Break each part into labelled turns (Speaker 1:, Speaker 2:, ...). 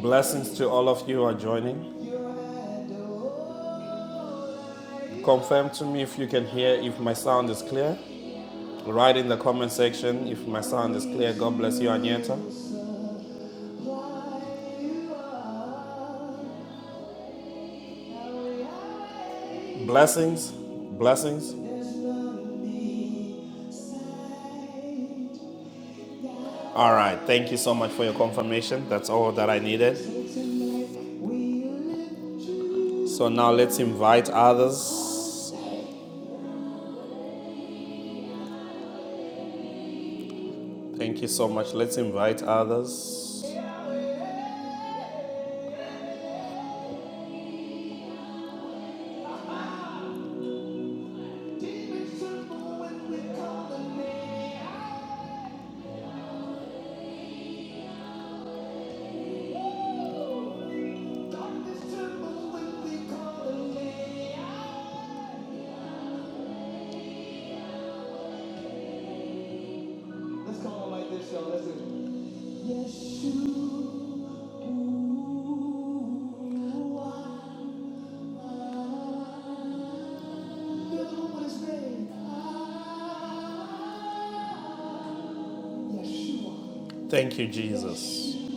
Speaker 1: Blessings to all of you who are joining. Confirm to me if you can hear, if my sound is clear. Write in the comment section if my sound is clear. God bless you, Anyeta. Blessings, blessings. All right, thank you so much for your confirmation. That's all that I needed. So now let's invite others. Thank you so much. Let's invite others. Let's call him like this, y'all. Listen. Yes, you know what his name. Ah, Yeshua. Thank you, Jesus. You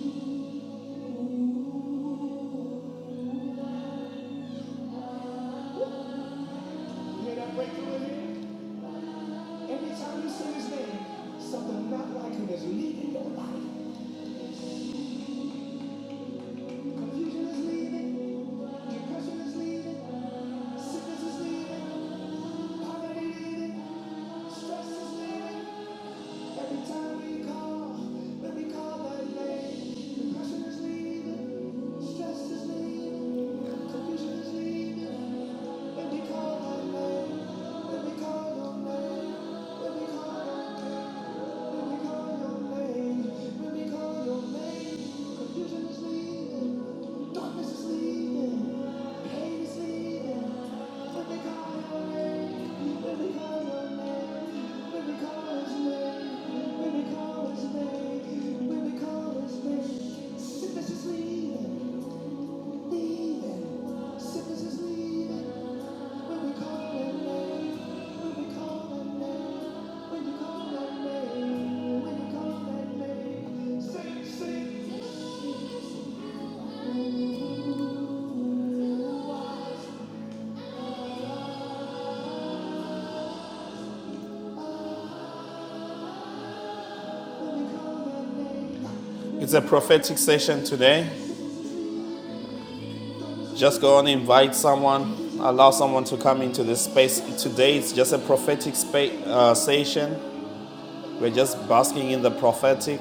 Speaker 1: hear that breakthrough in here? Every time you say his name, something not like him is leaving your life. Confusion is leaving. Depression is leaving. Sickness is leaving. Poverty is leaving. Stress is leaving. Every time we call, let me call that name. Depression is leaving, stress is leaving, confusion is leaving. Let me call that name. Let me call your name. Let me call, let me call your name. Let me call your name. Confusion is leaving, darkness is leaving, pain is leaving. Let me call your name. It's a prophetic session today. Just go and invite someone, allow someone to come into this space. Today it's just a prophetic space uh, session. We're just basking in the prophetic.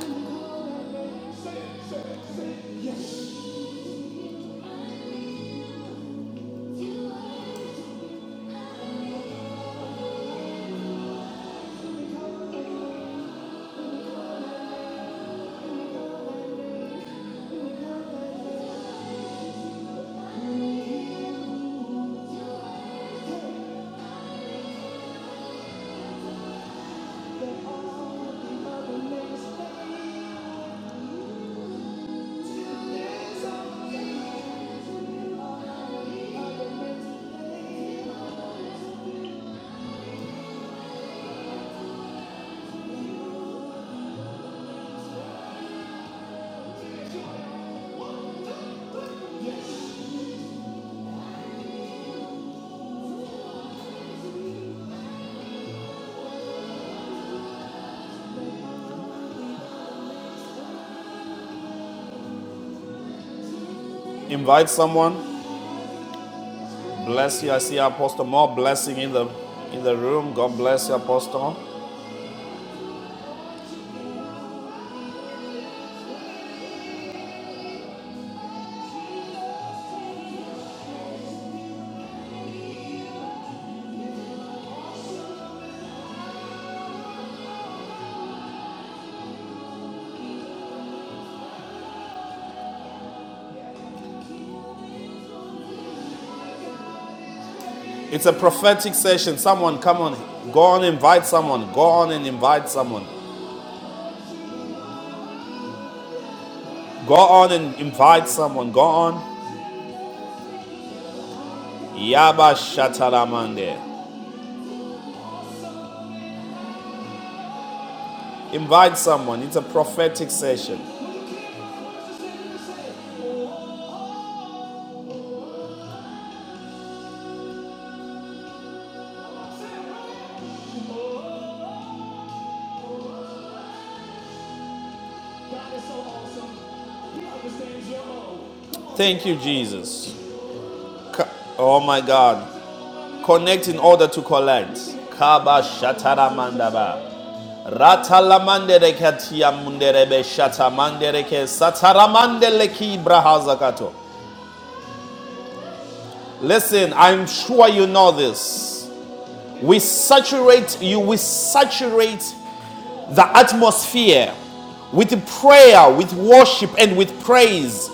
Speaker 1: Invite someone. Bless you. I see Apostle more blessing in the in the room. God bless you, Apostle. It's a prophetic session. Someone, come on, go on, invite someone. Go on and invite someone. Go on and invite someone. Go on. Yaba Shatalamande. Invite someone. It's a prophetic session. Thank you, Jesus. Oh my God. Connect in order to collect. Kaba Shatalamandaba. Ratalamande rekatia munderebe shatamande reke sataramande leki brahazakato. Listen, I'm sure you know this. We saturate you, we saturate the atmosphere with prayer, with worship, and with praise.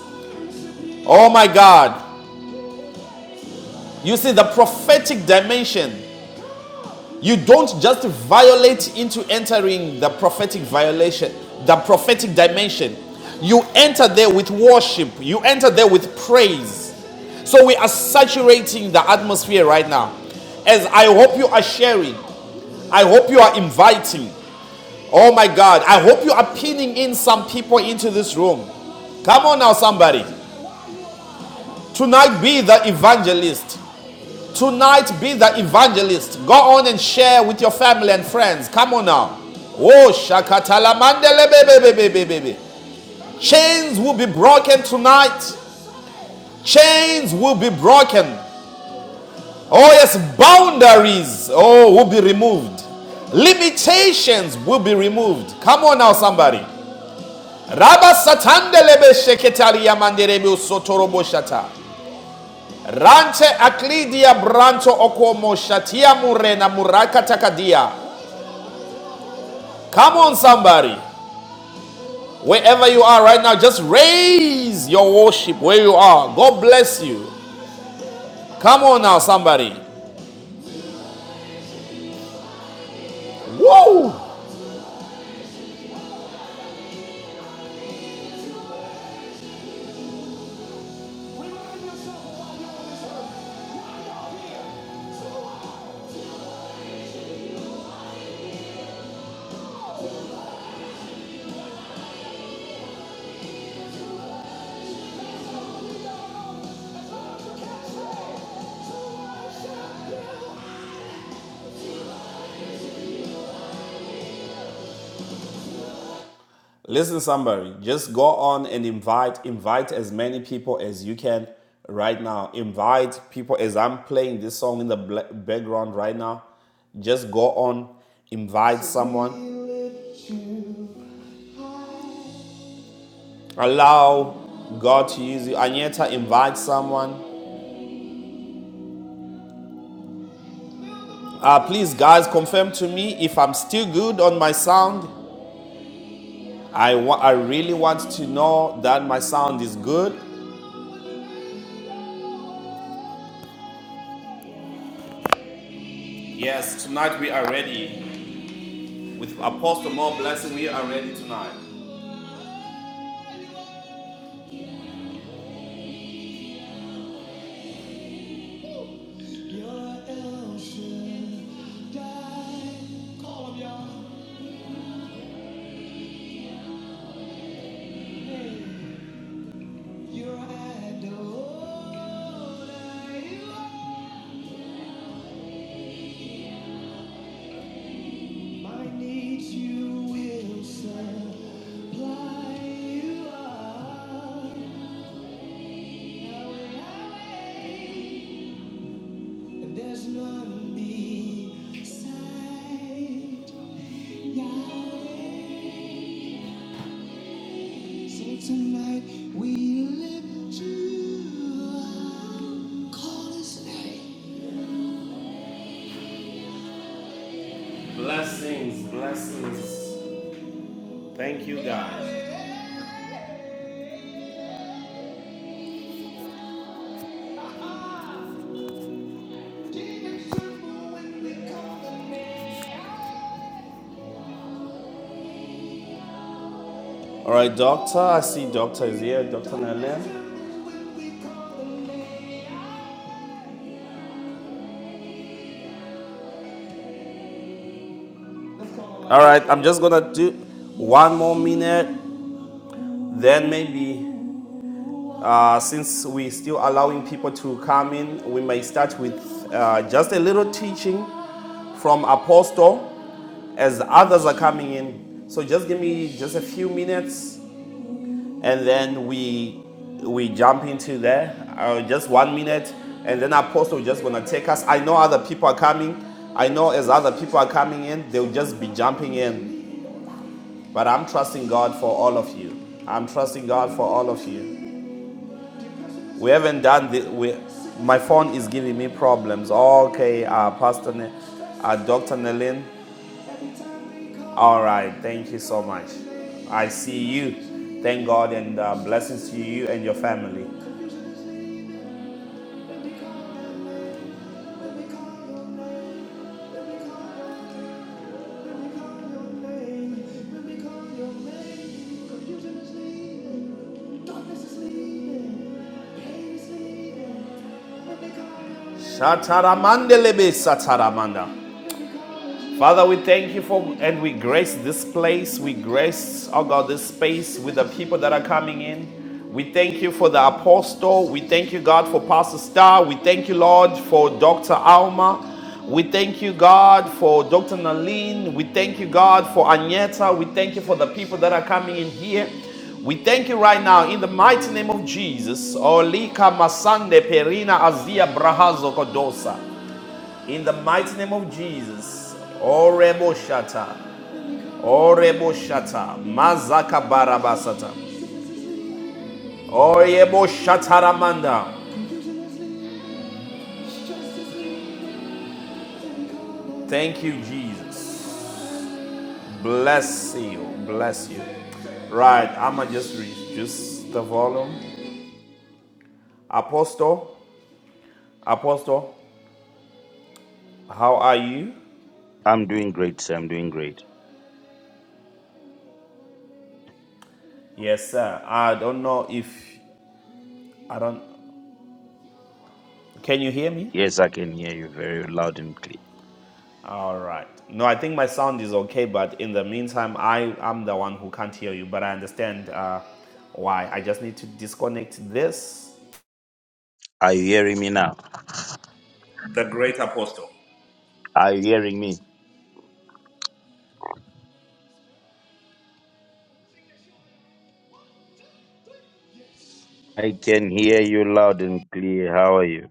Speaker 1: Oh my God. You see, the prophetic dimension, you don't just violate into entering the prophetic violation, the prophetic dimension. You enter there with worship, you enter there with praise. So we are saturating the atmosphere right now. As I hope you are sharing, I hope you are inviting. Oh my God. I hope you are pinning in some people into this room. Come on now, somebody. Tonight, be the evangelist. Tonight, be the evangelist. Go on and share with your family and friends. Come on now. Oh, shakatala mandele baby, baby, baby, Chains will be broken tonight. Chains will be broken. Oh, yes, boundaries. Oh, will be removed. Limitations will be removed. Come on now, somebody. Rabba satandelebe sheketali yamanderebe usotorobo shata. Rante aklidia branto okomo shatia murena murakatakadia. Come on, somebody. Wherever you are right now, just raise your worship where you are. God bless you. Come on now, somebody. Whoa. Listen, somebody, just go on and invite, invite as many people as you can right now. Invite people as I'm playing this song in the background right now. Just go on, invite someone. Allow God to use you. Anyeta, invite someone. Uh, please, guys, confirm to me if I'm still good on my sound. I, wa- I really want to know that my sound is good. Yes, tonight we are ready. With Apostle More Blessing, we are ready tonight. So tonight we lift you up. Call his name. Blessings, blessings. Thank you guys. All right, Doctor. I see Doctor is here. Doctor Nalem. All right, I'm just gonna do one more minute. Then maybe. Uh, since we're still allowing people to come in, we may start with uh, just a little teaching from Apostle as others are coming in. So just give me just a few minutes, and then we we jump into there. Uh, just one minute, and then Apostle just gonna take us. I know other people are coming. I know as other people are coming in, they'll just be jumping in. But I'm trusting God for all of you. I'm trusting God for all of you. We haven't done this. We, my phone is giving me problems. Okay, uh, Pastor, ne- uh, Doctor Nelin. All right, thank you so much. I see you. Thank God and uh, blessings to you and your family. When they call your Shataramandelebe sataramanda. Father, we thank you for and we grace this place. We grace, oh God, this space with the people that are coming in. We thank you for the apostle. We thank you, God, for Pastor Star. We thank you, Lord, for Dr. Alma. We thank you, God, for Dr. Naline. We thank you, God, for Agneta. We thank you for the people that are coming in here. We thank you right now in the mighty name of Jesus. Olika Masande Perina Azia Brahazo Kodosa. In the mighty name of Jesus. Orebo shata. Orebo shata. Mazaka barabasata. Orebo shataramanda. Thank you, Jesus. Bless you. Bless you. Right, I'ma just reduce the volume. Apostle, Apostle, how are you?
Speaker 2: I'm doing great, sir. I'm doing great.
Speaker 1: Yes, sir. I don't know if I don't. Can you hear me?
Speaker 2: Yes, I can hear you very loud and clear.
Speaker 1: All right. No, I think my sound is okay, but in the meantime, I am the one who can't hear you, but I understand uh, why. I just need to disconnect this.
Speaker 2: Are you hearing me now?
Speaker 1: The great apostle.
Speaker 2: Are you hearing me? I can hear you loud and clear. How are you?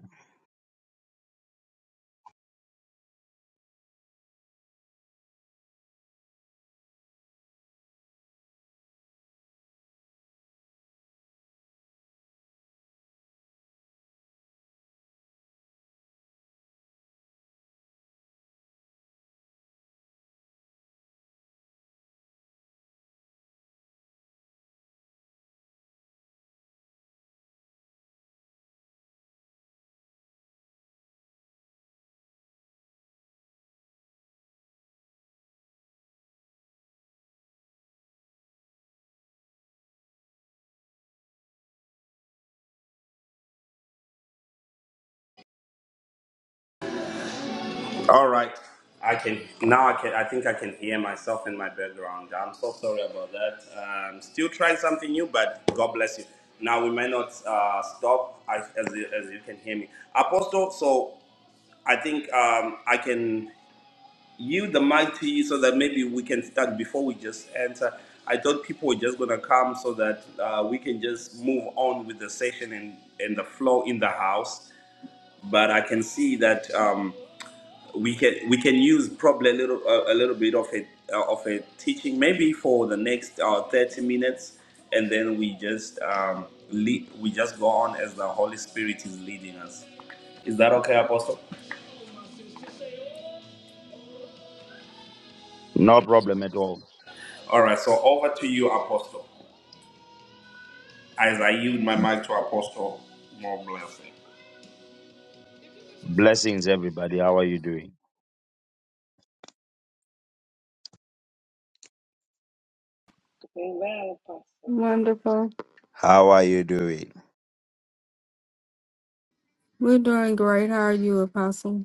Speaker 1: All right. I can now. I can. I think I can hear myself in my background. I'm so sorry about that. Um, still trying something new, but God bless you. Now we may not uh, stop. I, as you- as you can hear me, Apostle. So I think um, I can. you the mighty so that maybe we can start before we just enter i thought people were just going to come so that uh, we can just move on with the session and, and the flow in the house but i can see that um, we can we can use probably a little uh, a a little bit of a uh, of a teaching maybe for the next uh, 30 minutes and then we just um, lead, we just go on as the holy spirit is leading us is that okay apostle
Speaker 2: No problem at all.
Speaker 1: all right so over to you apostle As I yield my mic to Apostle, more blessing.
Speaker 2: Blessings, everybody. How are you doing?
Speaker 3: Doing well, Apostle.
Speaker 4: Wonderful.
Speaker 2: How are you doing?
Speaker 4: We're doing great. How are you, Apostle?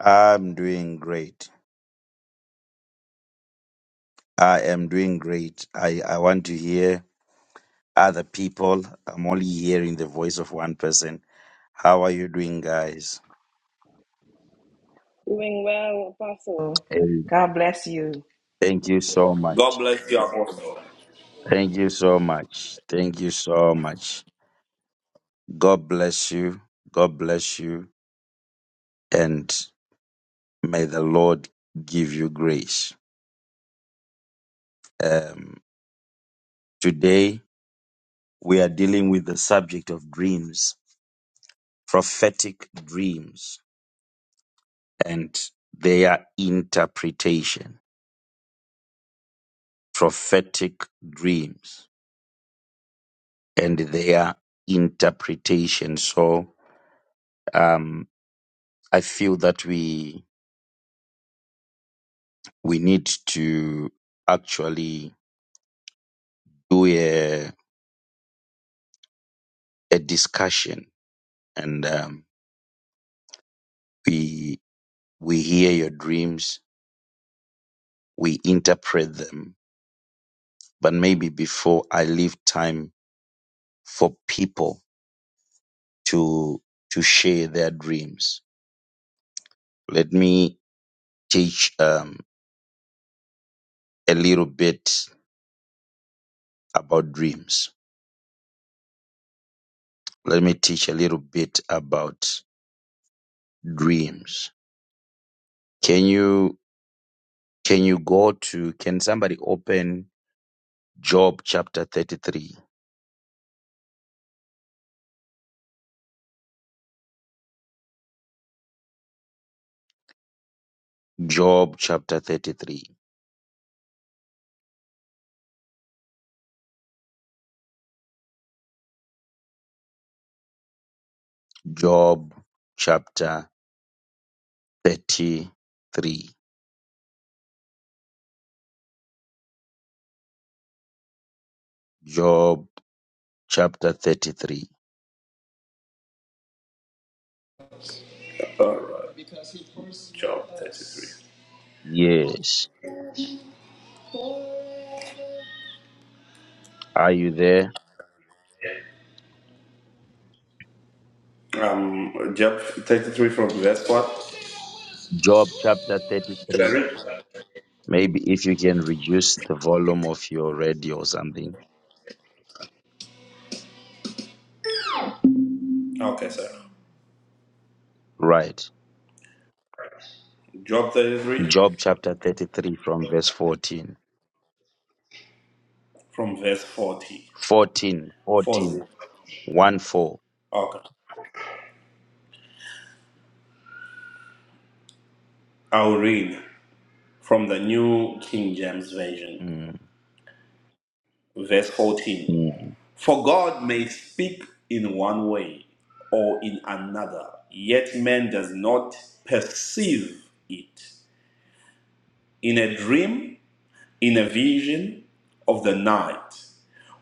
Speaker 2: I'm doing great. I am doing great. I, I want to hear other people. I'm only hearing the voice of one person. How are you doing, guys?
Speaker 3: Doing well, Apostle.
Speaker 2: Hey,
Speaker 3: God bless you.
Speaker 2: thank you so
Speaker 1: God
Speaker 2: much.
Speaker 1: bless you, Apostle.
Speaker 2: Thank you so much. Thank you so much. God bless you. God bless you. And may the Lord give you grace. Um, today, we are dealing with the subject of dreams, prophetic dreams, and their interpretation. Prophetic dreams and their interpretation. So, um, I feel that we we need to actually do a, a discussion and um, we we hear your dreams, we interpret them, but maybe before I leave time for people to to share their dreams. Let me teach um, a little bit about dreams. Let me teach a little bit about dreams. Can you can you go to can somebody open Job chapter 33? Job chapter 33. Job chapter 33. Job chapter 33.
Speaker 1: All right, Job
Speaker 2: Yes.
Speaker 1: 33.
Speaker 2: Are you there?
Speaker 1: Um, Job 33 from verse what?
Speaker 2: Job chapter
Speaker 1: Should I
Speaker 2: 33.
Speaker 1: read?
Speaker 2: Maybe if you can reduce the volume of your radio or something.
Speaker 1: Okay, sir.
Speaker 2: Right.
Speaker 1: Job 33
Speaker 2: Job chapter 33 from verse 14.
Speaker 1: from verse 40.
Speaker 2: 14,
Speaker 1: 40.
Speaker 2: fourteen, one, 4.
Speaker 1: Okay. I'll read from the New King James Version,
Speaker 2: Mm,
Speaker 1: verse 14.
Speaker 2: mm.
Speaker 1: For God may speak in one way or in another, yet man does not perceive it. In a dream, in a vision of the night,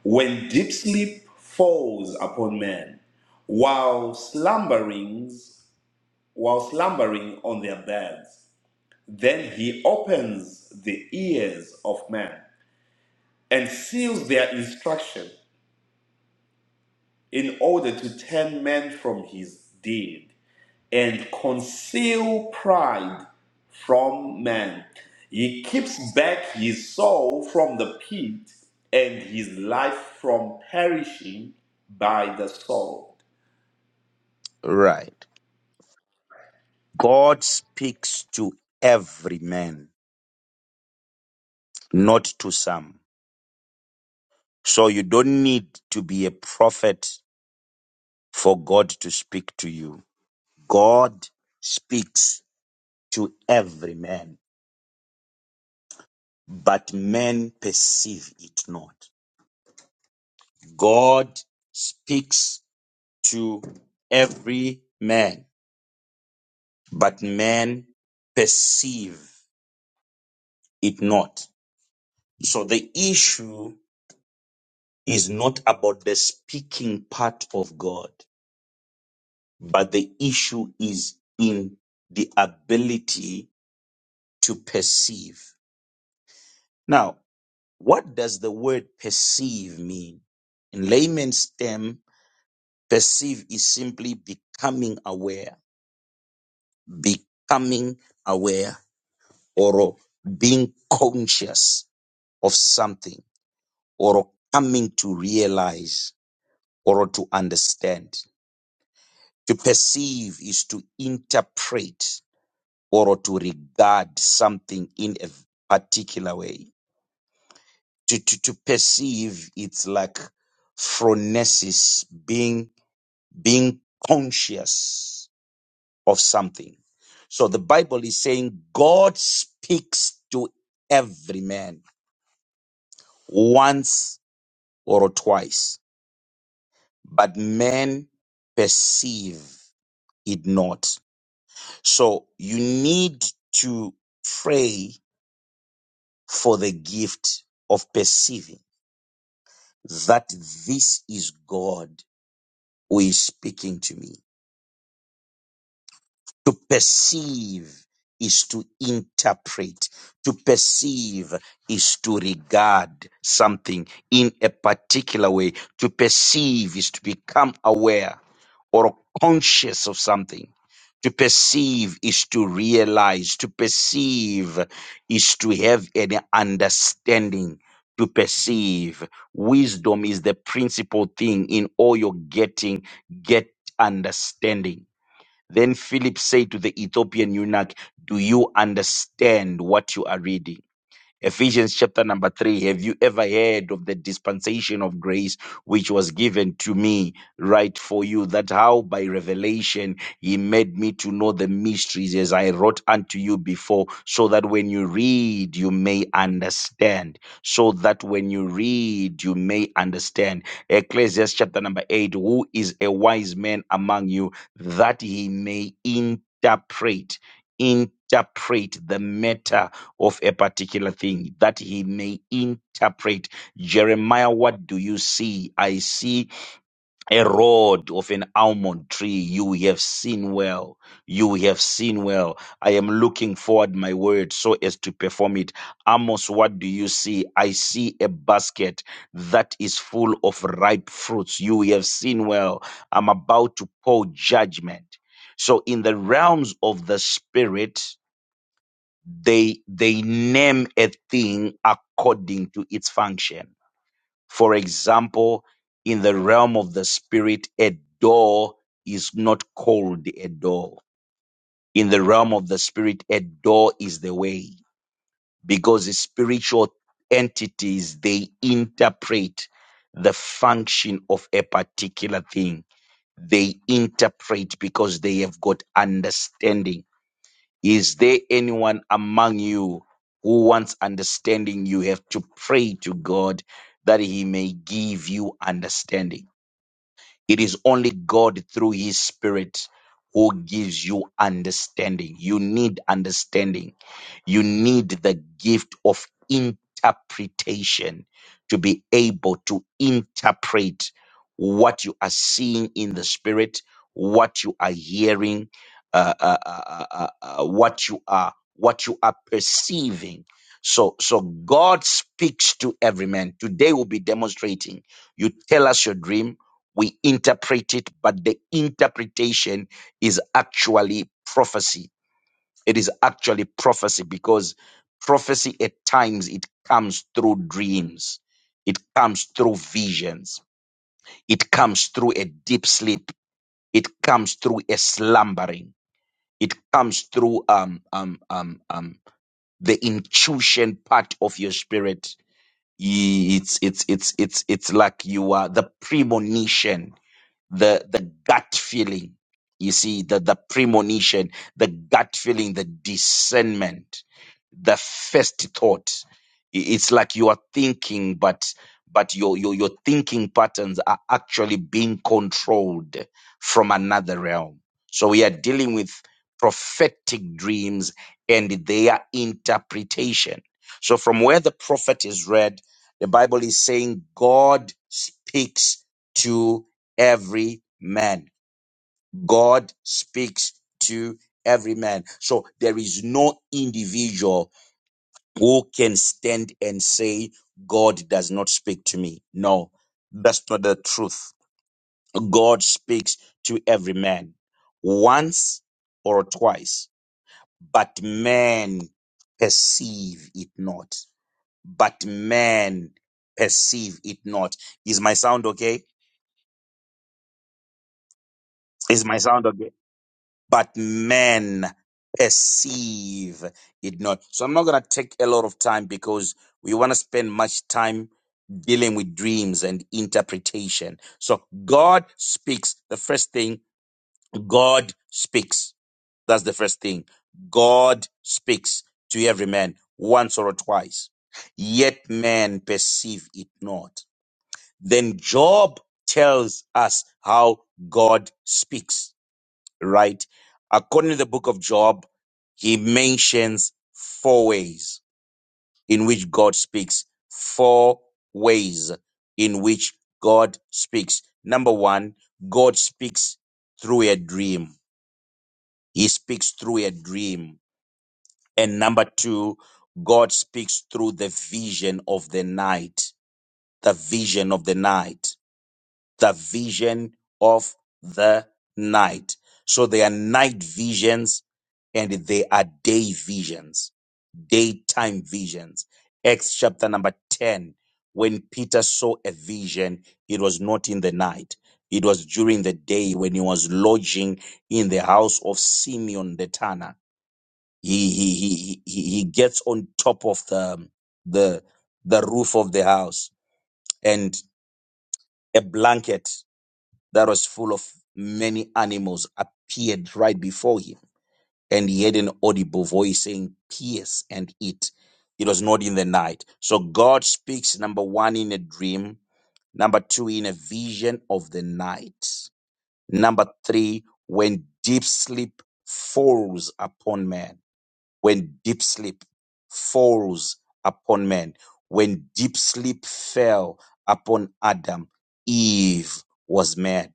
Speaker 1: when deep sleep falls upon men, while slumberings, while slumbering on their beds, then he opens the ears of men and seals their instruction in order to turn men from his deed and conceal pride from man. He keeps back his soul from the pit and his life from perishing by the sword.
Speaker 2: Right. God speaks to every man, not to some. So you don't need to be a prophet for God to speak to you. God speaks to every man, but men perceive it not. God speaks to every man, but men perceive it not. So the issue is not about the speaking part of God, but the issue is in the ability to perceive. Now. What does the word perceive mean? In layman's term, perceive is simply becoming aware, becoming aware, or being conscious of something, or coming to realize, or to understand. To perceive is to interpret or to regard something in a particular way. To, to, to perceive, it's like phronesis, being. being conscious of something. So the Bible is saying God speaks to every man once or twice, but men perceive it not. So you need to pray for the gift of perceiving that this is God who is speaking to me. To perceive is to interpret. To perceive is to regard something in a particular way. To perceive is to become aware or conscious of something. To perceive is to realize. To perceive is to have an understanding. To perceive. Wisdom is the principal thing in all your getting. Get understanding then Philip said to the Ethiopian eunuch, Do you understand what you are reading? Ephesians chapter number three. Have you ever heard of the dispensation of grace which was given to me, right for you? That how by revelation he made me to know the mysteries as I wrote unto you before, so that when you read, you may understand. So that when you read, you may understand. Ecclesiastes chapter number eight. Who is a wise man among you that he may interpret? Interpret the matter of a particular thing that he may interpret. Jeremiah, what do you see? I see a rod of an almond tree. You have seen well. You have seen well. I am looking forward my word so as to perform it. Amos, what do you see? I see a basket that is full of ripe fruits. You have seen well. I'm about to pour judgment. So in the realms of the spirit, they they name a thing according to its function for example in the realm of the spirit a door is not called a door in the realm of the spirit a door is the way because the spiritual entities they interpret the function of a particular thing they interpret because they have got understanding is there anyone among you who wants understanding? You have to pray to God that He may give you understanding. It is only God through His Spirit who gives you understanding. You need understanding. You need the gift of interpretation to be able to interpret what you are seeing in the Spirit, what you are hearing, uh, uh, uh, uh, uh, uh, what you are what you are perceiving. So, so God speaks to every man. Today we'll be demonstrating. You tell us your dream we interpret it, but the interpretation is actually prophecy. It is actually prophecy because prophecy at times it comes through dreams, it comes through visions, it comes through a deep sleep, it comes through a slumbering, it comes through um um um um the intuition part of your spirit. Ye- It's it's it's it's it's like you are the premonition the the gut feeling you see the the premonition the gut feeling the discernment the first thought I- it's like you are thinking but but your your your thinking patterns are actually being controlled from another realm so we are dealing with prophetic dreams and their interpretation so from where the prophet is read the bible is saying god speaks to every man. God speaks to every man. So there is no individual who can stand and say, God does not speak to me. No, that's not the truth. God speaks to every man once or twice, but men perceive it not. But men perceive it not. Is my sound okay? Is my sound okay? but men perceive it not. So I'm not going to take a lot of time because we want to spend much time dealing with dreams and interpretation. So God speaks. The first thing, God speaks. That's the first thing. God speaks to every man once or twice. Yet men perceive it not. Then Job tells us how God speaks right? According to the book of Job, he mentions four ways in which God speaks. Four ways in which God speaks. Number one, God speaks through a dream. He speaks through a dream. And number two, God speaks through the vision of the night. The vision of the night the vision of the night. So they are night visions and they are day visions, daytime visions. Acts chapter number 10. When Peter saw a vision, it was not in the night. It was during the day when he was lodging in the house of Simeon the Tanner. He, he, he, he, he gets on top of the, the, the roof of the house and a blanket that was full of many animals appeared right before him, and he heard an audible voice saying, Pierce and eat. It was not in the night. So God speaks, number one, in a dream, number two, in a vision of the night, number three, when deep sleep falls upon man, when deep sleep falls upon man, when deep sleep fell upon Adam, Eve was mad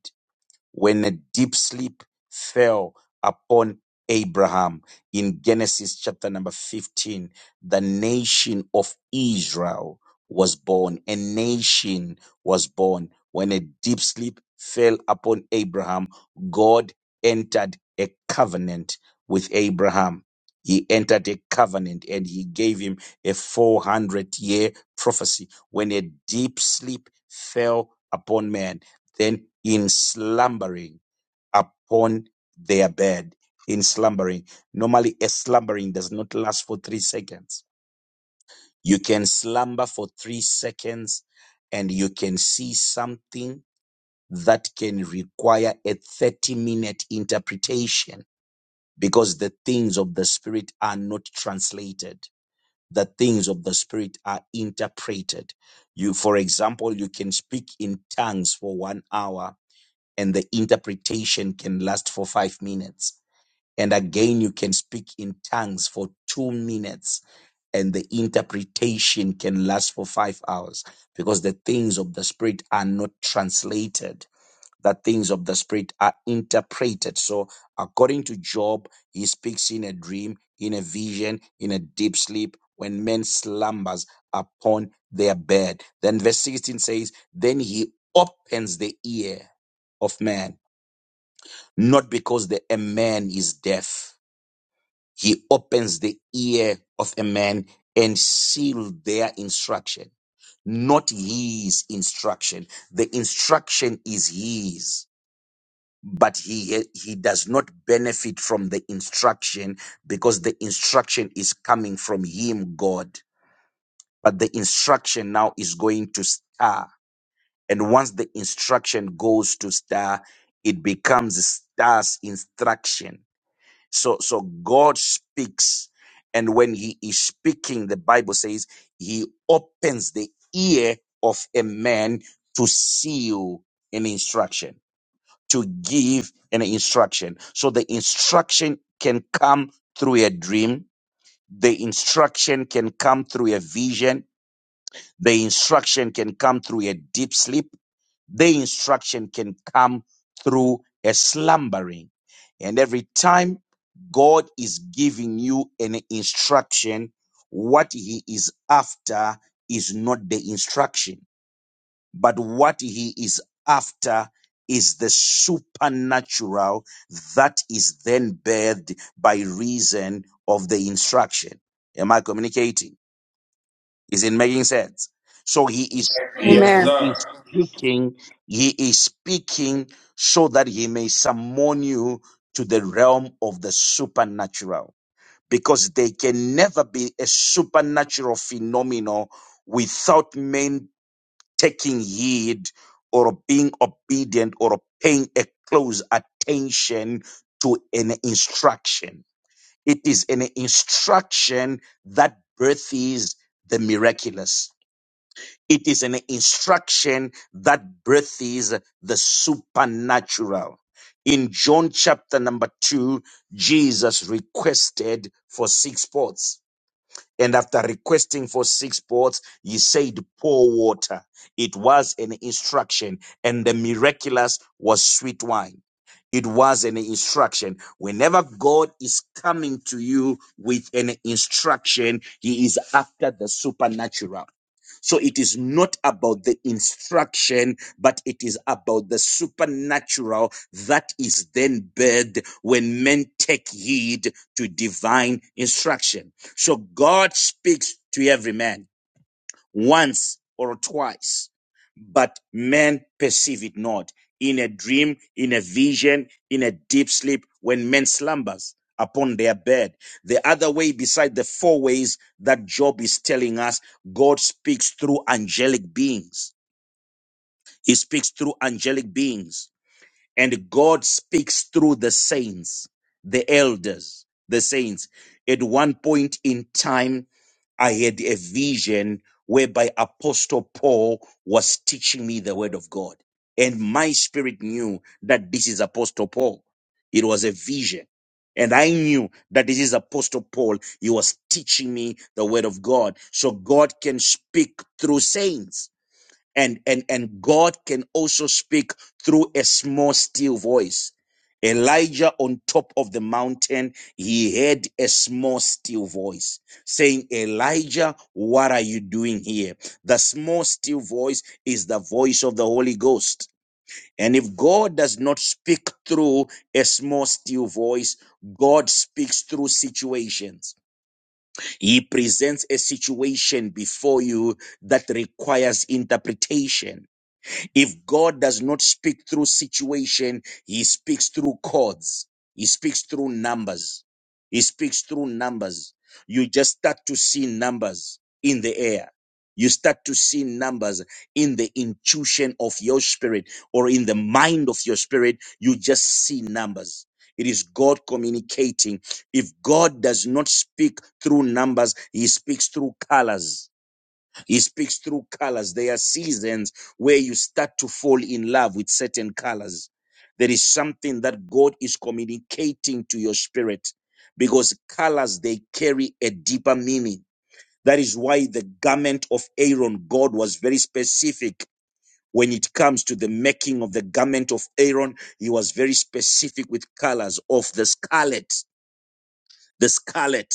Speaker 2: when a deep sleep fell upon Abraham in Genesis chapter number 15, the nation of Israel was born. A nation was born. When a deep sleep fell upon Abraham, God entered a covenant with Abraham. He entered a covenant and he gave him a 400 year prophecy when a deep sleep fell upon man then in slumbering upon their bed. In slumbering. Normally, a slumbering does not last for three seconds. You can slumber for three seconds and you can see something that can require a 30 minute interpretation because the things of the spirit are not translated. The things of the spirit are interpreted. You, for example, you can speak in tongues for one hour and the interpretation can last for five minutes. And again, you can speak in tongues for two minutes and the interpretation can last for five hours because the things of the spirit are not translated. The things of the spirit are interpreted. So, according to Job, he speaks in a dream, in a vision, in a deep sleep when men slumbers upon their bed. Then, verse 16 says, Then he opens the ear of man not because the, a man is deaf. He opens the ear of a man and seal their instruction, not his instruction. The instruction is his, but he, he does not benefit from the instruction because the instruction is coming from him, God. But the instruction now is going to star. And once the instruction goes to star, it becomes star's instruction So, so God speaks. And when he is speaking, the Bible says he opens the ear of a man to seal an instruction, to give an instruction. So the instruction can come through a dream. The instruction can come through a vision. The instruction can come through a deep sleep their instruction can come through a slumbering. And every time God is giving you an instruction, what he is after is not the instruction, but what he is after is the supernatural that is then birthed by reason of the instruction. Am I communicating? Is it making sense? So he is speak,
Speaker 1: Yes,
Speaker 5: Amen.
Speaker 2: he is
Speaker 1: sir.
Speaker 2: speaking, he is speaking so that he may summon you to the realm of the supernatural. Because there can never be a supernatural phenomenon without men taking heed or being obedient or paying a close attention to an instruction. It is an instruction that births the miraculous it is an instruction that birthes the supernatural. In John chapter number two, Jesus requested for six pots. And after requesting for six pots, he said, pour water. It was an instruction, and the miraculous was sweet wine. It was an instruction. Whenever God is coming to you with an instruction, He is after the supernatural. So it is not about the instruction, but it is about the supernatural that is then birthed when men take heed to divine instruction. So God speaks to every man once or twice, but men perceive it not. In a dream, in a vision, in a deep sleep, when men slumbers upon their bed. The other way, beside the four ways that Job is telling us, God speaks through angelic beings. He speaks through angelic beings and God speaks through the saints, the elders, the saints. At one point in time, I had a vision whereby Apostle Paul was teaching me the word of God. And my spirit knew that this is Apostle Paul. It was a vision. And I knew that this is Apostle Paul. He was teaching me the word of God. So God can speak through saints and and and god can also speak through a small still voice elijah on top of the mountain he heard a small still voice saying elijah what are you doing here the small still voice is the voice of the holy ghost and if god does not speak through a small still voice god speaks through situations he presents a situation before you that requires interpretation if God does not speak through situation, he speaks through chords. He speaks through numbers. He speaks through numbers. You just start to see numbers in the air. You start to see numbers in the intuition of your spirit or in the mind of your spirit. You just see numbers. It is God communicating. If God does not speak through numbers, He speaks through colors. He speaks through colors. There are seasons where you start to fall in love with certain colors. There is something that God is communicating to your spirit because colors, they carry a deeper meaning. That is why the garment of Aaron, God was very specific when it comes to the making of the garment of Aaron. He was very specific with colors of the scarlet, the scarlet,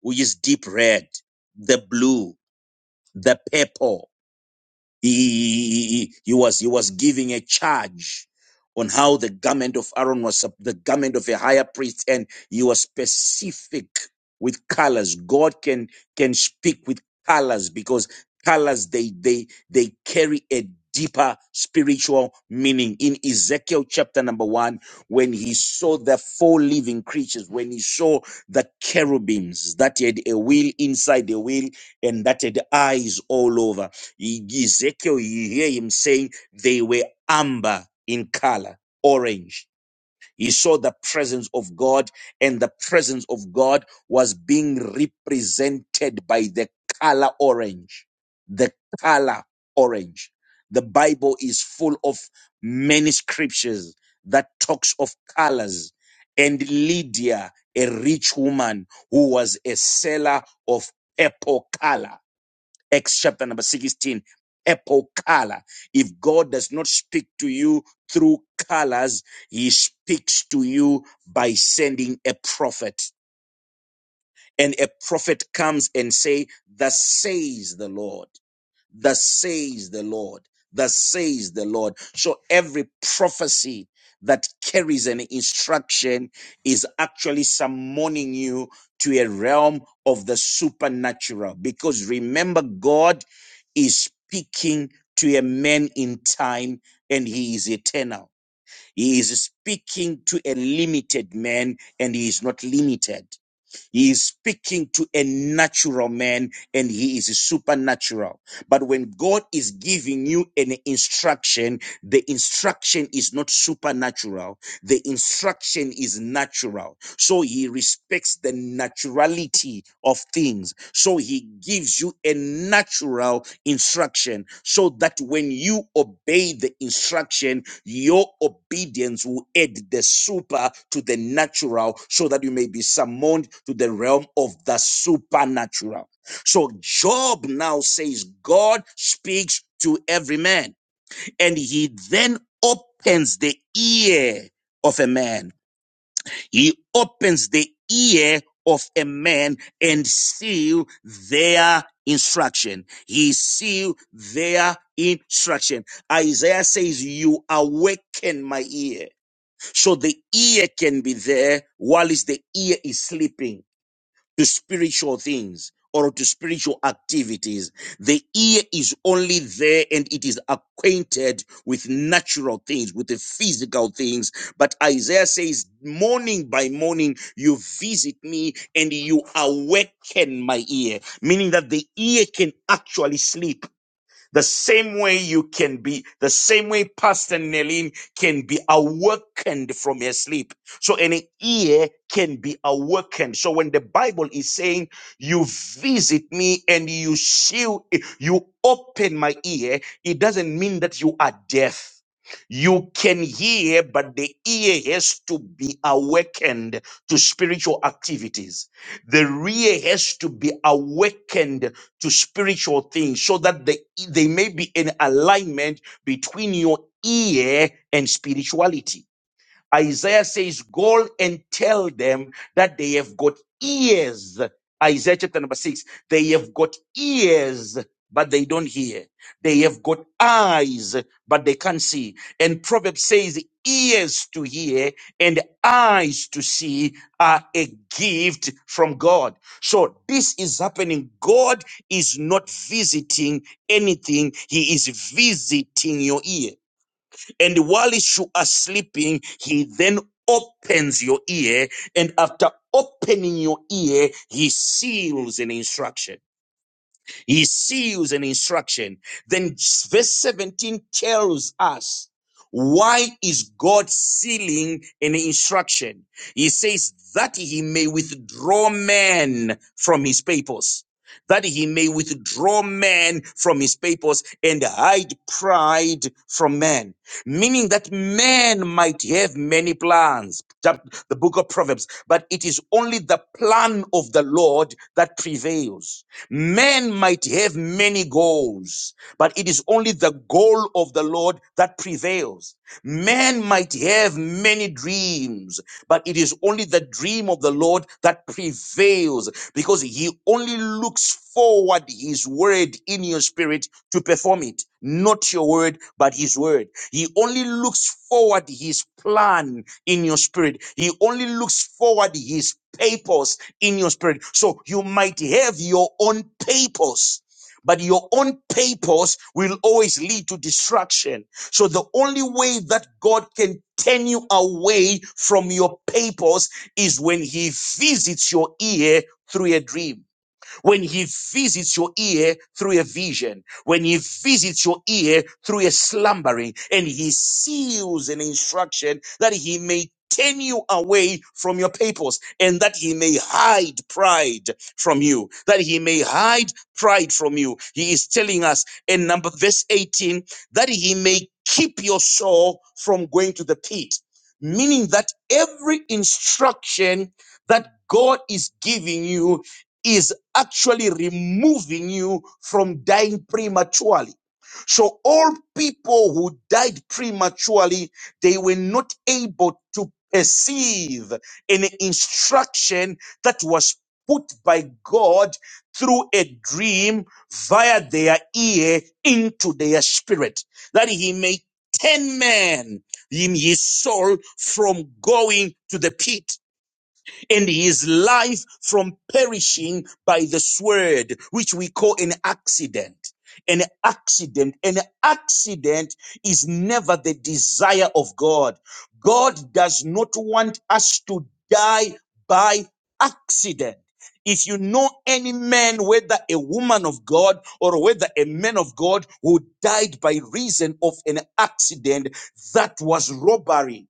Speaker 2: which is deep red, the blue, the purple. He, he, he, he was he was giving a charge on how the garment of Aaron was sup- the garment of a higher priest, and he was specific with colors. God can can speak with colors because colors they they they carry a deeper spiritual meaning in ezekiel chapter number one when he saw the four living creatures when he saw the cherubims that had a wheel inside the wheel and that had eyes all over E- Ezekiel, you hear him saying they were amber in color, orange. He saw the presence of God, and the presence of God was being represented by the color orange. The color orange. The Bible is full of many scriptures that talks of colors. And Lydia, a rich woman who was a seller of purple color Acts chapter number 16, apple color. If God does not speak to you through colors, he speaks to you by sending a prophet. And a prophet comes and say, thus says the Lord. Thus says the Lord. Thus says the Lord. So every prophecy that carries an instruction is actually summoning you to a realm of the supernatural. Because remember, God is speaking to a man in time and he is eternal. He is speaking to a limited man and he is not limited. He is speaking to a natural man and he is supernatural. But when God is giving you an instruction, the instruction is not supernatural. The instruction is natural. So he respects the naturality of things. So he gives you a natural instruction so that when you obey the instruction, your obedience will add the super to the natural so that you may be summoned to the realm of the supernatural. So Job now says, God speaks to every man and he then opens the ear of a man. He opens the ear of a man and seal their instruction. He seal their instruction. Isaiah says, you awaken my ear. So the ear can be there while the ear is sleeping to spiritual things or to spiritual activities. The ear is only there and it is acquainted with natural things, with the physical things. But Isaiah says, morning by morning, you visit me and you awaken my ear, meaning that the ear can actually sleep the same way you can be, the same way Pastor Nelin can be awakened from her sleep. So an ear can be awakened. So when the Bible is saying, you visit me and you shield, you open my ear, it doesn't mean that you are deaf. You can hear, but the ear has to be awakened to spiritual activities. The ear has to be awakened to spiritual things so that they, they may be in alignment between your ear and spirituality Isaiah says, Go and tell them that they have got ears. Isaiah chapter number six, they have got ears, but they don't hear. They have got eyes, but they can't see. And Proverbs says, ears to hear and eyes to see are a gift from God. So this is happening. God is not visiting anything. He is visiting your ears. And whilst you are sleeping, he then opens your ear. And after opening your ear, he seals an instruction. He seals an instruction. Then verse 17 tells us why is God sealing an instruction? He says that he may withdraw men from his papers, that he may withdraw men from his papers and hide pride from men, meaning that men might have many plans. Chap- The book of Proverbs, but it is only the plan of the Lord that prevails. Men might have many goals, but it is only the goal of the Lord that prevails. Man might have many dreams, but it is only the dream of the Lord that prevails because he only looks forward his word in your spirit to perform it. Not your word, but his word. He only looks forward his plan in your spirit. He only looks forward his papers in your spirit. So you might have your own papers. But your own papers will always lead to destruction so the only way that God can turn you away from your papers is when he visits your ear through a dream when he visits your ear through a vision, when he visits your ear through a slumbering, and he seals an instruction that he may turn you away from your papers and that he may hide pride from you, that he may hide pride from you. He is telling us in number verse 18 that he may keep your soul from going to the pit, meaning that every instruction that God is giving you is actually removing you from dying prematurely. So all people who died prematurely, they were not able to perceive an instruction that was put by God through a dream via their ear into their spirit, that he may turn man in his soul from going to the pit and his life from perishing by the sword, which we call an accident. An accident. An accident is never the desire of God. God does not want us to die by accident. If you know any man, whether a woman of God or whether a man of God who died by reason of an accident, that was robbery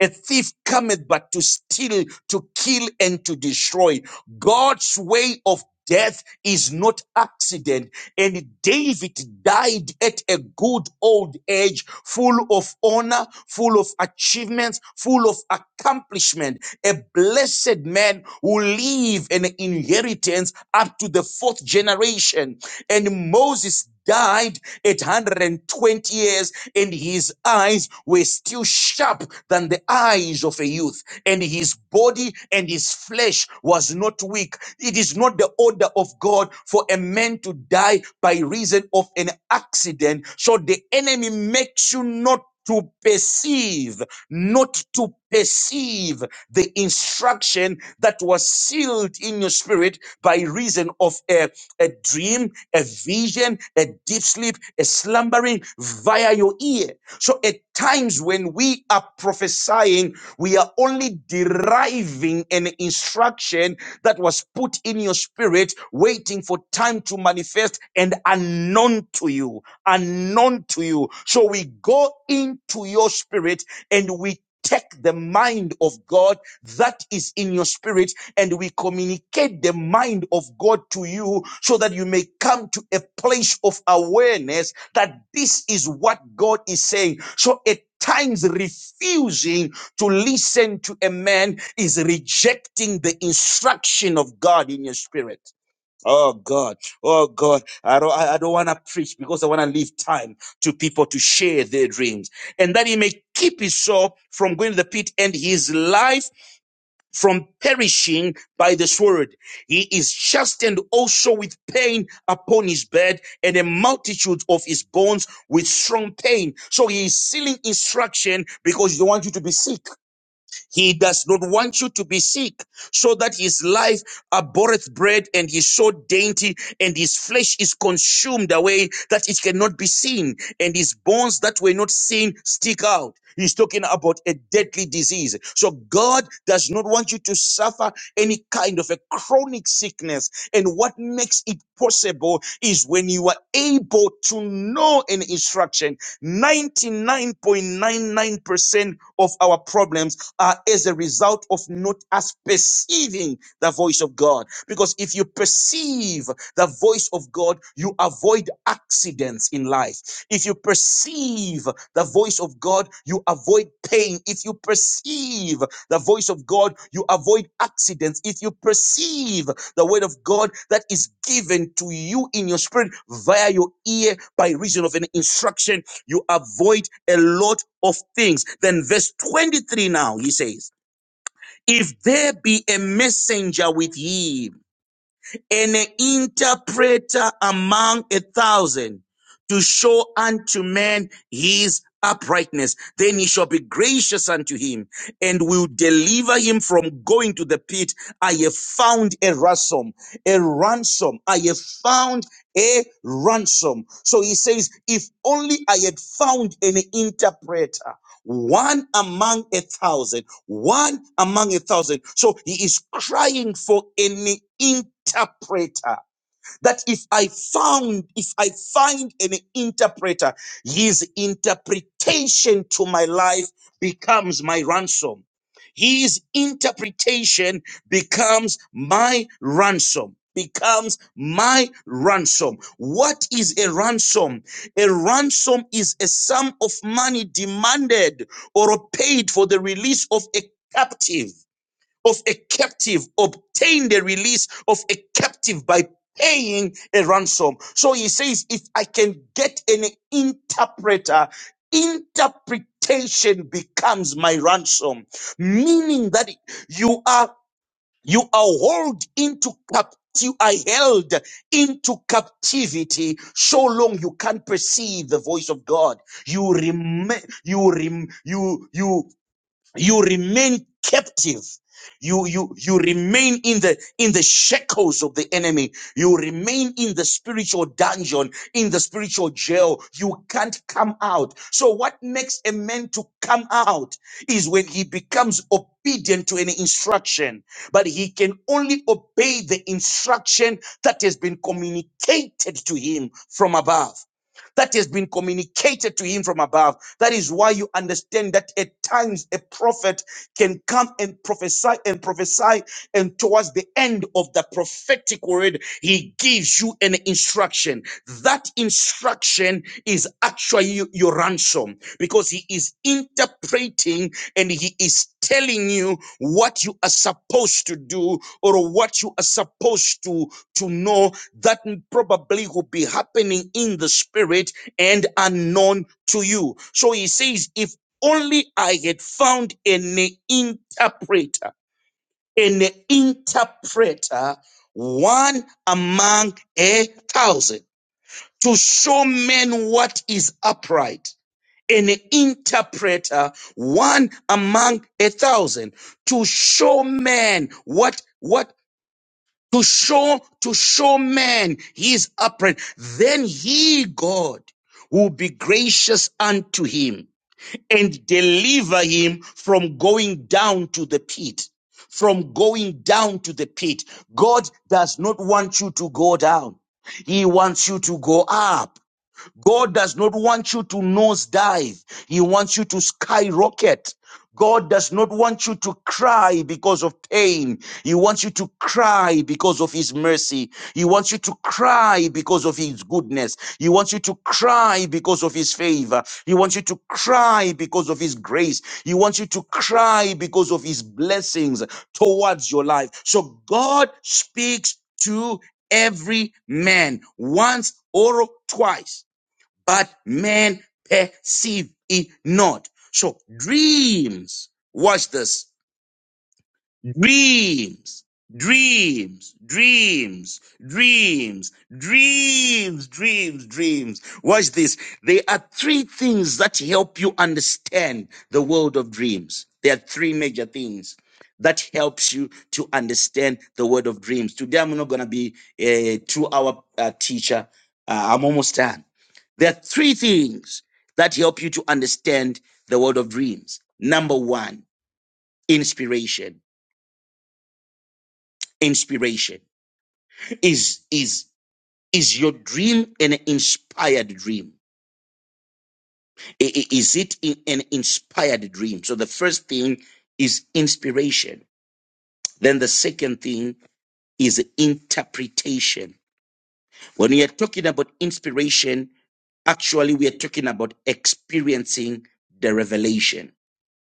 Speaker 2: a thief cometh but to steal, to kill, and to destroy. God's way of death is not accident. And David died at a good old age, full of honor, full of achievements, full of accomplishment. A blessed man who leave an inheritance up to the fourth generation. And Moses died at 120 years, and his eyes were still sharp than the eyes of a youth, and his body and his flesh was not weak. It is not the order of God for a man to die by reason of an accident. So the enemy makes you not to perceive, not to perceive the instruction that was sealed in your spirit by reason of a a dream, a vision, a deep sleep, a slumbering via your ear. So at times when we are prophesying, we are only deriving an instruction that was put in your spirit, waiting for time to manifest and unknown to you, unknown to you. So we go into your spirit and we take the mind of God that is in your spirit and we communicate the mind of God to you so that you may come to a place of awareness that this is what God is saying. So at times refusing to listen to a man is rejecting the instruction of God in your spirit. Oh God, oh God, I don't, I I don't want to preach because I want to leave time to people to share their dreams and that he may keep his soul from going to the pit and his life from perishing by the sword. He is chastened also with pain upon his bed and a multitude of his bones with strong pain. So he is sealing instruction because he don't want you to be sick. He does not want you to be sick, so that his life abhorreth bread and his so dainty, and his flesh is consumed away that it cannot be seen, and his bones that were not seen stick out. He's talking about a deadly disease. So God does not want you to suffer any kind of a chronic sickness. And what makes it possible is when you are able to know an instruction. 99.99% of our problems uh, as a result of not us perceiving the voice of God. Because if you perceive the voice of God, you avoid accidents in life. If you perceive the voice of God, you avoid pain. If you perceive the voice of God, you avoid accidents. If you perceive the word of God that is given to you in your spirit via your ear by reason of an instruction, you avoid a lot of things. Then, verse 23 now, he says, If there be a messenger with ye an interpreter among a thousand to show unto men his uprightness. Then he shall be gracious unto him and will deliver him from going to the pit. I have found a ransom, a ransom. I have found a ransom. So he says, if only I had found an interpreter one among a thousand, one among a thousand. So he is crying for an interpreter that if I found, if I find an interpreter, his interpretation to my life becomes my ransom. His interpretation becomes my ransom. Becomes my ransom. What is a ransom? A ransom is a sum of money demanded or paid for the release of a captive of a captive obtain the release of a captive by paying a ransom. So he says, if I can get an interpreter, interpretation becomes my ransom, meaning that you are, you are held into captivity. You are held into captivity so long you can't perceive the voice of God. You remain, you rem, you, you, you remain captive you you you remain in the in the shackles of the enemy you remain in the spiritual dungeon in the spiritual jail you can't come out so what makes a man to come out is when he becomes obedient to any instruction but he can only obey the instruction that has been communicated to him from above that has been communicated to him from above. That is why you understand that at times a prophet can come and prophesy and prophesy and towards the end of the prophetic word, he gives you an instruction. That instruction is actually your ransom because he is interpreting and he is telling you what you are supposed to do or what you are supposed to to know that probably will be happening in the spirit and unknown to you so he says if only I had found an interpreter an interpreter, one among a thousand, to show men what is upright. An interpreter, one among a thousand, to show men what, what, to show, to show men he is upright. Then he, God, will be gracious unto him and deliver him from going down to the pit. From going down to the pit. God does not want you to go down. He wants you to go up. God does not want you to nosedive. He wants you to skyrocket. God does not want you to cry because of pain. He wants you to cry because of His mercy. He wants you to cry because of His goodness. He wants you to cry because of His favor. He wants you to cry because of His grace. He wants you to cry because of His blessings towards your life. So God speaks to every man once or twice but men perceive it not. So dreams, watch this dreams, dreams, dreams, dreams, dreams, dreams, dreams. Watch this. There are three things that help you understand the world of dreams. There are three major things that helps you to understand the world of dreams. Today, I'm not going to be a two-hour uh, teacher. Uh, I'm almost done. There are three things that help you to understand the world of dreams. Number one, inspiration inspiration is is is your dream an inspired dream I- i- is it in- an inspired dream so the first thing is inspiration then the second thing is interpretation when we are talking about inspiration actually we are talking about experiencing the revelation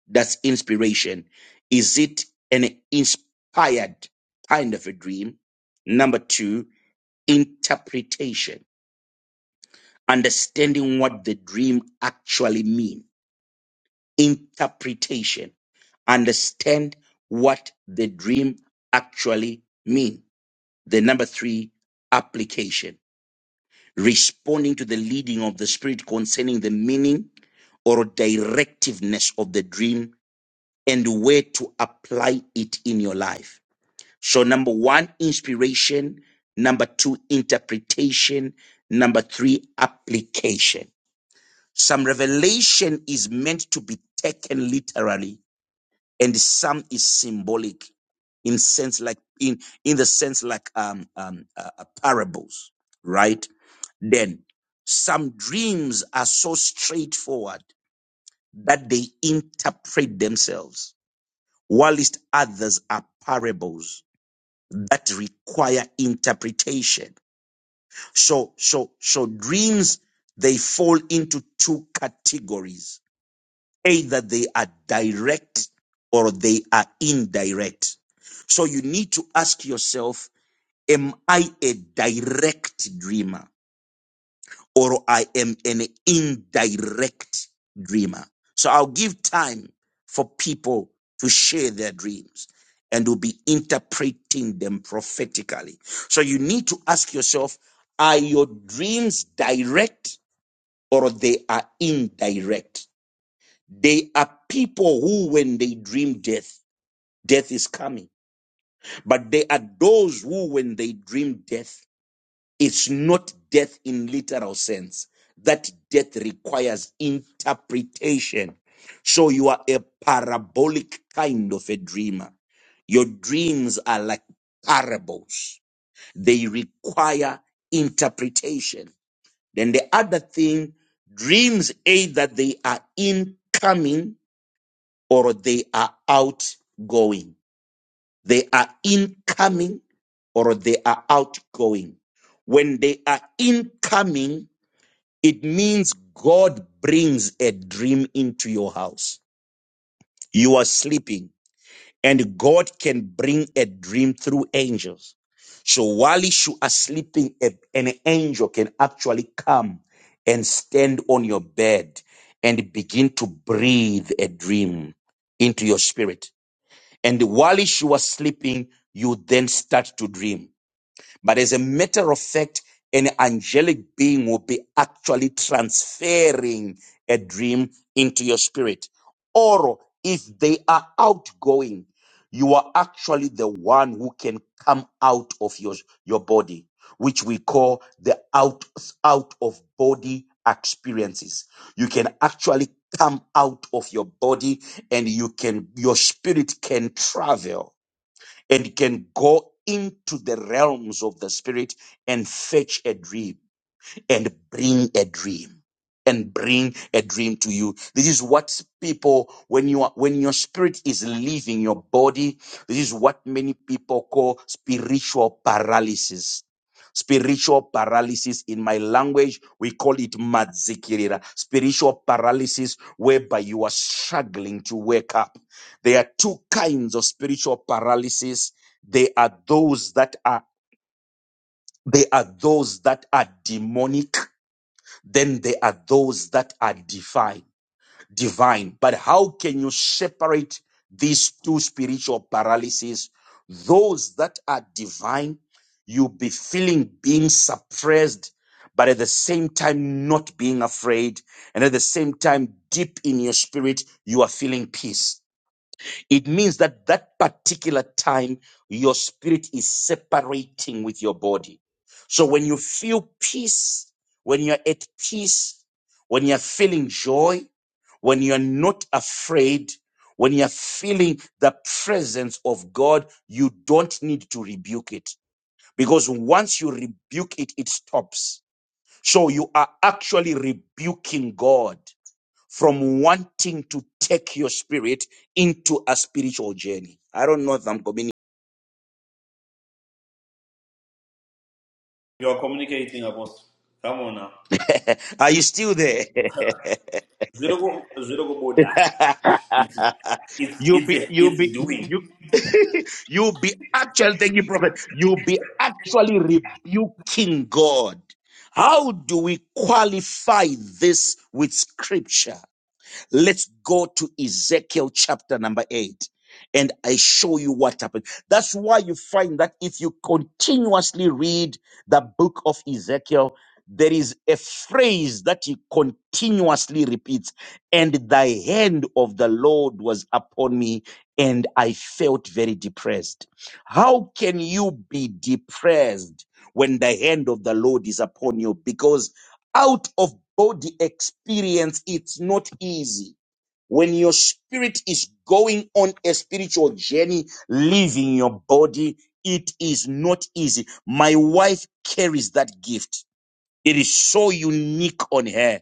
Speaker 2: that's inspiration is it an inspired kind of a dream number 2 interpretation understanding what the dream actually mean interpretation understand what the dream actually mean the number 3 application responding to the leading of the spirit concerning the meaning or directiveness of the dream and where to apply it in your life so number 1 inspiration number 2 interpretation number 3 application Some revelation is meant to be taken literally, and some is symbolic in sense like in in the sense like um um uh, uh, parables, right? Then some dreams are so straightforward that they interpret themselves, whilst others are parables that require interpretation. So so so dreams they fall into two categories Either they are direct or they are indirect. So you need to ask yourself, am I a direct dreamer or I am an indirect dreamer? So I'll give time for people to share their dreams and will be interpreting them prophetically. So you need to ask yourself, are your dreams direct or they are indirect? They are people who, when they dream death, death is coming. But they are those who, when they dream death, it's not death in literal sense. That death requires interpretation. So you are a parabolic kind of a dreamer. Your dreams are like parables. They require interpretation. Then the other thing, dreams either they are incoming or they are outgoing. They are incoming or they are outgoing. When they are incoming, it means God brings a dream into your house. You are sleeping and God can bring a dream through angels. So while you are sleeping, a- an angel can actually come and stand on your bed and begin to breathe a dream into your spirit and while she was sleeping, you then start to dream. But as a matter of fact, an angelic being will be actually transferring a dream into your spirit. Or if they are outgoing, you are actually the one who can come out of your, your body, which we call the out, out of body experiences. You can actually come out of your body and you can, your spirit can travel and can go into the realms of the spirit and fetch a dream and bring a dream and bring a dream to you this is what people when you are when your spirit is leaving your body this is what many people call spiritual paralysis spiritual paralysis in my language we call it madzikirira spiritual paralysis whereby you are struggling to wake up there are two kinds of spiritual paralysis they are those that are they are those that are demonic then there are those that are divine divine but how can you separate these two spiritual paralyses those that are divine you be feeling being suppressed but at the same time not being afraid and at the same time deep in your spirit you are feeling peace it means that that particular time your spirit is separating with your body. So when you feel peace, when you're at peace, when you're feeling joy, when you're not afraid, when you're feeling the presence of God, you don't need to rebuke it because once you rebuke it, it stops. So you are actually rebuking God from wanting to take your spirit into a spiritual journey. I don't know if I'm coming.
Speaker 1: You are communicating, Apostle. Come on now.
Speaker 2: Are you still there?
Speaker 1: Zero go, go, zero go border. It's it's
Speaker 2: you'll be,
Speaker 1: it's
Speaker 2: you'll
Speaker 1: it's
Speaker 2: be,
Speaker 1: doing.
Speaker 2: you, you'll be actually, thank you, prophet. You'll be actually rebuking God. How do we qualify this with scripture? Let's go to Ezekiel chapter number eight and I show you what happened. That's why you find that if you continuously read the book of Ezekiel, there is a phrase that he continuously repeats, and the hand of the Lord was upon me, and I felt very depressed. How can you be depressed when the hand of the Lord is upon you? Because out of body experience, it's not easy when your spirit is going on a spiritual journey, leaving your body, it is not easy. My wife carries that gift. It is so unique on her.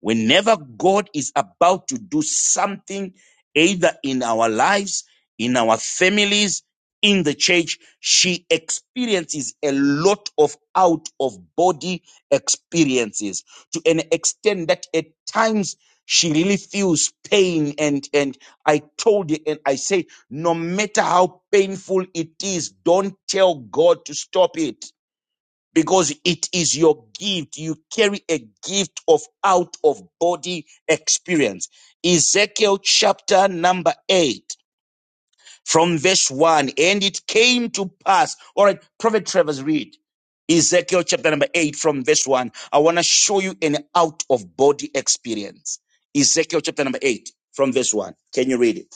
Speaker 2: Whenever God is about to do something, either in our lives, in our families, in the church, she experiences a lot of out of body experiences to an extent that at times she really feels pain. And, and I told you, and I say, no matter how painful it is, don't tell God to stop it because it is your gift. You carry a gift of out of body experience. Ezekiel chapter number eight from verse one. And it came to pass. All right, Prophet Travers, read. Ezekiel chapter number eight from verse one. I want to show you an out of body experience. Ezekiel chapter number eight from verse one. Can you read it?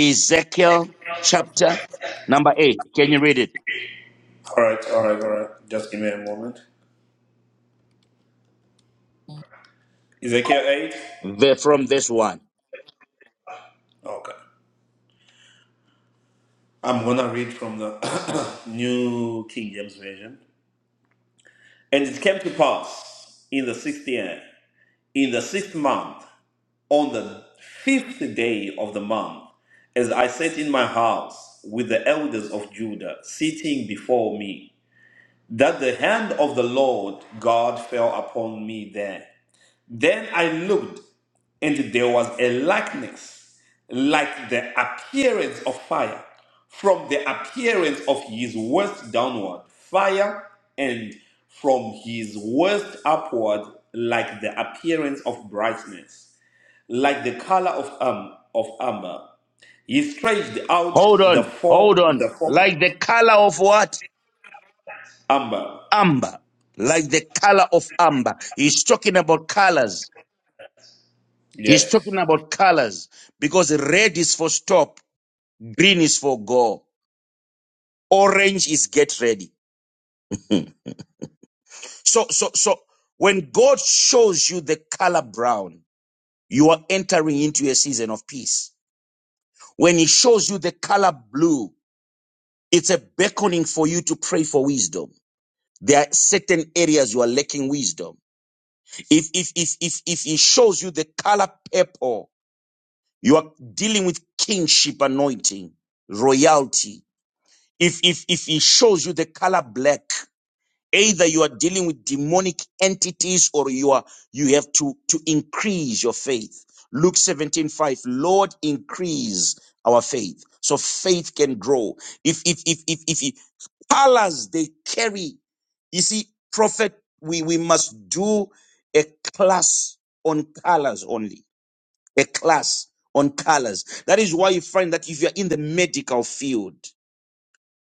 Speaker 2: Ezekiel chapter number eight. Can you read it?
Speaker 1: Alright, alright, alright. Just give me a moment. Ezekiel eight?
Speaker 2: Ver- From verse one.
Speaker 1: Okay. I'm gonna read from the New King James Version. And it came to pass in the sixth year, in the sixth month, on the fifth day of the month, as I sat in my house with the elders of Judah sitting before me, that the hand of the Lord God fell upon me there. Then I looked, and there was a likeness, like the appearance of fire, from the appearance of his waist downward, fire, and from his waist upward, like the appearance of brightness, like the color of um of amber. He stretched out
Speaker 2: Hold
Speaker 1: the
Speaker 2: on, hold
Speaker 1: four
Speaker 2: on.
Speaker 1: the four
Speaker 2: Like the color of what?
Speaker 1: amber.
Speaker 2: Amber. Like the color of amber. He's talking about colors. He's
Speaker 1: Yes.
Speaker 2: talking about colors because red is for stop, green is for go, orange is get ready. So, so, so when God shows you the color brown, you are entering into a season of peace. When He shows you the color blue, it's a beckoning for you to pray for wisdom. There are certain areas you are lacking wisdom If, if, if, if, if he shows you the color purple, you are dealing with kingship anointing, royalty. If, if, if he shows you the color black, Either you are dealing with demonic entities or you are, you have to, to increase your faith. Luke 17 5. Lord, increase our faith. So faith can grow. If, if, if, if, if, if colors they carry, you see, prophet, we, we must do a class on colors only, a class on colors. That is why you find that if you're in the medical field,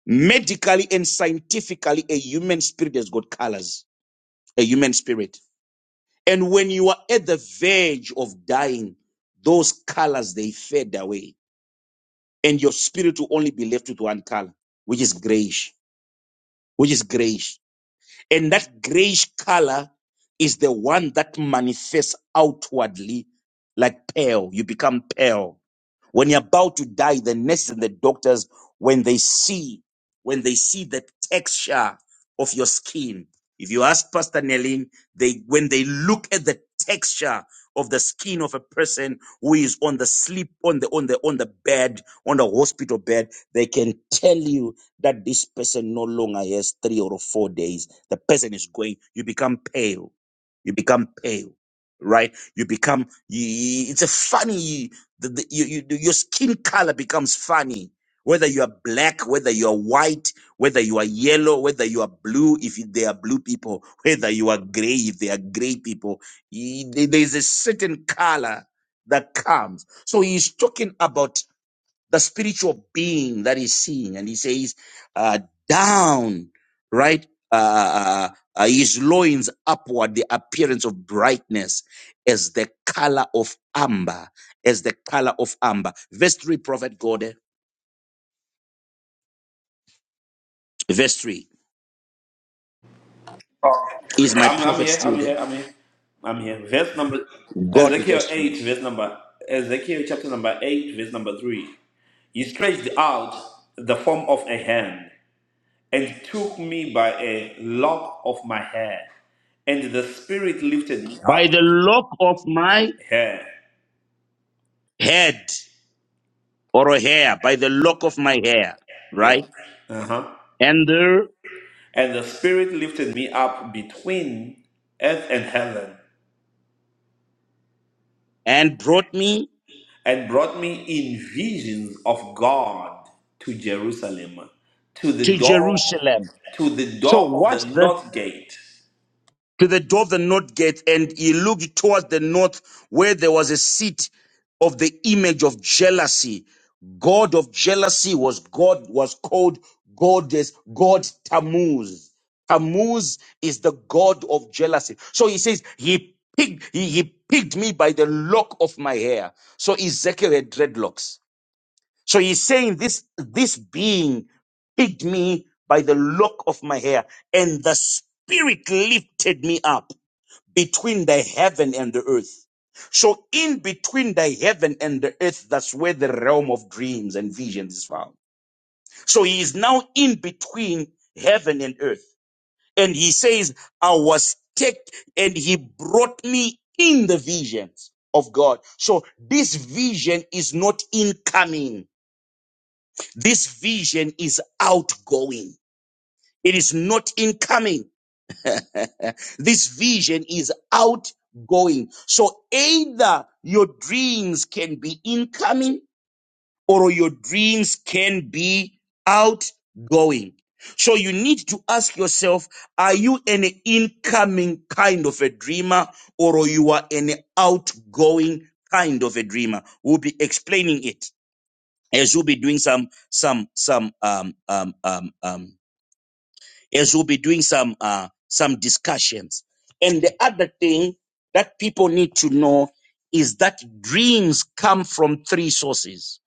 Speaker 2: medically and scientifically, a human spirit has got colors a human spirit. And when you are at the verge of dying, those colors they fade away, and your spirit will only be left with one color, which is grayish, which is grayish. And that grayish color is the one that manifests outwardly like pale. You become pale. When you're about to die, the nurses and the doctors, when they see, when they see the texture of your skin, if you ask Pastor Nelling, they when they look at the texture of the skin of a person who is on the sleep on the on the on the bed on the hospital bed they can tell you that this person no longer has three or four days the person is going you become pale you become pale right you become y- it's a funny the, the, you, you, your skin color becomes funny. Whether you are black, whether you are white, whether you are yellow, whether you are blue, if you- they are blue people, whether you are gray, if they are gray people, y- there- there's a certain color that comes. So he's talking about the spiritual being that is seen. And he says, uh, down, right? Uh, uh, uh, his loins upward, the appearance of brightness as the color of amber, as the color of amber. Verse 3, Prophet God, verse 3. Is my
Speaker 1: I'm, I'm
Speaker 2: prophet
Speaker 1: here. I'm
Speaker 2: still there?
Speaker 1: here. I'm here. I'm here. Verse number
Speaker 2: God,
Speaker 1: Ezekiel
Speaker 2: verse 3.
Speaker 1: eight, verse number Ezekiel chapter number eight, verse number three. He stretched out the form of a hand and took me by a lock of my hair, and the spirit lifted me
Speaker 2: By
Speaker 1: up.
Speaker 2: the lock of my
Speaker 1: Hair,
Speaker 2: head or a hair, by the lock of my hair,
Speaker 1: yeah,
Speaker 2: right?
Speaker 1: uh huh.
Speaker 2: And there,
Speaker 1: And the spirit lifted me up between earth and heaven,
Speaker 2: and brought me
Speaker 1: and brought me in visions of God to Jerusalem, to the
Speaker 2: to
Speaker 1: door,
Speaker 2: Jerusalem.
Speaker 1: to the
Speaker 2: So
Speaker 1: door of
Speaker 2: watch
Speaker 1: the
Speaker 2: this
Speaker 1: north gate.
Speaker 2: to the door of the north gate, and he looked towards the north, where there was a seat of the image of jealousy. God of jealousy was God was called goddess, God Tammuz. Tammuz is the God of jealousy. So he says, He picked, he, he picked me by the lock of my hair. So Ezekiel had dreadlocks. So he's saying this this being picked me by the lock of my hair, and the spirit lifted me up between the heaven and the earth. So in between the heaven and the earth, that's where the realm of dreams and visions is found. So he is now in between heaven and earth. And he says, I was taken and he brought me in the visions of God. So this vision is not incoming. This vision is outgoing. It is not incoming. this vision is outgoing. So either your dreams can be incoming or your dreams can be outgoing. So you need to ask yourself, are you an incoming kind of a dreamer or you are an outgoing kind of a dreamer? We'll be explaining it as we'll be doing some, some, some, um, um, um, um, as we'll be doing some uh, some discussions. And the other thing that people need to know is that dreams come from three sources.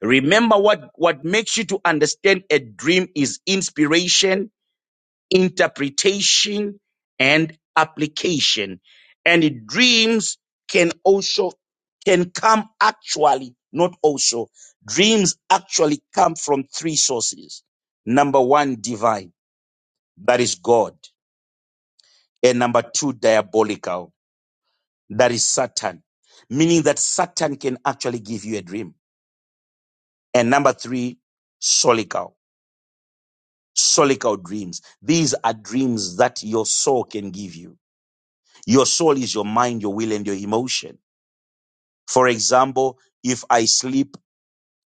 Speaker 2: Remember what what makes you to understand a dream is inspiration, interpretation, and application. And dreams can also can come actually, not also. Dreams actually come from three sources. Number one, divine, that is God. And number two, diabolical. That is Satan, meaning that Satan can actually give you a dream. And number three, solical. Solical dreams. These are dreams that your soul can give you. Your soul is your mind, your will, and your emotion. For example, if I sleep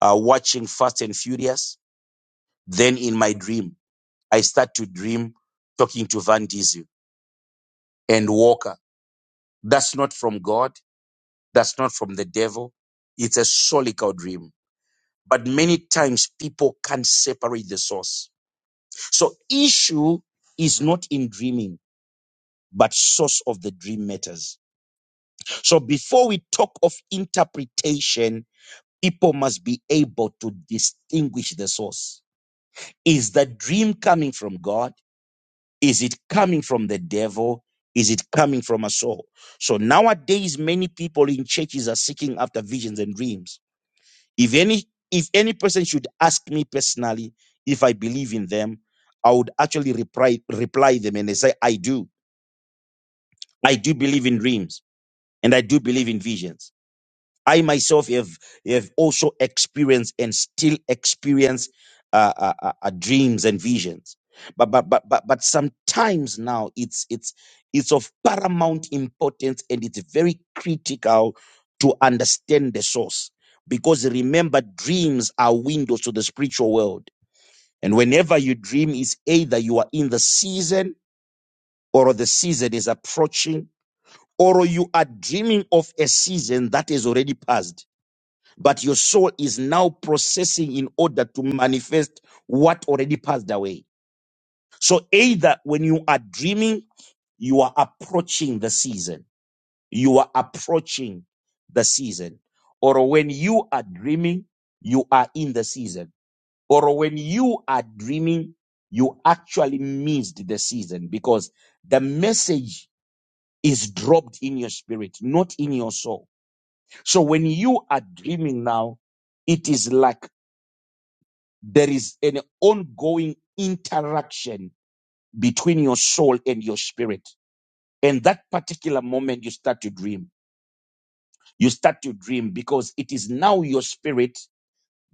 Speaker 2: uh, watching Fast and Furious, then in my dream, I start to dream talking to Van Diesel and Walker. That's not from God. That's not from the devil. It's a solical dream But many times people can't separate the source. So issue is not in dreaming, but source of the dream matters. So before we talk of interpretation, people must be able to distinguish the source. Is the dream coming from God? Is it coming from the devil? Is it coming from a soul? So nowadays, many people in churches are seeking after visions and dreams If any if any person should ask me personally if I believe in them, I would actually reply reply them and they say, I do. I do believe in dreams and I do believe in visions. I myself have, have also experienced and still experience uh, uh, uh, uh, dreams and visions. But, but but but but sometimes now it's it's it's of paramount importance and it's very critical to understand the source because remember dreams are windows to the spiritual world and whenever you dream is either you are in the season or the season is approaching or you are dreaming of a season that is already passed but your soul is now processing in order to manifest what already passed away. So either when you are dreaming, you are approaching the season. You are approaching the season. Or when you are dreaming, you are in the season. Or when you are dreaming, you actually missed the season because the message is dropped in your spirit, not in your soul. So when you are dreaming now, it is like there is an ongoing interaction between your soul and your spirit. And that particular moment you start to dream, you start to dream because it is now your spirit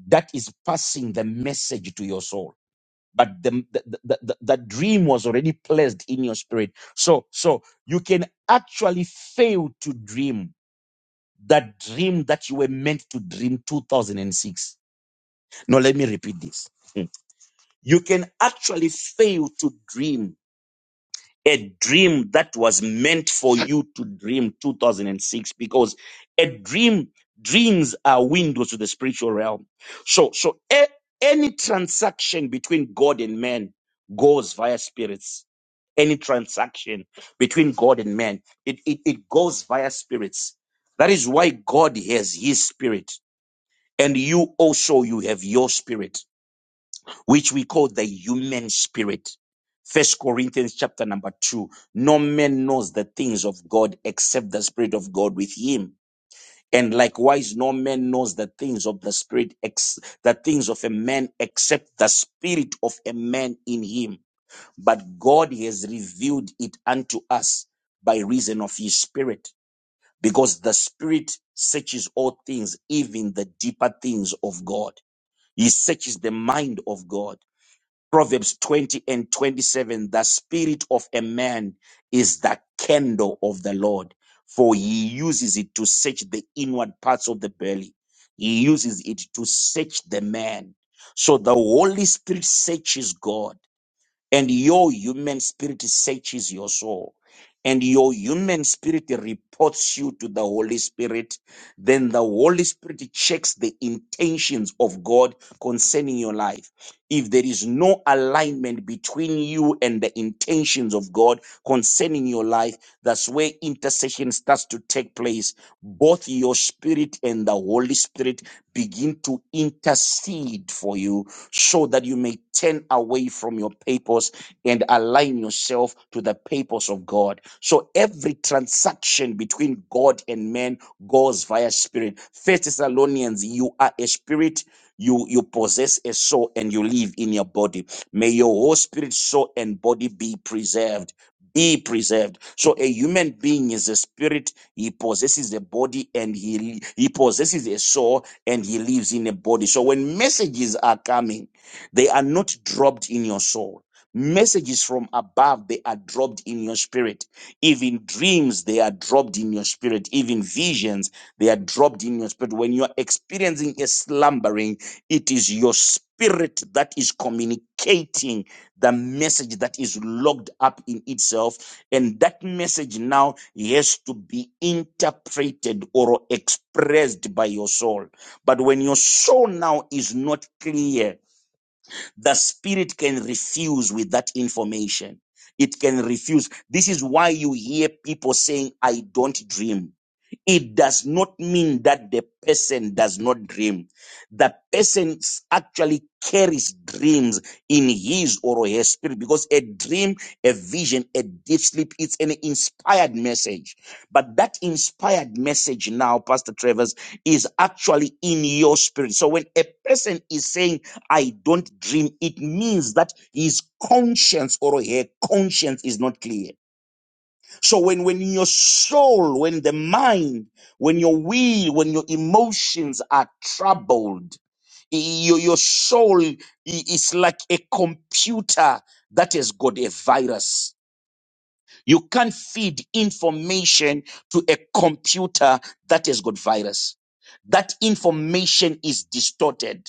Speaker 2: that is passing the message to your soul. But the, the, the, the, the dream was already placed in your spirit. So, so you can actually fail to dream that dream that you were meant to dream 2006. Now, let me repeat this. Hmm. You can actually fail to dream a dream that was meant for you to dream 2006 because a dream dreams are windows to the spiritual realm so so a- any transaction between god and man goes via spirits any transaction between god and man it, it, it goes via spirits that is why god has his spirit and you also you have your spirit which we call the human spirit. First Corinthians chapter number two. No man knows the things of God except the Spirit of God with him. And likewise, no man knows the things of the Spirit, ex- the things of a man except the Spirit of a man in him. But God has revealed it unto us by reason of his Spirit, because the Spirit searches all things, even the deeper things of God. He searches the mind of God. Proverbs 20 and 27, the spirit of a man is the candle of the Lord, for he uses it to search the inward parts of the belly. He uses it to search the man. So the Holy Spirit searches God, and your human spirit searches your soul. And your human spirit reports you to the Holy Spirit, then the Holy Spirit checks the intentions of God concerning your life if there is no alignment between you and the intentions of God concerning your life, that's where intercession starts to take place. Both your spirit and the Holy Spirit begin to intercede for you so that you may turn away from your papers and align yourself to the papers of God. So every transaction between God and man goes via spirit. First Thessalonians, you are a spirit you you possess a soul and you live in your body may your whole spirit soul and body be preserved be preserved so a human being is a spirit he possesses a body and he he possesses a soul and he lives in a body so when messages are coming they are not dropped in your soul messages from above they are dropped in your spirit even dreams they are dropped in your spirit even visions they are dropped in your spirit when you are experiencing a slumbering it is your spirit that is communicating the message that is locked up in itself. And that message now has to be interpreted or expressed by your soul. But when your soul now is not clear, the spirit can refuse with that information. It can refuse. This is why you hear people saying, I don't dream it does not mean that the person does not dream. The person actually carries dreams in his or her spirit because a dream, a vision, a deep sleep, it's an inspired message. But that inspired message now, Pastor Travers, is actually in your spirit. So when a person is saying, I don't dream, it means that his conscience or her conscience is not clear so when, when your soul, when the mind, when your will, when your emotions are troubled, y- your, your soul i- is like a computer that has got a virus. You can't feed information to a computer that has got virus. That information is distorted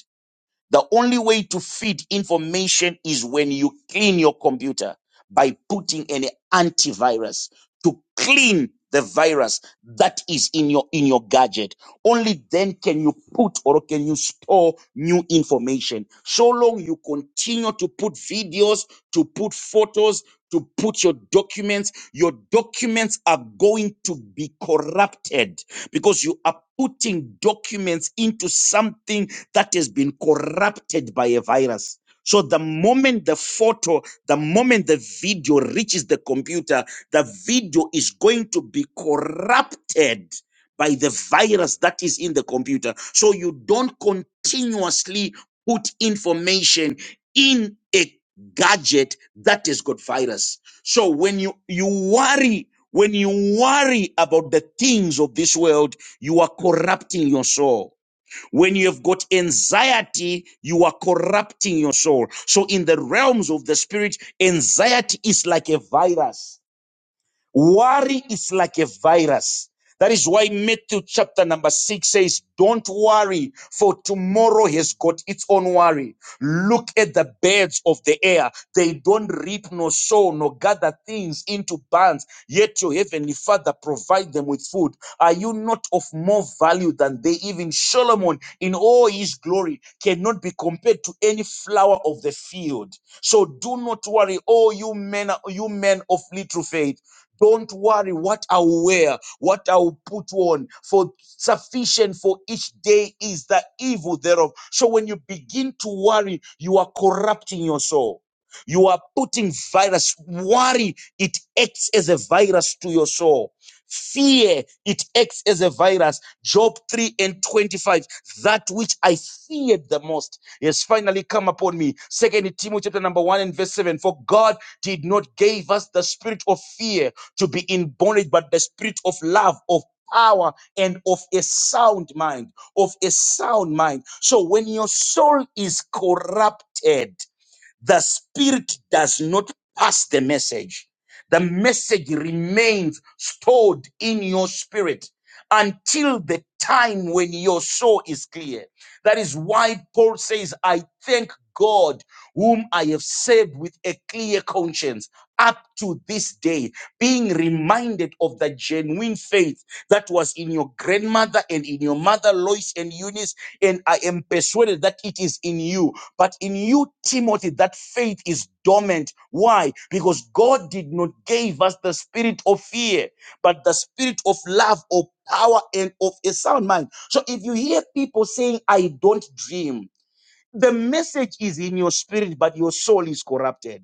Speaker 2: the only way to feed information is when you clean your computer by putting an antivirus to clean the virus that is in your in your gadget only then can you put or can you store new information so long you continue to put videos to put photos to put your documents your documents are going to be corrupted because you are putting documents into something that has been corrupted by a virus. So the moment the photo, the moment the video reaches the computer, the video is going to be corrupted by the virus that is in the computer. So you don't continuously put information in a gadget that has got virus so when you, you worry, when you worry about the things of this world, you are corrupting your soul. When you have got anxiety, you are corrupting your soul. So in the realms of the spirit, anxiety is like a virus Worry is like a virus. That is why Matthew chapter number six says, Don't worry, for tomorrow has got its own worry. Look at the birds of the air. They don't reap nor sow nor gather things into barns, yet your heavenly Father provide them with food. Are you not of more value than they? Even Solomon, in all his glory, cannot be compared to any flower of the field. So do not worry, oh you men, you men of little faith. Don't worry what I'll wear, what I'll put on, for sufficient for each day is the evil thereof. So when you begin to worry, you are corrupting your soul. You are putting virus. Worry, it acts as a virus to your soul. Fear, it acts as a virus. Job 3 and 25. That which I feared the most has finally come upon me. Second Timothy chapter number 1 and verse 7. For God did not give us the spirit of fear to be in bondage, but the spirit of love, of power, and of a sound mind. Of a sound mind. So when your soul is corrupted, the spirit does not pass the message. The message remains stored in your spirit until the time when your soul is clear. That is why Paul says, I thank God whom I have served with a clear conscience up to this day, being reminded of the genuine faith that was in your grandmother and in your mother Lois and Eunice, and I am persuaded that it is in you. But in you, Timothy, that faith is dormant. Why? Because God did not give us the spirit of fear, but the spirit of love, of power, and of a sound mind. So if you hear people saying, I don't dream, the message is in your spirit, but your soul is corrupted.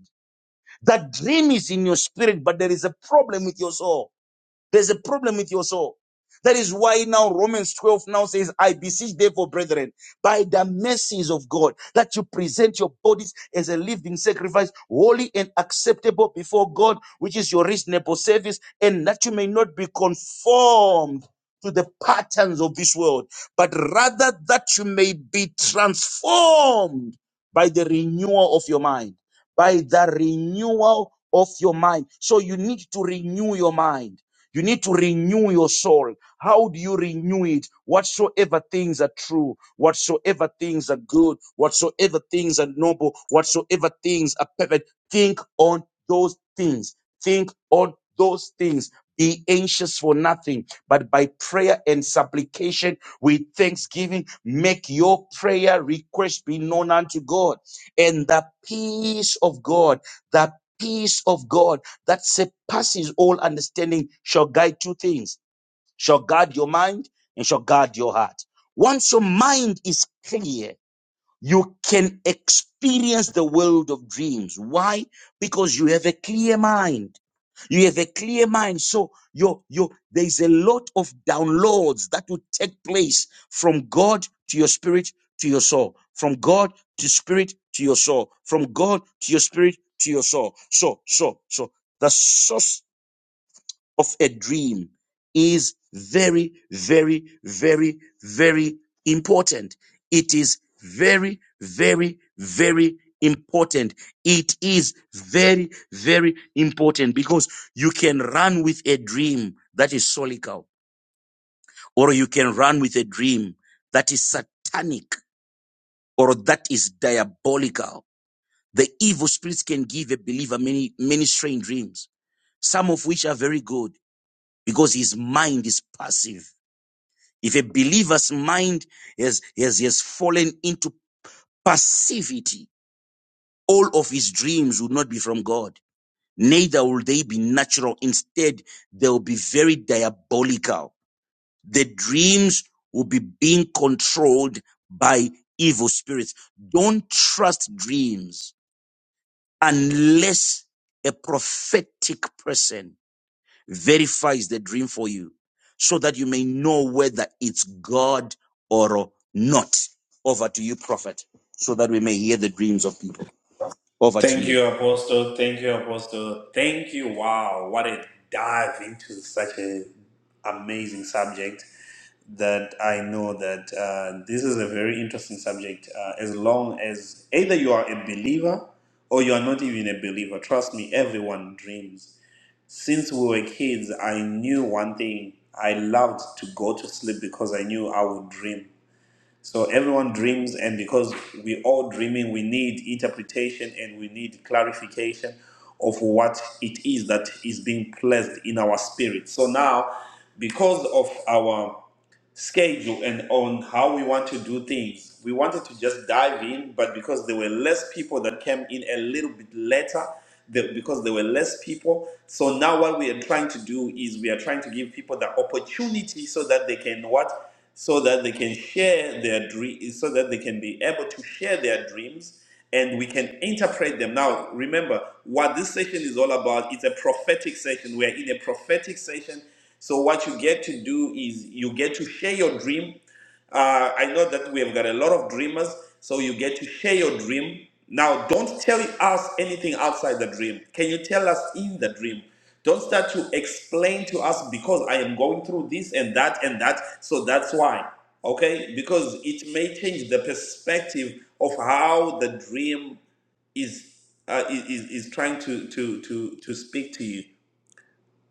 Speaker 2: The dream is in your spirit, but there is a problem with your soul. There's a problem with your soul. That is why now Romans 12 now says, I beseech therefore, brethren, by the mercies of God, that you present your bodies as a living sacrifice, holy and acceptable before God, which is your reasonable service, and that you may not be conformed to the patterns of this world, but rather that you may be transformed by the renewal of your mind, by the renewal of your mind. So you need to renew your mind. You need to renew your soul. How do you renew it? Whatsoever things are true, whatsoever things are good, whatsoever things are noble, whatsoever things are perfect, think on those things. Think on those things. Be anxious for nothing, but by prayer and supplication with thanksgiving, make your prayer request be known unto God. And the peace of God, the peace of God that surpasses all understanding shall guide two things shall guard your mind and shall guard your heart once your mind is clear you can experience the world of dreams. Why? Because you have a clear mind. You have a clear mind. So your your there is a lot of downloads that will take place from God to your spirit to your soul, from God to spirit to your soul, from God to your spirit to your soul. So so so the source of a dream is very, very, very, very important. It is very, very, very important. It is very, very important because you can run with a dream that is solical, or you can run with a dream that is satanic, or that is diabolical. The evil spirits can give a believer many, many strange dreams, some of which are very good because his mind is passive If a believer's mind has, has, has fallen into passivity, all of his dreams will not be from God. Neither will they be natural. Instead, they will be very diabolical. The dreams will be being controlled by evil spirits. Don't trust dreams unless a prophetic person verifies the dream for you so that you may know whether it's God or not. Over to you, prophet, so that we may hear the dreams of people. Over to
Speaker 1: Thank
Speaker 2: you.
Speaker 1: you, Apostle. Thank you, Apostle. Thank you. Wow, what a dive into such a amazing subject that I know that uh, this is a very interesting subject. Uh, as long as either you are a believer or you are not even a believer, trust me, everyone dreams since we were kids, I knew one thing. I loved to go to sleep because I knew I would dream. So everyone dreams, and because we all dreaming, we need interpretation and we need clarification of what it is that is being placed in our spirit. So now, because of our schedule and on how we want to do things. We wanted to just dive in, but because there were less people that came in a little bit later, the, because there were less people. So now what we are trying to do is we are trying to give people the opportunity so that they can what? So that they can share their dream, so that they can be able to share their dreams and we can interpret them. Now, remember what this session is all about. It's a prophetic session. We're in a prophetic session so what you get to do is you get to share your dream. Uh, I know that we have got a lot of dreamers, so you get to share your dream. Now, don't tell us anything outside the dream. Can you tell us in the dream? Don't start to explain to us because I am going through this and that and that, so that's why. Okay? Because it may change the perspective of how the dream is uh, is is is trying to to to to speak to you.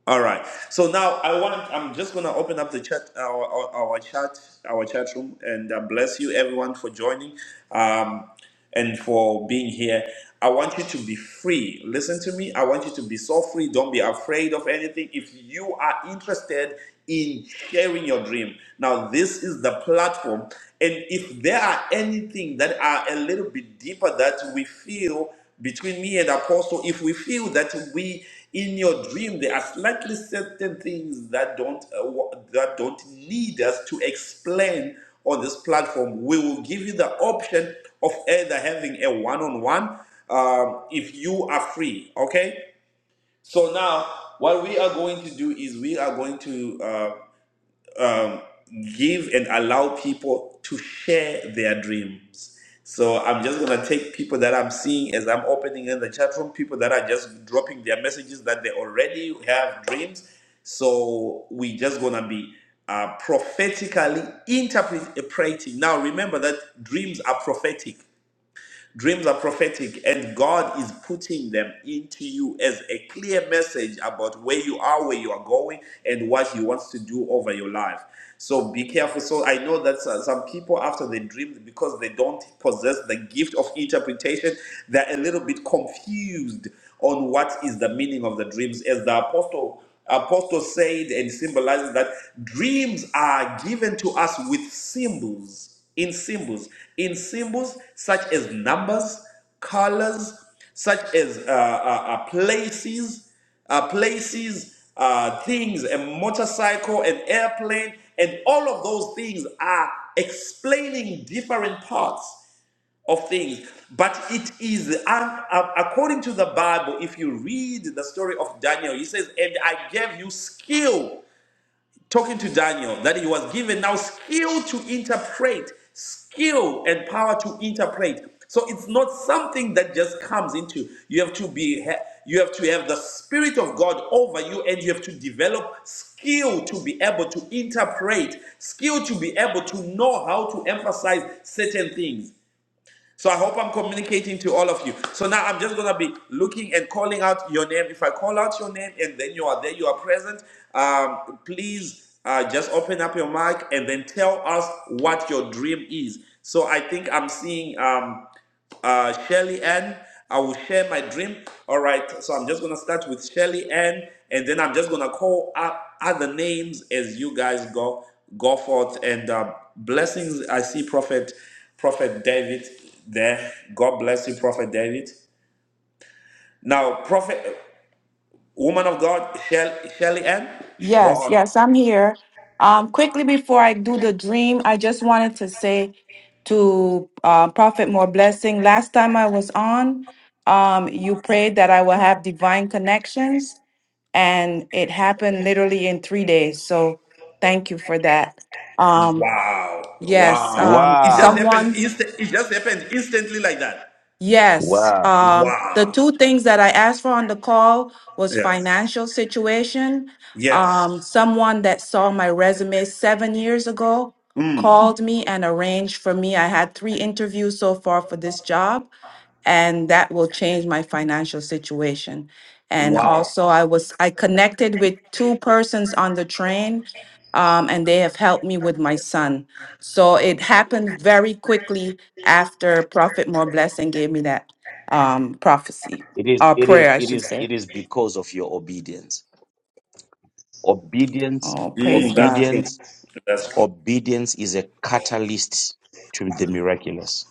Speaker 1: All right. So now I want. I'm just gonna open up the chat, our our, our chat, our chat room, and uh, bless you everyone for joining, um, and for being here. I want you to be free. Listen to me. I want you to be so free. Don't be afraid of anything. If you are interested in sharing your dream, now this is the platform. And if there are anything that are a little bit deeper that we feel between me and apostle if we feel that we in your dream there are slightly certain things that don't uh, wa- that don't need us to explain on this platform we will give you the option of either having a one-on-one um, if you are free okay so now what we are going to do is we are going to uh, um, give and allow people to share their dreams. So I'm just gonna take people that I'm seeing as I'm opening in the chat room, people that are just dropping their messages that they already have dreams. So we just gonna be uh, prophetically interpreting. Now remember that dreams are prophetic. Dreams are prophetic, and God is putting them into you as a clear message about where you are, where you are going, and what He wants to do over your life. So be careful. So I know that so- some people, after they dream, because they don't possess the gift of interpretation, they're a little bit confused on what is the meaning of the dreams. As the apostle Apostle said and symbolizes that dreams are given to us with symbols, in symbols, in symbols such as numbers, colors, such as uh, uh, uh, places, uh, places, uh, things, a motorcycle, an airplane, and all of those things are explaining different parts of things. But it is, uh, uh, according to the Bible, if you read the story of Daniel, he says, And I gave you skill, talking to Daniel, that he was given now skill to interpret, skill and power to interpret. So it's not something that just comes into. You have to be, ha- you have to have the spirit of God over you, and you have to develop skill to be able to interpret, skill to be able to know how to emphasize certain things. So I hope I'm communicating to all of you. So now I'm just gonna be looking and calling out your name. If I call out your name and then you are there, you are present. Um, please uh, just open up your mic and then tell us what your dream is. So I think I'm seeing. Um, uh, Shelly Ann. I will share my dream. All right. So I'm just going to start with Shelly Ann, and then I'm just going to call up other names as you guys go go forth. And uh, blessings. I see Prophet Prophet David there. God bless you, Prophet David. Now, Prophet, woman of God, Shell, Shelly Ann, go
Speaker 3: Yes,
Speaker 1: on.
Speaker 3: yes, I'm here. Um, quickly before I do the dream, I just wanted to say to uh, Prophet More Blessing, last time I was on, um, you prayed that I will have divine connections, and it happened literally in three days. So thank you for that. Um,
Speaker 1: Wow.
Speaker 3: yes,
Speaker 1: Wow.
Speaker 3: um,
Speaker 1: It just
Speaker 2: Wow.
Speaker 1: happened.
Speaker 3: someone.
Speaker 1: Insta- it just happened instantly like that.
Speaker 3: Yes.
Speaker 2: Wow.
Speaker 3: Um, the
Speaker 1: Wow.
Speaker 3: two things that I asked for on the call was
Speaker 1: Yes.
Speaker 3: financial situation.
Speaker 1: Yes.
Speaker 3: Um, someone that saw my resume seven years ago
Speaker 1: Mm.
Speaker 3: called me and arranged for me. I had three interviews so far for this job and that will change my financial situation. And
Speaker 1: Wow.
Speaker 3: also, I was I connected with two persons on the train, um, and they have helped me with my son. So it happened very quickly after Prophet More Blessing gave me that um, prophecy
Speaker 2: It is
Speaker 3: or
Speaker 2: it is
Speaker 3: prayer, I
Speaker 2: it
Speaker 3: should
Speaker 2: is
Speaker 3: say.
Speaker 2: it is because of your obedience. Obedience,
Speaker 3: Oh, praise
Speaker 1: Mm,
Speaker 3: God!
Speaker 1: that's true.
Speaker 2: obedience,
Speaker 1: That's true.
Speaker 2: obedience is a catalyst to the miraculous.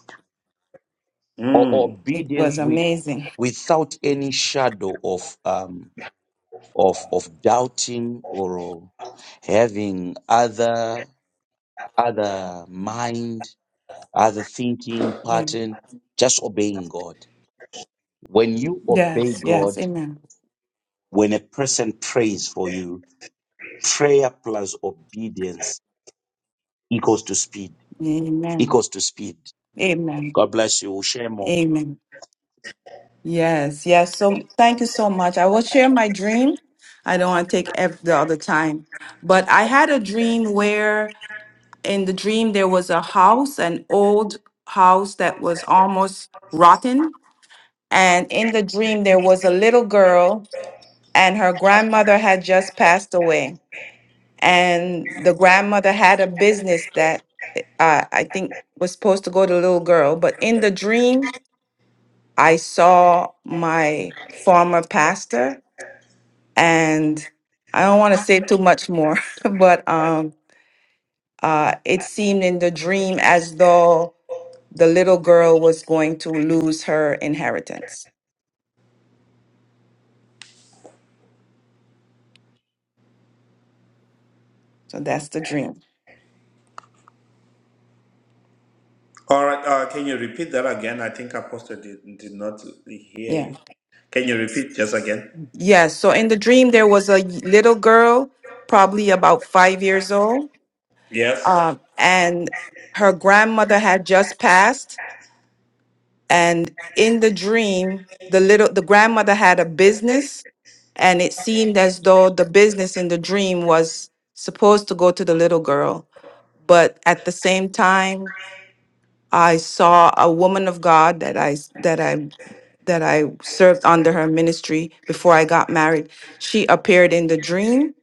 Speaker 2: Or
Speaker 1: Mm.
Speaker 3: It
Speaker 2: obedience
Speaker 3: was
Speaker 2: we
Speaker 3: amazing.
Speaker 2: without any shadow of um of of doubting or having other other mind, other thinking
Speaker 3: Yeah.
Speaker 2: pattern, just obeying God. When you obey
Speaker 3: Yes. Yes.
Speaker 2: God,
Speaker 3: Amen.
Speaker 2: when a person prays for you, prayer plus obedience equals to speed.
Speaker 3: Amen.
Speaker 2: Equals to speed.
Speaker 3: Amen.
Speaker 2: God bless you. We'll share more.
Speaker 3: Amen. Yes. Yes. So thank you so much. I will share my dream. I don't want to take ev- the other time, but I had a dream where in the dream there was a house, an old house that was almost rotten And in the dream, there was a little girl, and her grandmother had just passed away. And the grandmother had a business that uh, I think was supposed to go to the little girl. But in the dream, I saw my former pastor, and I don't want to say too much more, but um, uh, it seemed in the dream as though the little girl was going to lose her inheritance. So that's the dream.
Speaker 1: All right. Uh, can you repeat that again? I think Apostle did, did not hear
Speaker 3: Yeah.
Speaker 1: you. Can you repeat just again?
Speaker 3: Yes. So in the dream, there was a little girl, probably about five years old,
Speaker 1: Yes.
Speaker 3: um, and her grandmother had just passed. And in the dream, the little the grandmother had a business, and it seemed as though the business in the dream was supposed to go to the little girl, but at the same time. I saw a woman of God that I s- that I that I served under her ministry before I got married. She appeared in the dream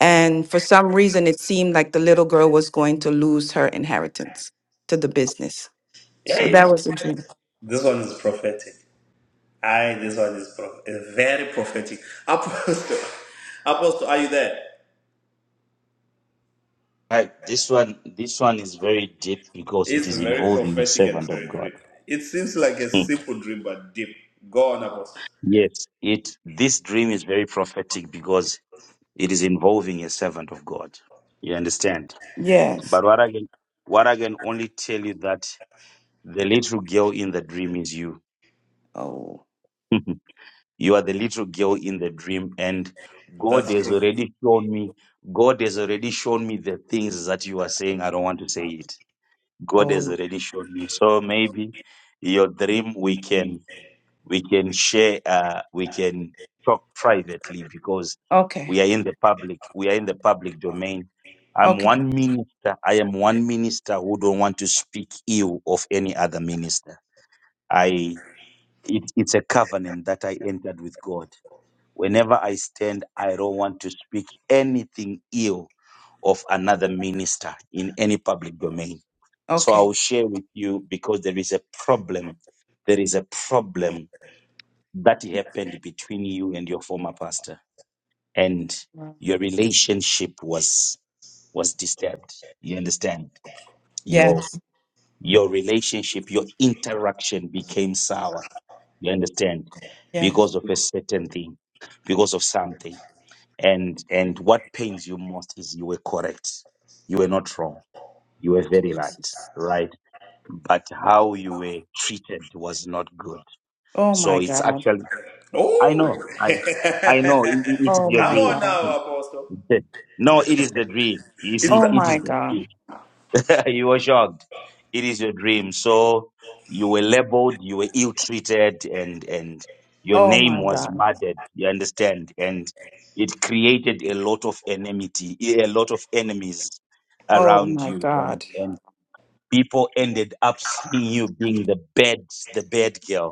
Speaker 3: and for some reason it seemed like the little girl was going to lose her inheritance to the business.
Speaker 1: Yeah,
Speaker 3: So that
Speaker 1: yeah.
Speaker 3: was a dream.
Speaker 1: This one is prophetic. I. This one is pro- is very prophetic. Apostle, Apostle, are you there?
Speaker 2: Right. This one this one is very deep because it
Speaker 1: It's
Speaker 2: is
Speaker 1: very
Speaker 2: involving a
Speaker 1: prophetic and
Speaker 2: servant of
Speaker 1: very
Speaker 2: God.
Speaker 1: deep. It seems like a simple dream, but deep. Go on, Apostle.
Speaker 2: Yes. It this dream is very prophetic because It is involving a servant of God. You understand?
Speaker 3: Yes.
Speaker 2: But what I can, what I can only tell you that the little girl in the dream is you.
Speaker 3: Oh.
Speaker 2: you are the little girl in the dream, and God
Speaker 1: That's
Speaker 2: has
Speaker 1: true.
Speaker 2: already shown me. God has already shown me the things that you are saying. I don't want to say it. God has
Speaker 3: Oh.
Speaker 2: already shown me. So maybe your dream we can we can share uh, we can talk privately because
Speaker 3: Okay.
Speaker 2: we are in the public we are in the public domain i'm
Speaker 3: Okay.
Speaker 2: one minister i am one minister who don't want to speak ill of any other minister i it, it's a covenant that i entered with god whenever i stand i don't want to speak anything ill of another minister in any public domain so
Speaker 3: Okay.
Speaker 2: i'll share with you because there is a problem there is a problem that happened between you and your former pastor and
Speaker 3: Wow.
Speaker 2: your relationship was was disturbed you understand your
Speaker 3: Yes.
Speaker 2: your relationship your interaction became sour you understand
Speaker 3: Yes.
Speaker 2: because of a certain thing because of something and and what pains you most is you were correct you were not wrong you were very right
Speaker 3: Jesus.
Speaker 2: right but how you were treated was not good
Speaker 3: Oh
Speaker 2: so
Speaker 3: my
Speaker 2: it's
Speaker 3: God.
Speaker 2: actually I
Speaker 1: Oh,
Speaker 2: know. I I know. It, it is
Speaker 3: Oh
Speaker 2: your
Speaker 3: my
Speaker 1: come
Speaker 2: dream.
Speaker 1: on
Speaker 3: God.
Speaker 1: now, Apostle.
Speaker 2: no, it is the dream. You
Speaker 1: It's
Speaker 2: see,
Speaker 3: Oh
Speaker 1: the,
Speaker 2: it is
Speaker 3: my
Speaker 2: the
Speaker 3: God.
Speaker 2: dream. you were shocked. It is your dream. So you were labeled, you were ill treated, and and your
Speaker 3: Oh
Speaker 2: name
Speaker 3: my
Speaker 2: was
Speaker 3: God.
Speaker 2: murdered. You understand? And it created a lot of enmity, a lot of enemies
Speaker 3: Oh
Speaker 2: around
Speaker 3: my
Speaker 2: you, and
Speaker 3: God.
Speaker 2: and people ended up seeing you being the bad, the bad girl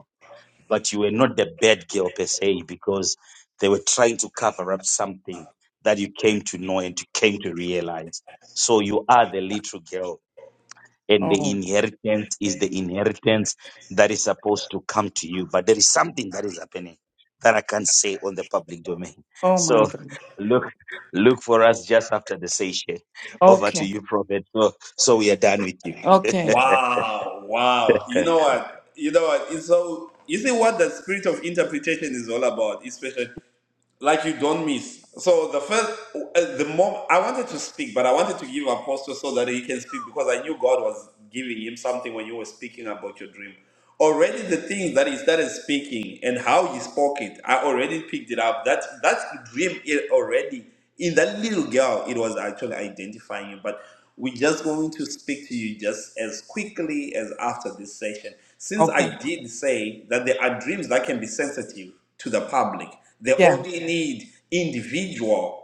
Speaker 2: but you were not the bad girl per se because they were trying to cover up something that you came to know and you came to realize. So you are the little girl, and the
Speaker 3: Oh.
Speaker 2: inheritance is the inheritance that is supposed to come to you. But there is something that is happening that I can't say on the public domain.
Speaker 3: Oh my
Speaker 2: So
Speaker 3: God.
Speaker 2: look, look for us just after the session. Over to
Speaker 3: Okay.
Speaker 2: you, Prophet. So, so we are done with you.
Speaker 3: Okay.
Speaker 1: wow, wow. You know what? You know what? It's so you see what the spirit of interpretation is all about, especially like you don't miss. So the first, uh, the more I wanted to speak, but I wanted to give Apostle so that he can speak because I knew God was giving him something when you were speaking about your dream. Already the things that he started speaking and how he spoke it, I already picked it up. That that dream is already. in that little girl, it was actually identifying you. But we're just going to speak to you just as quickly as after this session. Since
Speaker 3: Okay.
Speaker 1: I did say that there are dreams that can be sensitive to the public, they
Speaker 3: Yeah.
Speaker 1: only need individual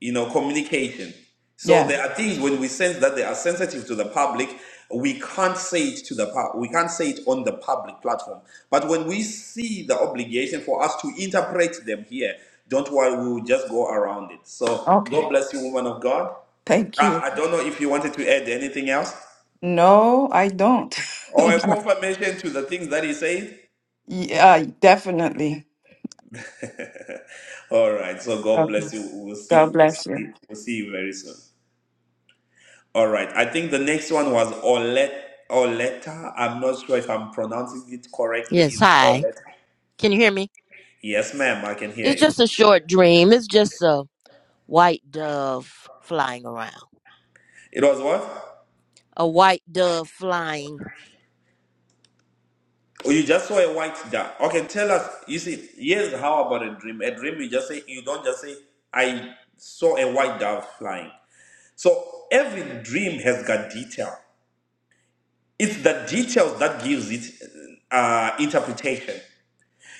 Speaker 1: you know, communication. So
Speaker 3: Yeah.
Speaker 1: there are things when we sense that they are sensitive to the public, we can't say it to the pub, we can't say it on the public platform. But when we see the obligation for us to interpret them here, don't worry, we will just go around it. So God
Speaker 3: Okay.
Speaker 1: bless you, woman of God.
Speaker 3: Thank you.
Speaker 1: I, I don't know if you wanted to add anything else
Speaker 3: No, I don't.
Speaker 1: or a confirmation to the things that he said.
Speaker 3: Yeah, definitely.
Speaker 1: All right, so God
Speaker 3: Okay.
Speaker 1: bless you. We'll
Speaker 3: God
Speaker 1: see. We'll
Speaker 3: bless you.
Speaker 1: see, we'll see you very soon. All right. I think the next one was Olet Oleta. I'm not sure if I'm pronouncing it correctly.
Speaker 6: Yes,
Speaker 1: Is
Speaker 6: hi.
Speaker 1: Oleta?
Speaker 6: Can you hear me?
Speaker 1: Yes, ma'am. I can hear
Speaker 6: It's
Speaker 1: you.
Speaker 6: just a short dream. It's just a white dove flying around.
Speaker 1: It was what?
Speaker 6: A white dove flying.
Speaker 1: Oh, you just saw a white dot. Okay, tell us. You see, yes. How about a dream? A dream. You just say. You don't just say. I saw a white dove flying. So every dream has got detail. It's the details that gives it uh, interpretation.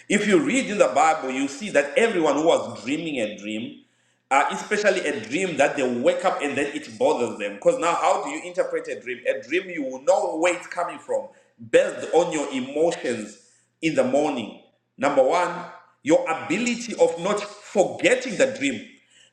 Speaker 1: If you read in the Bible, you see that everyone who was dreaming a dream, uh, especially a dream that they wake up and then it bothers them. Because now, how do you interpret a dream? A dream, you will know where it's coming from based on your emotions in the morning. Number one, your ability of not forgetting the dream.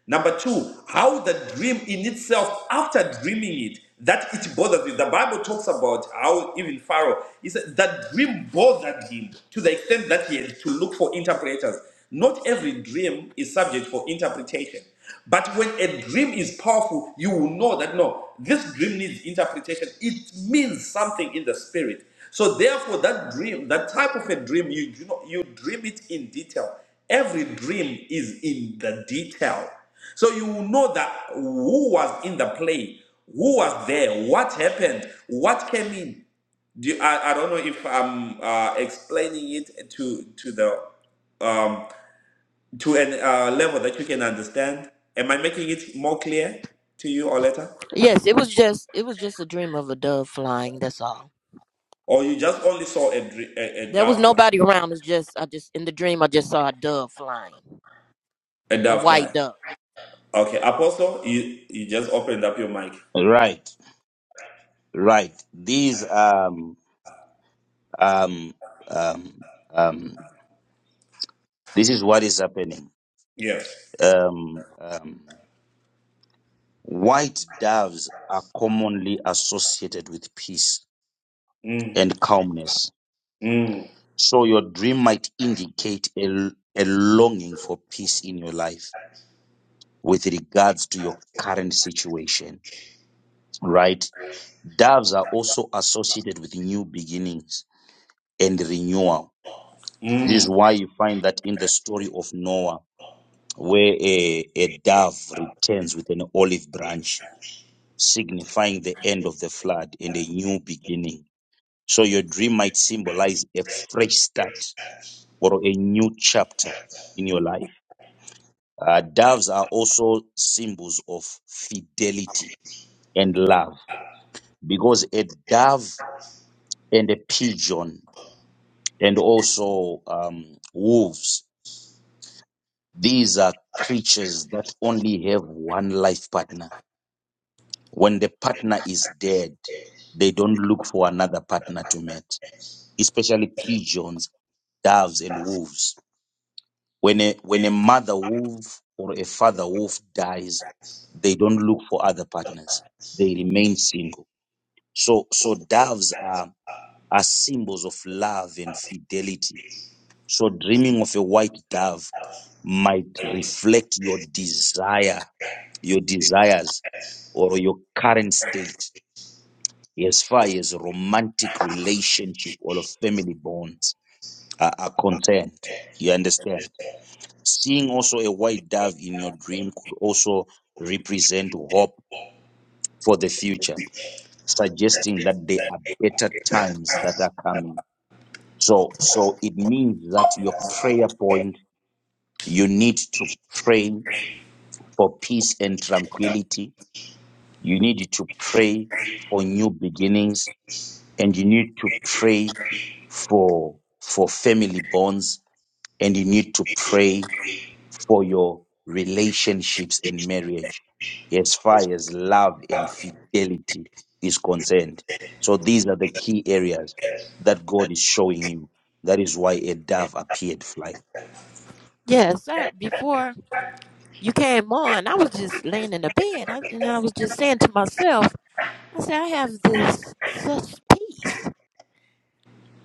Speaker 1: Number two, how the dream in itself, after dreaming it, that it bothers you. The Bible talks about how even Pharaoh, he said that dream bothered him to the extent that he had to look for interpreters. Not every dream is subject for interpretation. But when a dream is powerful, you will know that no, this dream needs interpretation. It means something in the spirit. So therefore, that dream, that type of a dream, you do not, you dream it in detail. Every dream is in the detail. So you will know that who was in the play, who was there, what happened, what came in. Do you- I, I don't know if I'm uh, explaining it to to the um, to an uh, level that you can understand. Am I making it more clear to you or later?
Speaker 6: Yes, it was just it was just a dream of a dove flying, that's all.
Speaker 1: Or you just only saw a, dr- a, a
Speaker 6: There was
Speaker 1: dove fly?
Speaker 6: nobody around. It's just I just in the dream I just saw a dove flying.
Speaker 1: A
Speaker 6: A
Speaker 1: dove
Speaker 6: white
Speaker 1: fly.
Speaker 6: dove.
Speaker 1: Okay, Apostle, you, you just opened up your mic.
Speaker 2: Right, right. These um Um, um, um, this is what is happening.
Speaker 1: Yes.
Speaker 2: Um, um, white doves are commonly associated with peace
Speaker 1: Mm,
Speaker 2: and calmness.
Speaker 1: mm,
Speaker 2: So your dream might indicate a, a longing for peace in your life with regards to your current situation, right? Doves are also associated with new beginnings and renewal. This
Speaker 1: mm.
Speaker 2: is why you find that in the story of Noah where a, a dove returns with an olive branch, signifying the end of the flood and a new beginning. So your dream might symbolize a fresh start or a new chapter in your life. Uh, doves are also symbols of fidelity and love because a dove and a pigeon and also um, wolves, these are creatures that only have one life partner When the partner is dead, they don't look for another partner to mate, especially pigeons, doves, and wolves. When a, when a mother wolf or a father wolf dies, they don't look for other partners. They remain single. So, so doves are, are symbols of love and fidelity. So dreaming of a white dove might reflect your desire, your desires, or your current state. as far as romantic relationship or of family bonds are, are concerned. You understand? Seeing also a white dove in your dream could also represent hope for the future, suggesting that there are better times that are coming. So, so it means that your prayer point, you need to pray for peace and tranquility. You need to pray for new beginnings and you need to pray for for family bonds and you need to pray for your relationships and marriage as far as love and fidelity is concerned so these are the key areas that god is showing you that is why a dove appeared flying
Speaker 6: Yes, I, before you came on, I was just laying in the bed I, and I was just saying to myself, I said I have this such peace.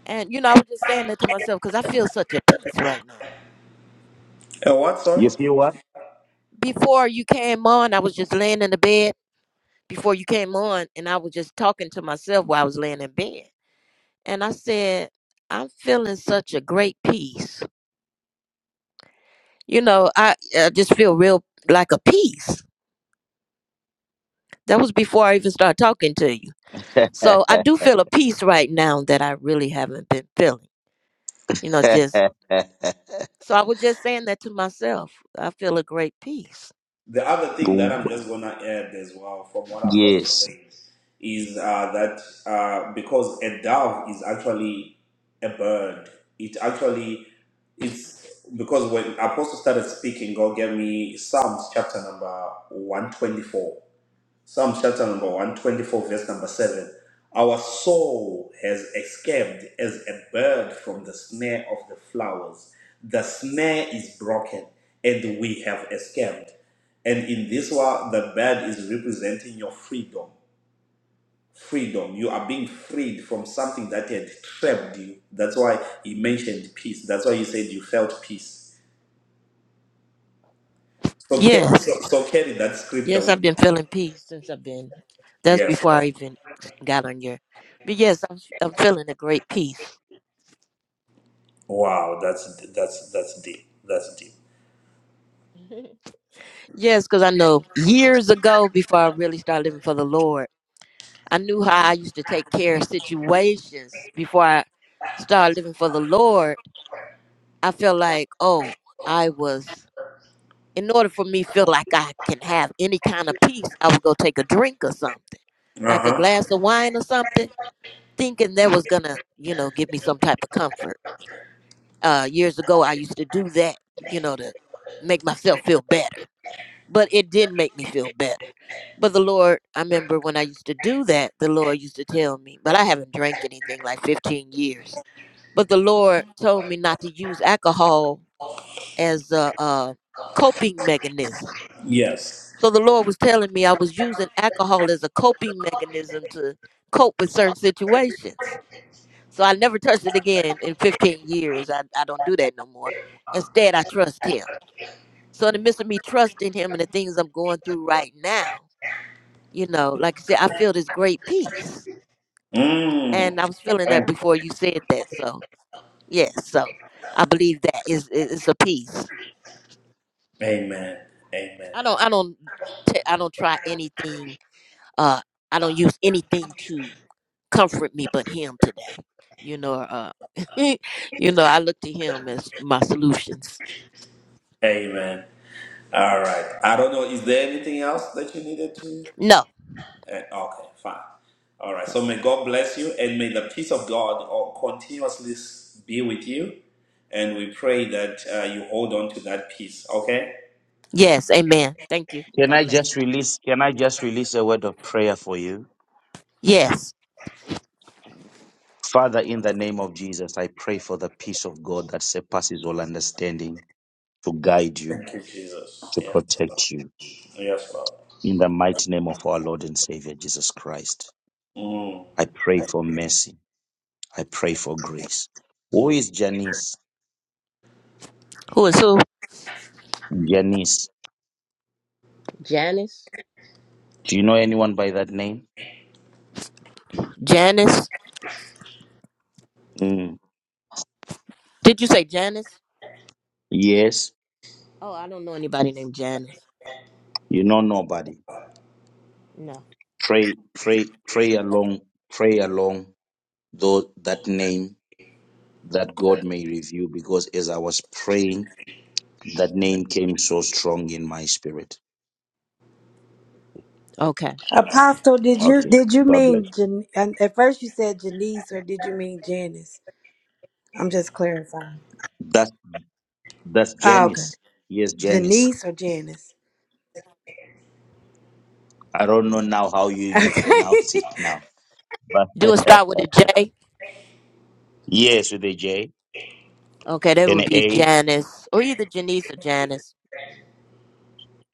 Speaker 6: And you know, I was just saying that to myself because I feel such a peace right now.
Speaker 1: And what, sorry?
Speaker 2: you see what
Speaker 6: before you came on, I was just laying in the bed before you came on, and I was just talking to myself while I was laying in bed. And I said, I'm feeling such a great peace. You know, I, I just feel real like a peace. That was before I even started talking to you. So I do feel a peace right now that I really haven't been feeling. You know, just so I was just saying that to myself. I feel a great peace.
Speaker 1: The other thing that I'm just going to add as well from what Apostle
Speaker 2: yes
Speaker 1: saying is uh, that uh, because a dove is actually a bird, it actually, it's because when Apostle started speaking, God gave me Psalms chapter number 124. Psalm chapter number 124, verse number 7. Our soul has escaped as a bird from the snare of the flowers. The snare is broken, and we have escaped. And in this one, the bird is representing your freedom. Freedom. You are being freed from something that had trapped you. That's why he mentioned peace. That's why he said you felt peace. So, ca- so,
Speaker 6: Yes.
Speaker 1: so carry that scripture
Speaker 6: Yes, I've
Speaker 1: with you.
Speaker 6: been feeling peace since I've been. That's
Speaker 1: Yes.
Speaker 6: before I even got on your. But yes, I'm, I'm feeling a great peace.
Speaker 1: Wow, that's that's that's deep. That's deep.
Speaker 6: Yes, because I know years ago, before I really started living for the Lord, I knew how I used to take care of situations. Before I started living for the Lord, I felt like, oh, I was. In order for me feel like I can have any kind of peace, I would go take a drink or something,
Speaker 1: Uh
Speaker 6: like a
Speaker 1: huh.
Speaker 6: glass of wine or something, thinking that was gonna, you know, give me some type of comfort. uh, years ago, I used to do that, you know, to make myself feel better. But it didn't make me feel better. But the Lord, I remember when I used to do that, the Lord used to tell me, but I haven't drank anything like 15 years. But the Lord told me not to use alcohol as a, a coping mechanism.
Speaker 1: Yes.
Speaker 6: So the Lord was telling me I was using alcohol as a coping mechanism to cope with certain situations. So I never touched it again in 15 years. I, I don't do that no more. Instead, I trust Him. So in the midst of me trusting him and the things I'm going through right now, you know, like I said, I feel this great peace.
Speaker 1: Mm.
Speaker 6: And I was feeling that
Speaker 1: Thank-
Speaker 6: before you said that. So yes, so I believe that is is it's a peace.
Speaker 1: Amen. Amen.
Speaker 6: I don't I don't t- I don't try anything uh I don't use anything to comfort me but him today. You know, uh you know, I look to him as my solutions.
Speaker 1: Amen. All right. I don't know. Is there anything else that you needed to?
Speaker 6: No.
Speaker 1: eh, okay. Fine. All right. So may God bless you, and may the peace of God all continuously s- be with you. And we pray that uh, you hold on to that peace. Okay.
Speaker 6: Yes, amen. Thank you.
Speaker 2: can
Speaker 6: God
Speaker 2: i
Speaker 6: bless.
Speaker 2: just release can i just release a word of prayer for you
Speaker 6: you. Yes.
Speaker 2: Father, in the name of Jesus, I pray for the peace of God that surpasses all understanding to guide you,
Speaker 1: Thank you, Jesus.
Speaker 2: to
Speaker 1: Yes.
Speaker 2: protect you.
Speaker 1: Yes, Lord.
Speaker 2: In the mighty name of our Lord and Savior Jesus Christ,
Speaker 1: Mm.
Speaker 2: I pray for mercy. I pray for grace. Who
Speaker 1: Mm.
Speaker 2: is Janice?
Speaker 6: Who is who?
Speaker 2: Janice.
Speaker 6: Janice?
Speaker 2: Do you know anyone by that name?
Speaker 6: Janice?
Speaker 2: Mm,
Speaker 6: Did you say Janice?
Speaker 2: Yes.
Speaker 6: Oh, I don't know anybody named Janice.
Speaker 2: You know nobody.
Speaker 6: No.
Speaker 2: Pray, pray, pray along, pray along though that name that God may review because as I was praying, That name came so strong in my spirit.
Speaker 6: Okay.
Speaker 5: Apostle, did you
Speaker 2: Okay.
Speaker 5: did you
Speaker 2: God bless.
Speaker 5: mean Jan- and at first you said Janice or did you mean Janice? I'm just clarifying.
Speaker 2: you. That's that's
Speaker 5: Oh, okay.
Speaker 2: Janice. Yes, Janice.
Speaker 5: Janice or Janice?
Speaker 2: I don't know now how you you pronounce
Speaker 5: Okay.
Speaker 2: it now, but
Speaker 6: Do it start with a J?
Speaker 2: yes, with a J
Speaker 6: Okay, that
Speaker 2: and
Speaker 6: would
Speaker 2: a
Speaker 6: be
Speaker 2: A,
Speaker 6: Janice. Or either Janice or Janice.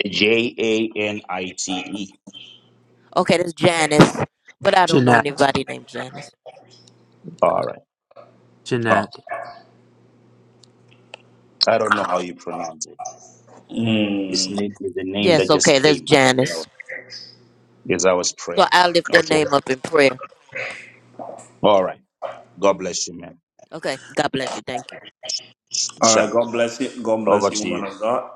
Speaker 2: J A N I T E.
Speaker 6: Okay, that's Janice. But I don't know
Speaker 7: Jeanette,
Speaker 6: anybody named Janice.
Speaker 2: All right.
Speaker 7: Jeanette,
Speaker 2: Okay. I don't know how you pronounce it. It's
Speaker 1: Mm.
Speaker 2: name is the name
Speaker 6: Yes,
Speaker 2: that just
Speaker 6: okay, that's
Speaker 2: came as I was,
Speaker 6: Janice.
Speaker 2: as I was
Speaker 6: So
Speaker 2: praying.
Speaker 6: I'll lift that
Speaker 2: Okay.
Speaker 6: name up in prayer.
Speaker 2: All right. God bless you, man.
Speaker 6: Okay. God bless you. Thank you.
Speaker 1: All right.
Speaker 2: Sure.
Speaker 1: God bless you. God
Speaker 2: Over
Speaker 1: bless you,
Speaker 2: to
Speaker 1: woman
Speaker 2: you.
Speaker 1: of God.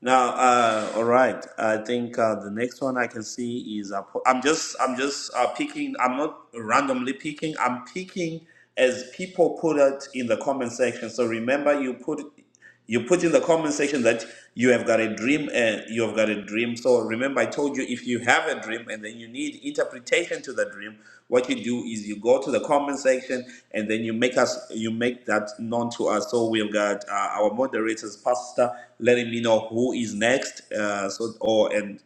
Speaker 1: Now, uh, all right. I think uh, the next one I can see is Apo- I'm just I'm just uh, picking. I'm not randomly picking. I'm picking as people put it in the comment section. So remember, you put you put in the comment section that you have got a dream and you have got a dream so remember i told you if you have a dream and then you need interpretation to the dream what you do is you go to the comment section and then you make us you make that known to us so we've got uh, our moderators pastor letting me know who is next uh, so or and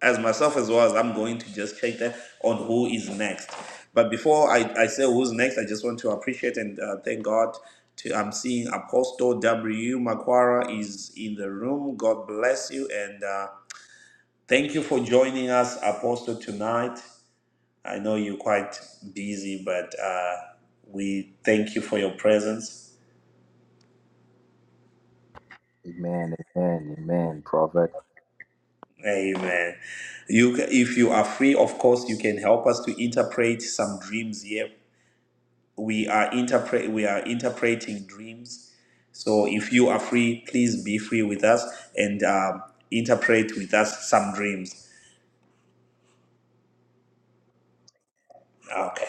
Speaker 1: as myself as well as I'm going to just check that on who is next. But before I, I say who's next, I just want to appreciate and uh, thank God. To, I'm seeing Apostle W. Makwara is in the room. God bless you and uh, thank you for joining us, Apostle, tonight. I know you're quite busy, but uh, we thank you for your presence.
Speaker 8: Amen, amen, amen, prophet.
Speaker 1: Amen. You, ca- if you are free, of course, you can help us to interpret some dreams here we are interpret we are interpreting dreams so if you are free please be free with us and um, interpret with us some dreams okay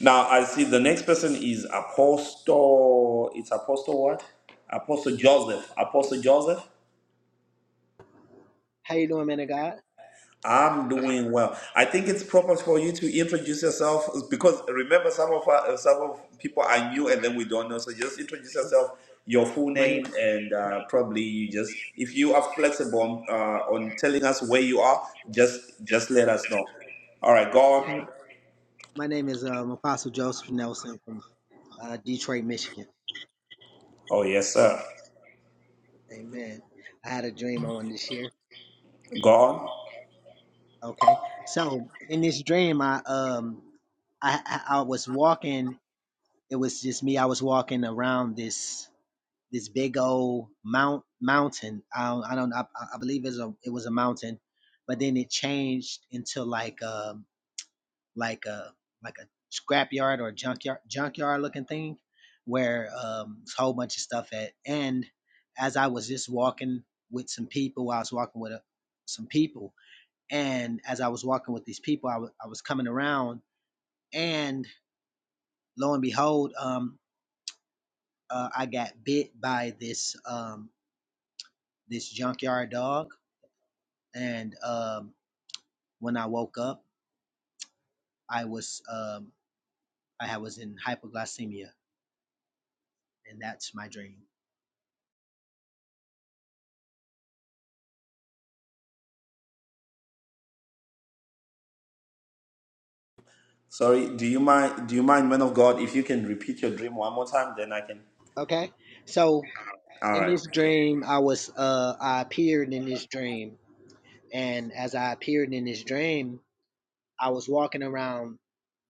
Speaker 1: now i see the next person is apostle it's apostle what apostle joseph apostle joseph
Speaker 9: How you doing, man of God?
Speaker 1: I'm doing well. I think it's proper for you to introduce yourself because remember some of our, some of people are new and then we don't know. So just introduce yourself, your full
Speaker 9: My name,
Speaker 1: name, and uh, probably you just if you are flexible on, uh, on telling us where you are, just just let us know. All right, go on.
Speaker 9: my name is um, Apostle Joseph Nelson from uh, Detroit, Michigan.
Speaker 1: Oh yes, sir.
Speaker 9: Amen. I had a dream I wanted to share.
Speaker 1: Go on.
Speaker 9: Okay, so in this dream, I um, I I I was walking. It was just me. I was walking around this this big old mount mountain. I don't, I don't. I, I believe it's a it was a mountain, but then it changed into like um. like a like a scrapyard or junkyard junkyard looking thing where um it's a whole bunch of stuff at and as I was just walking with some people I was walking with a, some people and as I was walking with these people I wa- I was coming around and lo and behold um uh, I got bit by this um this junkyard dog and um when I woke up I was um I was in hypoglycemia and that's my dream
Speaker 1: Sorry. Do you mind? Do you mind, man of God, if you can repeat your dream one more time? Then I can.
Speaker 9: okay so
Speaker 1: All
Speaker 9: in
Speaker 1: right.
Speaker 9: this
Speaker 1: okay.
Speaker 9: dream i was uh i appeared in this dream and as i appeared in this dream i was walking around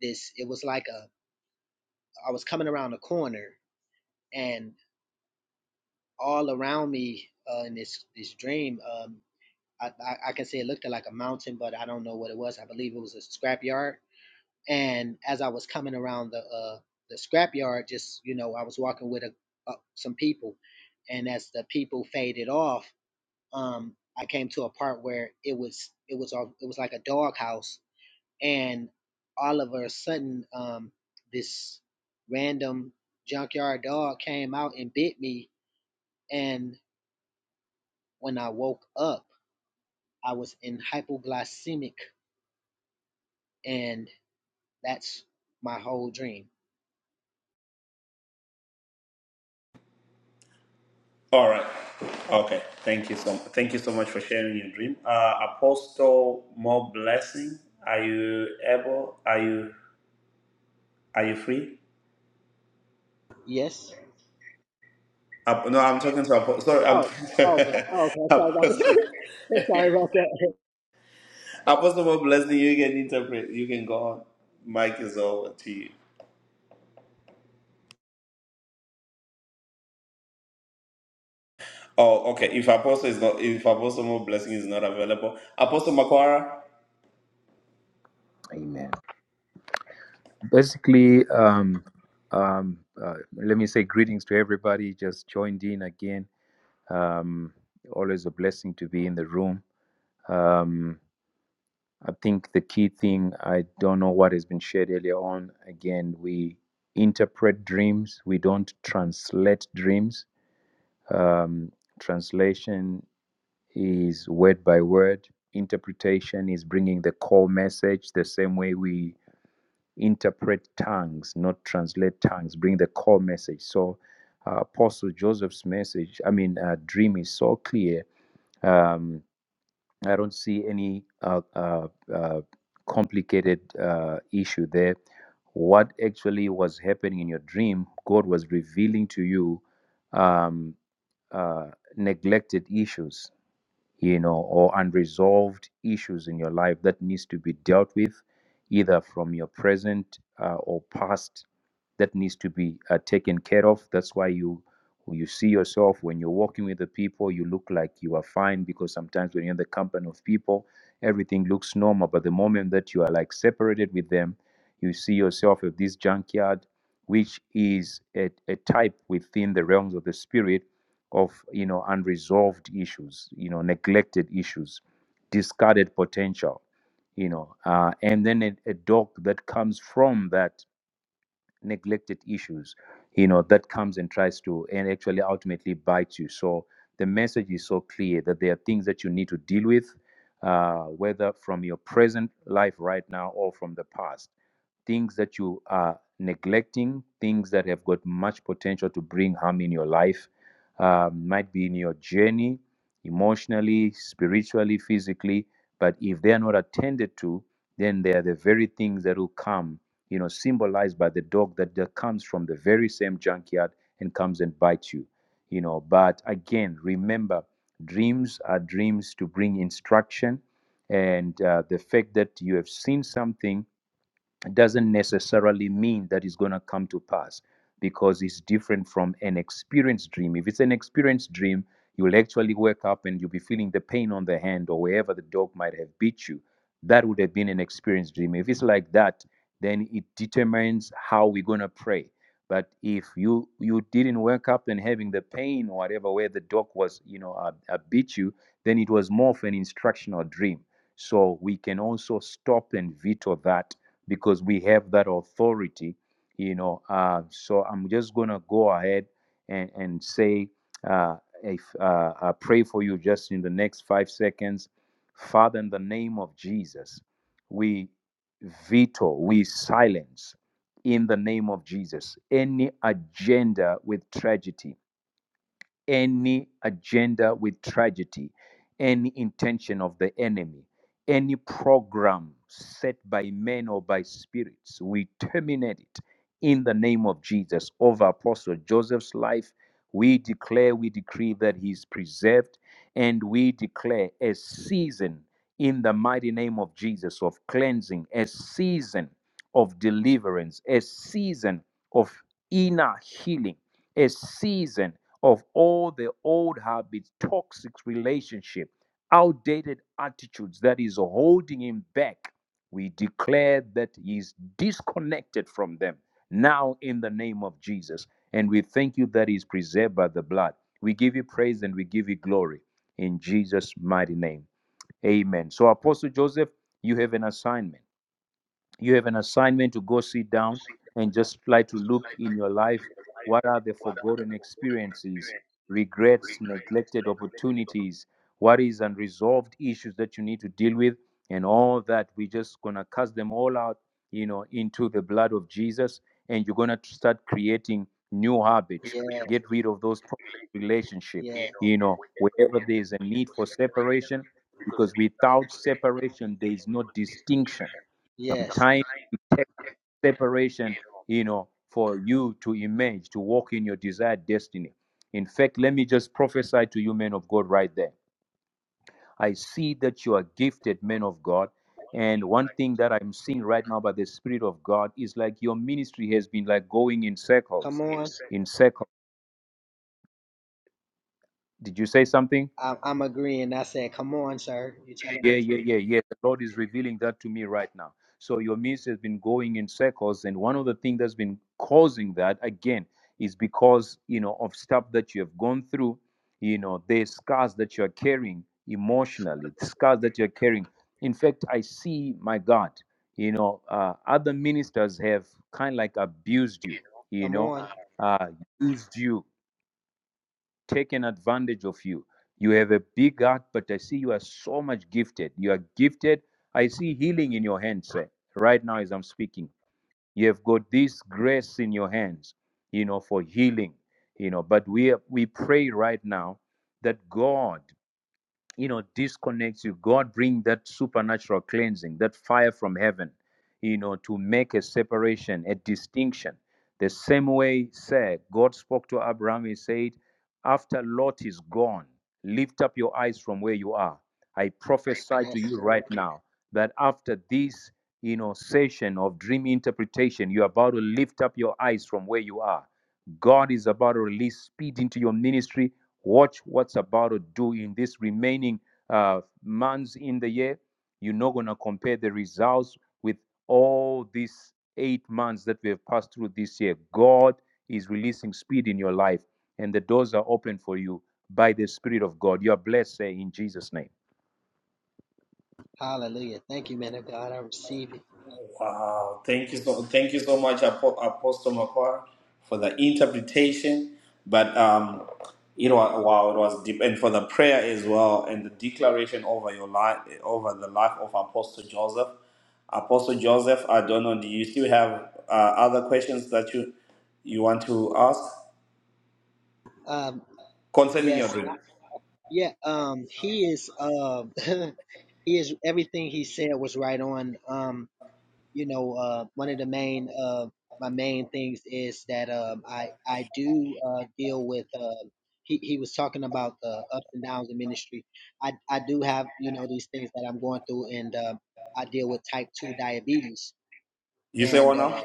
Speaker 9: this it was like a i was coming around a corner and all around me uh, in this this dream um I, I i can say it looked like a mountain but i don't know what it was i believe it was a scrapyard and as i was coming around the uh the scrapyard just you know i was walking with a, uh, some people and as the people faded off um, I came to a part where it was it was all it was like a doghouse, and all of a sudden, um, this random junkyard dog came out and bit me, and when I woke up, I was in hypoglycemic, and that's my whole dream.
Speaker 1: All right. Okay. Thank you so thank you so much for sharing your dream. Uh, Apostle, more blessing. Are you able? Are you are you free?
Speaker 9: Yes.
Speaker 1: Ap- no, I'm talking to Apostle. Sorry, I'm
Speaker 9: Oh, okay. Oh, okay. Sorry about
Speaker 1: Apostle.
Speaker 9: that. Sorry about that.
Speaker 1: Apostle, more blessing. You can interpret. You can go on. Mike is over to you. Oh, okay. If Apostle is not, if Apostle more blessing is not available, Apostle Makwara.
Speaker 8: Amen. Basically, um, um, uh, let me say greetings to everybody. Just joined in again. Um, always a blessing to be in the room. Um, I think the key thing, I don't know what has been shared earlier on. Again, we interpret dreams, we don't translate dreams. Um, translation is word by word, interpretation is bringing the core message the same way we interpret tongues, not translate tongues, bring the core message. So, uh, Apostle Joseph's message, I mean, uh, dream is so clear. Um, I don't see any uh, uh, uh, complicated uh, issue there. What actually was happening in your dream, God was revealing to you um, uh, neglected issues you know or unresolved issues in your life that needs to be dealt with either from your present uh, or past that needs to be uh, taken care of. That's why you you see yourself when you're walking with the people, you look like you are fine because sometimes when you're in the company of people, everything looks normal. But the moment that you are like separated with them, you see yourself at this junkyard, which is a, a type within the realms of the spirit of you know unresolved issues, you know neglected issues, discarded potential, you know, uh, and then a, a dog that comes from that neglected issues you know that comes and tries to and actually ultimately bites you so the message is so clear that there are things that you need to deal with uh, whether from your present life right now or from the past things that you are neglecting, things that have got much potential to bring harm in your life, um, might be in your journey, emotionally, spiritually, physically. But if they are not attended to, then they are the very things that will come, you know, symbolized by the dog that, that comes from the very same junkyard and comes and bites you, you know. But again, remember, dreams are dreams to bring instruction. And uh, the fact that you have seen something doesn't necessarily mean that it's going to come to pass because it's different from an experienced dream. If it's an experienced dream, you'll actually wake up and you'll be feeling the pain on the hand or wherever the dog might have beat you. That would have been an experienced dream. If it's like that, then it determines how we're going to pray. But if you you didn't wake up and having the pain or whatever where the dog was, you know, uh, uh, beat you, then it was more of an instructional dream. So we can also stop and veto that because we have that authority, you know. Uh, so I'm just gonna go ahead and and say, uh, if uh, I pray for you just in the next five seconds, Father, in the name of Jesus, we veto, we silence in the name of Jesus any agenda with tragedy any agenda with tragedy, any intention of the enemy, any program set by men or by spirits, we terminate it in the name of Jesus over Apostle Joseph's life. We declare, we decree that he is preserved, and we declare a season in the mighty name of Jesus of cleansing, a season of deliverance, a season of inner healing a season of all the old habits, toxic relationship, outdated attitudes that is holding him back. We declare that he's disconnected from them now in the name of Jesus. And we thank you that he's preserved by the blood. We give you praise and we give you glory in Jesus' mighty name. Amen. So, Apostle Joseph, you have an assignment you have an assignment to go sit down and just try to look in your life what are the forgotten experiences regrets neglected opportunities what is unresolved issues that you need to deal with and all that we're just gonna cast them all out you know into the blood of jesus and you're gonna start creating new habits
Speaker 9: Yes.
Speaker 8: get rid of those toxic relationship
Speaker 9: Yes.
Speaker 8: you know wherever there is a need for separation because without separation there is no distinction
Speaker 9: Yes.
Speaker 8: time takes separation you know for you to emerge to walk in your desired destiny in fact let me just prophesy to you men of god right there i see that you are gifted men of god and one thing that i'm seeing right now by the spirit of god is like your ministry has been like going in
Speaker 9: Come
Speaker 8: circles
Speaker 9: on.
Speaker 8: in circles did you say something
Speaker 9: I, I'm agreeing. I said, come on, sir. You're telling
Speaker 8: Yeah,
Speaker 9: the
Speaker 8: yeah,
Speaker 9: truth.
Speaker 8: yeah, yeah. The Lord is revealing that to me right now. So your midst has been going in circles, and one of the things that's been causing that again is because you know of stuff that you have gone through. You know, there's scars that you are carrying emotionally, the scars that you are carrying. In fact, I see, my God, you know, uh, other ministers have kind of like abused you. You
Speaker 9: Come
Speaker 8: know,
Speaker 9: on.
Speaker 8: uh, used you taken advantage of you. You have a big heart, but I see you are so much gifted. You are gifted. I see healing in your hands sir, right now as I'm speaking. You have got this grace in your hands, you know, for healing, you know. But we are, we pray right now that God you know disconnects you god bring that supernatural cleansing that fire from heaven you know to make a separation a distinction the same way said god spoke to abraham he said after lot is gone lift up your eyes from where you are i prophesy to
Speaker 9: Yes,
Speaker 8: you
Speaker 9: Lord.
Speaker 8: right now that after this you know session of dream interpretation you're about to lift up your eyes from where you are God is about to release speed into your ministry. Watch what's about to do in this remaining uh, months in the year. You're not going to compare the results with all these eight months that we have passed through this year. God is releasing speed in your life, and the doors are open for you by the Spirit of God. You are blessed, say, in Jesus' name.
Speaker 9: Hallelujah. Thank you, man of God. I receive it.
Speaker 1: Wow, thank you so thank you so much, Apo- Apostle Macquarie, for the interpretation. But um, it was wow, it was deep, and for the prayer as well, and the declaration over your life, over the life of Apostle Joseph. Apostle Joseph, I don't know. Do you still have uh, other questions that you you want to ask
Speaker 9: Um,
Speaker 1: concerning
Speaker 9: yes.
Speaker 1: your dream?
Speaker 9: Yeah. Um, he is, uh, he is, everything he said was right on. Um, you know, uh, one of the main uh, my main things is that um, I I do uh, deal with. Uh, he he was talking about the ups and downs of ministry. I I do have you know these things that I'm going through, and uh, I deal with type two diabetes,
Speaker 1: You say
Speaker 9: and
Speaker 1: one
Speaker 9: uh,
Speaker 1: now?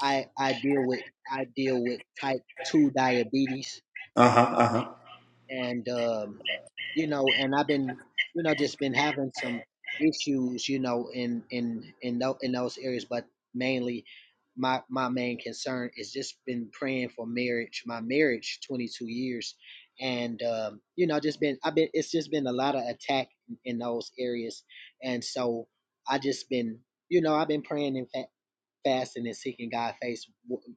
Speaker 9: I I deal with I deal with type two diabetes
Speaker 1: Uh huh. Uh huh.
Speaker 9: and um, you know, and I've been, you know, just been having some issues, you know, in in in those in those areas, but mainly my my main concern is just been praying for marriage. My marriage, twenty two years, and um, you know, just been I've been it's just been a lot of attack in, in those areas, and so I just been. You know, I've been praying and fa- fasting and seeking God face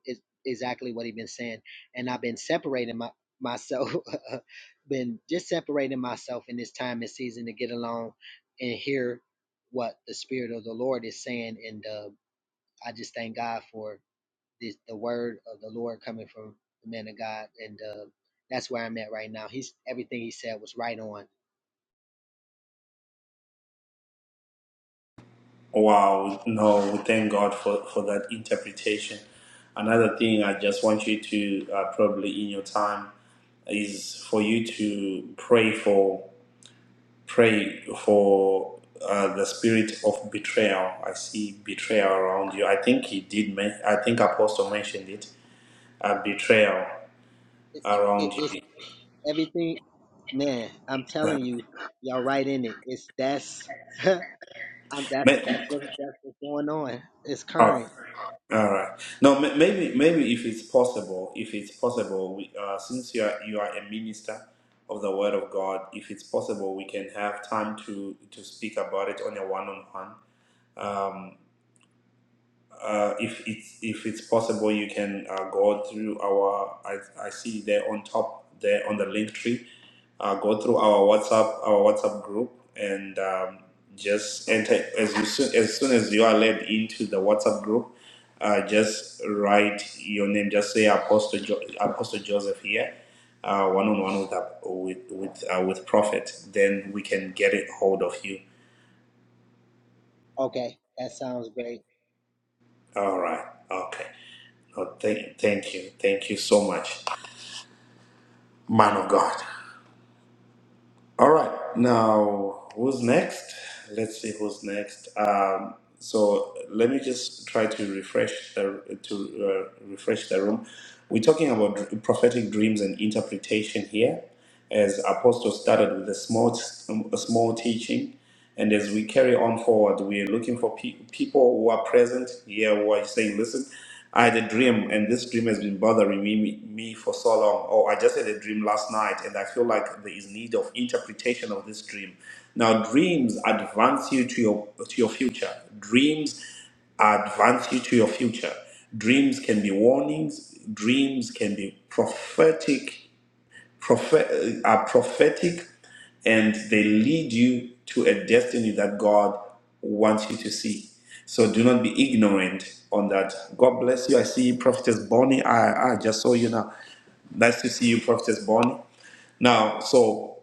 Speaker 9: is exactly what he's been saying. And I've been separating my myself, been just separating myself in this time and season to get along and hear what the Spirit of the Lord is saying. And uh, I just thank God for this, the word of the Lord coming from the man of God. And uh, that's where I'm at right now. He's everything he said was right on.
Speaker 1: Wow, no, thank God for, for that interpretation. Another thing I just want you to, uh, probably in your time, is for you to pray for pray for uh, the spirit of betrayal. I see betrayal around you. I think he did. Men- I think Apostle mentioned it. Uh, betrayal
Speaker 9: It, it,
Speaker 1: around
Speaker 9: it's
Speaker 1: you.
Speaker 9: everything, man. I'm telling you, y'all right in it. It's that's. Um, that's that's
Speaker 1: Me-
Speaker 9: what that's what's going on. It's current.
Speaker 1: All right. No, ma- maybe maybe if it's possible, if it's possible, we, uh, since you are you are a minister of the Word of God, if it's possible, we can have time to to speak about it on a one on one uh, if it's if it's possible, you can uh, go through our. I, I see there on top there on the link tree. Uh, go through our WhatsApp our WhatsApp group and um, just enter as you soon as soon as you are led into the WhatsApp group. Uh, just write your name. Just say Apostle jo- Apostle Joseph here, uh, one on one with uh, with with uh, with Prophet. Then we can get it hold of you
Speaker 9: Okay, that sounds great.
Speaker 1: All right. Okay. Oh, thank, thank you. Thank you so much, man of God. All right. Now, who's next? Let's see who's next. Um, so let me just try to refresh the to uh, refresh the room. We're talking about dr- prophetic dreams and interpretation here, as Apostle started with a small a small teaching. And as we carry on forward, we are looking for pe- people who are present here who are saying, listen, I had a dream and this dream has been bothering me, me, me for so long. Or I just had a dream last night and I feel like there is need of interpretation of this dream. Now, dreams advance you to your, to your future. Dreams advance you to your future. Dreams can be warnings. Dreams can be prophetic prophet, uh, are prophetic and they lead you to a destiny that God wants you to see. So do not be ignorant on that. God bless you. I see you, Prophetess Bonnie. I, I just saw you now. Nice to see you, Prophetess Bonnie. Now, so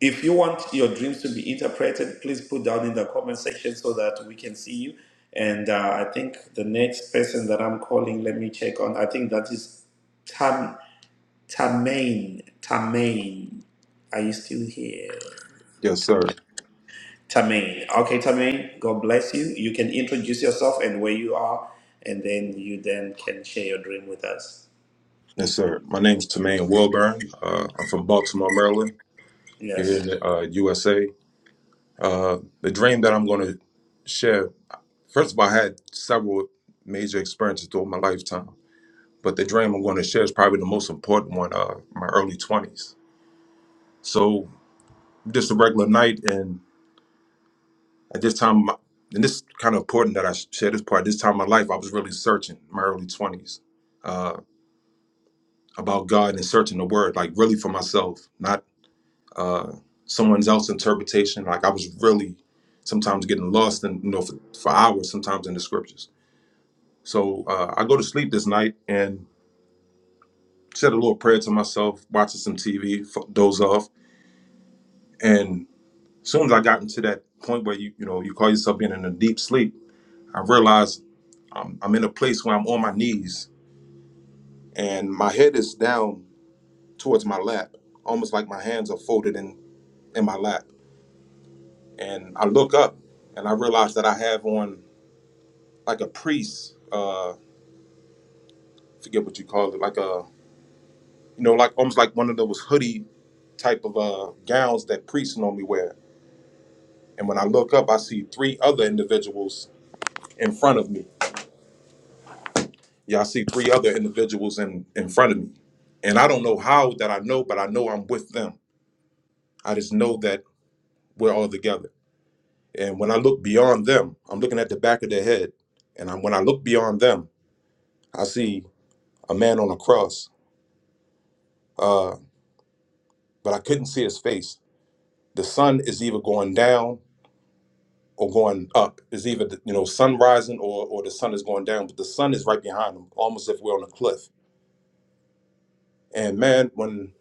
Speaker 1: if you want your dreams to be interpreted, please put down in the comment section so that we can see you. And uh, I think the next person that I'm calling, let me check on. I think that is Tam. Tamain. Tamain. Are you still here?
Speaker 10: Yes, sir.
Speaker 1: Tamain. Okay, Tamain, God bless you. You can introduce yourself and where you are, and then you then can share your dream with us.
Speaker 10: Yes, sir. My name's Tamaine Wilburn. Uh, I'm from Baltimore, Maryland, here
Speaker 1: Yes.
Speaker 10: in the uh, USA. Uh, the dream that I'm going to share, first of all, I had several major experiences throughout my lifetime, but the dream I'm going to share is probably the most important one, uh, my early 20s. So, just a regular night, and at this time, my, and this is kind of important that I sh- share this part. This time of my life, I was really searching my early 20s. Uh, about God and searching the Word, like really for myself, not uh, someone else's interpretation. Like I was really sometimes getting lost in you know for, for hours sometimes in the scriptures. So uh, I go to sleep this night and said a little prayer to myself, watching some TV, doze off. And as soon as I got into that point where you you know you call yourself being in a deep sleep, I realized I'm, I'm in a place where I'm on my knees and my head is down towards my lap, almost like my hands are folded in in my lap. And I look up and I realize that I have on like a priest, uh, forget what you call it, like a you know, like almost like one of those hoodie type of uh gowns that priests normally wear. And when I look up, I see three other individuals in front of me. Yeah, I see three other individuals in in front of me, and I don't know how that I know, but I know I'm with them. I just know that we're all together. And when I look beyond them, I'm looking at the back of their head, and I, when I look beyond them, I see a man on a cross, uh, but I couldn't see his face the sun is either going down or going up. It's either the, you know sun rising or or the sun is going down, but the sun is right behind them, almost if we're on a cliff. And man, when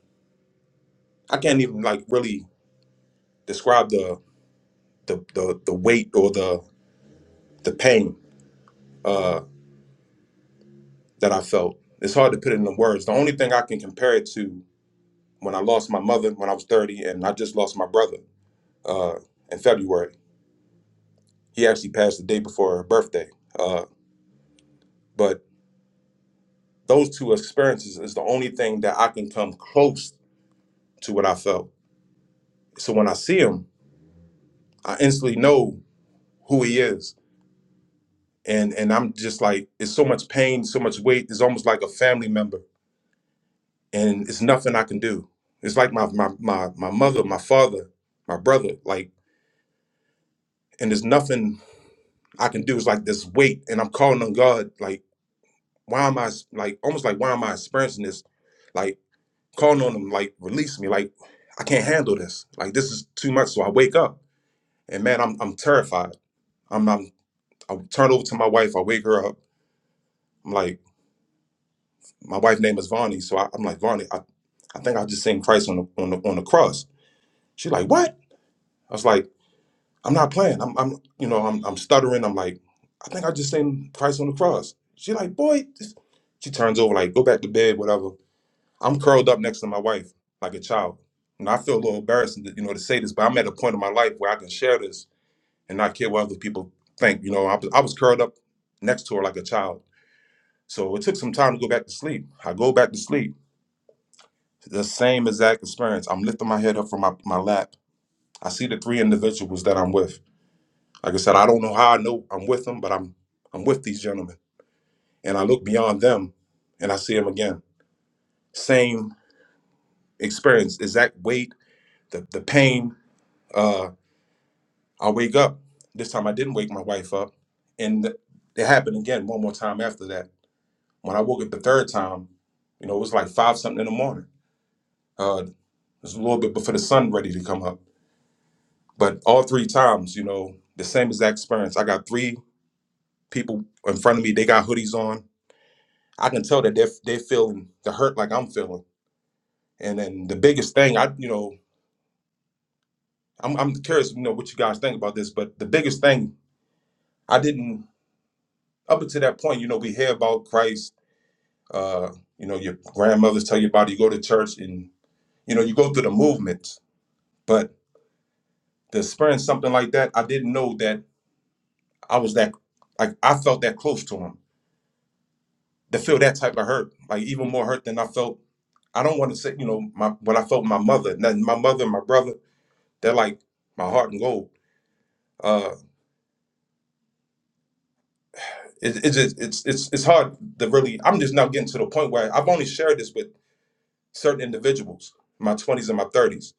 Speaker 10: I can't even like really describe the the the, the weight or the the pain uh, that I felt. It's hard to put it into words. The only thing I can compare it to when I lost my mother when I was 30, and I just lost my brother uh, in February. He actually passed the day before her birthday. Uh, but those two experiences is the only thing that I can come close to what I felt. So when I see him, I instantly know who he is. And and I'm just like, it's so much pain, so much weight. It's almost like a family member. And it's nothing I can do. It's like my my my, my mother, my father, my brother, like, and there's nothing I can do. It's like this weight. And I'm calling on God, like, why am I like almost like why am I experiencing this? like. calling on him like release me like i can't handle this like this is too much so i wake up and man i'm, I'm terrified i'm i'm i turn over to my wife i wake her up i'm like my wife's name is vonnie so I, i'm like vonnie I, I think i just seen christ on the on the, on the cross she's like what i was like i'm not playing i'm, I'm you know I'm, I'm stuttering i'm like i think i just seen christ on the cross she like boy this-" she turns over like go back to bed whatever I'm curled up next to my wife like a child. And I feel a little embarrassed, you know, to say this, but I'm at a point in my life where I can share this and not care what other people think. You know, I, was- I was curled up next to her like a child. So it took some time to go back to sleep. I go back to sleep. The same exact experience. I'm lifting my head up from my, my lap. I see the three individuals that I'm with. Like I said, I don't know how I know I'm with them, but I'm I'm with these gentlemen. And I look beyond them and I see them again. Same experience, exact weight, the, the pain. uh, I wake up. This time I didn't wake my wife up. And it happened again one more time after that. When I woke up the third time, you know, it was like five something in the morning. Uh, it was a little bit before the sun ready to come up. But all three times, you know, the same exact experience. I got three people in front of me. They got hoodies on. I can tell that they're, they're feeling the hurt like I'm feeling. And then the biggest thing, I, you know, I'm, I'm curious, you know, what you guys think about this, but the biggest thing, I didn't, up until that point, you know, we hear about Christ Uh, you know, your grandmothers tell you about it. You go to church and, you know, you go through the movements. But to experience something like that, I didn't know that I was that, like, I felt that close to him. To feel that type of hurt, like even more hurt than I felt. I don't want to say, you know, my what I felt my mother, not- my mother, and my brother, they're like my heart and gold. Uh, it, it's just, it's it's it's hard to really. I'm just now getting to the point where I've only shared this with certain individuals, in my 20s and my 30s.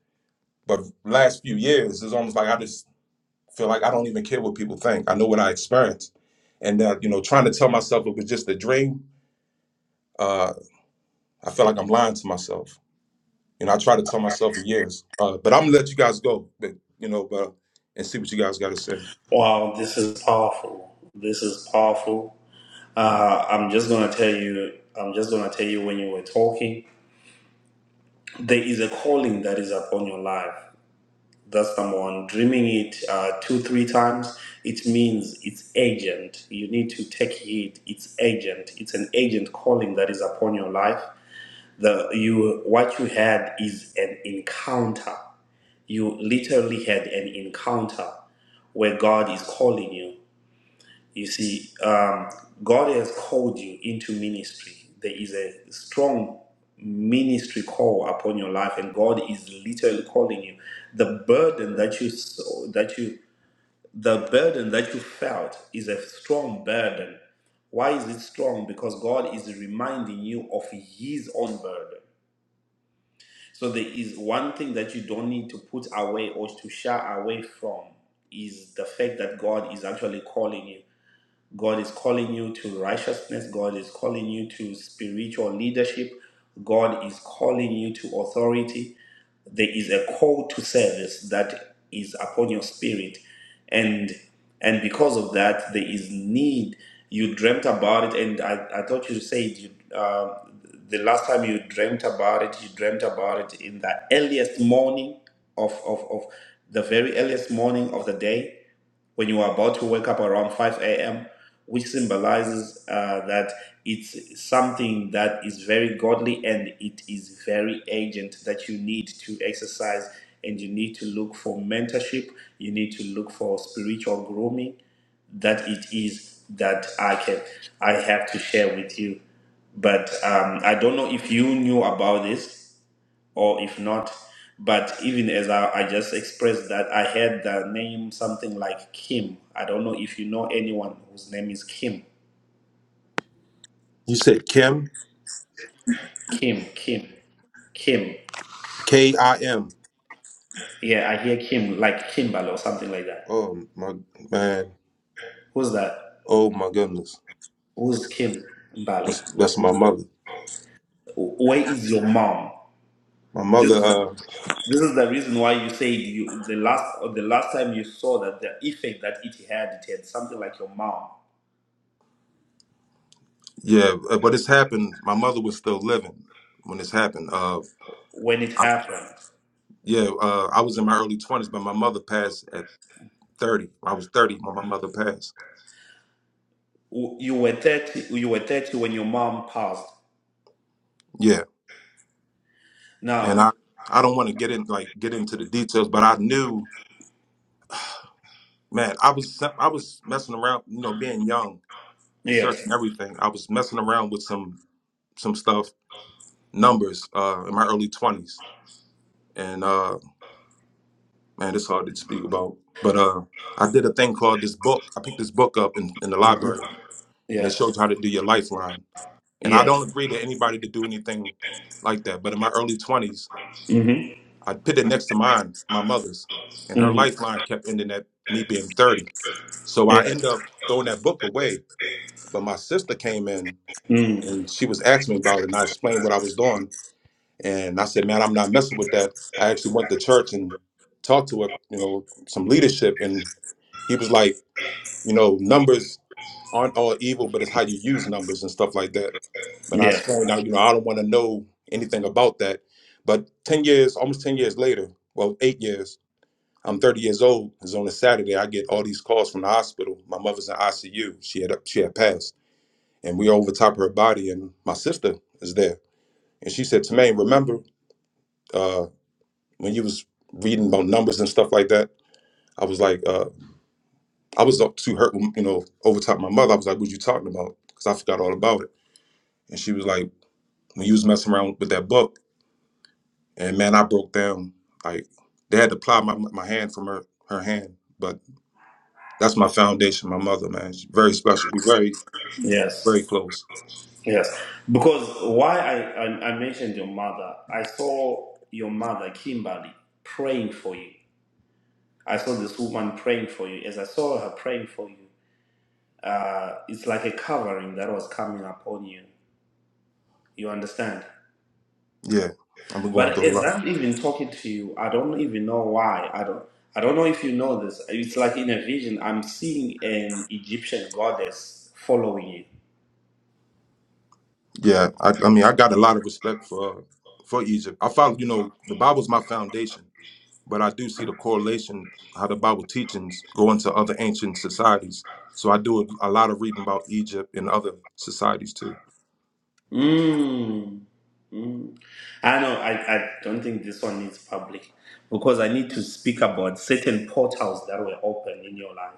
Speaker 10: But last few years, it's almost like I just feel like I don't even care what people think. I know what I experienced, and that you know, trying to tell myself it was just a dream. Uh, I feel like I'm lying to myself. You know, I try to tell myself for years, uh, but I'm gonna let you guys go. But you know, but and see what you guys got to say.
Speaker 1: Wow, this is powerful. This is powerful. Uh, I'm just gonna tell you. I'm just gonna tell you when you were talking. There is a calling that is upon your life. That's number one. Dreaming it uh, two, three times, it means it's agent. You need to take heed. It's agent. It's an agent calling that is upon your life. The you what you had is an encounter. You literally had an encounter where God is calling you. You see, um, God has called you into ministry. There is a strong ministry call upon your life, and God is literally calling you. The burden that you saw, that you the burden that you felt is a strong burden. Why is it strong? Because God is reminding you of His own burden. So there is one thing that you don't need to put away or to shy away from is the fact that God is actually calling you. God is calling you to righteousness. God is calling you to spiritual leadership. God is calling you to authority. There is a call to service that is upon your spirit. And and because of that, there is need. You dreamt about it, and I, I thought you said you, uh, the last time you dreamt about it, you dreamt about it in the earliest morning of, of, of the very earliest morning of the day when you are about to wake up around 5 a.m., which symbolizes uh, that it's something that is very godly and it is very urgent that you need to exercise and you need to look for mentorship, you need to look for spiritual grooming that it is that I can I have to share with you. But um, I don't know if you knew about this or if not. But even as I, I just expressed that, I had the name something like Kim. I don't know if you know anyone whose name is Kim.
Speaker 10: You said Kim,
Speaker 1: Kim, Kim, Kim.
Speaker 10: K I M.
Speaker 1: Yeah, I hear Kim, like Kimbal or something like that.
Speaker 10: Oh my man.
Speaker 1: Who's that?
Speaker 10: Oh my goodness.
Speaker 1: Who's Kim Bali?
Speaker 10: That's my mother.
Speaker 1: Where is your mom?
Speaker 10: My
Speaker 1: This
Speaker 10: mother.
Speaker 1: is the,
Speaker 10: Uh,
Speaker 1: this is the reason why you said you the last or the last time you saw that the effect that it had, it had something like your mom
Speaker 10: yeah. uh, But this happened. My mother was still living when this happened. Uh,
Speaker 1: when it
Speaker 10: I,
Speaker 1: happened.
Speaker 10: yeah. Uh, I was in my early twenties, but my mother passed at 30. I was 30 when my mother passed.
Speaker 1: you were 30 you were 30 when your mom passed
Speaker 10: Yeah. And
Speaker 1: now
Speaker 10: I I don't want to get in like get into the details, but I knew, man, I was I was messing around, you know, being young and
Speaker 1: yes
Speaker 10: searching everything. I was messing around with some some stuff, numbers uh in my early 20s. And uh man, it's hard to speak about. But uh I did a thing called this book. I picked this book up in, in the
Speaker 1: Mhm.
Speaker 10: library and it
Speaker 1: yes
Speaker 10: shows you how to do your lifeline. And I
Speaker 1: yes
Speaker 10: don't agree to anybody to do anything like that. But in my early 20s,
Speaker 1: hmm
Speaker 10: I put it next to mine, my mother's, and her
Speaker 1: hmm
Speaker 10: lifeline kept ending at me being 30. So I end
Speaker 1: yes
Speaker 10: up throwing that book away. But my sister came in
Speaker 1: mm
Speaker 10: and she was asking me about it, and I explained what I was doing. And I said, Man, I'm not messing with that. I actually went to church and talked to a, you know, some leadership, and he was like, You know, numbers aren't all evil, but it's how you use numbers and stuff like that. But I
Speaker 1: yes
Speaker 10: explained "Now, you know, I don't want to know anything about that. But 10 years, almost 10 years later, well, eight years, I'm 30 years old. It's on a Saturday. I get all these calls from the hospital. My mother's in ICU. She had she had passed, and we over top of her body. And my sister is there, and she said to me, "Remember uh, when you was reading about numbers and stuff like that?" I was like, uh, I was up too hurt, you know, over top of my mother. I was like, "What you talking about?" Because I forgot all about it. And she was like, "When you was messing around with that book, and man, I broke down. Like they had to pry my my hand from her her hand, but." that's my foundation, my mother, man. She's very special. We very
Speaker 1: yes
Speaker 10: Very close.
Speaker 1: yes because why I, I i mentioned your mother i saw your mother kimberly praying for you i saw this woman praying for you as i saw her praying for you uh it's like a covering that was coming upon you you understand
Speaker 10: Yeah, I've been going
Speaker 1: But
Speaker 10: through a
Speaker 1: as
Speaker 10: lot.
Speaker 1: I'm even talking to you, I don't even know why. I don't. I don't know if you know this. It's like in a vision, I'm seeing an Egyptian goddess following
Speaker 10: Yeah, I, I mean, I got a lot of respect for for Egypt. I found, you know, the Bible's my foundation, but I do see the correlation how the Bible teachings go into other ancient societies. So I do a, a lot of reading about Egypt and other societies too.
Speaker 1: you. Mm. Mm. I know. I, I don't think this one is public because I need to speak about certain portals that were open in your life.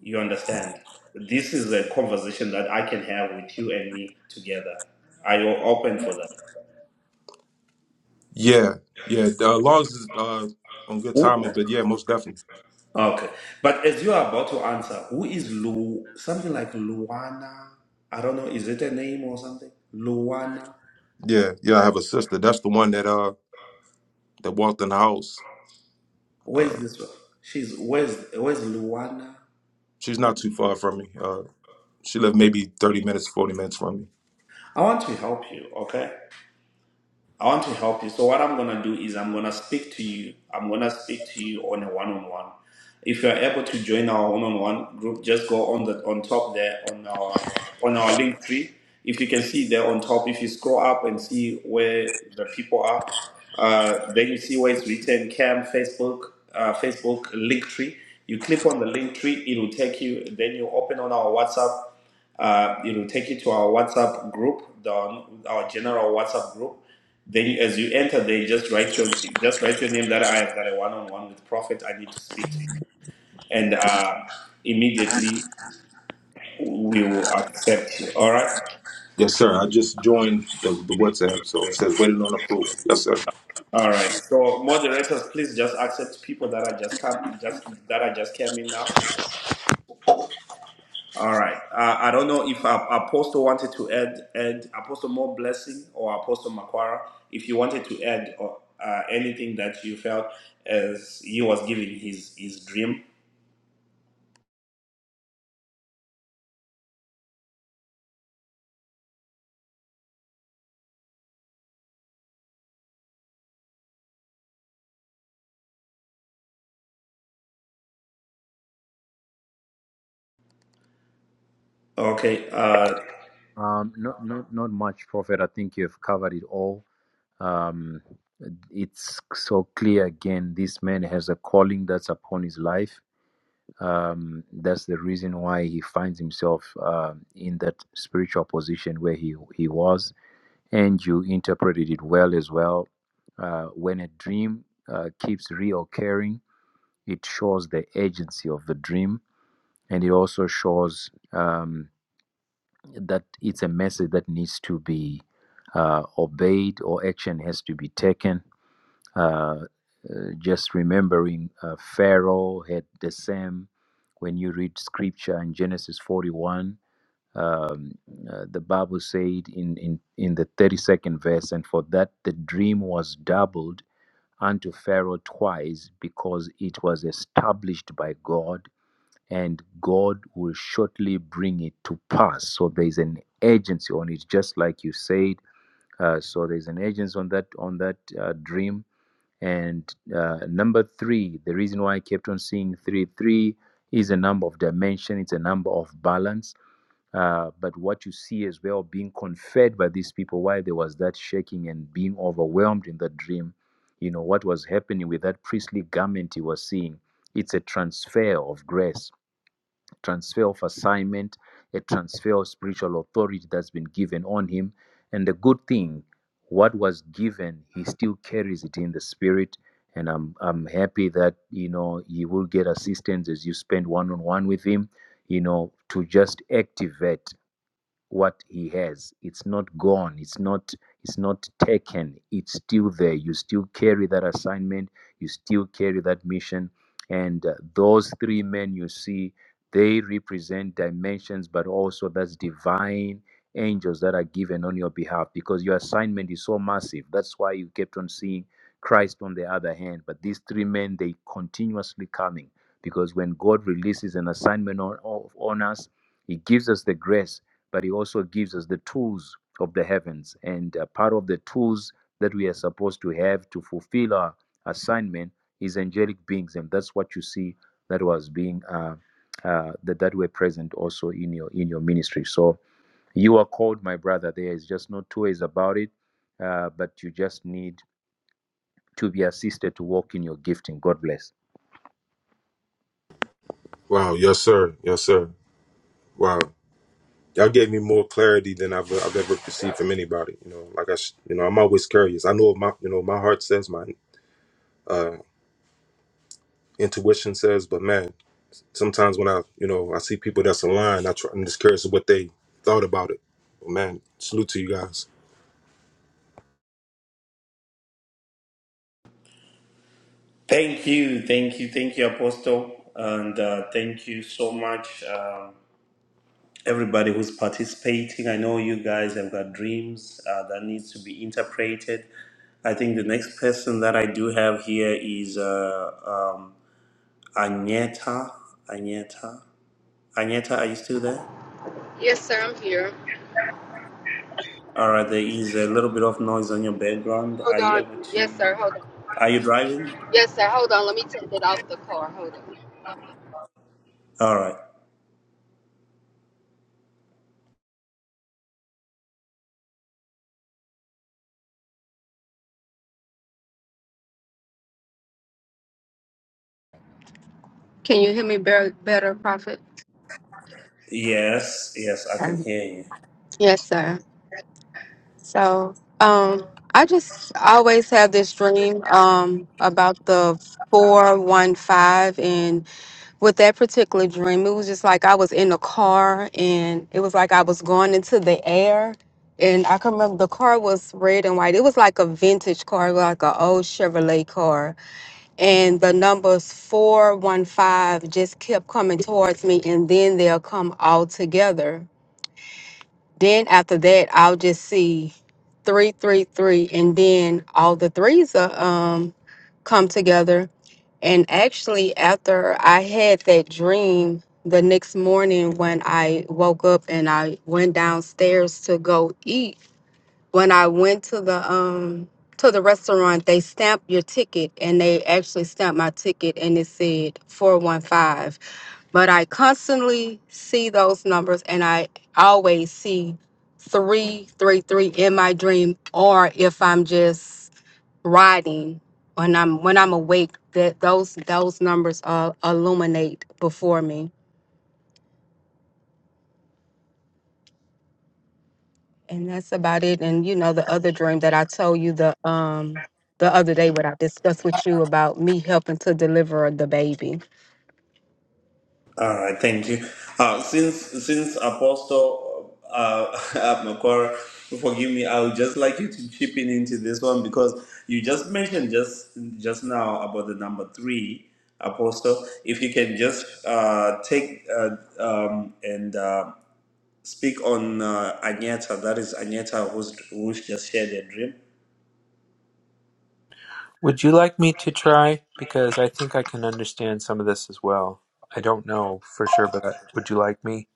Speaker 1: You understand? This is a conversation that I can have with you and me together. Are you open for
Speaker 10: Yeah, yeah. Uh, Lars is uh, on good
Speaker 1: that?
Speaker 10: timing, but yeah, most definitely.
Speaker 1: Okay. But as you are about to answer, who is Lu something like Luana? I don't know, is it a name or something? Luana.
Speaker 10: Yeah, yeah. I have a sister. That's the one that uh that walked in the house.
Speaker 1: Where's
Speaker 10: Uh,
Speaker 1: this one? She's where's where's Luana?
Speaker 10: she's not too far from me. Uh, she lived maybe thirty minutes, forty minutes from me.
Speaker 1: I want to help you, okay? I want to help you. So what I'm gonna do is I'm gonna speak to you. I'm gonna speak to you on a one-on-one. If you're able to join our one-on-one group, just go on the on top there on our on our link tree. If you can see there on top, if you scroll up and see where the people are, uh, then you see where it's written Cam Facebook uh, Facebook link tree. You click on the link tree, it will take you. Then you open on our WhatsApp. Uh, it will take you to our WhatsApp group, down our general WhatsApp group. Then, as you enter, they just write your just write your name that I have got a one-on-one with Prophet. I need to speak to you, and uh, immediately we will accept you. All right,
Speaker 10: Yes, sir. I just joined the, the WhatsApp, so it says waiting on approval. Yes, sir.
Speaker 1: all right. So, moderators, please just accept people that are just come just that I just came in now. All right. Uh, I don't know if uh, Apostle wanted to add, add Apostle more blessing or Apostle Makwara, if you wanted to add or, uh, anything that you felt as he was giving his his dream. Okay. Uh,
Speaker 8: Um, not not not much, Prophet. I think you've covered it all. Um, it's so clear again. This man has a calling that's upon his life. Um, that's the reason why he finds himself uh, in that spiritual position where he he was. And you interpreted it well as well. Uh, when a dream uh, keeps reoccurring, it shows the agency of the dream, and it also shows. Um, that it's a message that needs to be uh, obeyed or action has to be taken. Uh, uh, just remembering uh, Pharaoh had the same. When you read scripture in Genesis 41, um, uh, the Bible said in, in, in the 32nd verse, and for that the dream was doubled unto Pharaoh twice because it was established by God and God will shortly bring it to pass. So there's an urgency on it, just like you said. Uh, so there's an urgency on that on that uh, dream. And uh, number three, the reason why I kept on seeing three three is a number of dimension. It's a number of balance. Uh, but what you see as well being conferred by these people, why there was that shaking and being overwhelmed in the dream, you know what was happening with that priestly garment he was seeing. It's a transfer of grace transfer of assignment, a transfer of spiritual authority that's been given on him. And the good thing, what was given, he still carries it in the spirit. And I'm I'm happy that you know you will get assistance as you spend one on one with him, you know, to just activate what he has it's not gone it's not it's not taken it's still there you still carry that assignment you still carry that mission and uh, those three men you see they represent dimensions but also that's divine angels that are given on your behalf because your assignment is so massive that's why you kept on seeing christ on the other hand but these three men they continuously coming because when god releases an assignment on, on on us he gives us the grace but he also gives us the tools of the heavens. And uh, part of the tools that we are supposed to have to fulfill our assignment is angelic beings, and that's what you see that was being uh, uh, that that were present also in your in your ministry. So you are called, my brother. There is just no two ways about it. Uh, but you just need to be assisted to walk in your gifting. God bless.
Speaker 10: Wow. Yes, sir. Yes, sir. Wow. Y'all gave me more clarity than I've, I've ever received from anybody. You know, like I, sh- you know, I'm always curious. I know what my, you know, my heart says, my uh, intuition says, but man, sometimes when I, you know, I see people that's aligned, I try, I'm just curious of what they thought about it. man, salute to you guys.
Speaker 1: thank you, thank you, thank you, Apostle, and uh, thank you so much, um, everybody who's participating. I know you guys have got dreams uh, that needs to be interpreted. I think the next person that I do have here is uh, um, Agneta, Agneta, Agneta, are you still there?
Speaker 4: Yes, sir, I'm here.
Speaker 1: All right, there is a little bit of noise on your background.
Speaker 4: Hold
Speaker 1: Are you
Speaker 4: on.
Speaker 1: able
Speaker 4: Yes,
Speaker 1: to?
Speaker 4: sir, hold on.
Speaker 1: Are you driving?
Speaker 4: Yes, sir, hold on. Let me take it off the car. Hold on.
Speaker 1: All right.
Speaker 4: Can you hear me better, better Prophet?
Speaker 1: Yes, yes, I can hear you.
Speaker 4: Yes, sir. So, um, I just always have this dream um, about the 415 with that particular dream, it was just like I was in a car and it was like I was going into the air. And I can remember the car was red and white. It was like a vintage car, like an old Chevrolet car. And the numbers 415 just kept coming towards me and then they'll come all together. Then after that, I'll just see 333 and then all the threes are um, come together and actually, after I had that dream the next morning when I woke up and I went downstairs to go eat, when I went to the um to the restaurant, they stamp your ticket and they actually stamped my ticket and it said 415. But I constantly see those numbers and I always see 333 in my dream or if I'm just riding when I'm when I'm awake that those those numbers uh illuminate before me and that's about it and you know the other dream that I told you the um the other day what I discussed with you about me helping to deliver the baby
Speaker 1: All right, thank you. Uh, since since Apostle uh, Makora, forgive me, I would just like you to chip in into this one because you just mentioned just just now about the number three apostle. If you can just uh, take uh, um, and uh, speak on uh, Agneta. That is Agneta who's, who just shared their dream.
Speaker 7: would you like me to try? Because I think I can understand some of this as well. I don't know for sure, but would you like me?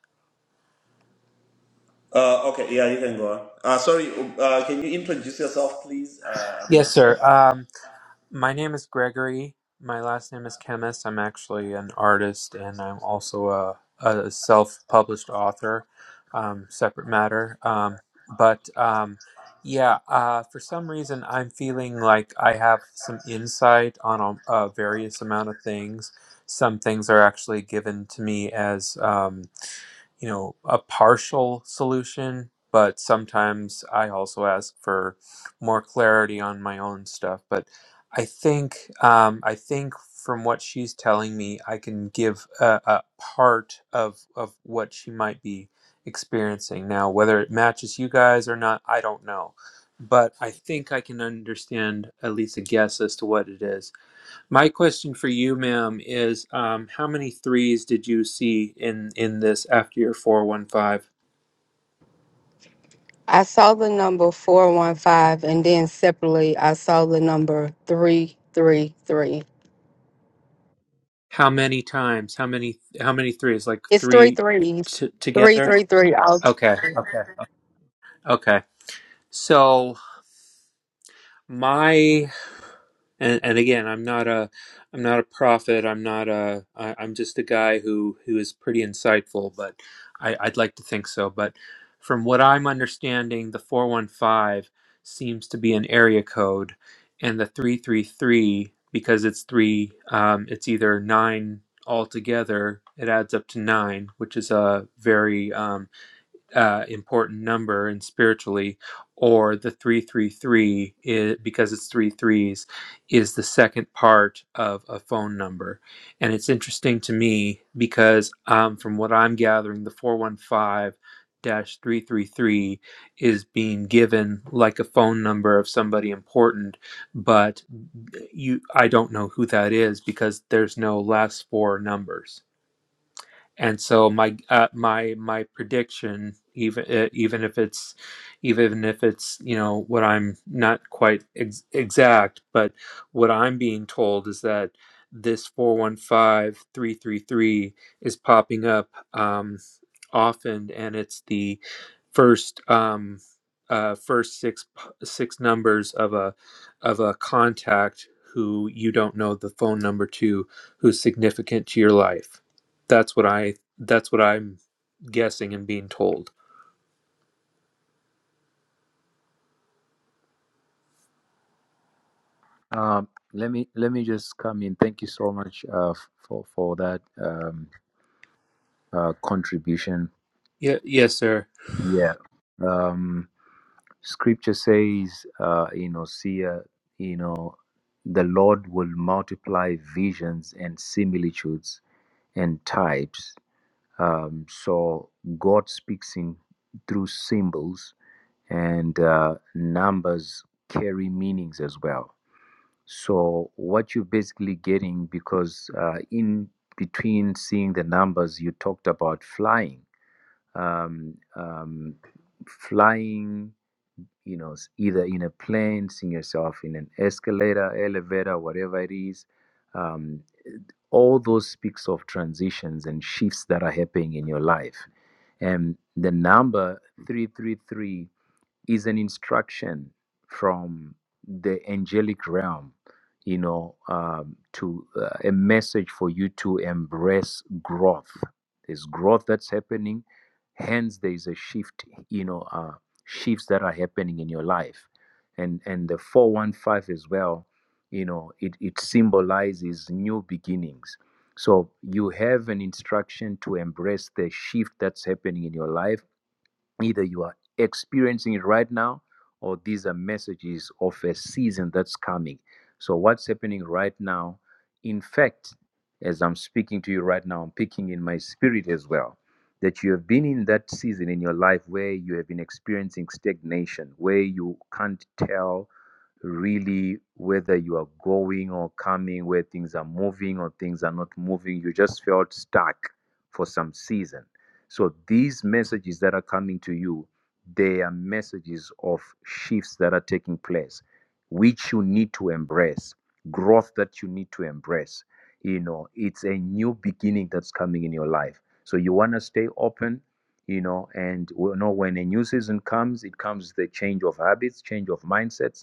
Speaker 1: Uh, okay, yeah, you can go on. Uh, sorry, uh, can you introduce yourself, please? Uh, I'm
Speaker 7: Yes,
Speaker 1: not sure
Speaker 7: sir.
Speaker 1: if I.
Speaker 7: Um, My name is Gregory. My last name is Chemist. I'm actually an artist and I'm also a, a self published author, um, separate matter. Um, but um, yeah, uh, for some reason, I'm feeling like I have some insight on a, a various amount of things. Some things are actually given to me as. um, you know, a partial solution, but sometimes I also ask for more clarity on my own stuff. But I think, um, I think from what she's telling me, I can give a, a part of of what she might be experiencing now. Whether it matches you guys or not, I don't know. But I think I can understand at least a guess as to what it is my question for you, ma'am, is um, how many threes did you see in in this after your four one five?
Speaker 4: I saw the number 415 and then separately I saw the number 333
Speaker 7: How many times? How many? How many threes? Like
Speaker 4: it's three
Speaker 7: three
Speaker 4: threes
Speaker 7: t-
Speaker 4: 333
Speaker 7: together?
Speaker 4: three three. I'll
Speaker 7: Okay, okay, okay. So my and and again i'm not a i'm not a prophet i'm not a I, i'm just a guy who who is pretty insightful but i i'd like to think so but from what i'm understanding the 415 seems to be an area code and the 333 because it's three um, it's either nine altogether it adds up to nine which is a very um, uh, important number and spiritually, or the 333 is, because it's three threes is the second part of a phone number. And it's interesting to me because um, from what I'm gathering, the 415 dash 333 is being given like a phone number of somebody important, but uh, you I don't know who that is because there's no last four numbers and so my uh, my my prediction even uh, even if it's even if it's you know what i'm not quite ex- exact but what i'm being told is that this 415333 is popping up um, often, and it's the first um, uh, first six six numbers of a of a contact who you don't know the phone number to, who's significant to your life. That's what I that's what I'm guessing and being told.
Speaker 8: Um, let me let me just come in. Thank you so much uh, for for that um, uh, contribution.
Speaker 7: Yeah, yes, sir.
Speaker 8: Yeah. Um, Scripture says, uh, you know, see, uh, you know, the Lord will multiply visions and similitudes and types. Um, so God speaks in through symbols, and uh, numbers carry meanings as well. So what you're basically getting, because uh, in between seeing the numbers, you talked about flying um, um, flying, you know, s- either in a plane, seeing yourself in an escalator, elevator, whatever it is. Um, all those speaks of transitions and shifts that are happening in your life. And the number 333 is an instruction from the angelic realm, you know, um, to uh, a message for you to embrace growth. There's growth that's happening, hence there is a shift, you know, uh, shifts that are happening in your life, and and the four one five as well, you know, it it symbolizes new beginnings. So you have an instruction to embrace the shift that's happening in your life Either you are experiencing it right now, or these are messages of a season that's coming. So, what's happening right now? In fact, as I'm speaking to you right now, I'm picking in my spirit as well that you have been in that season in your life where you have been experiencing stagnation, where you can't tell really whether you are going or coming, where things are moving or things are not moving. You just felt stuck for some season. So these messages that are coming to you, they are messages of shifts that are taking place, which you need to embrace, growth that you need to embrace. You know, it's a new beginning that's coming in your life. So you want to stay open, you know, and you know when a new season comes, it comes with a change of habits, change of mindsets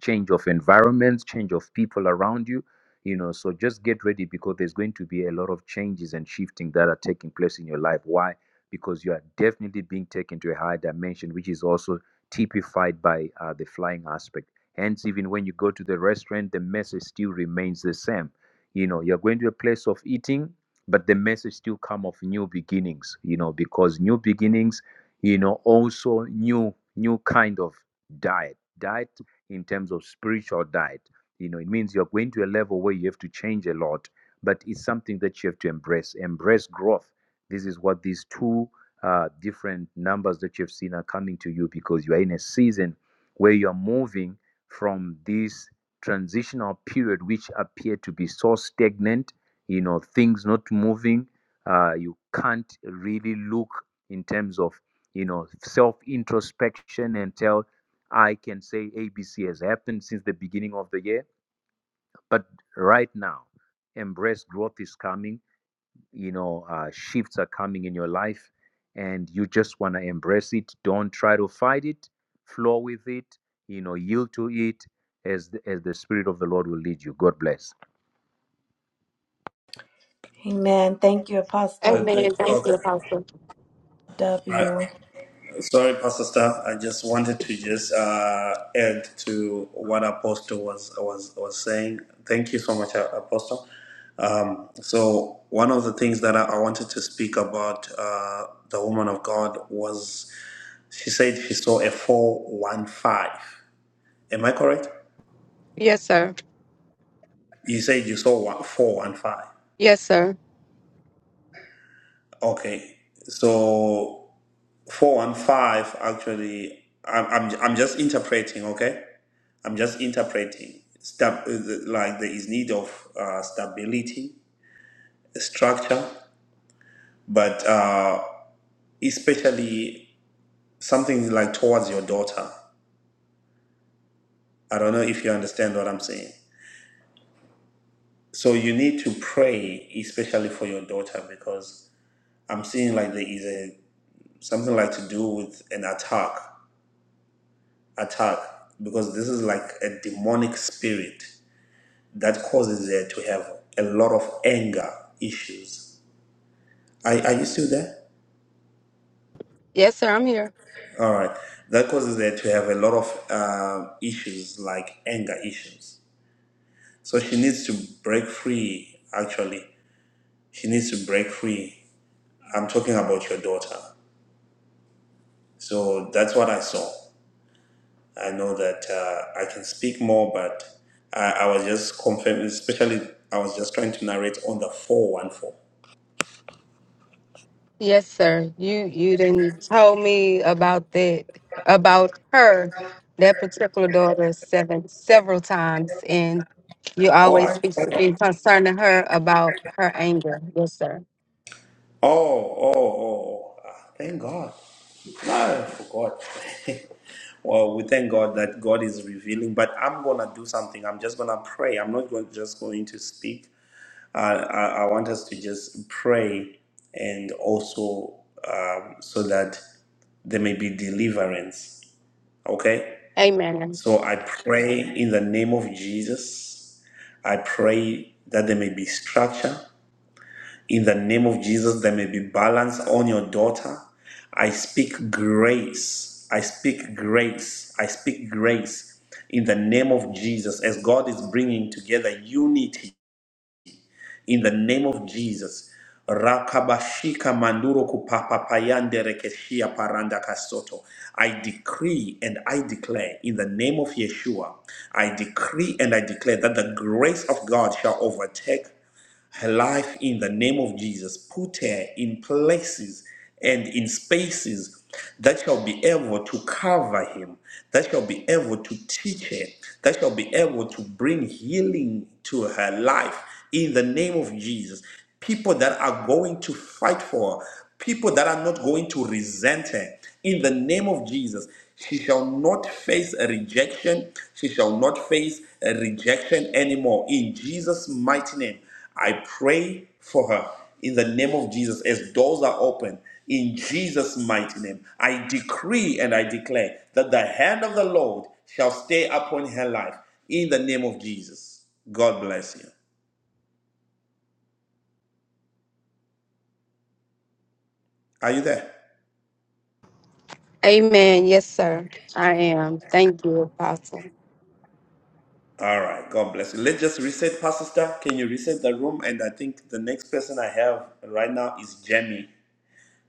Speaker 8: change of environment, change of people around you. You know, so just get ready because there's going to be a lot of changes and shifting that are taking place in your life. Why? Because you are definitely being taken to a higher dimension, which is also typified by uh, the flying aspect. Hence, even when you go to the restaurant, the message still remains the same. You know, you're going to a place of eating, but the message still come of new beginnings. You know, because new beginnings, you know, also new new kind of diet. Diet in terms of spiritual diet. You know, it means you're going to a level where you have to change a lot, but it's something that you have to embrace. Embrace growth. This is what these two uh, different numbers that you've seen are coming to you because you are in a season where you're moving from this transitional period, which appeared to be so stagnant, you know, things not moving. Uh, you can't really look in terms of you know self introspection and tell I can say ABC has happened since the beginning of the year, but right now, embrace growth is coming. You know, uh, shifts are coming in your life, and you just want to embrace it. Don't try to fight it. Flow with it. You know, yield to it as the, as the spirit of the Lord will lead you. God bless.
Speaker 5: Amen. Thank you,
Speaker 4: oh,
Speaker 5: Apostle
Speaker 1: Okay. okay. All
Speaker 5: W.
Speaker 1: right. Sorry, Pastor Staff. I just wanted to just uh, add to what Apostle was was was saying. Thank you so much, A- Apostle. Um, so one of the things that I, I wanted to speak about uh, the woman of God was she said she saw a four one five. Am I correct?
Speaker 4: yes sir
Speaker 1: You said you saw one, four one five.
Speaker 4: yes sir
Speaker 1: Okay, so. Four and five actually. I'm I'm I'm just interpreting. Okay, I'm just interpreting. Stab, uh, the- like there is need of uh, stability, structure, but uh, especially something like towards your daughter. I don't know if you understand what I'm saying. So you need to pray, especially for your daughter, because I'm seeing like there is a something like to do with an attack, attack, because this is like a demonic spirit that causes her to have a lot of anger issues. Are, are you still there?
Speaker 4: yes sir I'm here
Speaker 1: All right. That causes her to have a lot of um issues like anger issues. So she needs to break free, actually. She needs to break free. I'm talking about your daughter. So that's what I saw. I know that uh, I can speak more, but I, I was just confirming, especially I was just trying to narrate on the 414.
Speaker 4: Yes, sir. You you didn't tell me about that about her, that particular daughter, seven several times, and you
Speaker 1: Oh,
Speaker 4: always speak to
Speaker 1: I,
Speaker 4: me concerning her about her anger. Yes, sir.
Speaker 1: Oh, oh, oh, oh. Ah, Thank God. No, I forgot. well, we thank God that God is revealing, but I'm going to do something. I'm just going to pray. I'm not going, just going to speak. Uh, I, I want us to just pray and also um, so that there may be deliverance. Okay?
Speaker 4: Amen.
Speaker 1: So I pray in the name of Jesus. I pray that there may be structure. In the name of Jesus, there may be balance on your daughter. I speak grace. I speak grace. I speak grace in the name of Jesus as God is bringing together unity in the name of Jesus. Rakabashika manduro kupapapayande rekeshia paranda kasoto. I decree and I declare in the name of Yeshua, I decree and I declare that the grace of God shall overtake her life in the name of Jesus. Put her in places and in spaces that shall be able to cover him, that shall be able to teach her, that shall be able to bring healing to her life in the name of Jesus. People that are going to fight for her, people that are not going to resent her in the name of Jesus. She shall not face a rejection. She shall not face a rejection anymore in Jesus' mighty name. I pray for her in the name of Jesus as doors are open in Jesus' mighty name. I decree and I declare that the hand of the Lord shall stay upon her life in the name of Jesus. God bless you. Are you there?
Speaker 4: Amen. Yes, sir. I am. Thank you, Apostle.
Speaker 1: All right. God bless you. Let's just reset, Pastor Star. Can you reset the room? And I think the next person I have right now is Jamie.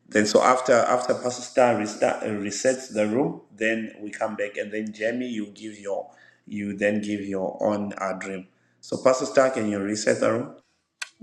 Speaker 1: Then so after after Pastor Star restart, uh, resets the room, then we come back, and then Jamie, you give your you then give your own uh, dream. So Pastor Star, can you reset the room?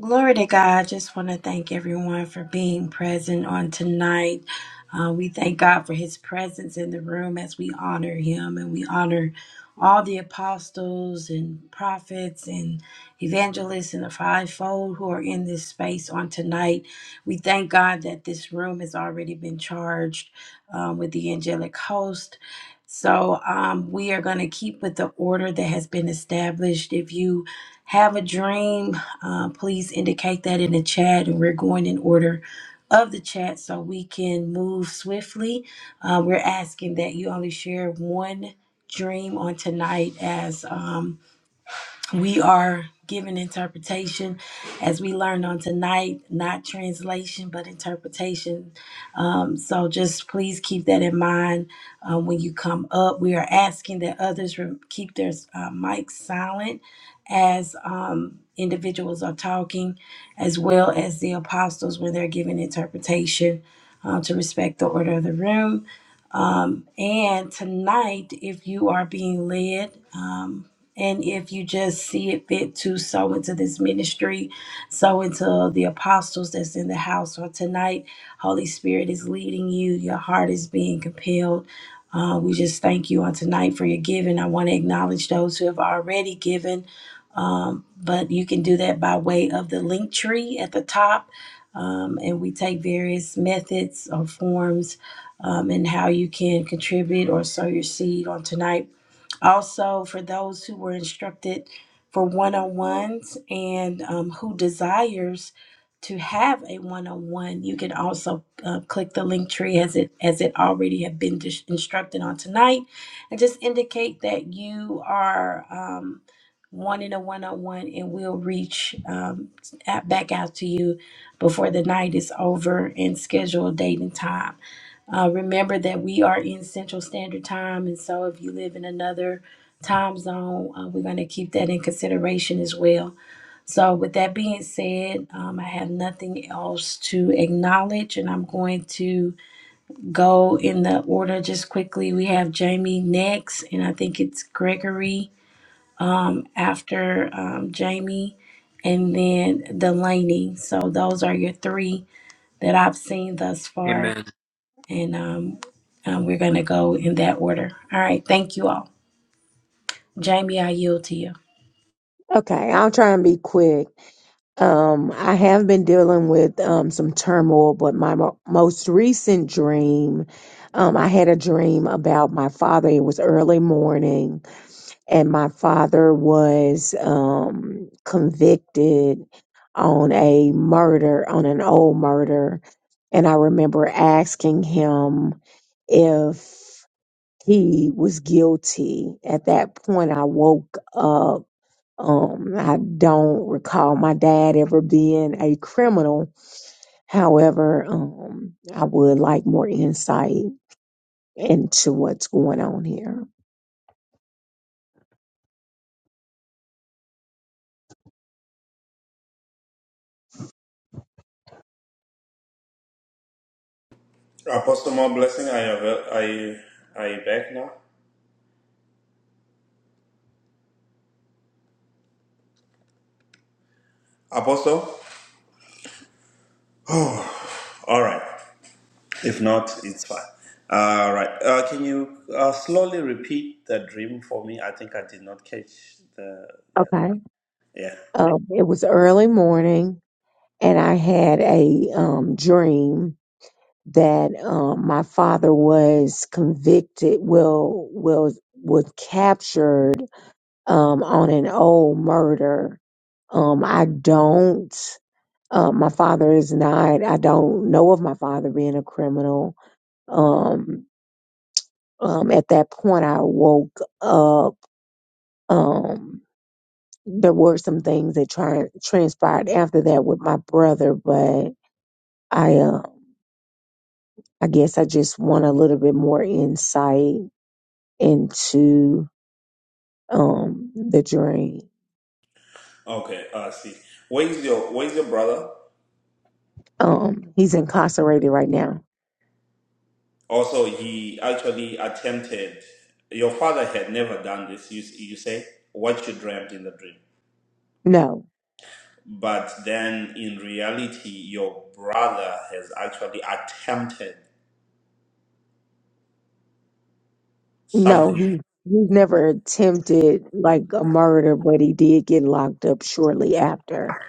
Speaker 5: Glory to God. just want to thank everyone for being present on tonight. Uh, we thank God for his presence in the room as we honor him and we honor all the apostles and prophets and evangelists and the fivefold who are in this space on tonight. We thank God that this room has already been charged um, with the angelic host. So um, we are going to keep with the order that has been established. If you have a dream, uh, please indicate that in the chat, and we're going in order of the chat so we can move swiftly. Uh, we're asking that you only share one dream on tonight as. Um, we are given interpretation as we learned on tonight, not translation, but interpretation. Um, so just please keep that in mind um, when you come up. We are asking that others re- keep their uh, mics silent as um, individuals are talking, as well as the apostles when they're giving interpretation uh, to respect the order of the room. And tonight, if you are being led, um, and if you just see it fit to sow into this ministry, sow into the apostles that's in the house, or tonight, Holy Spirit is leading you, your heart is being compelled. Uh, we just thank you on tonight for your giving. I want to acknowledge those who have already given, um, but you can do that by way of the link tree at the top. Um, and we take various methods or forms um, and how you can contribute or sow your seed on tonight. Also, for those who were instructed for one on ones and um, who desires to have a one on one, you can also uh, click the link tree as it as it already have been dis- instructed on tonight, and just indicate that you are. Um, wanting a one-on-one and we'll reach um, at, back out to you before the night is over and schedule a date and time uh, remember that we are in Central Standard Time, and so if you live in another time zone, uh, we're going to keep that in consideration as well. So, with that being said, um, I have nothing else to acknowledge, and I'm going to go in the order just quickly. We have Jamie next, and I think it's Gregory um, after um, Jamie, and then Delaney. So, those are your three that I've seen thus far.
Speaker 7: Amen.
Speaker 5: And um, um, we're going to go in that order. All right. Thank you all. Jamie, I yield to you.
Speaker 11: Okay, I'll try and be quick. Um, I have been dealing with um, some turmoil, but my mo- most recent dream, um, I had a dream about my father. It was early morning, and my father was um, convicted on a murder, on an old murder. And I remember asking him if he was guilty. At that point, I woke up um, I don't recall my dad ever being a criminal. However, um, I would like more insight into what's going on here.
Speaker 1: Apostle, more blessing. Are you avail- are you, are you back now? Apostle, all right. If not, it's fine. All right. Uh, can you uh, slowly repeat the dream for me? I think I did not catch the yeah.
Speaker 11: Okay.
Speaker 1: Yeah.
Speaker 11: Um, it was early morning, and I had a um, dream that um, my father was convicted, well, was was captured um, on an old murder. Um, I don't. Um, my father is not. I don't know of my father being a criminal. Um, um, at that point, I woke up. Um, there were some things that tri- transpired after that with my brother, but I, uh, I guess I just want a little bit more insight into um, the dream.
Speaker 1: Okay, I see. Where is your Where is your brother?
Speaker 11: Um, he's incarcerated right now.
Speaker 1: Also, he actually attempted. Your father had never done this. You, you say what you dreamt in the dream,
Speaker 11: No,
Speaker 1: but then in reality, your brother has actually attempted
Speaker 11: No,
Speaker 1: something.
Speaker 11: he he's never attempted like a murder, but he did get locked up shortly after.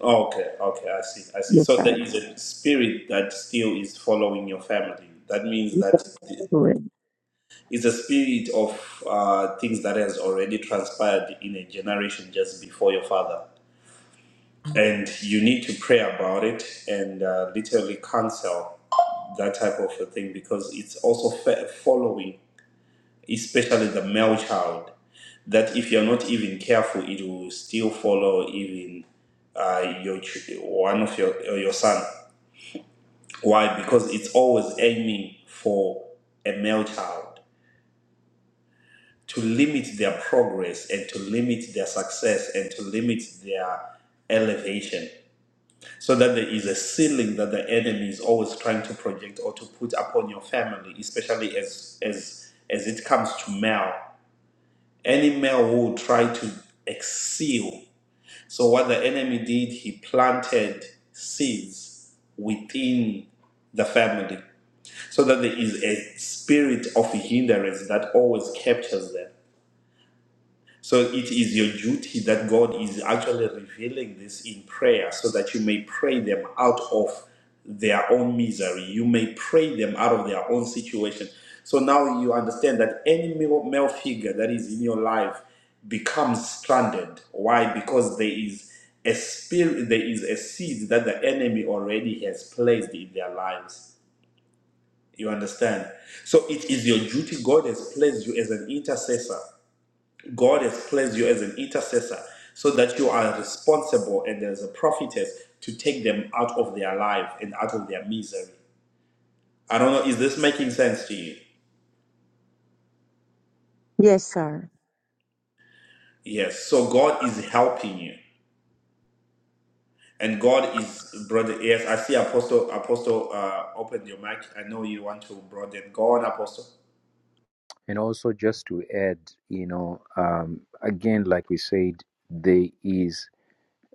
Speaker 1: Okay, okay, I see, I see.
Speaker 11: Yes,
Speaker 1: So
Speaker 11: sir.
Speaker 1: there is a spirit that still is following your family. That means
Speaker 11: Yes, sir.
Speaker 1: that it's a spirit of uh, things that has already transpired in a generation just before your father. and you need to pray about it and uh, literally cancel that type of a thing because it's also fa- following, especially the male child, that if you're not even careful, it will still follow even uh, your ch- one of your uh, your son. Why? Because it's always aiming for a male child to limit their progress and to limit their success and to limit their elevation so that there is a ceiling that the enemy is always trying to project or to put upon your family, especially as as as it comes to male. Any male will try to excel. So what the enemy did, he planted seeds within the family, so that there is a spirit of hindrance that always captures them. So it is your duty that God is actually revealing this in prayer so that you may pray them out of their own misery. You may pray them out of their own situation. So now you understand that any male, male figure that is in your life becomes stranded. Why? Because there is a spirit, there is a seed that the enemy already has placed in their lives. You understand? So it is your duty. God has placed you as an intercessor. God has placed you as an intercessor so that you are responsible and as a prophetess to take them out of their life and out of their misery. I don't know, is this making sense to you?
Speaker 11: Yes, sir.
Speaker 1: Yes. So God is helping you. And God is brother. Yes, I see Apostle Apostle uh open your mic. I know you want to broaden. Go on, Apostle.
Speaker 8: And also, just to add, you know, um, again, like we said, there is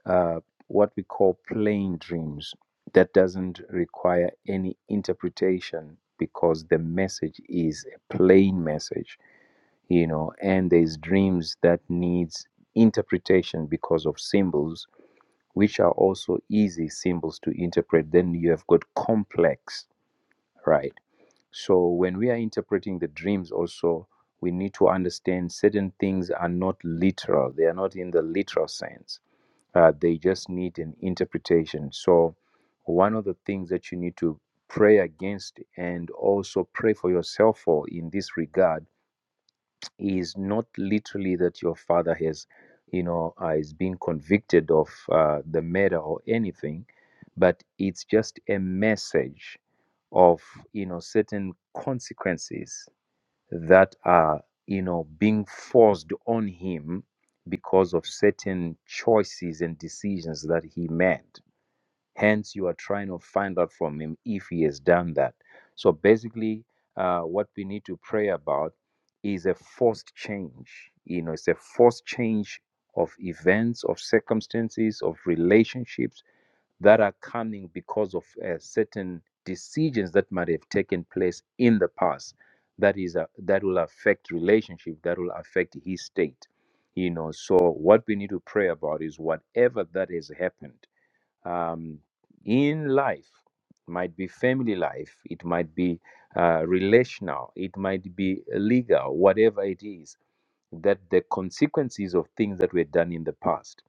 Speaker 8: uh, what we call plain dreams that doesn't require any interpretation because the message is a plain message you know and there's dreams that needs interpretation because of symbols which are also easy symbols to interpret then you have got complex right? So when we are interpreting the dreams, also we need to understand certain things are not literal; they are not in the literal sense. Uh, they just need an interpretation. So one of the things that you need to pray against and also pray for yourself for in this regard is not literally that your father has, you know, uh, is being convicted of uh, the murder or anything, but it's just a message of, you know, certain consequences that are, you know, being forced on him because of certain choices and decisions that he made. Hence, you are trying to find out from him if he has done that. So basically, uh, what we need to pray about is a forced change. You know, it's a forced change of events, of circumstances, of relationships that are coming because of uh, certain decisions that might have taken place in the past. That is, a, that will affect relationship. That will affect his state. You know, so what we need to pray about is whatever that has happened um, in life might be family life it might be uh, relational it might be legal whatever it is that the consequences of things that were done in the past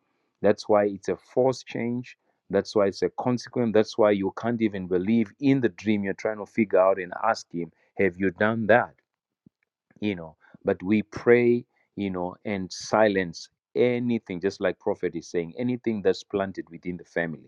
Speaker 8: that's why it's a forced change that's why it's a consequence that's why you can't even believe in the dream you're trying to figure out and ask him have you done that you know but we pray you know and silence anything just like prophet is saying anything that's planted within the family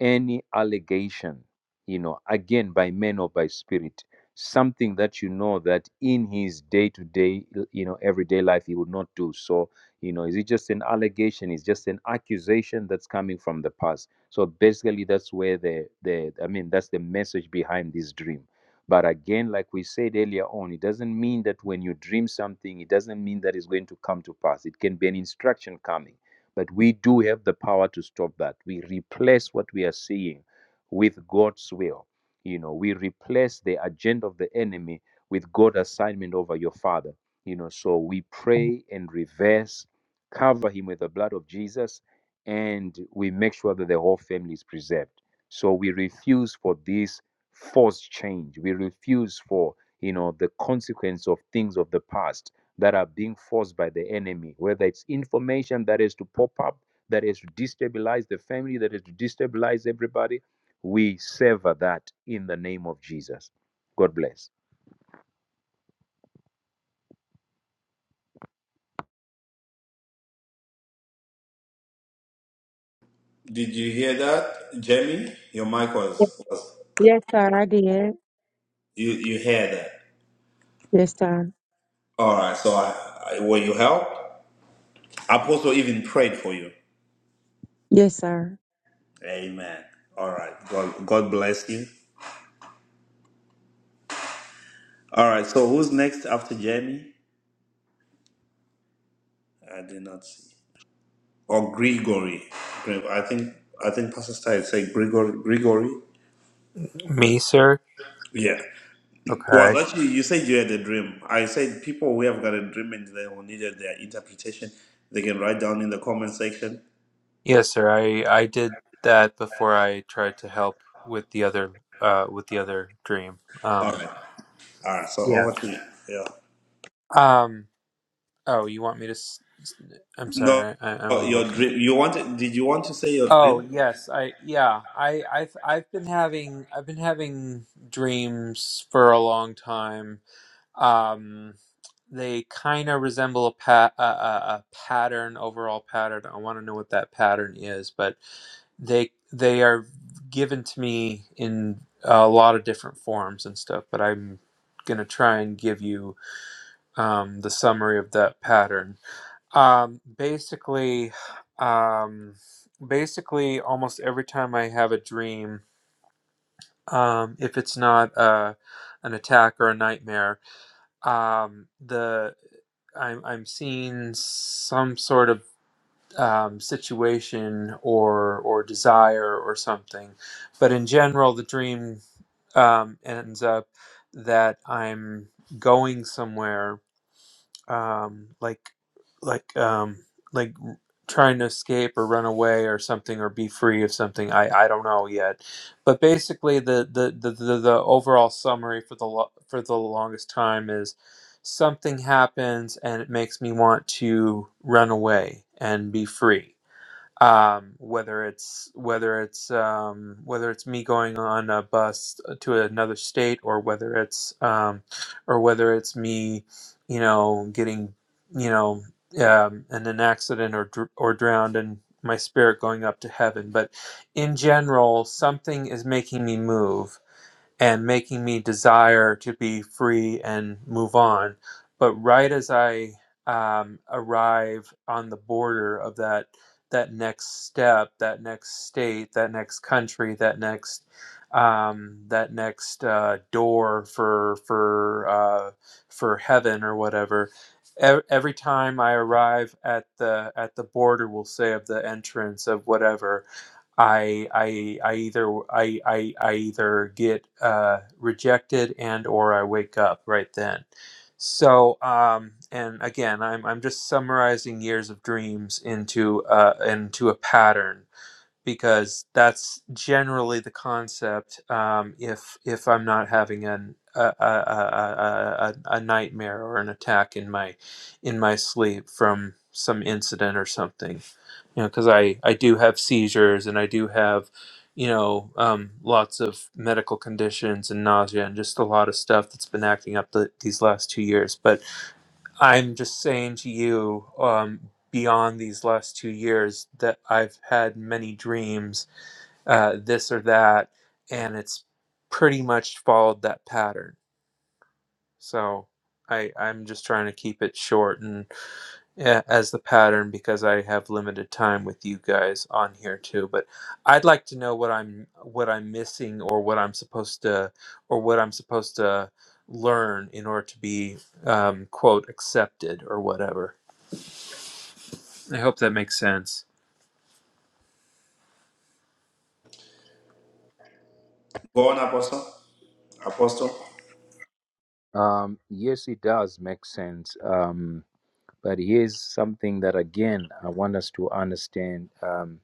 Speaker 8: any allegation, you know, again by man or by spirit, something that you know that in his day to day, you know, everyday life he would not do. So, you know, is it just an allegation? Is just an accusation that's coming from the past? So basically, that's where the the I mean, that's the message behind this dream. But again, like we said earlier on, it doesn't mean that when you dream something, it doesn't mean that it's going to come to pass. It can be an instruction coming but we do have the power to stop that. We replace what we are seeing with God's will. You know, we replace the agenda of the enemy with God's assignment over your father. You know, so we pray and reverse, cover him with the blood of Jesus, and we make sure that the whole family is preserved. So we refuse for this forced change. We refuse for you know the consequence of things of the past that are being forced by the enemy, whether it's information that is to pop up, that is to destabilize the family, that is to destabilize everybody. We sever that in the name of Jesus. God bless.
Speaker 1: Did you hear that, Jamie? Your mic was, was
Speaker 11: Yes, sir. I did.
Speaker 1: you you hear that.
Speaker 11: Yes, sir.
Speaker 1: All right, so I, I will you help? Apostle even prayed for you.
Speaker 11: Yes, sir.
Speaker 1: Amen. All right. God, God bless you. All right. So who's next after Jamie? I did not see. Or Gregory. Gre- I think I think Pastor Stein said Grigory. Gregory.
Speaker 7: Me, sir?
Speaker 1: Yeah. Was
Speaker 7: Okay.
Speaker 1: actually you said you had a dream. I said people who have got a dream and they will need their interpretation, they can write down in the comment section.
Speaker 7: Yes, sir. I I did that before I tried to help with the other uh with the other dream.
Speaker 1: All
Speaker 7: Um
Speaker 1: right. All right. So
Speaker 7: Yeah.
Speaker 1: over to you. Yeah.
Speaker 7: um Oh, you want me to? s- s- I'm
Speaker 1: No,
Speaker 7: sorry, I, I'm a little.
Speaker 1: your
Speaker 7: Con-
Speaker 1: dream. You want? Did you want to say your
Speaker 7: oh
Speaker 1: dream?
Speaker 7: yes, I yeah, I I've I've been having I've been having dreams for a long time. Um, they kind of resemble a, pa- a, a a pattern, overall pattern. I want to know what that pattern is, but they they are given to me in a lot of different forms and stuff. But I'm gonna try and give you um, the summary of that pattern. Um, basically, um, basically, almost every time I have a dream, um, if it's not uh, an attack or a nightmare, um, the I'm I'm seeing some sort of um, situation or or desire or something, but in general, the dream um, ends up that I'm going somewhere um, like like um, like trying to escape or run away or something or be free of something. I, I don't know yet, but basically the the, the, the, the overall summary for the lo- for the longest time is something happens and it makes me want to run away and be free um, whether it's whether it's um, whether it's me going on a bus to another state or whether it's um, or whether it's me you know getting you know um, in an accident or dr- or drowned and my spirit going up to heaven but in general something is making me move and making me desire to be free and move on. But right as I um, arrive on the border of that that next step, that next state, that next country, that next um, that next uh, door for for uh, for heaven or whatever. ev- Every time I arrive at the at the border, we'll say of the entrance of whatever, I I I either I I, I either get uh, rejected and or I wake up right then. So um, and again, I'm I'm just summarizing years of dreams into uh, into a pattern because that's generally the concept. Um, if if I'm not having an a, a, a, a, a a nightmare or an attack in my in my sleep from some incident or something, you know, because I I do have seizures and I do have you know um, lots of medical conditions and nausea and just a lot of stuff that's been acting up the, these last two years, but I'm just saying to you, um, beyond these last two years, that I've had many dreams, uh, this or that, and it's pretty much followed that pattern. So I, I'm just trying to keep it short and uh, as the pattern because I have limited time with you guys on here too. But I'd like to know what I'm what I'm missing or what I'm supposed to or what I'm supposed to learn in order to be um, quote accepted or whatever. I hope that makes sense.
Speaker 1: Go on, Apostle. Apostle.
Speaker 8: Um, yes, it does make sense. Um, but here's something that again I want us to understand. Um.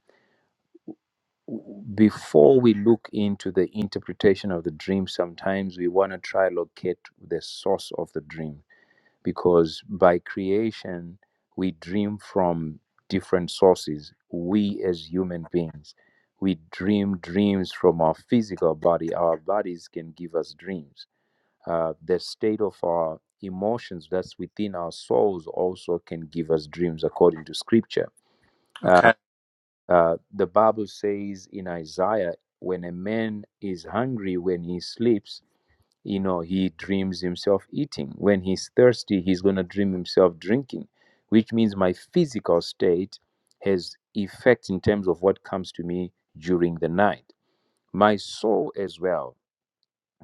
Speaker 8: before we look into the interpretation of the dream, sometimes we want to try locate the source of the dream because by creation we dream from different sources. We as human beings, we dream dreams from our physical body. Our bodies can give us dreams. Uh, the state of our emotions that's within our souls also can give us dreams according to scripture Uh,
Speaker 7: Okay.
Speaker 8: uh, the Bible says in Isaiah, when a man is hungry, when he sleeps, you know, he dreams himself eating. When he's thirsty, he's going to dream himself drinking, which means my physical state has effect in terms of what comes to me during the night. My soul as well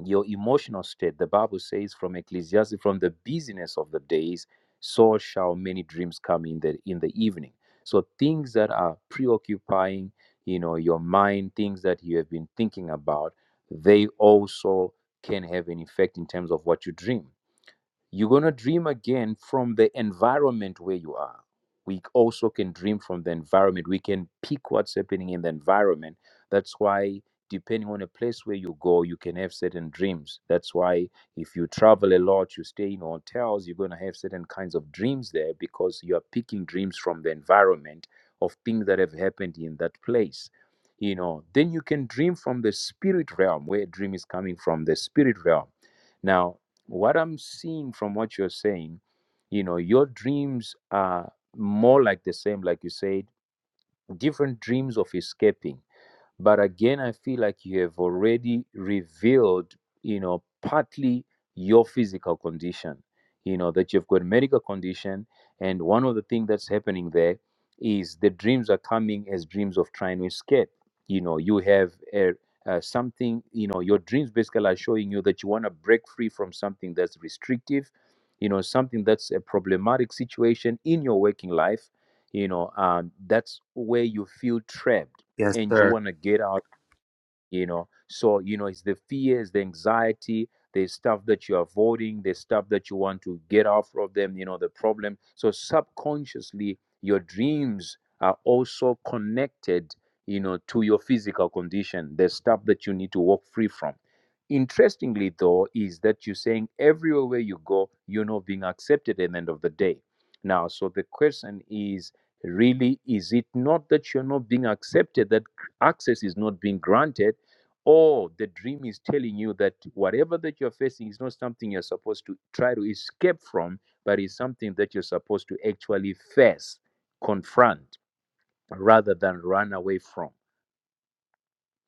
Speaker 8: your emotional state. The Bible says from Ecclesiastes, from the busyness of the days, so shall many dreams come in the in the evening. So things that are preoccupying, you know, your mind, things that you have been thinking about, they also can have an effect in terms of what you dream. You're going to dream again from the environment where you are. We also can dream from the environment. We can pick what's happening in the environment. That's why, depending on the place where you go, you can have certain dreams. That's why, if you travel a lot, you stay in hotels, you're going to have certain kinds of dreams there because you are picking dreams from the environment of things that have happened in that place. You know, then you can dream from the spirit realm, where a dream is coming from the spirit realm. Now, what I'm seeing from what you're saying, you know, your dreams are more like the same, like you said, different dreams of escaping but again i feel like you have already revealed you know partly your physical condition you know that you've got medical condition and one of the things that's happening there is the dreams are coming as dreams of trying to escape you know you have a, uh, something you know your dreams basically are showing you that you want to break free from something that's restrictive you know something that's a problematic situation in your working life you know um, that's where you feel trapped
Speaker 7: Yes,
Speaker 8: and you
Speaker 7: sir.
Speaker 8: want to get out you know so you know it's the fears the anxiety there's stuff that you're avoiding there's stuff that you want to get off of them you know the problem so subconsciously your dreams are also connected you know to your physical condition there's stuff that you need to walk free from interestingly though is that you're saying everywhere where you go you're not being accepted at the end of the day now so the question is really is it not that you're not being accepted that access is not being granted or the dream is telling you that whatever that you're facing is not something you're supposed to try to escape from, but is something that you're supposed to actually face, confront, rather than run away from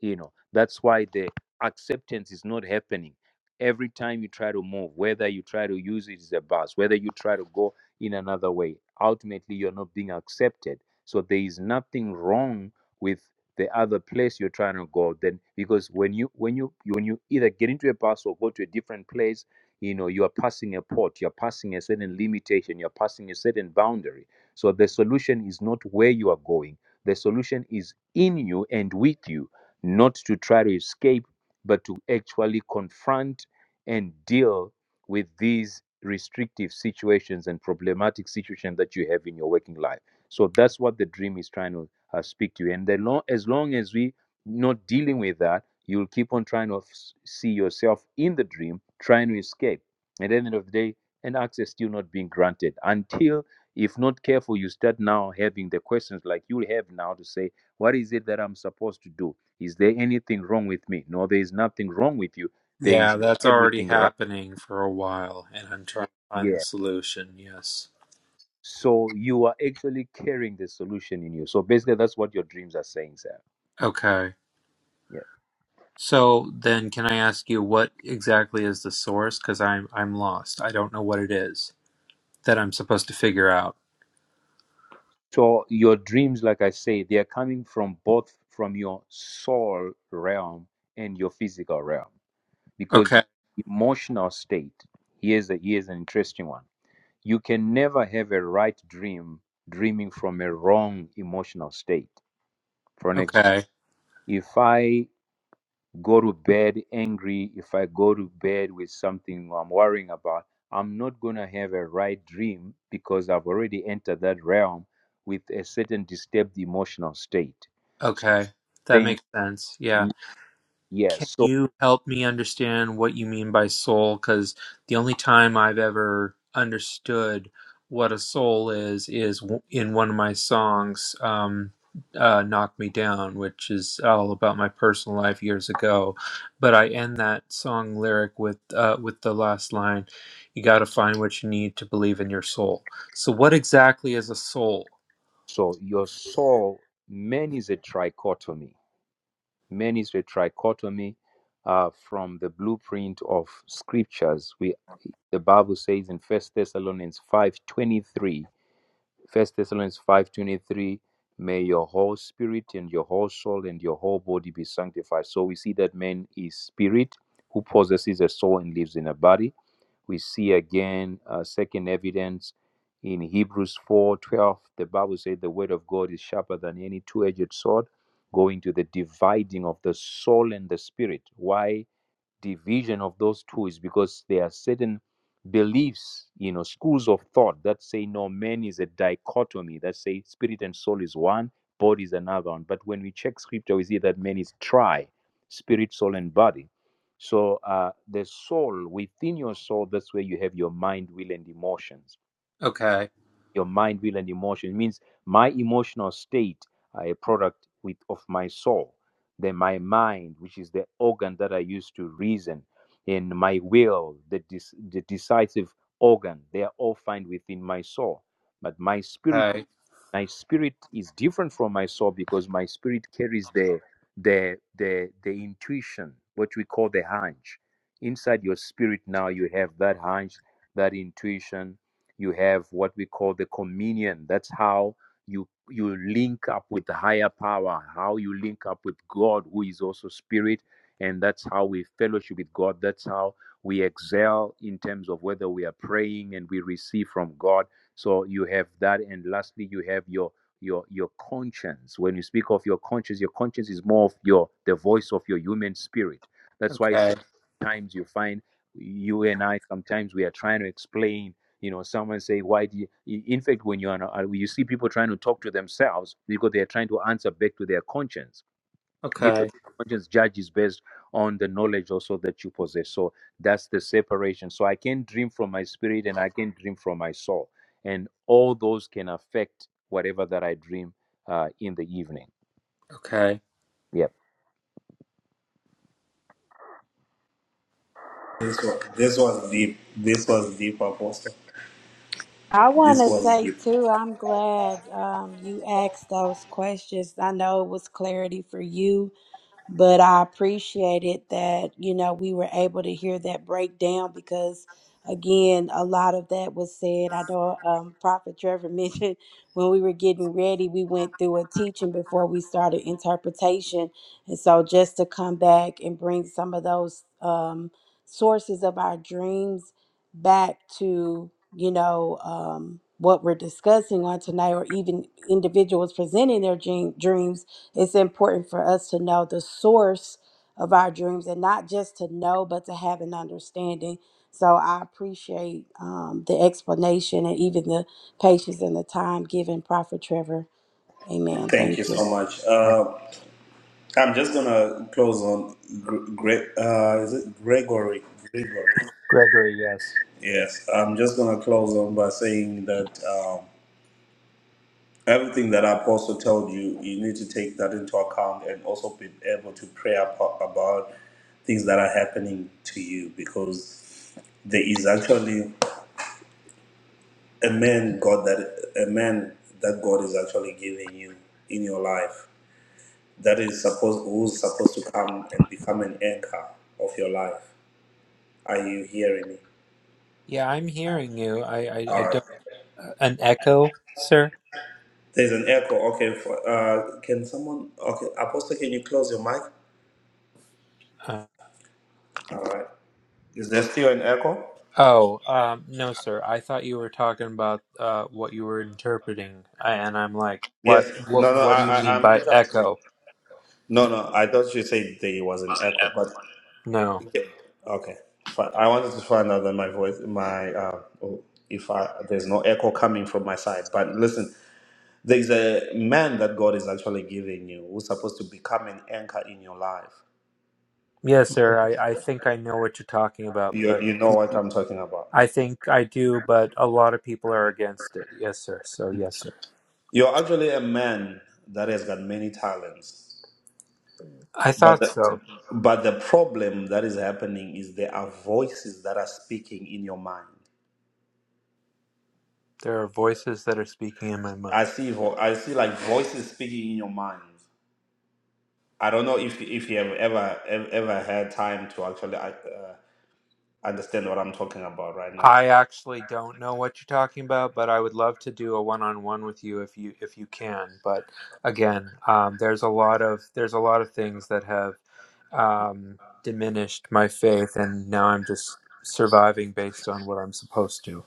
Speaker 8: you know that's why the acceptance is not happening every time you try to move whether you try to use it as a bus whether you try to go in another way ultimately you're not being accepted so there is nothing wrong with the other place you're trying to go then because when you when you you- when you either get into a bus or go to a different place you know you are passing a port you're passing a certain limitation you're passing a certain boundary so the solution is not where you are going the solution is in you and with you not to try to escape, but to actually confront and deal with these restrictive situations and problematic situations that you have in your working life. So that's what the dream is trying to uh, speak to you. And the long, as long as we not dealing with that, you'll keep on trying to s- see yourself in the dream, trying to escape. At the end of the day, and access still not being granted until, if not careful, you start now having the questions like you have now to say, what is it that I'm supposed to do? Is there anything wrong with me? No, there is nothing wrong with you. There
Speaker 7: Yeah,
Speaker 8: is
Speaker 7: that's already
Speaker 8: everything right
Speaker 7: happening for a while, and I'm trying to find the
Speaker 8: here.
Speaker 7: solution. Yes.
Speaker 8: So you are actually carrying the solution in you. So basically, that's what your dreams are saying, sir.
Speaker 7: Okay.
Speaker 8: Yeah.
Speaker 7: So then, can I ask you what exactly is the source? Because I'm I'm lost. I don't know what it is that I'm supposed to figure out.
Speaker 8: So your dreams, like I say, they are coming from both from your soul realm and your physical realm because
Speaker 7: Okay.
Speaker 8: your emotional state. Here's a here's an interesting one. You can never have a right dream dreaming from a wrong emotional state. For an example
Speaker 7: Okay.
Speaker 8: If I go to bed angry, if I go to bed with something I'm worrying about, I'm not going to have a right dream because I've already entered that realm with a certain disturbed emotional state.
Speaker 7: Okay. That
Speaker 8: Saying,
Speaker 7: makes sense. Yeah. Can
Speaker 8: yes, so,
Speaker 7: you help me understand what you mean by soul? Because the only time I've ever understood what a soul is is w- in one of my songs, um, uh, "Knock Me Down," which is all about my personal life years ago. But I end that song lyric with uh, with the last line, "You got to find what you need to believe in your soul." So, what exactly is a soul?
Speaker 8: so your soul, man is a trichotomy. Man is a trichotomy uh, from the blueprint of scriptures. We, the Bible says in First Thessalonians five twenty three. First Thessalonians 5:23, may your whole spirit and your whole soul and your whole body be sanctified. So we see that man is spirit who possesses a soul and lives in a body. We see again uh, second evidence in Hebrews 4:12. The Bible says the word of God is sharper than any two-edged sword, going to the dividing of the soul and the spirit. Why? division of those two is because there are certain beliefs, you know, schools of thought that say no, man is a dichotomy, that say spirit and soul is one, body is another one. But when we check scripture, we see that man is tri, spirit, soul, and body. So uh, the soul, within your soul, that's where you have your mind, will, and emotions
Speaker 7: Okay,
Speaker 8: your mind, will, and emotion. It means my emotional state are a product with of my soul. Then my mind, which is the organ that I use to reason, and my will, the, dec- the decisive organ, they are all found within my soul. But my spirit
Speaker 7: okay,
Speaker 8: my spirit is different from my soul because my spirit carries the the the the intuition what we call the hunch inside your spirit now you have that hunch that intuition you have what we call the communion that's how you you link up with the higher power how you link up with god who is also spirit and that's how we fellowship with god that's how we excel in terms of whether we are praying and we receive from god so you have that and lastly you have your your your conscience when you speak of your conscience your conscience is more of your the voice of your human spirit that's why
Speaker 7: okay,
Speaker 8: sometimes you find you and i sometimes we are trying to explain you know someone say why do you in fact when you're you see people trying to talk to themselves because they are trying to answer back to their conscience because
Speaker 7: okay,
Speaker 8: conscience judges based on the knowledge also that you possess. So that's the separation. So I can dream from my spirit and I can dream from my soul, and all those can affect whatever that I dream uh, in the evening.
Speaker 7: okay.
Speaker 8: Yeah.
Speaker 1: This was, this was deep. This was deep, Apostle.
Speaker 5: I want
Speaker 1: This
Speaker 5: to
Speaker 1: was
Speaker 5: say
Speaker 1: deep.
Speaker 5: too, I'm glad um, you asked those questions. I know it was clarity for you. but I appreciated that you know we were able to hear that breakdown because again a lot of that was said. I know um, Prophet Trevor mentioned when we were getting ready, we went through a teaching before we started interpretation, and so just to come back and bring some of those um, sources of our dreams back to you know. Um, what we're discussing on tonight, or even individuals presenting their dream, dreams, it's important for us to know the source of our dreams and not just to know but to have an understanding so i appreciate um, the explanation and even the patience and the time given prophet trevor amen
Speaker 1: Thank you
Speaker 5: thank you
Speaker 1: so much. Uh, I'm just gonna close on Gre- Gre- uh, is it Gregory? Gregory.
Speaker 7: Gregory, yes.
Speaker 1: Yes. I'm just gonna close on by saying that um, everything that Apostle told you, you need to take that into account and also be able to pray apo- about things that are happening to you because there is actually a man God that a man that God is actually giving you in your life that is supposed who's supposed to come and become an anchor of your life. Are you hearing me?
Speaker 7: Yeah, I'm hearing you. I, I,
Speaker 1: All
Speaker 7: I
Speaker 1: right.
Speaker 7: don't. uh, An echo, sir?
Speaker 1: There's an echo. Okay. For, uh, can someone? Okay, Apostle, can you close your mic?
Speaker 7: Uh,
Speaker 1: All right. Is there still an echo?
Speaker 7: oh, um, no, sir. I thought you were talking about uh, what you were interpreting, I, and I'm like, what,
Speaker 1: Yes.
Speaker 7: what,
Speaker 1: No, no.
Speaker 7: what do you
Speaker 1: I, I
Speaker 7: mean
Speaker 1: I'm
Speaker 7: by
Speaker 1: interpreting.
Speaker 7: echo?
Speaker 1: No, no. I thought you said there was an echo, but
Speaker 7: No.
Speaker 1: Yeah. Okay, fine. I wanted to find out that my voice, my uh, oh, if I, there's no echo coming from my side. But listen, there's a man that God is actually giving you who's supposed to become an anchor in your life.
Speaker 7: Yes, sir. I, I think I know what you're talking about,
Speaker 1: You
Speaker 7: but
Speaker 1: you know what I'm talking about.
Speaker 7: I think I do, but a lot of people are against it. Yes, sir. So, yes, sir.
Speaker 1: You're actually a man that has got many talents,
Speaker 7: I
Speaker 1: but
Speaker 7: thought
Speaker 1: the,
Speaker 7: so.
Speaker 1: but the problem that is happening is there are voices that are speaking in your mind.
Speaker 7: There are voices that are speaking in my mind.
Speaker 1: I see vo- I see like voices speaking in your mind. I don't know if if you have ever ev- ever had time to actually uh, understand what I'm talking about right now.
Speaker 7: I actually don't know what you're talking about, but I would love to do a one-on-one with you if you if you can. But again, um, there's a lot of there's a lot of things that have um, diminished my faith, and now I'm just surviving based on what I'm supposed to.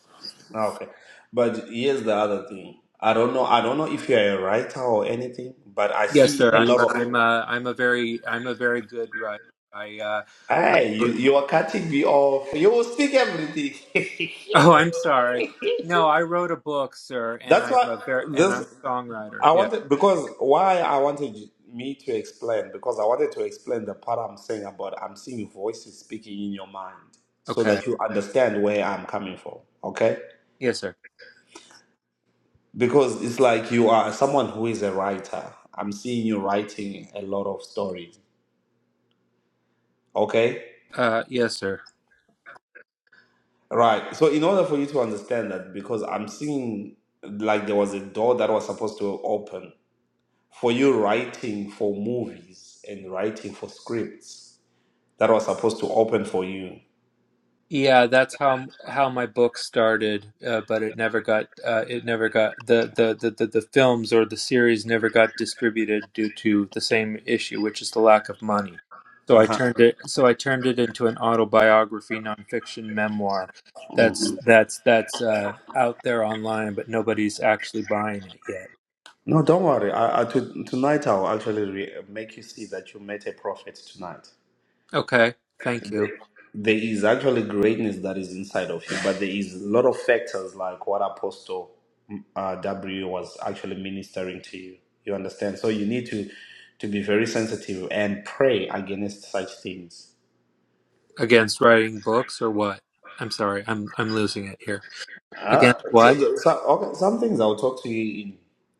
Speaker 1: Ah, Okay, but here's the other thing. I don't know. I don't know if you're a writer or anything, but I
Speaker 7: Yes,
Speaker 1: see
Speaker 7: sir.
Speaker 1: a
Speaker 7: I'm
Speaker 1: lot
Speaker 7: a,
Speaker 1: of.
Speaker 7: I'm a, I'm a very I'm a very good writer. I uh, I,
Speaker 1: Hey, you you are cutting me off. You will speak everything.
Speaker 7: oh, I'm sorry. No, I wrote a book, sir, and
Speaker 1: That's
Speaker 7: I'm
Speaker 1: why
Speaker 7: a very and I'm
Speaker 1: this
Speaker 7: a songwriter.
Speaker 1: I
Speaker 7: Yeah.
Speaker 1: wanted because why I wanted you- me to explain because I wanted to explain the part I'm saying about I'm seeing voices speaking in your mind so
Speaker 7: Okay.
Speaker 1: that you understand where I'm coming from. Okay,
Speaker 7: Yes, sir.
Speaker 1: because it's like you are someone who is a writer. I'm seeing you writing a lot of stories. Okay,
Speaker 7: Uh, yes, sir.
Speaker 1: right. So in order for you to understand that, because I'm seeing like there was a door that was supposed to open for you writing for movies and writing for scripts that was supposed to open for you.
Speaker 7: Yeah, that's how how my book started, uh, but it never got uh, it never got the, the, the, the, the films or the series never got distributed due to the same issue, which is the lack of money. So I
Speaker 1: Uh-huh.
Speaker 7: turned it so I turned it into an autobiography nonfiction memoir
Speaker 1: Mm.
Speaker 7: that's that's that's uh, out there online, but nobody's actually buying it yet.
Speaker 1: No, don't worry. I, I, to, tonight I'll actually re- make you see that you met a prophet tonight.
Speaker 7: Okay, thank
Speaker 1: There
Speaker 7: you.
Speaker 1: there is actually greatness that is inside of you, but there is a lot of factors like what Apostle mm, uh, W was actually ministering to you. You understand? So you need to to be very sensitive and pray against such things
Speaker 7: Against writing books or what? I'm sorry, I'm I'm losing it here.
Speaker 1: Uh,
Speaker 7: Against
Speaker 1: so,
Speaker 7: what?
Speaker 1: the- so, okay, some things I'll talk to you in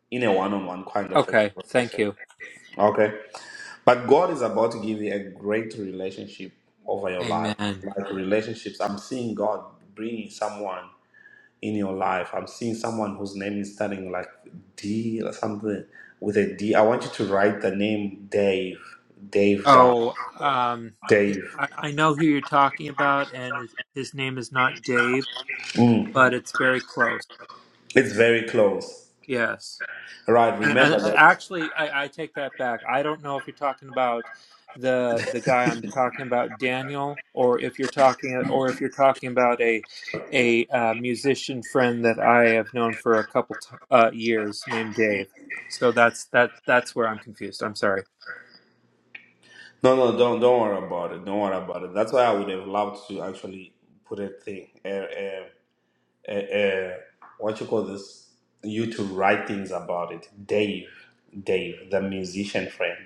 Speaker 1: in a one-on-one kind of a
Speaker 7: Okay, thank
Speaker 1: conversation.
Speaker 7: you.
Speaker 1: Okay, but God is about to give you a great relationship over your life,
Speaker 7: Amen.
Speaker 1: like relationships. I'm seeing God bringing someone in your life. I'm seeing someone whose name is starting like D or something with a D. I want you to write the name Dave, Dave down,
Speaker 7: Oh, um, hi-
Speaker 1: Dave.
Speaker 7: I, I know who you're talking about, and his, his name is not Dave,
Speaker 1: Mm,
Speaker 7: but it's very close.
Speaker 1: it's very close.
Speaker 7: Yes,
Speaker 1: Right,
Speaker 7: and, and
Speaker 1: remember
Speaker 7: and
Speaker 1: that
Speaker 7: actually, I, I take that back. I don't know if you're talking about the the guy I'm talking about, Daniel, or if you're talking or if you're talking about a a uh, musician friend that I have known for a couple t- uh, years named Dave. So that's that that's where I'm confused. I'm sorry.
Speaker 1: No, no, don't don't worry about it. Don't worry about it. That's why I would have loved to actually put a thing, a, a, a, a what you call this, you to write things about it. Dave, Dave, the musician friend,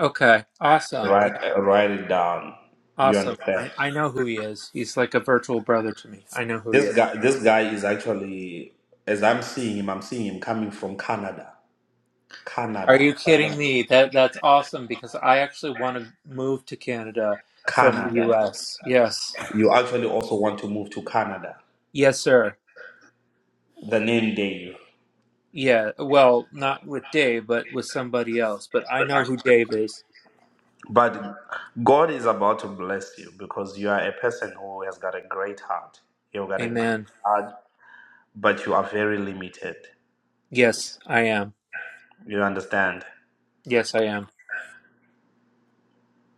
Speaker 7: Okay, awesome. Yeah.
Speaker 1: write write it down. You
Speaker 7: Awesome.
Speaker 1: understand?
Speaker 7: I, I know who he is. He's like a virtual brother to me. I know who he
Speaker 1: This
Speaker 7: is.
Speaker 1: guy, this guy is actually, as I'm seeing him, I'm seeing him coming from Canada,
Speaker 7: Are you
Speaker 1: Canada,
Speaker 7: kidding me? That that's awesome because I actually want to move to Canada from the
Speaker 1: Canada.
Speaker 7: US. Yes.
Speaker 1: You actually also want to move to Canada.
Speaker 7: Yes, sir.
Speaker 1: The name Dave.
Speaker 7: Yeah. Well, not with Dave, but with somebody else. But I know who Dave is.
Speaker 1: But God is about to bless you because you are a person who has got a great heart. You've got a great
Speaker 7: Amen.
Speaker 1: heart, but you are very limited.
Speaker 7: Yes, I am.
Speaker 1: You understand?
Speaker 7: Yes, I am.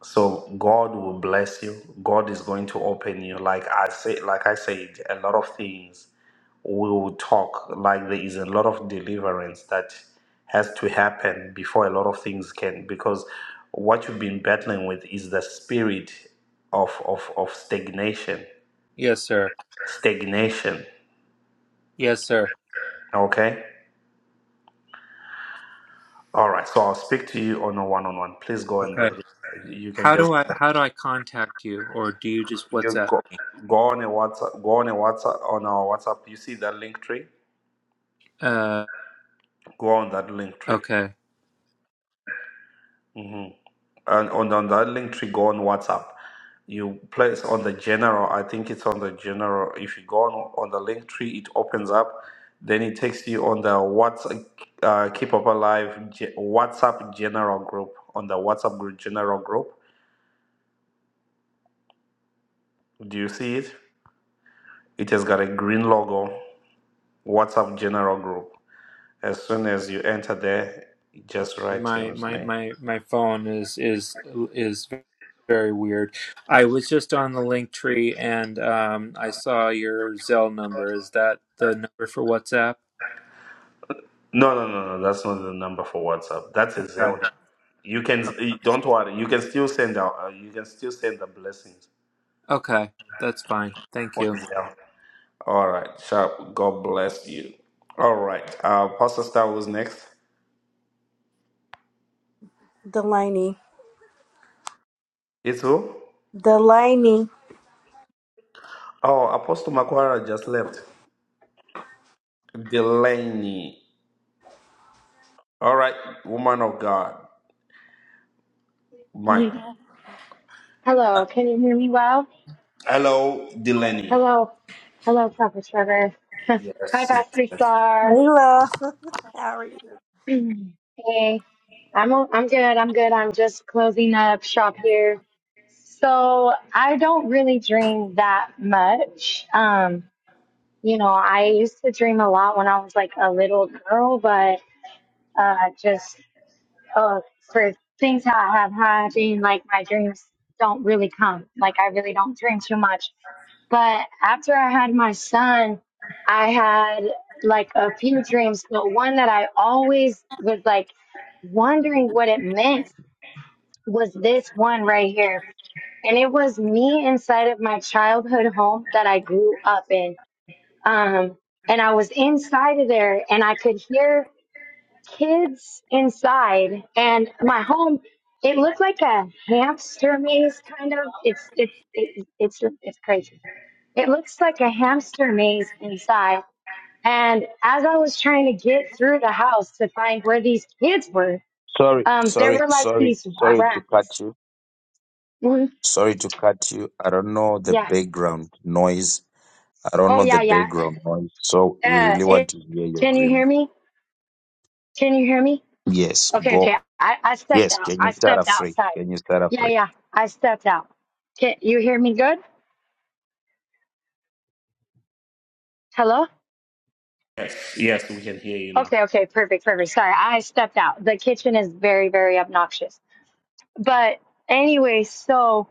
Speaker 1: So God will bless you. God is going to open you. Like I say, like I said, a lot of things we will talk. Like there is a lot of deliverance that has to happen before a lot of things can because what you've been battling with is the spirit of of, of stagnation
Speaker 7: Yes, sir.
Speaker 1: Stagnation.
Speaker 7: Yes, sir.
Speaker 1: Okay. All right. So I'll speak to you on a one-on-one. Please go and
Speaker 7: Okay.
Speaker 1: register. You can
Speaker 7: How
Speaker 1: just
Speaker 7: do I how do I contact you or do you just
Speaker 1: you
Speaker 7: WhatsApp?
Speaker 1: go go on a WhatsApp. Go on a WhatsApp on our WhatsApp. You see that link tree?
Speaker 7: Uh
Speaker 1: Go on that link tree.
Speaker 7: okay.
Speaker 1: hmm and on, on that link tree go on WhatsApp. You place on the general, I think it's on the general. If you go on, on the link tree, it opens up. Then it takes you on the WhatsApp uh, Keep Up Alive Ge- WhatsApp general group, on the WhatsApp group general group. Do you see it? It has got a green logo, WhatsApp General Group. As soon as you enter there, just write
Speaker 7: my
Speaker 1: Tim's
Speaker 7: my
Speaker 1: name.
Speaker 7: my my phone is is is very weird. I was just on the link tree and um I saw your Zelle number. Is that the number for WhatsApp?
Speaker 1: No, no, no, no. That's not the number for WhatsApp. That's a
Speaker 7: Okay.
Speaker 1: Zelle. You can don't worry. You can still send out. Uh, you can still send the blessings
Speaker 7: Okay. That's fine. Thank
Speaker 1: on
Speaker 7: you.
Speaker 1: Zelle. All right, sharp. God bless you. All right, uh, Pastor Star was next.
Speaker 5: delaney
Speaker 1: It's who?
Speaker 5: delaney
Speaker 1: Oh, Apostle Macquarie just left. Delaney. All right, woman of God, Mike.
Speaker 12: Mhm. Hello, can you hear me well?
Speaker 1: Hello, Delaney.
Speaker 12: Hello, hello, Papa Trevor. Hi,
Speaker 1: Yes, yes,
Speaker 12: Pastor
Speaker 1: yes,
Speaker 12: Star.
Speaker 5: Hello. how are you
Speaker 12: hey, I'm o- I'm good. I'm good. I'm just closing up shop here. So I don't really dream that much. Um, you know, I used to dream a lot when I was like a little girl, but uh, just uh, for things that have happened, like my dreams don't really come. Like I really don't dream too much But after I had my son, I had like a few dreams, but one that I always was like wondering what it meant was this one right here. And it was me inside of my childhood home that I grew up in. Um, and I was inside of there and I could hear kids inside and my home, it looked like a hamster maze kind of. It's, it's, it, it's, it's crazy it looks like a hamster maze inside. And as I was trying to get through the house to find where these kids were,
Speaker 2: Sorry,
Speaker 12: um, there
Speaker 2: sorry,
Speaker 12: were like
Speaker 2: sorry,
Speaker 12: these
Speaker 2: sorry to cut
Speaker 12: rats.
Speaker 2: you.
Speaker 12: Mhm.
Speaker 2: Sorry to cut you. I don't know the
Speaker 12: Yeah.
Speaker 2: background noise. I don't
Speaker 12: Oh,
Speaker 2: know the
Speaker 12: yeah, yeah.
Speaker 2: background noise. So we
Speaker 12: Uh,
Speaker 2: really want
Speaker 12: it,
Speaker 2: to hear your
Speaker 12: can you
Speaker 2: dream.
Speaker 12: hear me? Can you hear me?
Speaker 2: Yes,
Speaker 12: Okay,
Speaker 2: go.
Speaker 12: okay. I, I stepped
Speaker 2: Yes,
Speaker 12: out.
Speaker 2: can
Speaker 12: I
Speaker 2: you start
Speaker 12: stepped
Speaker 2: afresh?
Speaker 12: outside.
Speaker 2: Can you start
Speaker 12: Yeah,
Speaker 2: afresh?
Speaker 12: yeah. I stepped out. Can you hear me good? Hello?
Speaker 1: yes, yes, we can hear you now.
Speaker 12: Okay, okay. Perfect, perfect. Sorry, I stepped out. The kitchen is very, very obnoxious. But anyway, so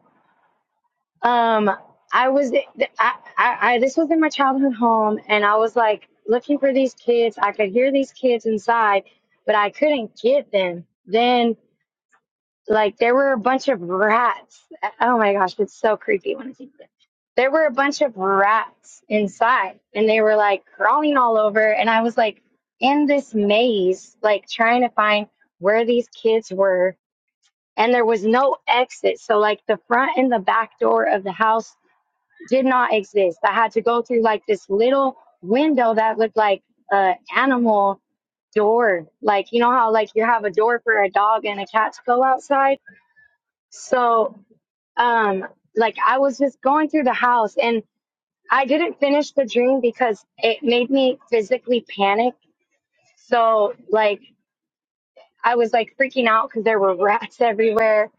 Speaker 12: Um, I was, I, I, I, this was in my childhood home, and I was like looking for these kids. I could hear these kids inside, but I couldn't get them. Then, like, there were a bunch of rats. Oh my gosh, it's so creepy when I think of it. There were a bunch of rats inside, and they were like crawling all over. And I was like in this maze, like trying to find where these kids were. And there was no exit. So, like, the front and the back door of the house did not exist. I had to go through like this little window that looked like an animal door. Like, you know how like you have a door for a dog and a cat to go outside? So, um, like I was just going through the house and I didn't finish the dream because it made me physically panic. So, like, I was like freaking out because there were rats everywhere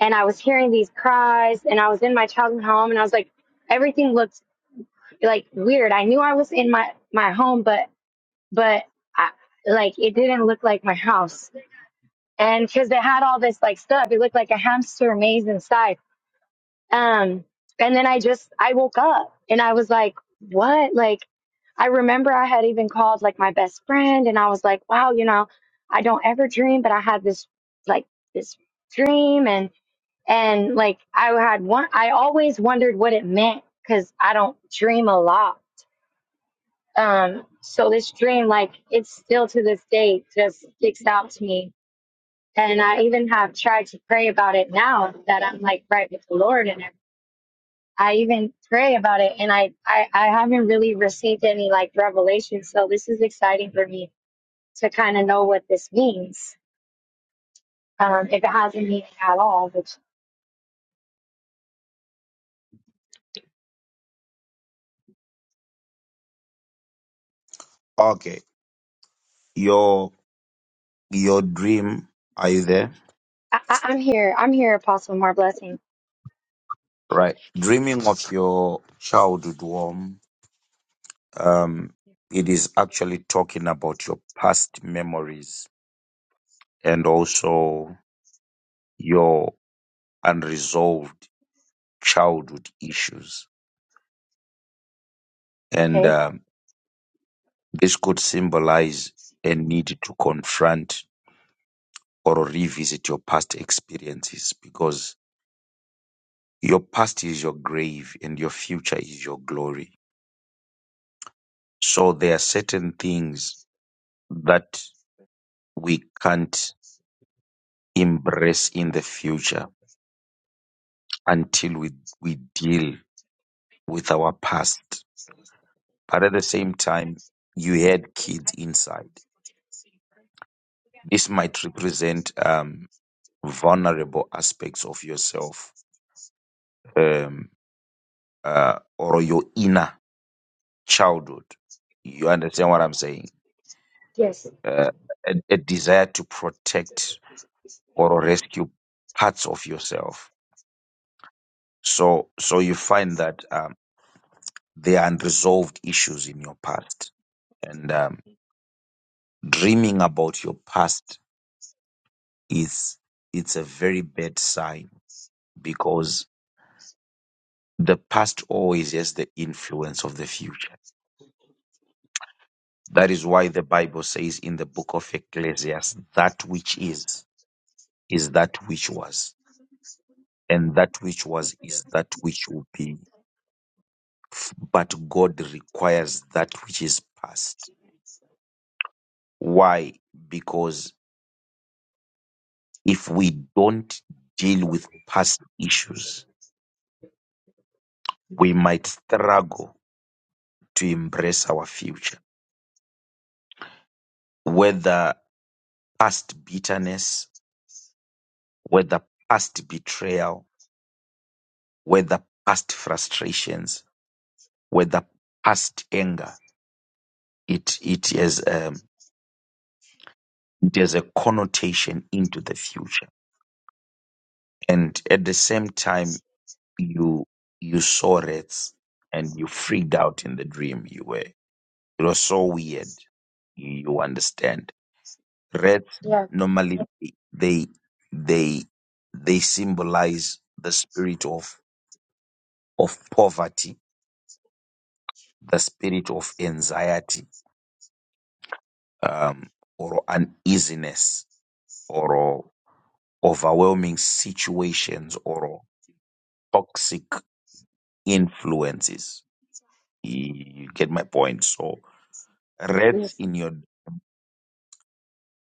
Speaker 12: and I was hearing these cries and I was in my childhood home and I was like, everything looks. like weird. I knew I was in my my home, but but I, like it didn't look like my house. And because they had all this like stuff, it looked like a hamster maze inside. Um, and then I just I woke up and I was like, what? Like I remember I had even called like my best friend, and I was like, wow, you know, I don't ever dream, but I had this like this dream and and like I had one I always wondered what it meant because I don't dream a lot Um, so this dream, like it's still to this day, just sticks out to me. And I even have tried to pray about it now that I'm like right with the Lord and I even pray about it and I, I, I haven't really received any like revelation. So this is exciting for me to kind of know what this means. Um, if it has a meaning at all, which
Speaker 2: Okay. Your your dream. Are you there?
Speaker 12: I, I, I'm here, I'm here, Apostle More Blessing.
Speaker 2: Right. Dreaming of your childhood home. Um, it is actually talking about your past memories and also your unresolved childhood issues. And
Speaker 12: Okay.
Speaker 2: um, This could symbolize a need to confront or revisit your past experiences because your past is your grave and your future is your glory. So there are certain things that we can't embrace in the future until we, we deal with our past. But at the same time, you had kids inside. This might represent um, vulnerable aspects of yourself. Um, uh, or your inner childhood. You understand what I'm saying?
Speaker 12: Yes.
Speaker 2: Uh, a, a desire to protect or rescue parts of yourself. So, so you find that um, there are unresolved issues in your past, and um, dreaming about your past is it's a very bad sign because the past always has the influence of the future. That is why the Bible says in the book of Ecclesiastes, that which is is that which was, and that which was is that which will be. F- But God requires that which is past. Why? Because if we don't deal with past issues, we might struggle to embrace our future, whether past bitterness, whether past betrayal, whether past frustrations, whether past anger. It it is. Um, there's a connotation into the future. And at the same time, you you saw rats and you freaked out in the dream you were. It was so weird. You, understand. Rats
Speaker 12: Yeah.
Speaker 2: normally they they they symbolize the spirit of of poverty, the spirit of anxiety, um, or uneasiness, or overwhelming situations, or toxic influences. You get my point. So rest
Speaker 12: Yes.
Speaker 2: in your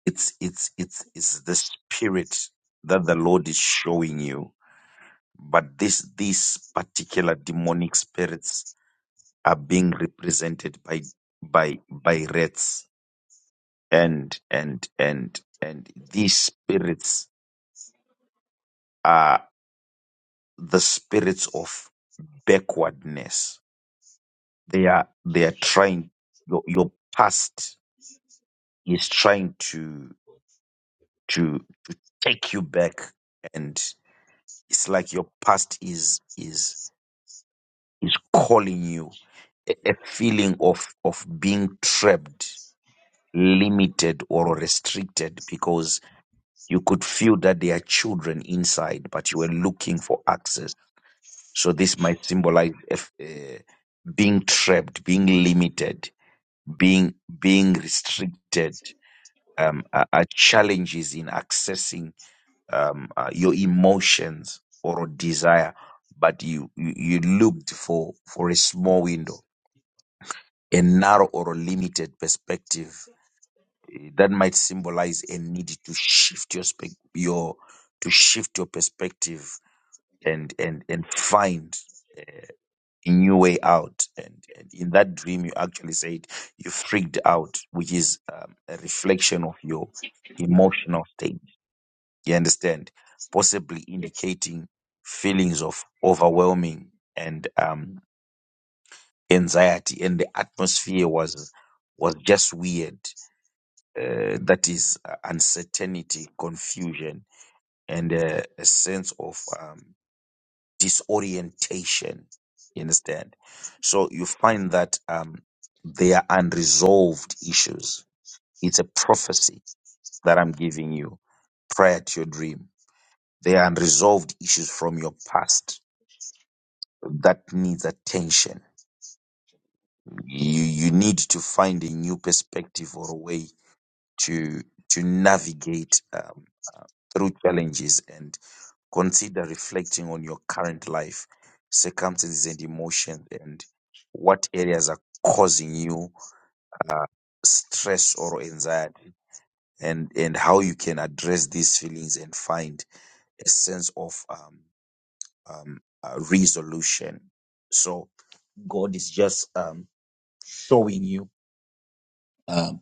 Speaker 2: it's it's it's it's the spirit that the Lord is showing you. But this these particular demonic spirits are being represented by by by rats and and and and these spirits are the spirits of backwardness. They are they are trying your your past is trying to to take you back and it's like your past is is is calling you a, a feeling of of being trapped limited or restricted because you could feel that there are children inside but you were looking for access so this might symbolize if, uh, being trapped being limited being being restricted um, uh, uh, challenges in accessing um, uh, your emotions or desire, but you, you you looked for for a small window, a narrow or a limited perspective eh, that might symbolize a need to shift your spec your to shift your perspective and and and find a new way out. And, and in that dream, you actually said you freaked out, which is um, a reflection of your emotional state You understand? Possibly indicating feelings of overwhelming and um, anxiety, and the atmosphere was was just weird. Uh, that is uh, uncertainty, confusion, and uh, a sense of um, disorientation. You understand? So you find that um, they are unresolved issues. It's a prophecy that I'm giving you prior to your dream There are unresolved issues from your past that needs attention. You you need to find a new perspective or a way to to navigate um, through challenges and consider reflecting on your current life, circumstances, and emotions, and what areas are causing you uh, stress or anxiety, and and how you can address these feelings and find a sense of um, um, uh, resolution. So God is just um, showing you um,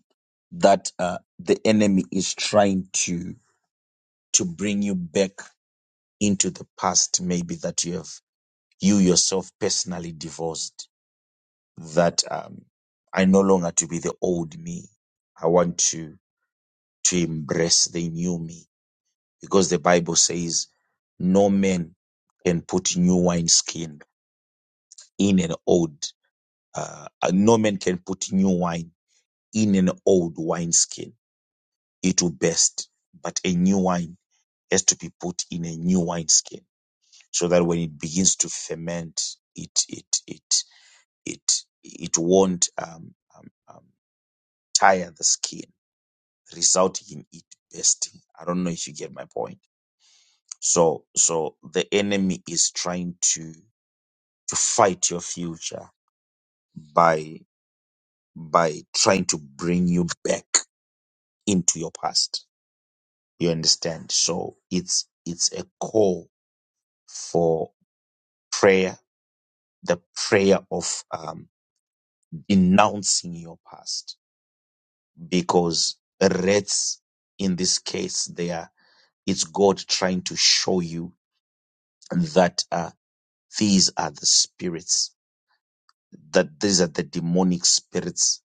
Speaker 2: that uh, the enemy is trying to to bring you back into the past, maybe that you have you yourself personally divorced. That um, I no longer to be the old me. I want to to embrace the new me because the Bible says no man can put new wine skin in an old. Uh, no man can put new wine in an old wineskin it will burst. But a new wine has to be put in a new wine skin so that when it begins to ferment, it it it it it won't um, um, um, tire the skin, resulting in it bursting. I don't know if you get my point. So so the enemy is trying to to fight your future by by trying to bring you back into your past. You understand? So it's it's a call for prayer, the prayer of um, denouncing your past, because wraiths in this case, they are it's God trying to show you that uh, these are the spirits, that these are the demonic spirits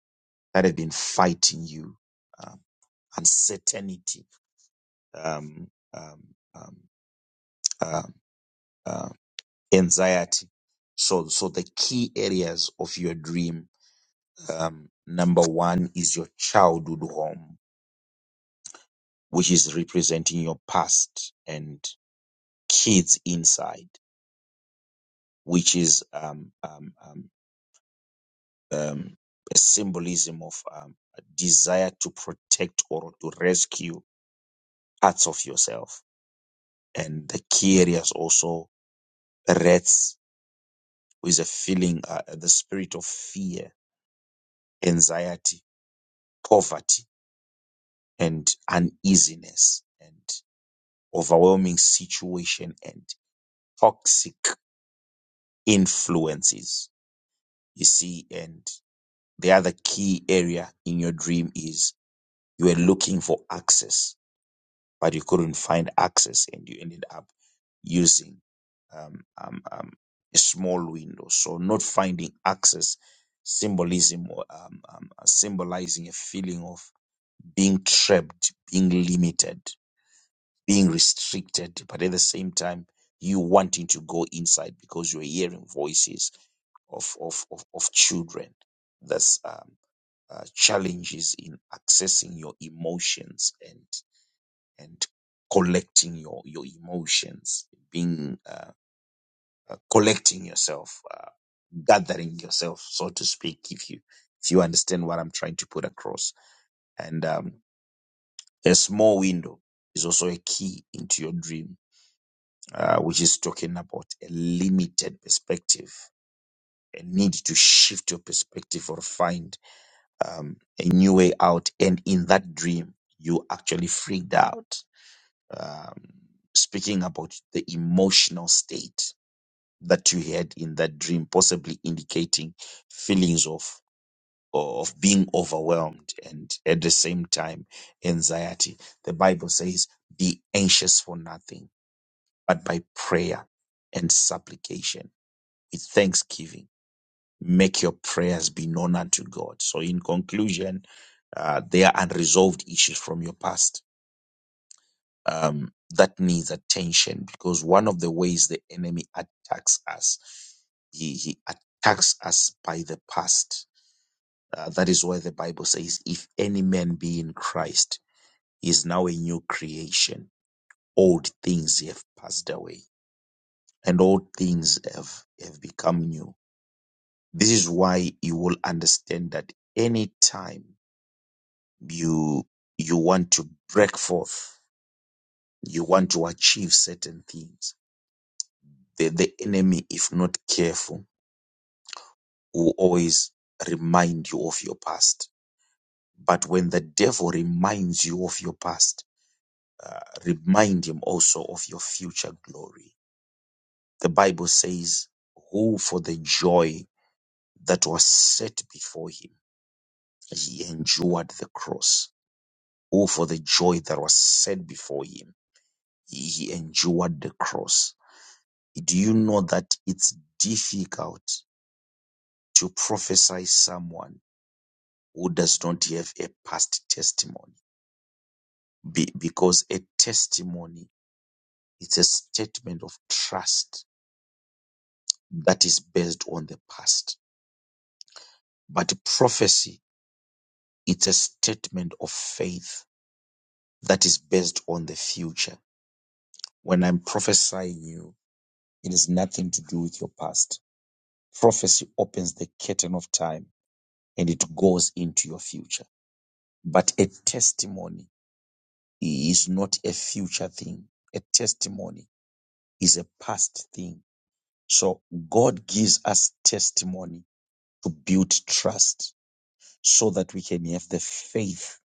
Speaker 2: that have been fighting you, um, uncertainty, um, um, um, uh, uh, anxiety. So, so the key areas of your dream Um, number one is your childhood home, which is representing your past and kids inside, which is um, um, um, um, a symbolism of um, a desire to protect or to rescue parts of yourself. And the key areas also rats is a feeling, uh, uh, the spirit of fear, anxiety, poverty, and uneasiness, and overwhelming situation toxic influences you see and the other key area in your dream is you were looking for access but you couldn't find access and you ended up using um, um, um, a small window so not finding access symbolism or um, um, symbolizing a feeling of being trapped being limited being restricted but at the same time you wanting to go inside because you're hearing voices of of of, of children. That's um, uh, challenges in accessing your emotions and and collecting your your emotions, being uh, uh, collecting yourself, uh, gathering yourself, so to speak. If you if you understand what I'm trying to put across, and um, a small window is also a key into your dream, uh, which is talking about a limited perspective, a need to shift your perspective or find um, a new way out. And in that dream, you actually freaked out. Um, speaking about the emotional state that you had in that dream, possibly indicating feelings of of being overwhelmed and at the same time anxiety. The Bible says, "Be anxious for nothing, but by prayer and supplication with thanksgiving." Make your prayers be known unto God. So, in conclusion, uh, there are unresolved issues from your past um, that needs attention because one of the ways the enemy attacks us, he, he attacks us by the past. Uh, that is why the Bible says, "If any man be in Christ, he is now a new creation. Old things have passed away, and all things have have become new." This is why you will understand that any time you you want to break forth you want to achieve certain things the, the enemy if not careful will always remind you of your past but when the devil reminds you of your past uh, remind him also of your future glory the bible says who for the joy that was set before him he endured the cross who for the joy that was set before him he he endured the cross Do you know that it's difficult to prophesy someone who does not have a past testimony? Be- because a testimony is a statement of trust that is based on the past. But prophecy, it's a statement of faith that is based on the future. When I'm prophesying you, it is nothing to do with your past. Prophecy opens the curtain of time and it goes into your future. But a testimony is not a future thing. A testimony is a past thing. So God gives us testimony to build trust so that we can have the faith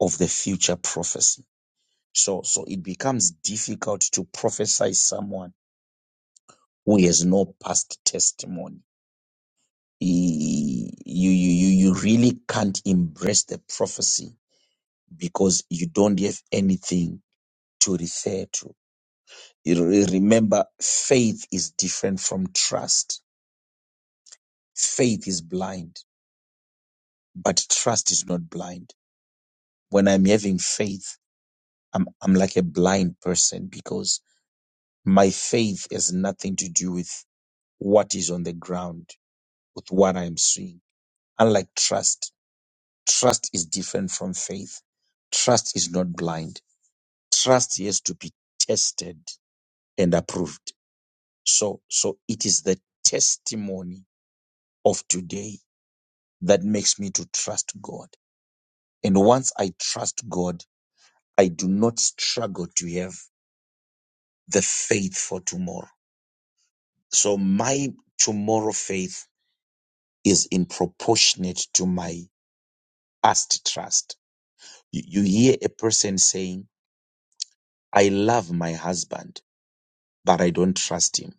Speaker 2: of the future prophecy. So, so it becomes difficult to prophesy someone who has no past testimony. E- You, you, you, you really can't embrace the prophecy because you don't have anything to refer to. You re- remember, faith is different from trust. Faith is blind, but trust is not blind. When I'm having faith, I'm, I'm like a blind person because my faith has nothing to do with what is on the ground, with what I'm seeing. Unlike trust, trust is different from faith. Trust is not blind. Trust has to be tested and approved. So, so it is the testimony of today that makes me to trust God. And once I trust God, I do not struggle to have the faith for tomorrow. So my tomorrow faith is in proportionate to my past trust. You, you hear a person saying, I love my husband, but I don't trust him.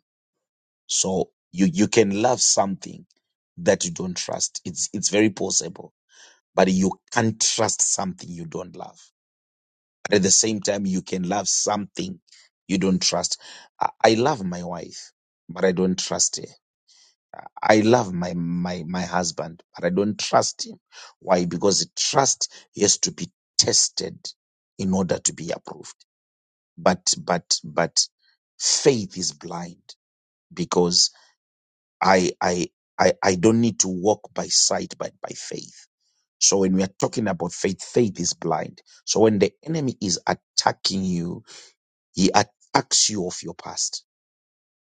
Speaker 2: So you, you can love something that you don't trust. It's, it's very possible, but you can't trust something you don't love. But at the same time, you can love something you don't trust. I, I love my wife, but I don't trust her. I love my, my, my husband, but I don't trust him. Why? Because trust has to be tested in order to be approved. But, but, but faith is blind because I, I, I, I don't need to walk by sight, but by faith. So when we are talking about faith, faith is blind. So when the enemy is attacking you, he attacks you of your past.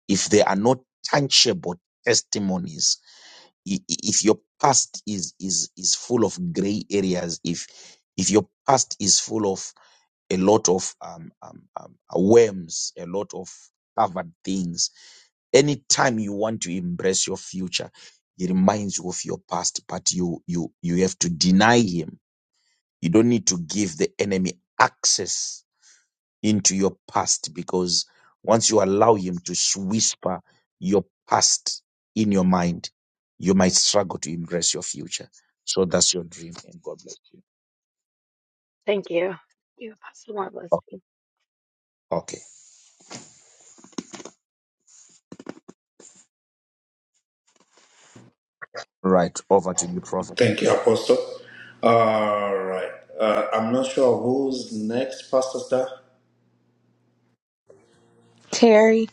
Speaker 2: If there are not tangible testimonies, i- i- if your past is is is full of gray areas, if if your past is full of a lot of um, um, um, uh, worms, a lot of covered things, anytime you want to embrace your future, he reminds you of your past, but you you you have to deny him. You don't need to give the enemy access into your past because once you allow him to s- whisper your past in your mind, you might struggle to embrace your future. So that's your dream, and God bless you.
Speaker 12: Thank you. Thank You Apostle More Blessing.
Speaker 2: Okay, okay. right. Over to you, Prophet.
Speaker 1: Thank you, Apostle. All right. Uh, I'm not sure who's next, Pastor Star.
Speaker 5: terry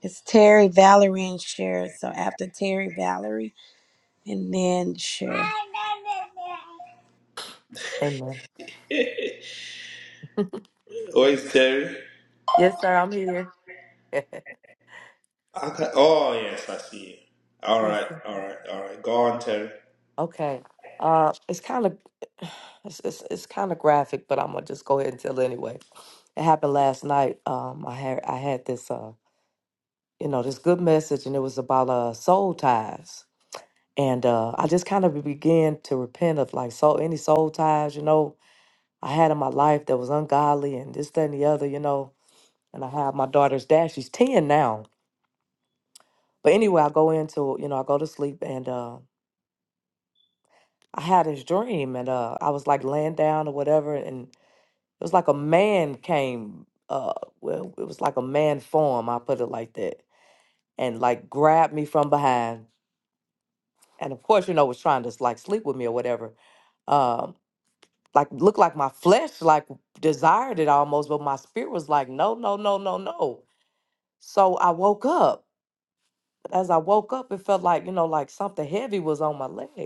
Speaker 5: it's terry valerie and Cher. so after terry valerie and then Cher.
Speaker 13: Amen.
Speaker 1: Where is Terry?
Speaker 13: Yes, sir. I'm here.
Speaker 1: I can, oh, yes, I see you. All
Speaker 13: yes,
Speaker 1: right,
Speaker 13: sir.
Speaker 1: all right, all right. Go on, Terry.
Speaker 13: Okay. Uh, it's kind of it's it's, it's kind of graphic, but I'm gonna just go ahead and tell it anyway. It happened last night. Um, I had I had this uh you know this good message, and it was about uh soul ties, and uh I just kind of began to repent of like soul any soul ties you know I had in my life that was ungodly and this that and the other you know, and I have my daughter's dad. She's ten now, but anyway, I go into you know I go to sleep and. uh. I had this dream and uh I was like laying down or whatever and it was like a man came uh well it was like a man form, I put it like that, and like grabbed me from behind and of course, you know, was trying to like sleep with me or whatever. Um like looked like my flesh like desired it almost, but my spirit was like, no, no, no, no, no. So I woke up as I woke up, it felt like, you know, like something heavy was on my leg.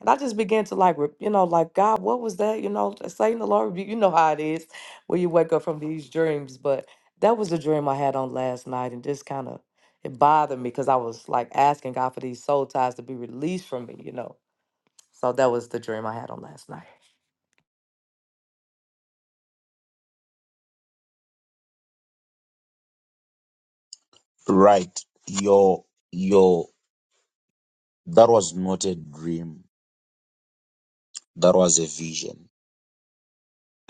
Speaker 13: And I just began to like, re- you know, like, God, what was that? You know, Satan, the Lord, rebuke- you know how it is when you wake up from these dreams. But that was the dream I had on last night. And just kind of, it bothered me because I was like asking God for these soul ties to be released from me, you know. So that was the dream I had on last night.
Speaker 2: Right, your your that was not a dream. That was a vision,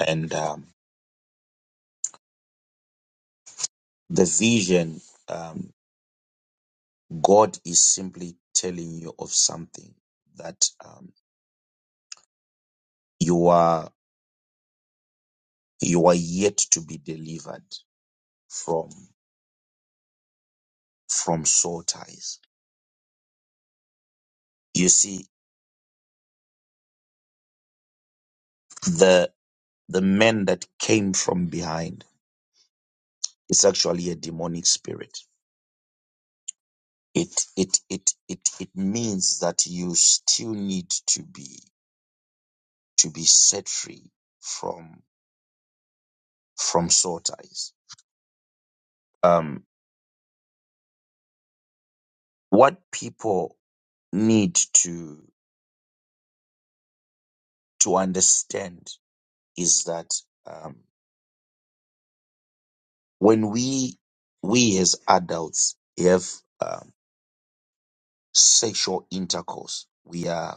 Speaker 2: and um, the vision, um, God is simply telling you of something that um, you are you are yet to be delivered from from sore ties. You see, the the men that came from behind is actually a demonic spirit. It it it it it means that you still need to be to be set free from from sore ties. Um, what people need to to understand is that um, when we we as adults have um, sexual intercourse. We are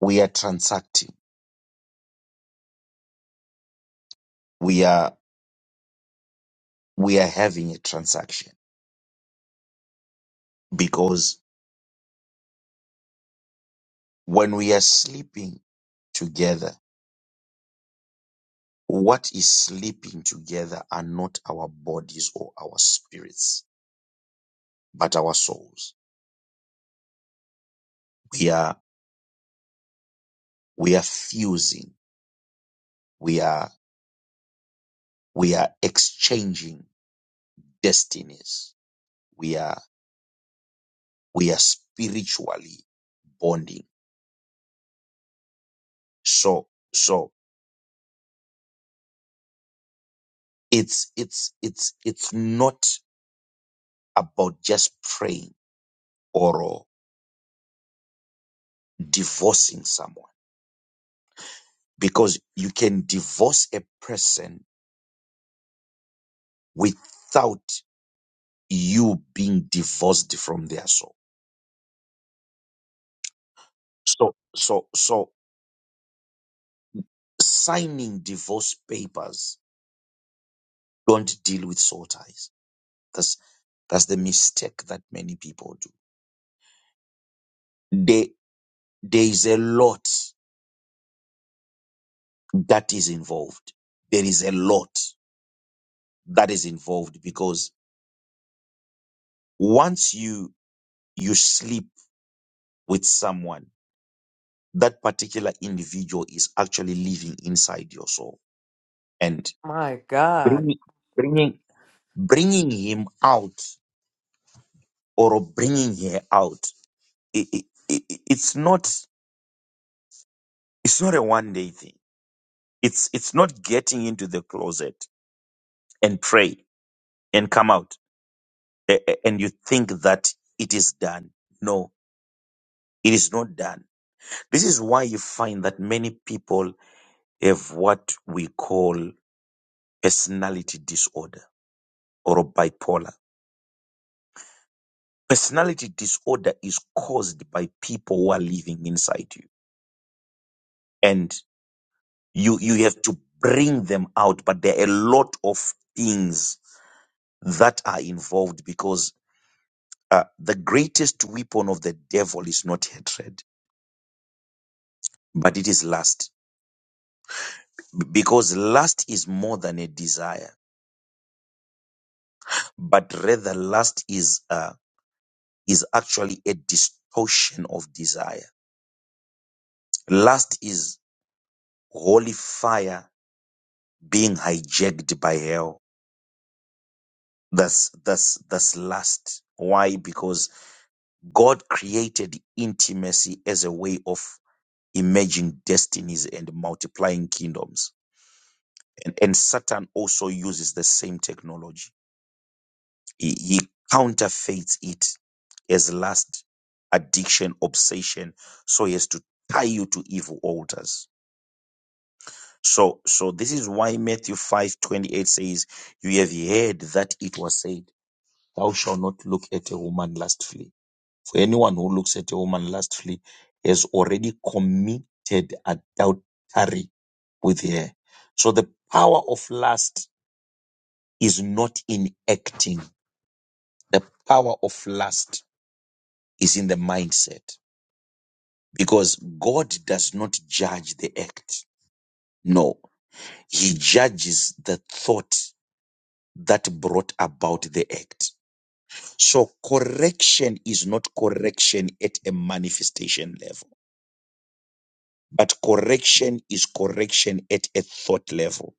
Speaker 2: we are transacting. We are we are having a transaction because when we are sleeping together, what is sleeping together are not our bodies or our spirits, but our souls. We are we are fusing. We are we are exchanging destinies. We are we are spiritually bonding. So so it's it's it's it's not about just praying or divorcing someone because you can divorce a person without you being divorced from their soul. So, so, so signing divorce papers don't deal with soul ties. That's, that's the mistake that many people do. There, there is a lot that is involved. There is a lot that is involved because once you, you sleep with someone, that particular individual is actually living inside your soul and
Speaker 13: My God.
Speaker 2: bringing bringing bringing him out or bringing her out i i i i- it's not it's not a one day thing it's it's not getting into the closet and pray and come out a- a- and you think that it is done no it is not done this is why you find that many people have what we call personality disorder or bipolar personality disorder is caused by people who are living inside you and you you have to bring them out but there are a lot of things that are involved because uh, the greatest weapon of the devil is not hatred but it is lust B- because lust is more than a desire but rather lust is uh, is actually a distortion of desire lust is holy fire being hijacked by hell That's that's that's lust. Why? Because God created intimacy as a way of emerging destinies and multiplying kingdoms. And, and Satan also uses the same technology. He, he counterfeits it as lust, addiction, obsession, so he has to tie you to evil altars. So so this is why Matthew five twenty eight says, You have heard that it was said, Thou shalt not look at a woman lustfully. For anyone who looks at a woman lustfully has already committed adultery with her. So the power of lust is not in acting. The power of lust is in the mindset because God does not judge the act. No, he judges the thought that brought about the act. So correction is not correction at a manifestation level. But correction is correction at a thought level.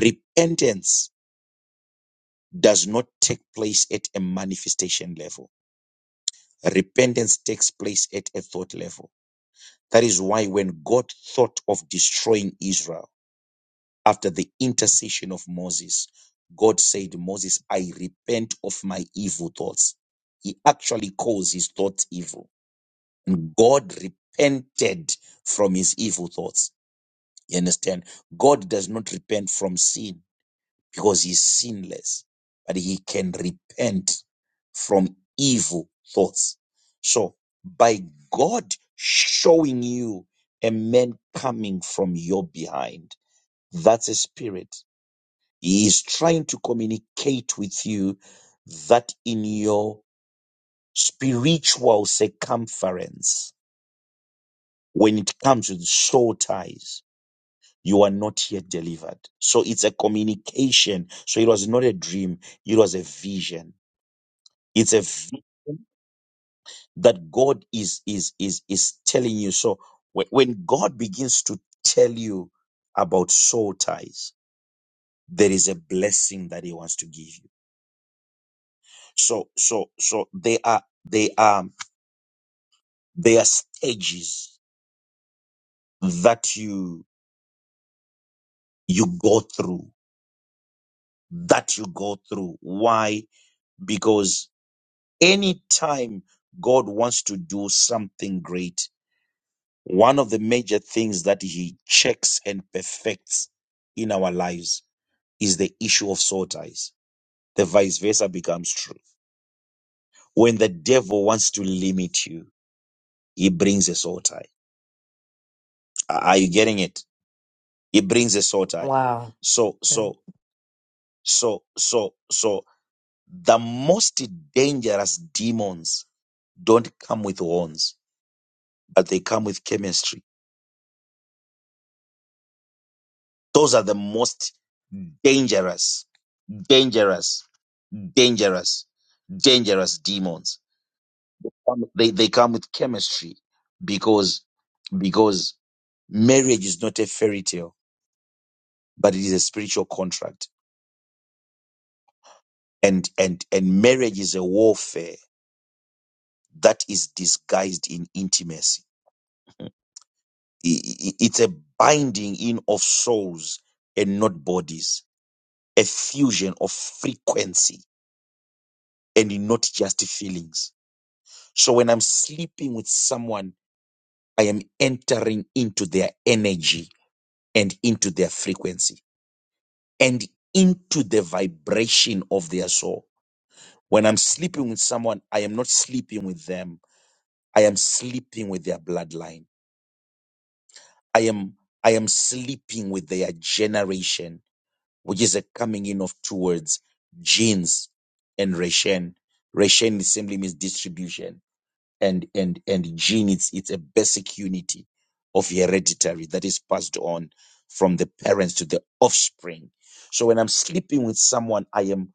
Speaker 2: Repentance does not take place at a manifestation level. Repentance takes place at a thought level. That is why when God thought of destroying Israel after the intercession of Moses, God said, Moses, I repent of my evil thoughts. He actually calls his thoughts evil. And God repented from his evil thoughts. You understand? God does not repent from sin. because he's sinless, but he can repent from evil thoughts. So by God showing you a man coming from your behind, that's a spirit. He is trying to communicate with you that in your spiritual circumference, when it comes with soul ties, you are not yet delivered. So it's a communication. So it was not a dream. It was a vision it's a v- that god is is is is telling you so when, when god begins to tell you about soul ties there is a blessing that he wants to give you so so so they are they are they are stages that you you go through that you go through why because anytime god wants to do something great One of the major things that he checks and perfects in our lives is the issue of soul ties. The vice versa becomes true. When the devil wants to limit you, he brings a soul tie. Are are you getting it? He brings a soul tie.
Speaker 13: Wow.
Speaker 2: So,
Speaker 13: Yeah.
Speaker 2: so, so, so, so, the most dangerous demons don't come with horns, but they come with chemistry Those are the most dangerous, dangerous, dangerous, dangerous demons. Um, They, they come with chemistry because, because marriage is not a fairy tale, but it is a spiritual contract. And, and, and marriage is a warfare that is disguised in intimacy. I- i- It's a binding in of souls and not bodies, a fusion of frequency and not just feelings So when I'm sleeping with someone, I am entering into their energy and into their frequency and into the vibration of their soul. When I'm sleeping with someone, I am not sleeping with them. I am sleeping with their bloodline. I am I am sleeping with their generation, which is a coming in of two words, genes and reshen. Reshen simply means distribution and and and gene it's it's a basic unity of hereditary that is passed on from the parents to the offspring so when i'm sleeping with someone i am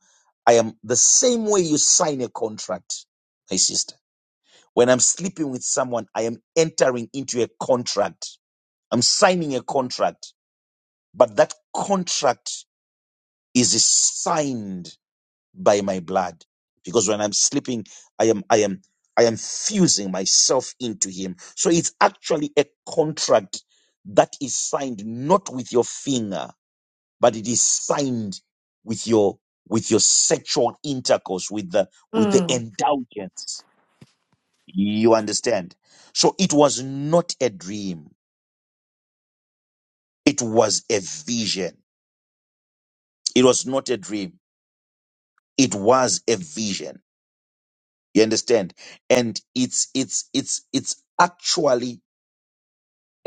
Speaker 2: i am the same way you sign a contract my sister when i'm sleeping with someone i am entering into a contract i'm signing a contract but that contract is signed by my blood because when i'm sleeping i am i am i am fusing myself into him so it's actually a contract that is signed not with your finger but it is signed with your with your sexual intercourse with the with the
Speaker 13: Mm,
Speaker 2: indulgence you understand so it was not a dream it was a vision it was not a dream it was a vision You understand? And it's it's it's it's actually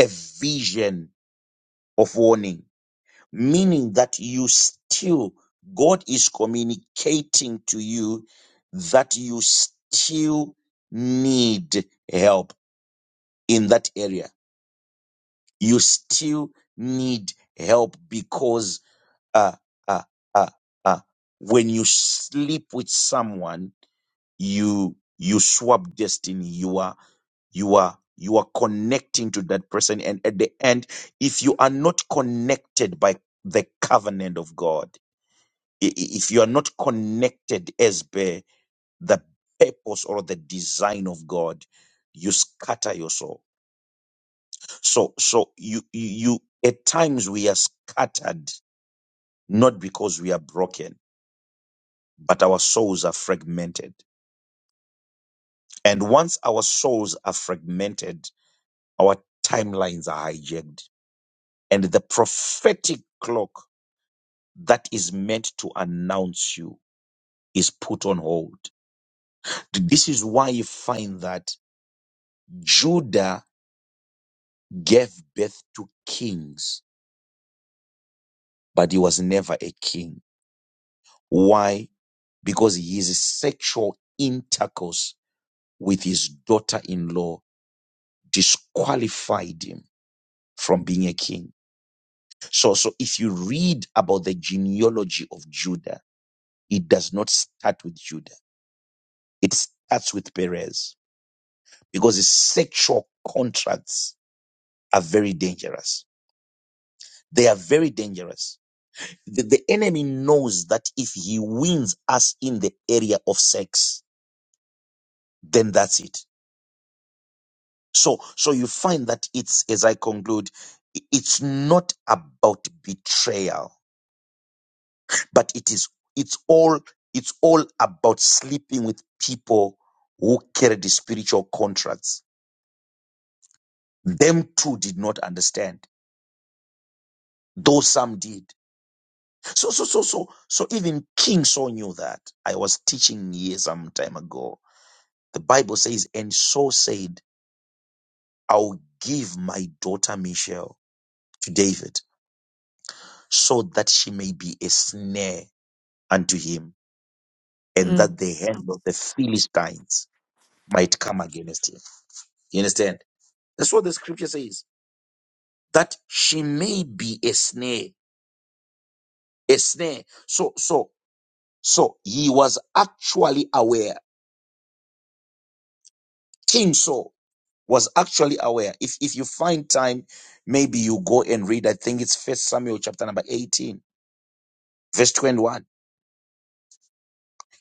Speaker 2: a vision of warning, meaning that you still God is communicating to you that you still need help in that area. You still need help because uh uh uh uh when you sleep with someone you you swap destiny you are you are you are connecting to that person and at the end if you are not connected by the covenant of god i- i- if you are not connected as per the purpose or the design of god you scatter your soul so so you you you- at times we are scattered not because we are broken but our souls are fragmented and once our souls are fragmented Our timelines are hijacked. And the prophetic clock that is meant to announce you is put on hold. This is why you find that Judah gave birth to kings, but he was never a king. Why? Because his sexual intercourse with his daughter in law disqualified him from being a king. So, so if you read about the genealogy of Judah, it does not start with Judah. It starts with Perez because his sexual contracts are very dangerous. They are very dangerous. The, the enemy knows that if he wins us in the area of sex, then that's it. So, so you find that it's, as I conclude, i- it's not about betrayal, but it is, it's all, it's all about sleeping with people who carry the spiritual contracts. Them too did not understand, though some did. So, so, so, so, so even King Saul knew that. I was teaching years some time ago. The Bible says, and Saul said, I'll give my daughter Michal to David so that she may be a snare unto him and
Speaker 13: mm,
Speaker 2: that the hand of the Philistines might come against him. You understand? That's what the scripture says, that she may be a snare, a snare. So, so, so he was actually aware. King Saul was actually aware. If if you find time, maybe you go and read. I think it's First Samuel chapter number eighteen, verse twenty-one.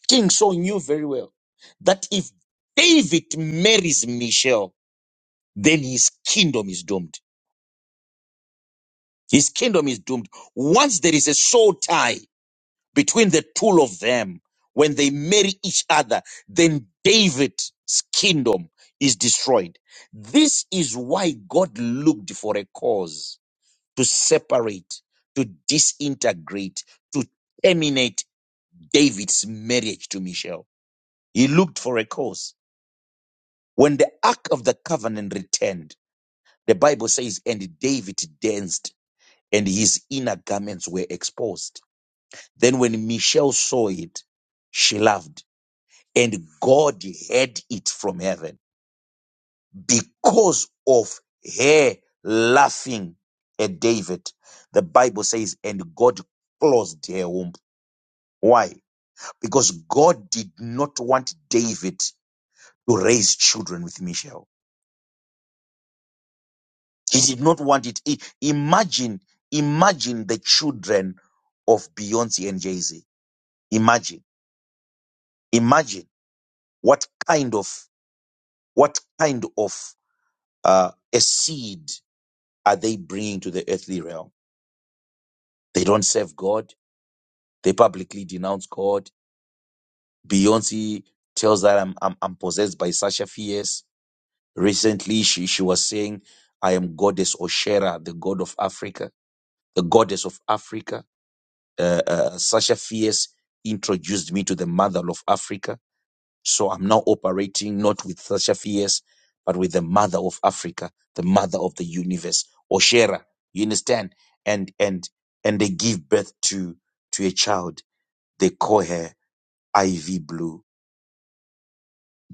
Speaker 2: King Saul knew very well that if David marries Michelle, then his kingdom is doomed. His kingdom is doomed. Once there is a soul tie between the two of them, when they marry each other, then David's kingdom is destroyed. This is why God looked for a cause to separate, to disintegrate, to terminate David's marriage to Michelle. He looked for a cause. When the Ark of the Covenant returned, the Bible says, and David danced and his inner garments were exposed. Then when Michelle saw it, she laughed and God heard it from heaven because of her laughing at David. The Bible says, and God closed her womb Why? Because God did not want David to raise children with Michelle. He did not want it. I- Imagine, imagine the children of Beyonce and Jay Z. Imagine, imagine what kind of what kind of uh, a seed are they bringing to the earthly realm? They don't serve God. They publicly denounce God. Beyonce tells that I'm I'm, I'm possessed by Sasha Fierce. Recently, she, she was saying, I am goddess Oshera, the god of Africa, the goddess of Africa. Uh, uh, Sasha Fierce introduced me to the mother of Africa. So I'm now operating not with Sasha Fierce, but with the mother of Africa, the mother of the universe, Oshera. You understand? And, and, and they give birth to, to a child. They call her Ivy Blue.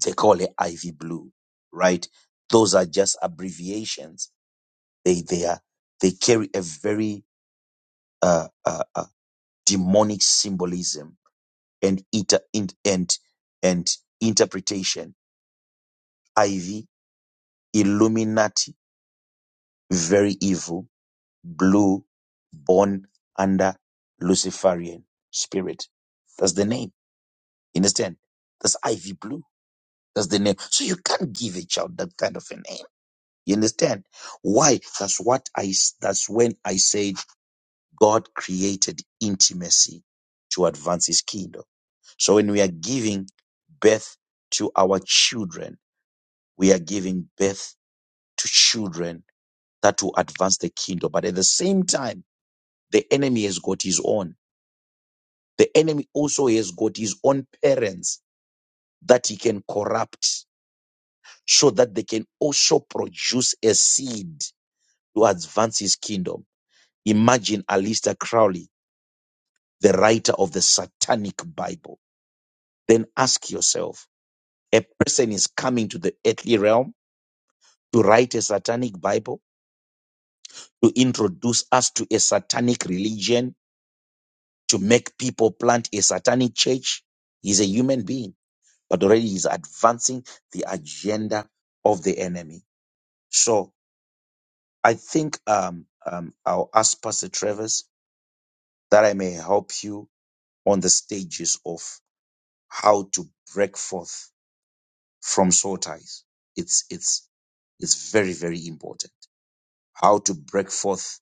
Speaker 2: They call her Ivy Blue, right? Those are just abbreviations they they are they carry a very uh, uh, uh, demonic symbolism and inter in, and and interpretation. Ivy, Illuminati, very evil, blue, born under Luciferian spirit. That's the name. You understand? That's Ivy Blue. That's the name. So you can't give a child that kind of a name. You understand? Why? That's what I. s- That's when I said God created intimacy to advance his kingdom. So when we are giving birth to our children, we are giving birth to children that will advance the kingdom. But at the same time, the enemy has got his own. The enemy also has got his own parents that he can corrupt so that they can also produce a seed to advance his kingdom. Imagine Alistair Crowley, the writer of the Satanic Bible. then ask yourself a person is coming to the earthly realm to write a satanic Bible, to introduce us to a satanic religion, to make people plant a satanic church. He's a human being, but already he's advancing the agenda of the enemy. So I think um, um, I'll ask Pastor Travis that I may help you on the stages of how to break forth from soul ties. It's, it's, it's very, very important. how to break forth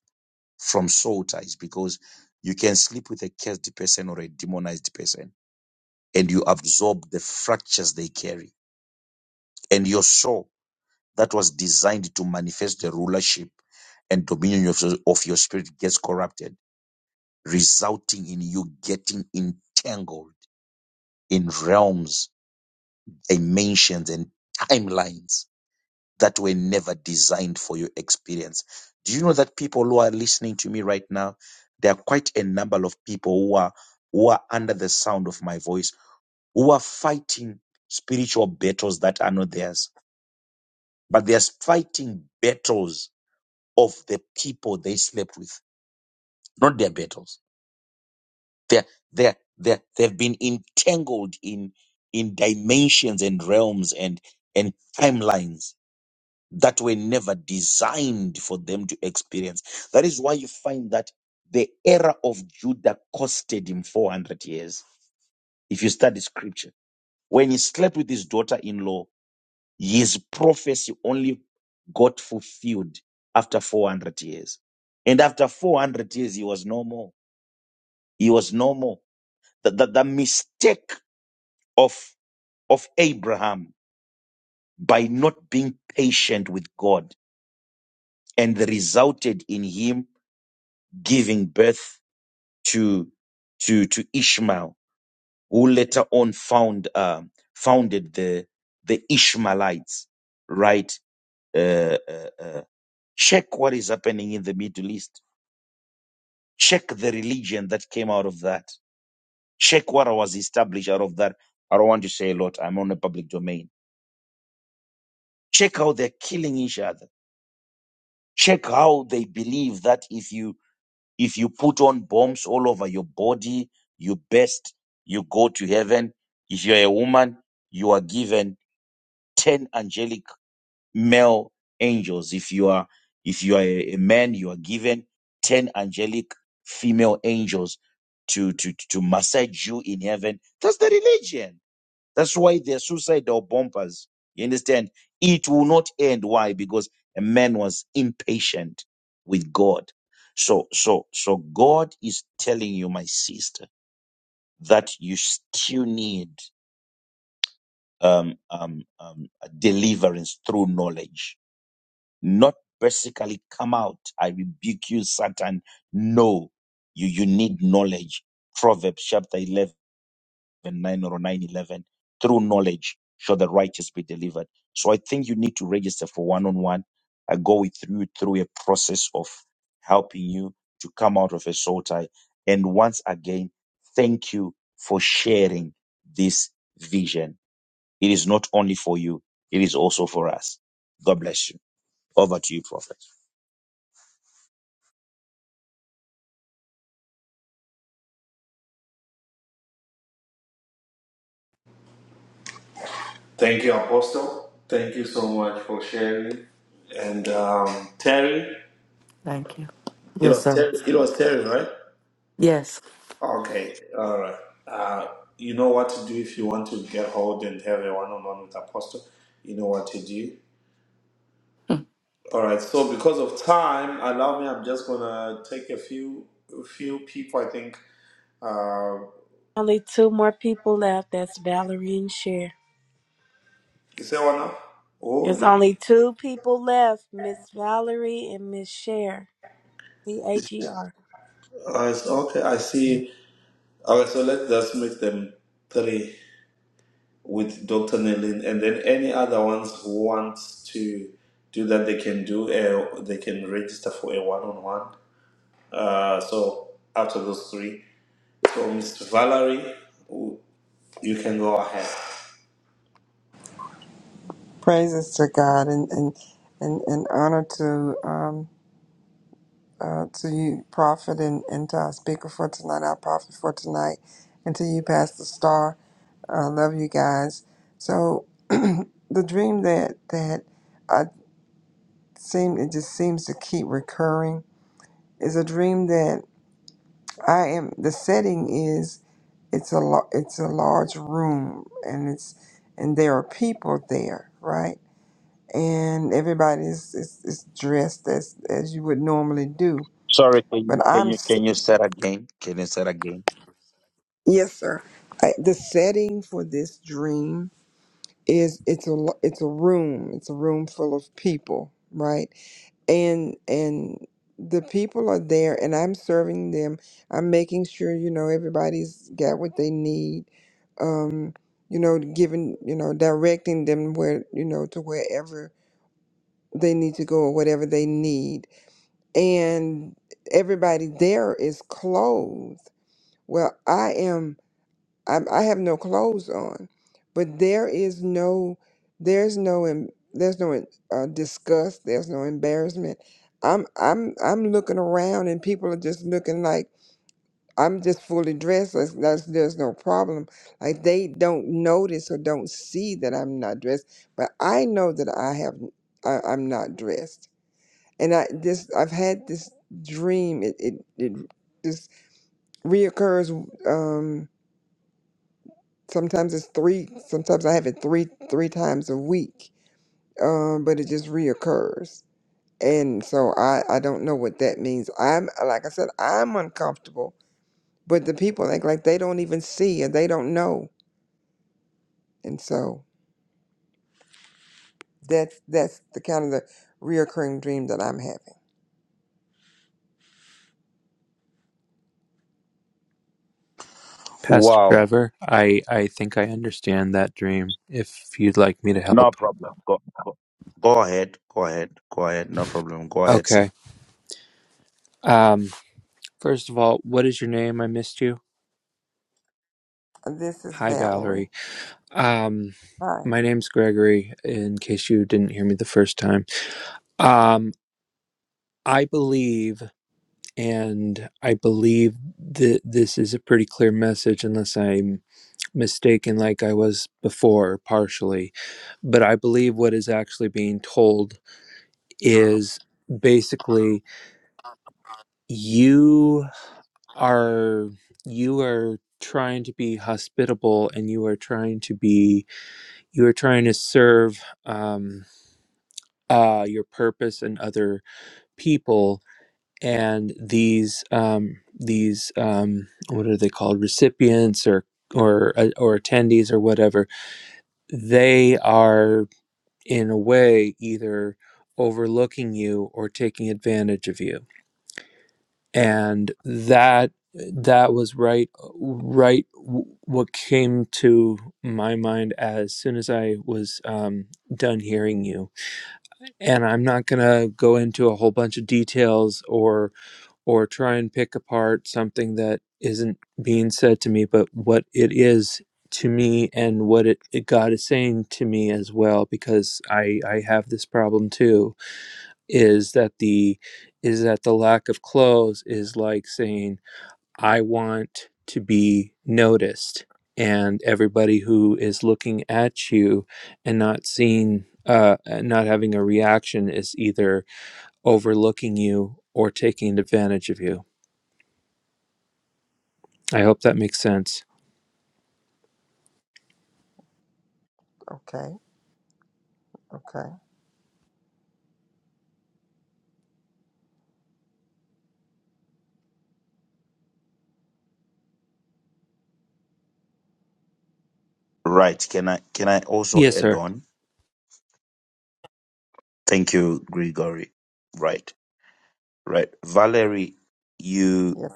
Speaker 2: from soul ties because you can sleep with a cursed person or a demonized person and you absorb the fractures they carry. And your soul that was designed to manifest the rulership and dominion of, of your spirit gets corrupted, resulting in you getting entangled in realms, dimensions, and timelines that were never designed for your experience. Do you know that people who are listening to me right now, there are quite a number of people who are who are under the sound of my voice, who are fighting spiritual battles that are not theirs, but they are fighting battles of the people they slept with, not their battles. They're, they're, they're, they've been entangled in in dimensions and realms and and timelines that were never designed for them to experience. That is why you find that the era of Judah costed him 400 years. If you study scripture, when he slept with his daughter in law, his prophecy only got fulfilled after 400 years. And after 400 years, he was no more. He was no more. The, the, the mistake of, of Abraham by not being patient with God and resulted in him giving birth to to to Ishmael, who later on found um founded the the Ishmaelites, right? Uh, uh, uh, check what is happening in the Middle East. Check the religion that came out of that. Check what was established out of that. I don't want to say a lot. I'm on a public domain. Check how they're killing each other. Check how they believe that if you If you put on bombs all over your body, you best, you go to heaven. If you're a woman, you are given 10 angelic male angels. If you are, if you are a a man, you are given 10 angelic female angels to, to, to massage you in heaven. That's the religion that's why they're suicidal bombers. You understand? It will not end. Why? Because a man was impatient with God. So, so, so God is telling you, my sister, that you still need um, um, um, a deliverance through knowledge, not basically come out. I rebuke you, Satan. No, you you need knowledge. Proverbs chapter eleven. 9 or 9 11 through knowledge shall the righteous be delivered so i think you need to register for one-on-one i go with you through a process of helping you to come out of a soul tie and once again thank you for sharing this vision it is not only for you it is also for us god bless you over to you prophet
Speaker 1: Thank you, Apostle. Thank you so much for sharing. And um, Terry,
Speaker 13: thank you.
Speaker 1: it
Speaker 13: Yes,
Speaker 1: was
Speaker 13: sir.
Speaker 1: Terry, it was Terry, right?
Speaker 13: Yes.
Speaker 1: Okay, all right. Uh, you know what to do if you want to get hold and have a one-on-one with Apostle. You know what to do. All right. So because of time, allow me. I'm just gonna take a few a few people. I think. Uh,
Speaker 5: only two more people left that's valerie and Cher.
Speaker 1: is there one up?
Speaker 5: There's
Speaker 1: Oh,
Speaker 5: only two people left, Miss Valerie and Miss Cher. C H E R.
Speaker 1: I s- okay. I see. All right. So let's just make them three with Dr. Nelin, and then any other ones who want to do that, they can do. A, they can register for a one-on-one Uh, so out of those three, so Mr. Valerie, you can go ahead.
Speaker 14: Praises to God and and and, and honor to um uh, to you, Prophet, and, and to our speaker for tonight, our prophet for tonight, and to you, Pastor Star. I love you guys. So the dream that that I seem it just seems to keep recurring is a dream that I am. The setting is it's a lo- it's a large room and it's and there are people there, right? and everybody is, is, is dressed as as you would normally do.
Speaker 2: sorry can you
Speaker 14: But
Speaker 2: can
Speaker 14: I'm
Speaker 2: you
Speaker 14: s-
Speaker 2: can you start again can you start again
Speaker 14: yes, sir. I, the setting for this dream is it's a lo- it's a room. It's a room full of people, right? And and the people are there, and I'm serving them. I'm making sure you know everybody's got what they need. Um, you know, giving you know directing them where you know to wherever they need to go or whatever they need and everybody there is clothed. Well, I am. I, I have no clothes on, but there is no. There's no. em- There's no uh, disgust. There's no embarrassment. I'm. I'm. I'm looking around, and people are just looking like I'm just fully dressed. That's, that's, there's no problem. Like they don't notice or don't see that I'm not dressed, but I know that I have. I, I'm not dressed and I this I've had this dream. It it, it this reoccurs. Um, sometimes it's three. Sometimes I have it three three times a week. Um, but it just reoccurs, and so I I don't know what that means. I'm like I said, I'm uncomfortable. But the people act like they don't even see and they don't know, and so that's that's the kind of the reoccurring dream that I'm having.
Speaker 7: Pastor
Speaker 2: wow
Speaker 7: Trevor, I I think I understand that dream if you'd like me to
Speaker 2: No
Speaker 7: help.
Speaker 2: problem. Go, go, go ahead. Go ahead. Go ahead. No problem. Go ahead, sir.
Speaker 7: Okay. Um first of all, what is your name? I missed you.
Speaker 14: This is
Speaker 7: Hi
Speaker 14: Valerie.
Speaker 7: Valerie. Um
Speaker 14: Hi.
Speaker 7: my name's Gregory in case you didn't hear me the first time. Um I believe, and I believe that this is a pretty clear message, unless I'm mistaken, like I was before, partially. But I believe what is actually being told is basically you are you are trying to be hospitable and you are trying to be you are trying to serve um uh your purpose and other people and these um, these um, what are they called recipients or or uh, or attendees or whatever they are in a way either overlooking you or taking advantage of you and that that was right right w- what came to my mind as soon as i was um, done hearing you and i'm not going to go into a whole bunch of details or or try and pick apart something that isn't being said to me, but what it is to me and what it, it- God is saying to me as well, because I I have this problem too, is that the is that the lack of clothes is like saying I want to be noticed, and everybody who is looking at you and not seeing uh not having a reaction is either overlooking you or taking advantage of you I hope that makes sense.
Speaker 14: Okay. Okay.
Speaker 2: Right. Can I can I also
Speaker 7: Yes,
Speaker 2: add
Speaker 7: sir.
Speaker 2: on? Thank you, Gregory. Right. Right. Valerie, you
Speaker 14: Yes.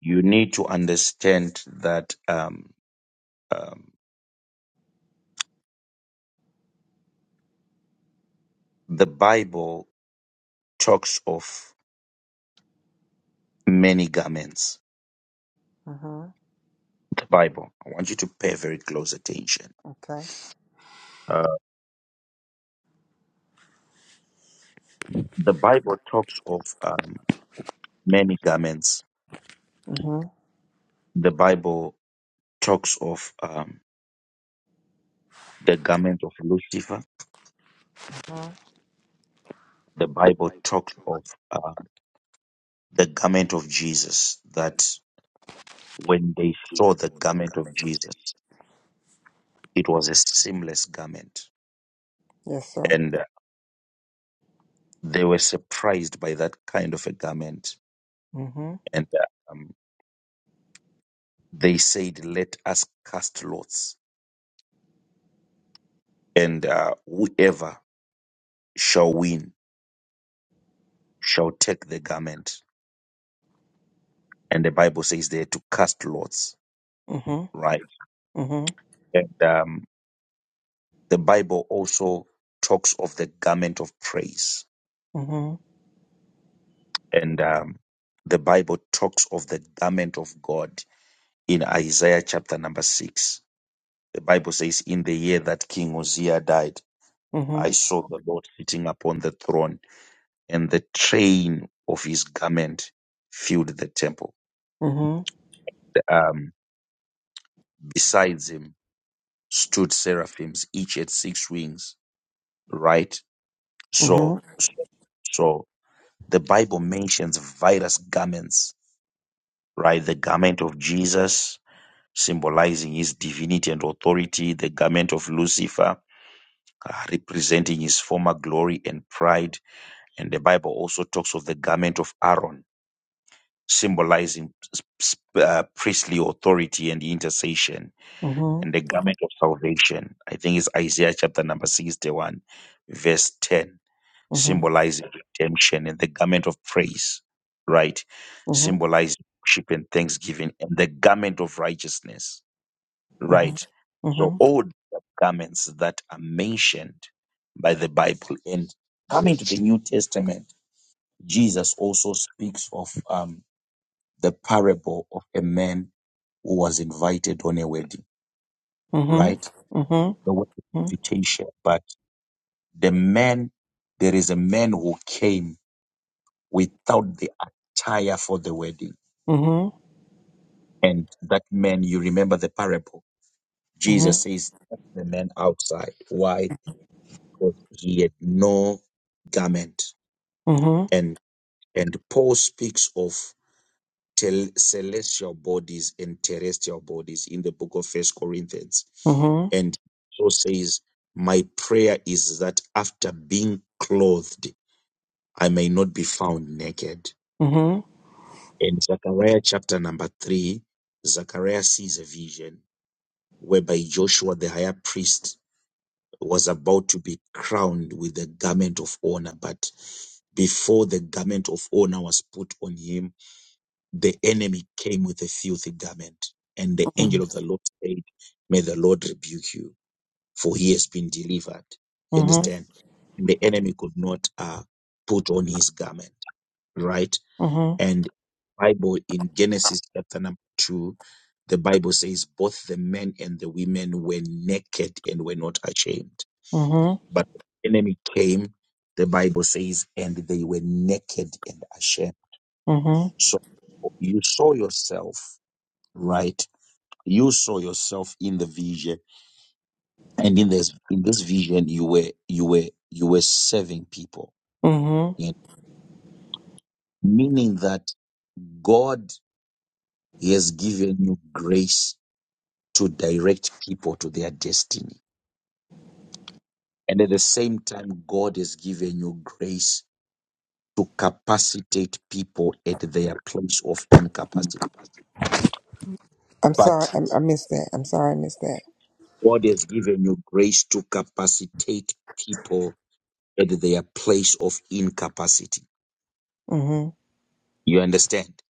Speaker 2: you need to understand that um, um, the Bible talks of many garments.
Speaker 14: Mhm.
Speaker 2: The Bible. I want you to pay very close attention.
Speaker 14: Okay.
Speaker 2: Uh, the Bible talks of um, many garments.
Speaker 14: Mm-hmm.
Speaker 2: The Bible talks of um, the garment of Lucifer.
Speaker 14: Mhm.
Speaker 2: The Bible talks of um, the garment of Jesus, that when they saw the garment of Jesus, it was a seamless garment.
Speaker 14: Yes, sir.
Speaker 2: And uh, they were surprised by that kind of a garment.
Speaker 14: Mm-hmm.
Speaker 2: And uh, um, they said, Let us cast lots, and uh, whoever shall win shall take the garment. And the Bible says they had to cast lots,
Speaker 14: Mm-hmm.
Speaker 2: right?
Speaker 14: Mm-hmm.
Speaker 2: And um, The Bible also talks of the garment of praise,
Speaker 14: Mm-hmm.
Speaker 2: and um, the Bible talks of the garment of God in Isaiah chapter number six. The Bible says, In the year that King Uzziah died, I saw the Lord sitting upon the throne, and the train of his garment filled the temple.
Speaker 14: Mm-hmm.
Speaker 2: Um, besides him stood seraphims, each had six wings, right? So,
Speaker 14: Mm-hmm.
Speaker 2: so, so the Bible mentions various garments right? The garment of Jesus, symbolizing his divinity and authority, the garment of Lucifer, uh, representing his former glory and pride. And the Bible also talks of the garment of Aaron, symbolizing uh, priestly authority and intercession,
Speaker 14: Mm-hmm.
Speaker 2: and the garment of salvation. I think it's Isaiah chapter number 61, verse 10
Speaker 14: Mm-hmm.
Speaker 2: symbolizing redemption, and the garment of praise, right,
Speaker 14: Mm-hmm. Mm-hmm.
Speaker 2: symbolizing worship and thanksgiving, and the garment of righteousness,
Speaker 14: Mm-hmm.
Speaker 2: right? So,
Speaker 14: Mm-hmm.
Speaker 2: all the garments that are mentioned by the Bible. And coming to the New Testament, Jesus also speaks of um, the parable of a man who was invited on a wedding,
Speaker 14: Mm-hmm.
Speaker 2: right?
Speaker 14: Mm-hmm.
Speaker 2: The word invitation, but the man, there is a man who came without the attire for the wedding.
Speaker 14: Mm-hmm. Mm-hmm.
Speaker 2: And that man, you remember the parable. Jesus says, "Set the man outside. Why? Because he had no garment.
Speaker 14: Mm-hmm. Mm-hmm. Mm-hmm.
Speaker 2: And and Paul speaks of tel- celestial bodies and terrestrial bodies in the book of First Corinthians.
Speaker 14: Mm-hmm.
Speaker 2: And so says, My prayer is that after being clothed, I may not be found naked.
Speaker 14: Mm-hmm.
Speaker 2: In Zechariah chapter number three, Zechariah sees a vision whereby Joshua, the higher priest, was about to be crowned with the garment of honor. But before the garment of honor was put on him, the enemy came with a filthy garment. And the angel of the Lord said, May the Lord rebuke you, for he has been delivered. You
Speaker 14: Mm-hmm.
Speaker 2: understand? And the enemy could not uh, put on his garment, right? And Bible in Genesis chapter number two, the Bible says both the men and the women were naked and were not ashamed. But the enemy came, the Bible says, and they were naked and ashamed. So you saw yourself, right? You saw yourself in the vision, and in this in this vision, you were you were you were serving people,
Speaker 14: Mm-hmm.
Speaker 2: you know, meaning that God he has given you grace to direct people to their destiny. And at the same time, God has given you grace to capacitate people at their place of incapacity.
Speaker 14: I'm sorry,
Speaker 2: But
Speaker 14: I, I missed that. I'm sorry, I missed that.
Speaker 2: God has given you grace to capacitate people at their place of incapacity.
Speaker 14: Mm-hmm.
Speaker 2: You understand?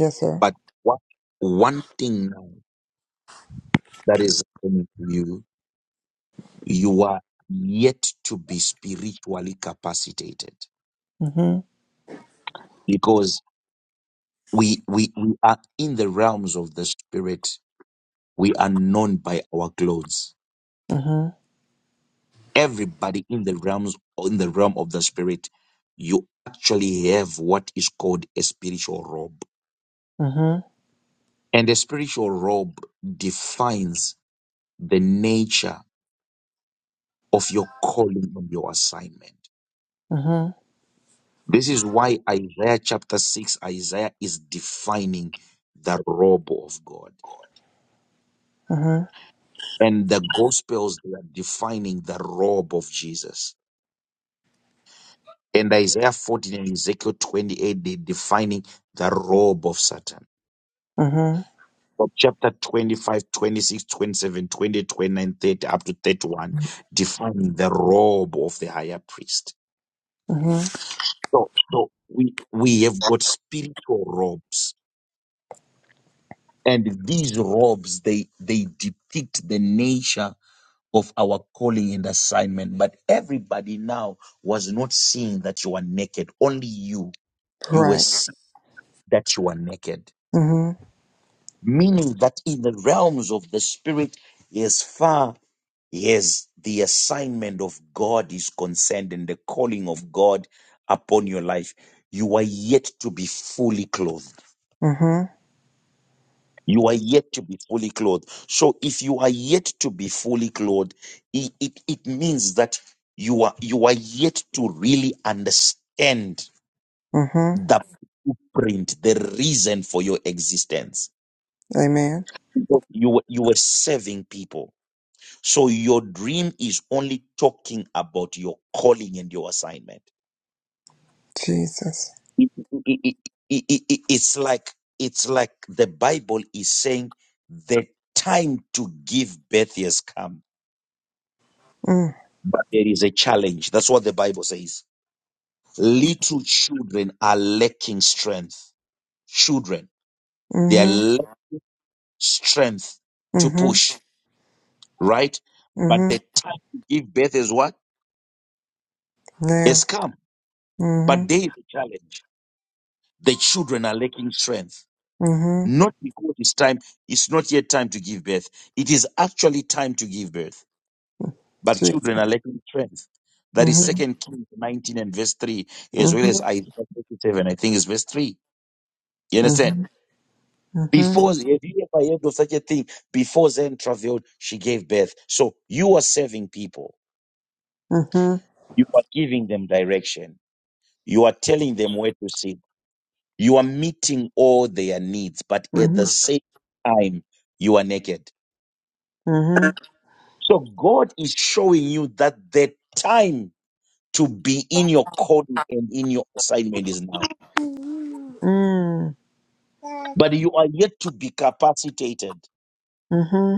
Speaker 14: Yes, sir.
Speaker 2: But what one thing now that is happening to you, you are yet to be spiritually capacitated
Speaker 14: Mm-hmm.
Speaker 2: We, we, we are in the realms of the spirit. We are known by our clothes.
Speaker 14: Mm-hmm.
Speaker 2: Everybody in the realms, in the realm of the spirit, you actually have what is called a spiritual robe.
Speaker 14: Mm-hmm.
Speaker 2: And a spiritual robe defines the nature of your calling and your assignment.
Speaker 14: Mm-hmm.
Speaker 2: This is why Isaiah chapter 6, Isaiah is defining the robe of God.
Speaker 14: Mm-hmm.
Speaker 2: And the Gospels, they are defining the robe of Jesus. And Isaiah 14 and Ezekiel 28, they're defining the robe of Satan.
Speaker 14: Mm-hmm.
Speaker 2: From chapter 25, 26, 27, 20, 29, 30, up to 31, defining the robe of the higher priest.
Speaker 14: Mm-hmm.
Speaker 2: So, so we, we have got spiritual robes. And these robes, they, they depict the nature of our calling and assignment. But everybody now was not seeing that you are naked. Only you, you were
Speaker 14: Right.
Speaker 2: seeing that you are naked
Speaker 14: Mm-hmm.
Speaker 2: meaning that in the realms of the spirit, as far as the assignment of God is concerned and the calling of God upon your life, you are yet to be fully clothed.
Speaker 14: Mm-hmm.
Speaker 2: You are yet to be fully clothed. So if you are yet to be fully clothed, it, it, it means that you are you are yet to really understand
Speaker 14: Mm-hmm.
Speaker 2: the print, the reason for your existence.
Speaker 14: Amen.
Speaker 2: You were, you were serving people So your dream is only talking about your calling and your assignment.
Speaker 14: Jesus.
Speaker 2: It- it- it- it- it- it- it's like it's like the Bible is saying the time to give birth has come,
Speaker 14: Mm,
Speaker 2: but there is a challenge. That's what the Bible says. Little children are lacking strength. Children, they are
Speaker 14: mm-hmm,
Speaker 2: lacking strength to
Speaker 14: mm-hmm,
Speaker 2: push, right? But
Speaker 14: mm-hmm.
Speaker 2: the time to give birth is what?
Speaker 14: Now.
Speaker 2: Has come. But
Speaker 14: Mm-hmm,
Speaker 2: there is a challenge. The children are lacking strength
Speaker 14: mm-hmm.
Speaker 2: Not because it's time, it's not yet time to give birth. It is actually time to give birth. But
Speaker 14: Jesus.
Speaker 2: children are lacking strength. That is
Speaker 14: Mm-hmm,
Speaker 2: second Kings 19 and verse 3, as well
Speaker 14: mm-hmm,
Speaker 2: as Isaiah 37, I think it's verse 3. You understand?
Speaker 14: mm-hmm, mm-hmm,
Speaker 2: Before, have you ever heard of such a thing? Before Zen traveled, she gave birth. So you are serving people.
Speaker 14: mm-hmm,
Speaker 2: You are giving them direction. You are telling them where to sit. You are meeting all their needs, but at the
Speaker 14: mm-hmm,
Speaker 2: same time, you are naked
Speaker 14: mm-hmm,
Speaker 2: So God is showing you that the time to be in your calling and in your assignment is now.
Speaker 14: mm,
Speaker 2: But you are yet to be capacitated.
Speaker 14: mm-hmm,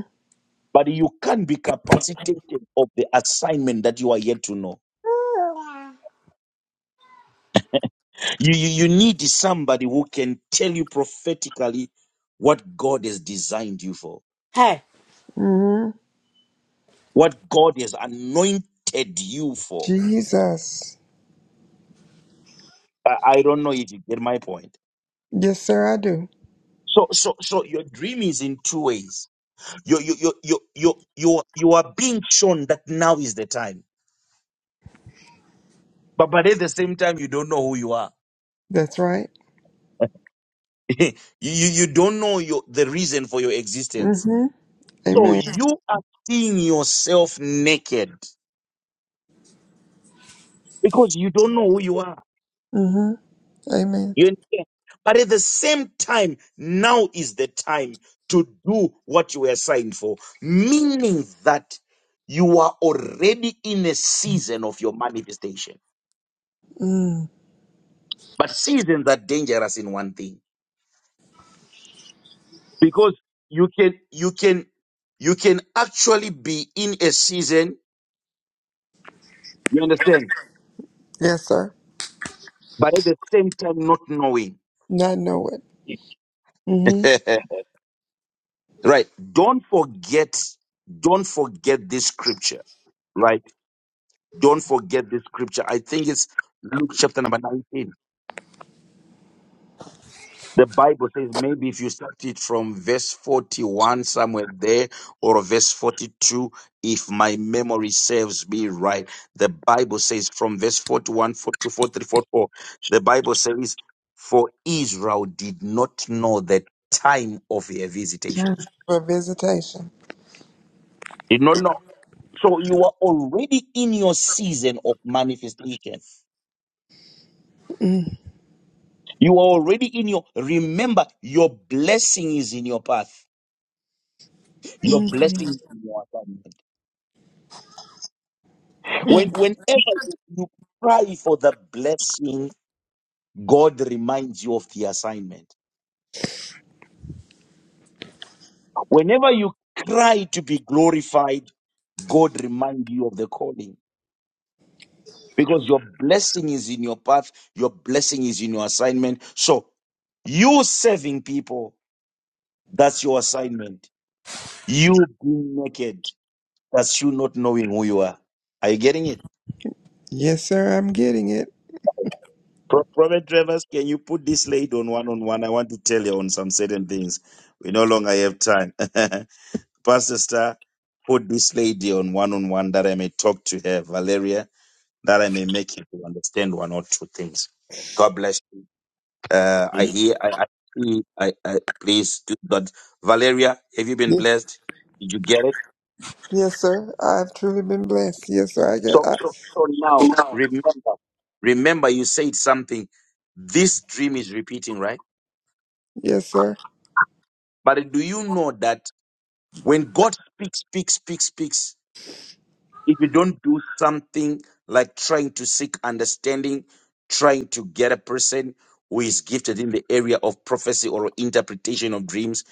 Speaker 2: But you can be capacitated of the assignment that you are yet to know. You, you, you need somebody who can tell you prophetically what God has designed you for,
Speaker 5: Hey.
Speaker 14: mm-hmm.
Speaker 2: what God has anointed you for.
Speaker 14: Jesus.
Speaker 2: I, I don't know if you get my point.
Speaker 14: Yes, sir, I do.
Speaker 2: So, so, so your dream is in two ways you you you you you you you are being shown that now is the time but but at the same time you don't know who you are
Speaker 14: That's right.
Speaker 2: you you you don't know your the reason for your existence
Speaker 14: Mm-hmm.
Speaker 2: so
Speaker 14: Amen.
Speaker 2: you are seeing yourself naked because you don't know who you are
Speaker 14: Mm-hmm. Amen.
Speaker 2: you understand? but at the same time now is the time to do what you were signed for meaning that you are already in a season of your manifestation
Speaker 14: Mm.
Speaker 2: but seasons are dangerous in one thing because you can you can you can actually be in a season you understand
Speaker 14: Yes, sir.
Speaker 2: but at the same time not knowing
Speaker 14: Not know it. Mm-hmm.
Speaker 2: right don't forget don't forget this scripture right don't forget this scripture i think it's luke chapter number 19 The Bible says maybe if you start it from verse 41, somewhere there, or verse 42, if my memory serves me right. The Bible says from verse 41 for- to 43, forty-four, the Bible says, For Israel did not know the time of their visitation.
Speaker 14: For visitation.
Speaker 2: Did not know. So you are already in your season of manifestation. You are already in your, remember, your blessing is in your path. Your
Speaker 14: Mm-hmm.
Speaker 2: blessing is in your path. When, whenever you cry for the blessing, God reminds you of the assignment. Whenever you cry to be glorified, God reminds you of the calling. Because your blessing is in your path, your blessing is in your assignment. So, you serving people, that's your assignment. You being naked, that's you not knowing who you are. Are you getting it?
Speaker 14: Yes, sir, I'm getting it.
Speaker 2: Pro- Prophet Travers, can you put this lady on one on one? I want to tell you on some certain things. We no longer have time. Pastor Star, put this lady on one on one that I may talk to her, Valeria, that I may make you to understand one or two things. God bless you. Uh, I hear, I, I, see- I, I please do that. Valeria, have you been blessed? Did you get it?
Speaker 14: Yes, sir. I've truly been blessed. Yes, sir. I got.
Speaker 2: So,
Speaker 14: I,
Speaker 2: so, so now remember, remember you said something. This dream is repeating, right?
Speaker 14: yes, sir.
Speaker 2: But do you know that? When God speaks, speaks, speaks, speaks, if you don't do something like trying to seek understanding, trying to get a person who is gifted in the area of prophecy or interpretation of dreams,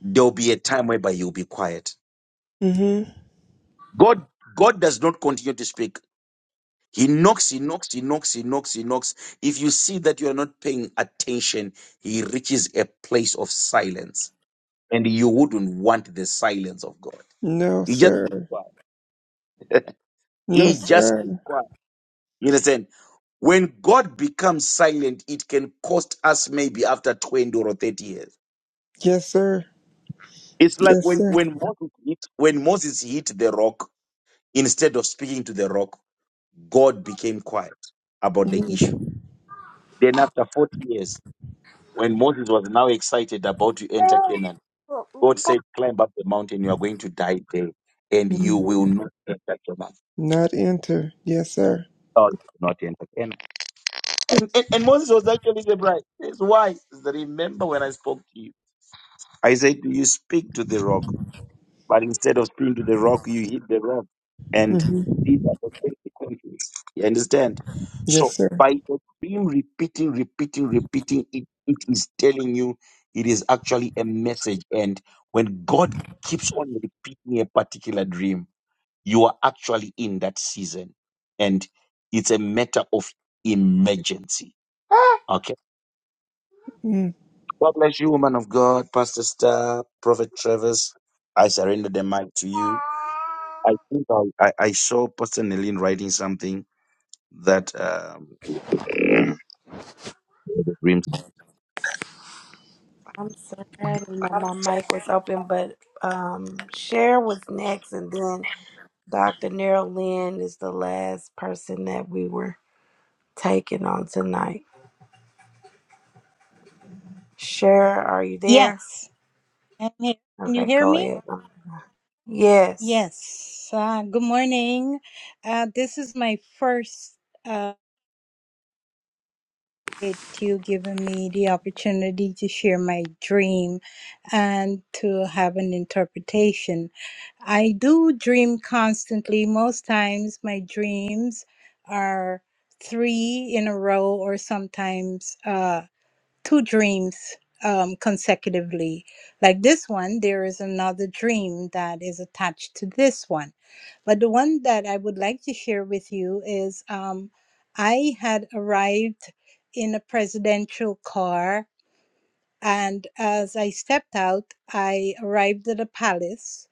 Speaker 2: there'll be a time whereby you'll be quiet.
Speaker 14: Mm-hmm.
Speaker 2: God, God does not continue to speak. He knocks, he knocks, he knocks, he knocks, he knocks. If you see that you are not paying attention, he reaches a place of silence. And you wouldn't want the silence of God.
Speaker 14: No,
Speaker 2: He just
Speaker 14: sir. No,
Speaker 2: He just
Speaker 14: sir.
Speaker 2: You understand? When God becomes silent, it can cost us maybe after 20 or 30 years.
Speaker 14: Yes, sir.
Speaker 2: It's like
Speaker 14: Yes,
Speaker 2: when,
Speaker 14: sir.
Speaker 2: when, Moses hit, when Moses hit the rock, instead of speaking to the rock, God became quiet about the issue. Then after 40 years, when Moses was now excited about to enter Canaan, God said, climb up the mountain, you are going to die there, and you will
Speaker 14: Mm-hmm.
Speaker 2: not enter Canaan.
Speaker 14: Not enter. Yes, sir.
Speaker 2: God not enter Canaan. And, and, and Moses was actually surprised. Yes, why? Remember when I spoke to you? I said, You speak to the rock, but instead of speaking to the rock, you hit the rock. And
Speaker 14: Mm-hmm.
Speaker 2: these are the consequences. You understand?
Speaker 14: Yes,
Speaker 2: So
Speaker 14: sir.
Speaker 2: by extreme repeating, repeating, repeating, it, it is telling you it is actually a message. And when God keeps on repeating a particular dream, you are actually in that season. And it's a matter of emergency. Okay?
Speaker 14: Mm.
Speaker 2: God bless you, woman of God, Pastor Star, Prophet Travis. I surrender the mic to you. I think I, I, I saw Pastor Nelin writing something that um the dreams.
Speaker 5: I'm sorry, I didn't know my mic was open, but um Cher was next and then Dr. Nero Lynn is the last person that we were taking on tonight. Cher, are you there?
Speaker 15: Yes, I'm here. Can you
Speaker 5: Okay,
Speaker 15: hear
Speaker 5: go
Speaker 15: me?
Speaker 5: ahead. Yes.
Speaker 15: Yes. Uh, good morning. Uh, this is my first uh, with you giving me the opportunity to share my dream and to have an interpretation. I do dream constantly. Most times, my dreams are three in a row, or sometimes. uh, two dreams um, consecutively. Like this one, there is another dream that is attached to this one. But the one that I would like to share with you is um, I had arrived in a presidential car, and as I stepped out, I arrived at a palace.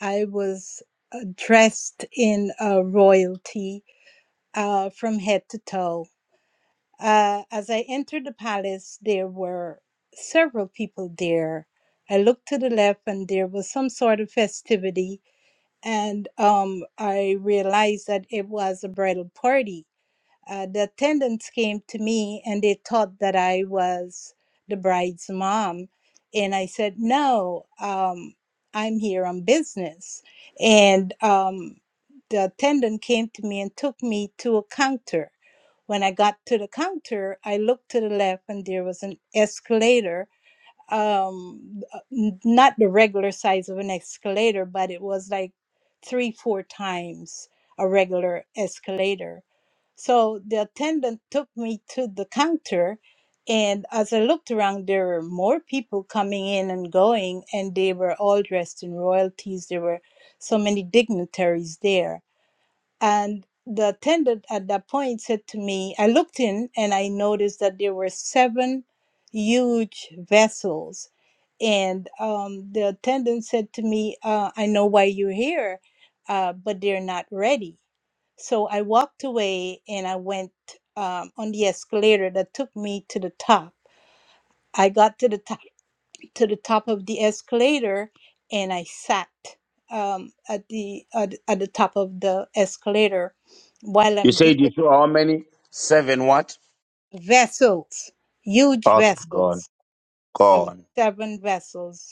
Speaker 15: I was uh, dressed in uh, royalty uh, from head to toe uh, as I entered the palace, there were several people there. I looked to the left, and there was some sort of festivity, and um, I realized that it was a bridal party uh, the attendants came to me and they thought that I was the bride's mom. And I said, No, um, I'm here on business. And um, the attendant came to me and took me to a counter. When I got to the counter, I looked to the left and there was an escalator um uh, n- not the regular size of an escalator but it was like three four times a regular escalator so the attendant took me to the counter and as i looked around there were more people coming in and going and they were all dressed in royalties there were so many dignitaries there and the attendant at that point said to me i looked in and i noticed that there were seven huge vessels and um, the attendant said to me, uh, I know why you're here, uh, but they're not ready. So I walked away and I went um, on the escalator that took me to the top. I got to the top to the top of the escalator and I sat um, at the at, at the top of the escalator. While
Speaker 2: You
Speaker 15: I'm
Speaker 2: said you
Speaker 15: there,
Speaker 2: saw how many? Seven what?
Speaker 15: vessels, huge
Speaker 2: Okay, gone.
Speaker 15: vessels, There were
Speaker 2: Gone.
Speaker 15: seven vessels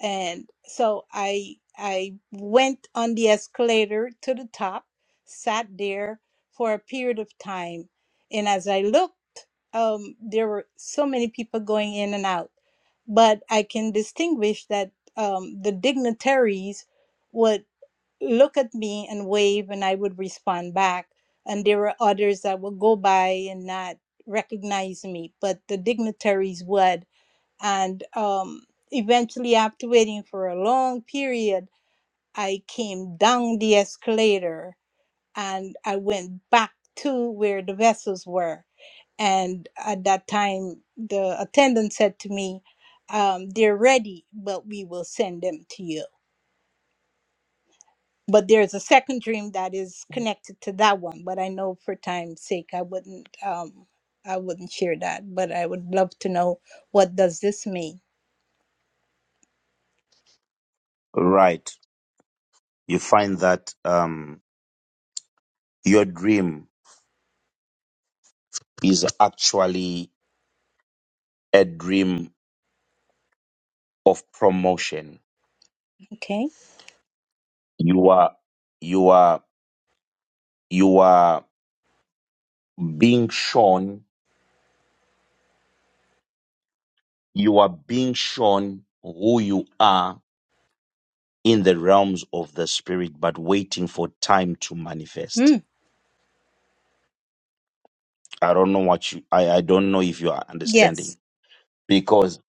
Speaker 15: and so i i went on the escalator to the top sat there for a period of time and as i looked um, there were so many people going in and out but i can distinguish that um, the dignitaries would look at me and wave and i would respond back and there were others that would go by and not recognize me but the dignitaries would and um, eventually after waiting for a long period i came down the escalator and i went back to where the vessels were and at that time the attendant said to me um, they're ready but we will send them to you but there's a second dream that is connected to that one but i know for time's sake i wouldn't um, i wouldn't share that but i would love to know what does this mean
Speaker 2: Right. You find that um your dream is actually a dream of promotion.
Speaker 15: okay
Speaker 2: You are you are you are being shown You are being shown who you are in the realms of the spirit, but waiting for time to manifest.
Speaker 15: Hmm.
Speaker 2: I don't know what you, I, I don't know if you are
Speaker 15: yes
Speaker 2: understanding because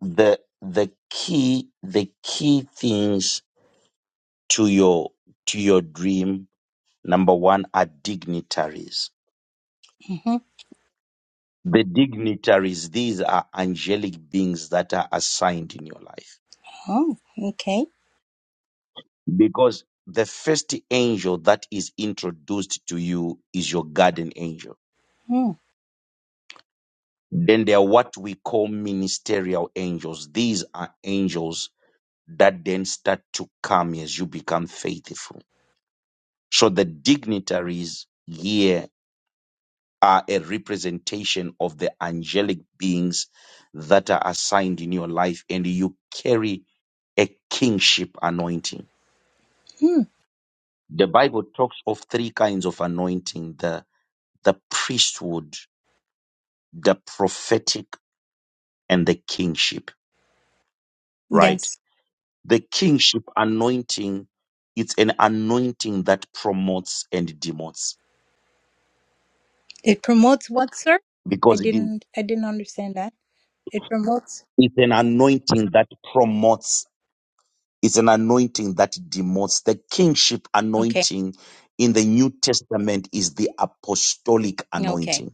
Speaker 2: the, the key, the key things to your, to your dream, number one are dignitaries.
Speaker 15: Mhm.
Speaker 2: The dignitaries, these are angelic beings that are assigned in your life
Speaker 15: Oh, okay.
Speaker 2: Because the first angel that is introduced to you is your guardian angel.
Speaker 15: Mm.
Speaker 2: Then there are what we call ministerial angels. These are angels that then start to come as you become faithful. So the dignitaries here are a representation of the angelic beings that are assigned in your life and you carry a kingship anointing.
Speaker 15: Mm.
Speaker 2: The Bible talks of three kinds of anointing The the priesthood, the prophetic, and the kingship, right?
Speaker 15: Yes.
Speaker 2: The kingship anointing, it's an anointing that promotes and demotes
Speaker 15: It promotes what, sir? I
Speaker 2: because it is,
Speaker 15: didn't I didn't understand that. It promotes
Speaker 2: it's an anointing that promotes, it's an anointing that demotes. The kingship
Speaker 15: Okay.
Speaker 2: anointing in the New Testament is the apostolic
Speaker 15: Okay.
Speaker 2: anointing,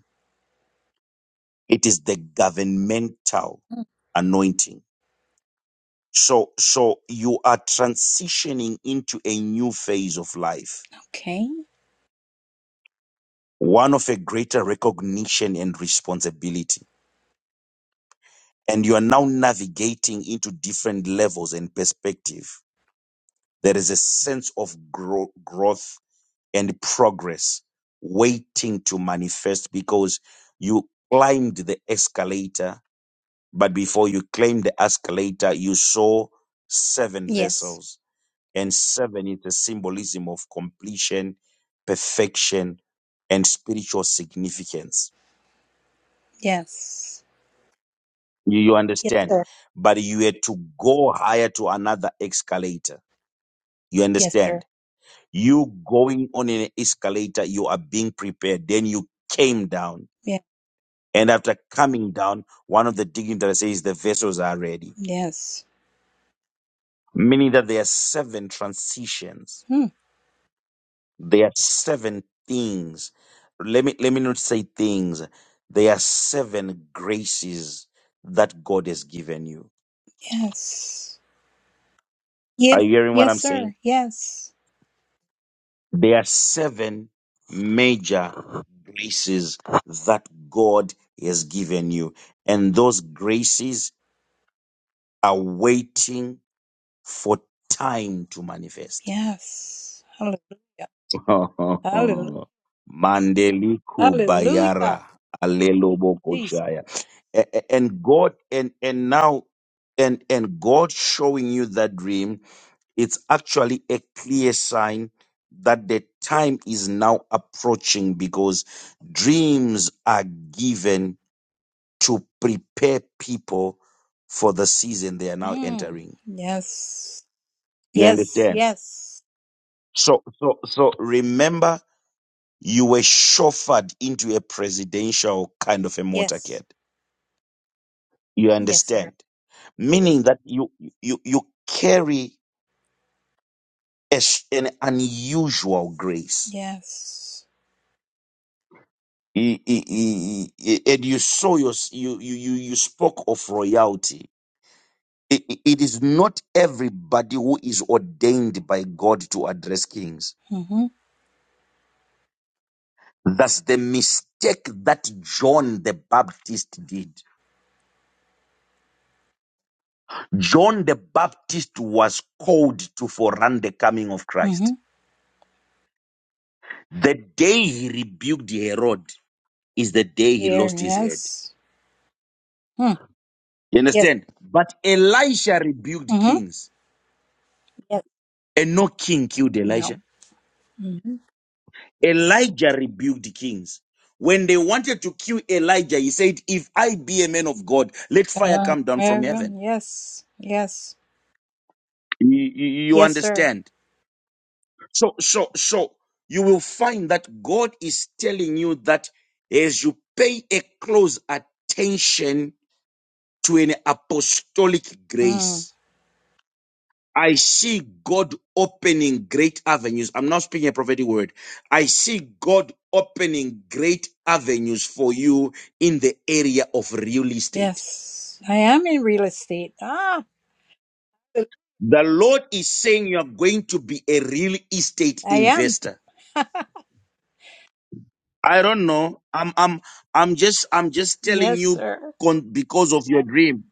Speaker 2: it is the governmental
Speaker 15: Mm.
Speaker 2: anointing So, so you are transitioning into a new phase of life,
Speaker 15: Okay.
Speaker 2: one of a greater recognition and responsibility. And you are now navigating into different levels and perspective. There is a sense of grow- growth and progress waiting to manifest because you climbed the escalator, but before you climbed the escalator, you saw seven
Speaker 15: Yes.
Speaker 2: vessels and seven is a symbolism of completion, perfection, and spiritual significance.
Speaker 15: Yes.
Speaker 2: You, you
Speaker 15: Yes,
Speaker 2: understand?
Speaker 15: sir.
Speaker 2: But you had to go higher to another escalator. You
Speaker 15: Yes, sir.
Speaker 2: understand? You going on an escalator, you are being prepared. Then you came down.
Speaker 15: Yeah.
Speaker 2: And after coming down, one of the dignitaries says the vessels are ready,
Speaker 15: Yes.
Speaker 2: meaning that there are seven transitions
Speaker 15: Hmm.
Speaker 2: There are seven things. Let me let me not say things. There are seven graces that God has given you.
Speaker 15: Yes.
Speaker 2: Are
Speaker 15: Yes.
Speaker 2: you hearing what
Speaker 15: Yes,
Speaker 2: I'm saying?
Speaker 15: sir. Yes.
Speaker 2: There are seven major graces that God has given you, and those graces are waiting for time to manifest.
Speaker 15: Yes. Hallelujah. Hallelujah.
Speaker 2: Mandeliku
Speaker 15: Hallelujah.
Speaker 2: Bayara
Speaker 15: Jesus.
Speaker 2: Alelobokoshaya. A- a- And God and and now and and God showing you that dream, it's actually a clear sign that the time is now approaching because dreams are given to prepare people for the season they are now
Speaker 15: Mm.
Speaker 2: entering.
Speaker 15: Yes.
Speaker 2: You
Speaker 15: Yes.
Speaker 2: understand?
Speaker 15: Yes.
Speaker 2: So so so remember You were chauffeured into a presidential kind of a
Speaker 15: Yes.
Speaker 2: motorcade. You
Speaker 15: Yes, sir.
Speaker 2: understand? Meaning that you you you carry a, s- an unusual grace.
Speaker 15: Yes.
Speaker 2: E- e- e- e- and you saw your you you you you spoke of royalty. I- i- it is not everybody who is ordained by God to address kings.
Speaker 15: Mm-hmm.
Speaker 2: That's the mistake that John the Baptist did John the Baptist was called to forerun the coming of
Speaker 15: Mm-hmm.
Speaker 2: Christ. The day he rebuked Herod is the day he
Speaker 15: Clear.
Speaker 2: lost his head.
Speaker 15: Yes. Hmm.
Speaker 2: You
Speaker 15: Yes.
Speaker 2: understand? But Elisha rebuked
Speaker 15: Mm-hmm.
Speaker 2: kings,
Speaker 15: Yes.
Speaker 2: and no king killed
Speaker 15: No.
Speaker 2: Elisha.
Speaker 15: Mm-hmm.
Speaker 2: Elijah rebuked kings. When they wanted to kill Elijah, he said, If I be a man of God, let fire
Speaker 15: Uh,
Speaker 2: come down from heaven.
Speaker 15: Reverend, yes. Yes.
Speaker 2: You, you you
Speaker 15: Yes, sir.
Speaker 2: understand? So, so, so you will find that God is telling you that as you pay a close attention to an apostolic
Speaker 15: Mm.
Speaker 2: grace, I see God opening great avenues. I'm not speaking a prophetic word. I see God opening great avenues for you in the area of real estate.
Speaker 15: Yes. I am in real estate. Ah,
Speaker 2: The Lord is saying you are going to be a real estate
Speaker 15: I am.
Speaker 2: investor. I don't know. I'm I'm I'm just I'm just telling
Speaker 15: Yes,
Speaker 2: you
Speaker 15: sir.
Speaker 2: con- because of your dream.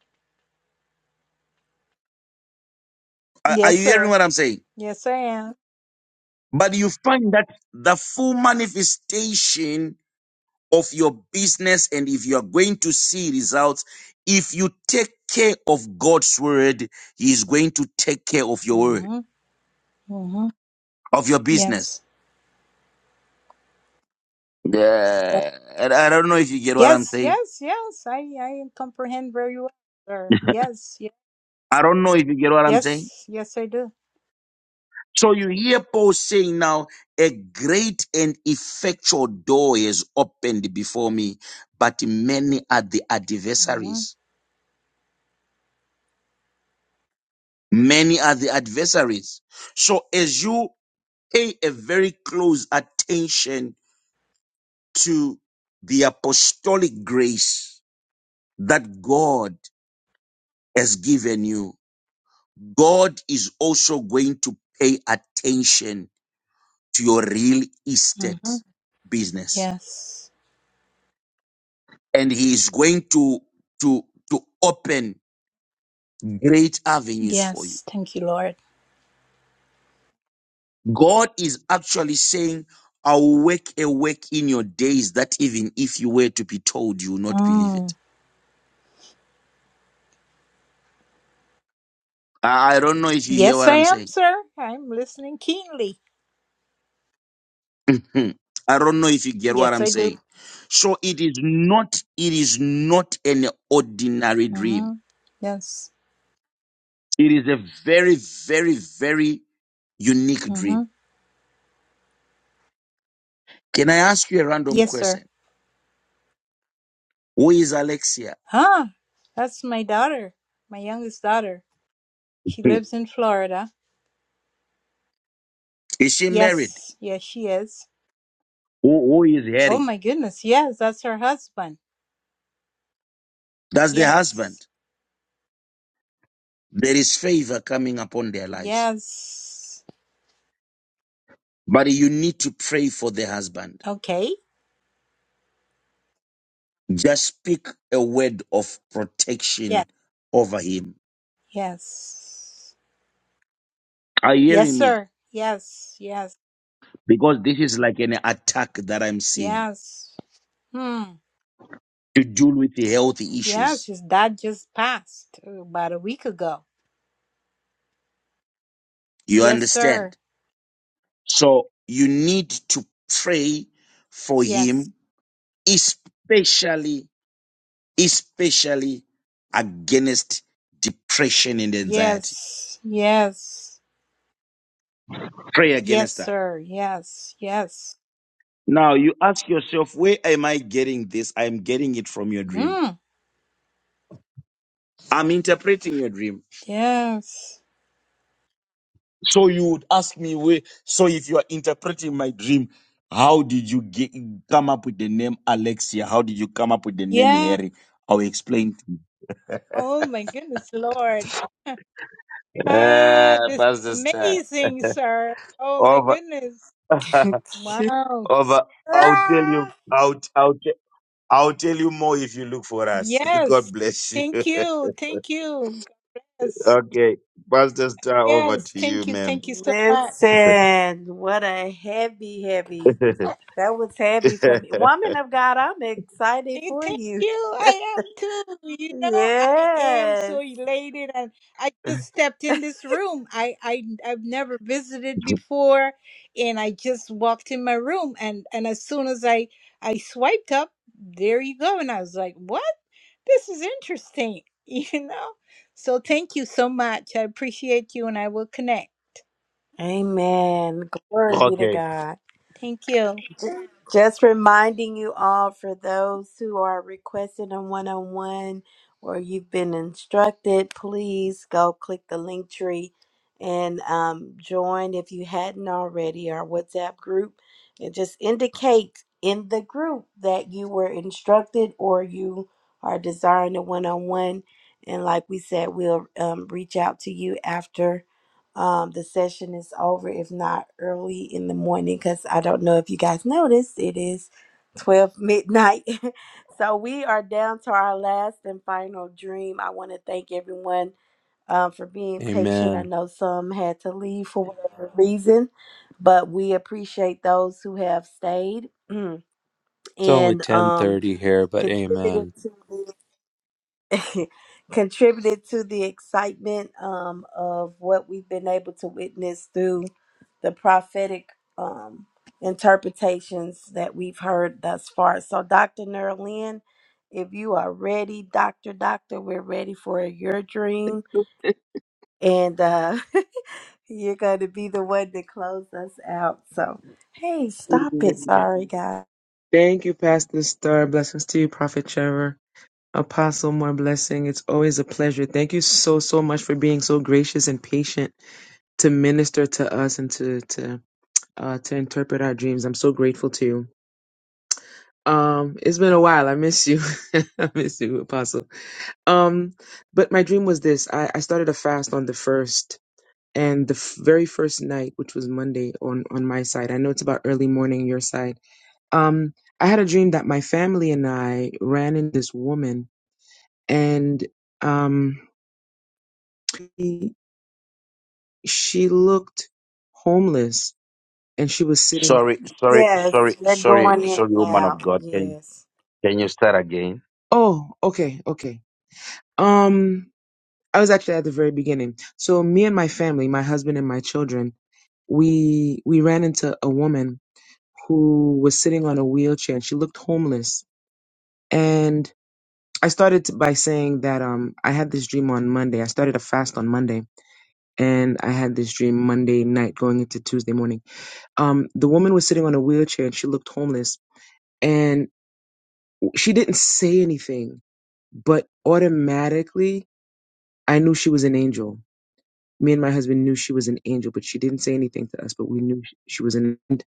Speaker 2: Are, are you
Speaker 15: Yes,
Speaker 2: hearing
Speaker 15: sir.
Speaker 2: what I'm saying?
Speaker 15: Yes, I am.
Speaker 2: But you find that the full manifestation of your business and if you are going to see results, if you take care of God's word, He is going to take care of your word,
Speaker 15: Mm-hmm. Mm-hmm.
Speaker 2: of your business.
Speaker 15: Yes.
Speaker 2: Yeah. I I don't know if you get what I'm
Speaker 15: Yes,
Speaker 2: saying.
Speaker 15: yes, yes. I, I comprehend very well, sir. Yes. Yes.
Speaker 2: I don't know if you get what I'm saying.
Speaker 15: Yes, yes I do.
Speaker 2: So you hear Paul saying now, a great and effectual door is opened before me, but many are the
Speaker 15: Mm-hmm.
Speaker 2: adversaries. Many are the adversaries. So as you pay a very close attention to the apostolic grace that God has given you, God is also going to pay attention to your real estate
Speaker 15: Mm-hmm.
Speaker 2: business
Speaker 15: Yes.
Speaker 2: and he is going to to to open great avenues for you
Speaker 15: Yes, thank you, Lord.
Speaker 2: god is actually saying i'll work a work in your days that even if you were to be told you will not believe it
Speaker 15: Mm.
Speaker 2: i I don't know if you hear
Speaker 15: Yes,
Speaker 2: what
Speaker 15: I
Speaker 2: i'm
Speaker 15: am,
Speaker 2: saying
Speaker 15: sir. I'm listening keenly.
Speaker 2: i don't know if you get what
Speaker 15: Yes,
Speaker 2: i'm
Speaker 15: I
Speaker 2: saying
Speaker 15: do.
Speaker 2: so it is not it is not an ordinary dream
Speaker 15: Mm-hmm. Yes.
Speaker 2: it is a very very very unique dream
Speaker 15: Mm-hmm.
Speaker 2: can i ask you a random
Speaker 15: Yes,
Speaker 2: question
Speaker 15: sir.
Speaker 2: who is alexia
Speaker 15: Ah, that's my daughter, my youngest daughter. She lives in Florida.
Speaker 2: Is she married?
Speaker 15: Yes, yes, she is.
Speaker 2: Who, who is
Speaker 15: Oh
Speaker 2: Harry?
Speaker 15: my goodness, yes, that's her husband.
Speaker 2: That's the
Speaker 15: Yes,
Speaker 2: husband. There is favor coming upon their lives.
Speaker 15: yes.
Speaker 2: But you need to pray for the husband.
Speaker 15: Okay.
Speaker 2: Just speak a word of
Speaker 15: Yes,
Speaker 2: protection over him.
Speaker 15: yes,
Speaker 2: Are you
Speaker 15: yes,
Speaker 2: hearing me?
Speaker 15: sir. Yes, yes,
Speaker 2: Because this is like an attack that I'm seeing
Speaker 15: yes. Hmm.
Speaker 2: to deal with the health
Speaker 15: Yes,
Speaker 2: issues.
Speaker 15: his dad just passed uh, about a week ago.
Speaker 2: You
Speaker 15: Yes,
Speaker 2: understand?
Speaker 15: sir.
Speaker 2: So you need to pray for
Speaker 15: Yes.
Speaker 2: him, especially especially against depression and anxiety.
Speaker 15: Yes. Yes.
Speaker 2: Pray
Speaker 15: Yes,
Speaker 2: against that.
Speaker 15: sir. Yes. Yes.
Speaker 2: Now you ask yourself, where am I getting this? I'm getting it from your dream.
Speaker 15: Hmm.
Speaker 2: I'm interpreting your dream.
Speaker 15: Yes.
Speaker 2: So you would ask me where. So if you are interpreting my dream, how did you get, come up with the name Alexia? How did you come up with the name
Speaker 15: Yeah.
Speaker 2: Harry? I'll explain to you.
Speaker 15: Oh my goodness, Lord. Ah,
Speaker 2: Uh,
Speaker 15: this is
Speaker 2: Pastor Star,
Speaker 15: amazing, sir. Oh my
Speaker 2: over,
Speaker 15: goodness. Wow.
Speaker 2: over. I'll tell you. Out, out. I'll tell you more if you look for us. God
Speaker 15: Yes.
Speaker 2: bless you.
Speaker 15: Thank you. Thank you. Yes.
Speaker 2: okay. Pastor Star, over
Speaker 15: Yes.
Speaker 2: to you,
Speaker 15: Thank you.
Speaker 2: ma'am.
Speaker 15: Thank you so much.
Speaker 5: Listen, what a heavy, heavy. That was heavy for me. Woman of God, I'm excited
Speaker 15: Eh,
Speaker 5: for
Speaker 15: Thank
Speaker 5: you.
Speaker 15: you. I am too. You know, I am
Speaker 5: yes.
Speaker 15: so elated, and I just stepped in this room. I, I I've never visited before, and I just walked in my room, and and as soon as I I swiped up, there you go, and I was like, what? This is interesting. You know, so thank you so much. I appreciate you, and I will connect.
Speaker 5: Amen. Glory be to
Speaker 2: okay.
Speaker 5: God.
Speaker 15: Thank you.
Speaker 5: J- Just reminding you all for those who are requesting a one on one or you've been instructed, please go click the link tree and um, join if you hadn't already our WhatsApp group and just indicate in the group that you were instructed or you are desiring a one on one. And like we said, we'll um, reach out to you after um, the session is over, if not early in the morning, because I don't know if you guys noticed, it is 12 midnight. so we are down to our last and final dream. I want to thank everyone um, for being patient. I
Speaker 7: Amen.
Speaker 5: know some had to leave for whatever reason, but we appreciate those who have stayed
Speaker 7: It's only
Speaker 5: and um,
Speaker 7: 10:30 here, but
Speaker 5: contributed
Speaker 7: amen.
Speaker 5: to this. contributed to the excitement um, of what we've been able to witness through the prophetic um, interpretations that we've heard thus far. So, Dr. Nerlin, if you are ready, Dr. Doctor, we're ready for your dream. And uh, you're going to be the one to close us out. So, hey, stop it. Sorry, guys.
Speaker 16: Thank you, Pastor Star. Blessings to you, Prophet Trevor. Apostle, more blessing. It's always a pleasure. Thank you so, so much for being so gracious and patient to minister to us and to to uh, to interpret our dreams. I'm so grateful to you. Um, it's been a while. I miss you. I miss you, Apostle. Um, but my dream was this. I, I started a fast on the first and the f- very first night, which was Monday on on my side. I know it's about early morning your side Um, I had a dream that my family and I ran into this woman, and um, she, she looked homeless, and she was sitting.
Speaker 2: Sorry, sorry, sorry,
Speaker 5: Yes, you're
Speaker 2: sorry,
Speaker 5: going in
Speaker 2: sorry, woman
Speaker 5: now.
Speaker 2: of God. Can
Speaker 5: Yes.
Speaker 2: can you start again?
Speaker 16: Oh, okay, okay. Um, I was actually at the very beginning. So me and my family, my husband and my children, we we ran into a woman who was sitting on a wheelchair, and she looked homeless. And I started to- by saying that um, I had this dream on Monday. I started a fast on Monday and I had this dream Monday night going into Tuesday morning. Um, the woman was sitting on a wheelchair and she looked homeless and she didn't say anything, but automatically I knew she was an angel. Me and my husband knew she was an angel, but she didn't say anything to us, but we knew sh- she was an angel.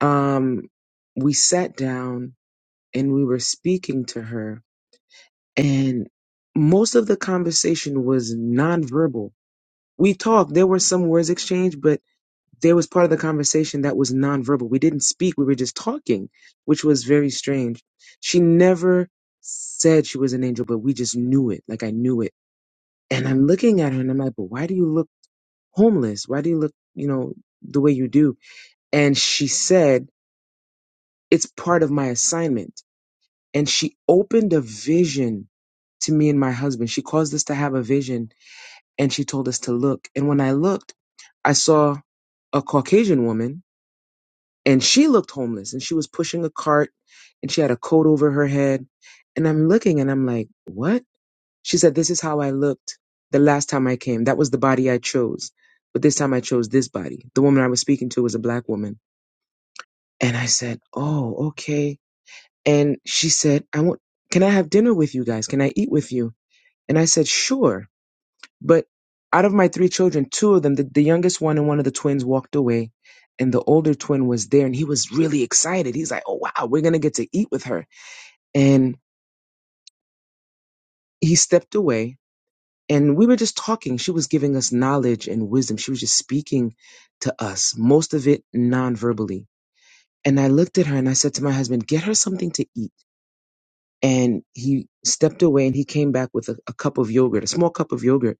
Speaker 16: Um, we sat down and we were speaking to her and most of the conversation was nonverbal. We talked, there were some words exchanged, but there was part of the conversation that was nonverbal. We didn't speak, we were just talking, which was very strange. She never said she was an angel, but we just knew it. Like I knew it. And I'm looking at her and I'm like, but why do you look homeless? Why do you look, you know, the way you do? And she said, it's part of my assignment. And she opened a vision to me and my husband. She caused us to have a vision and she told us to look. And when I looked, I saw a Caucasian woman and she looked homeless and she was pushing a cart and she had a coat over her head and i'm looking and i'm like what she said this is how i looked the last time i came that was the body i chose but this time i chose this body the woman i was speaking to was a black woman and i said oh okay and she said i want can i have dinner with you guys can i eat with you and i said sure but out of my three children, two of them, the, the youngest one and one of the twins walked away. And the older twin was there and he was really excited. He's like, oh, wow, we're going to get to eat with her. And he stepped away and we were just talking. She was giving us knowledge and wisdom. She was just speaking to us, most of it non-verbally. And I looked at her and I said to my husband, get her something to eat. And he stepped away and he came back with a, a cup of yogurt, a small cup of yogurt.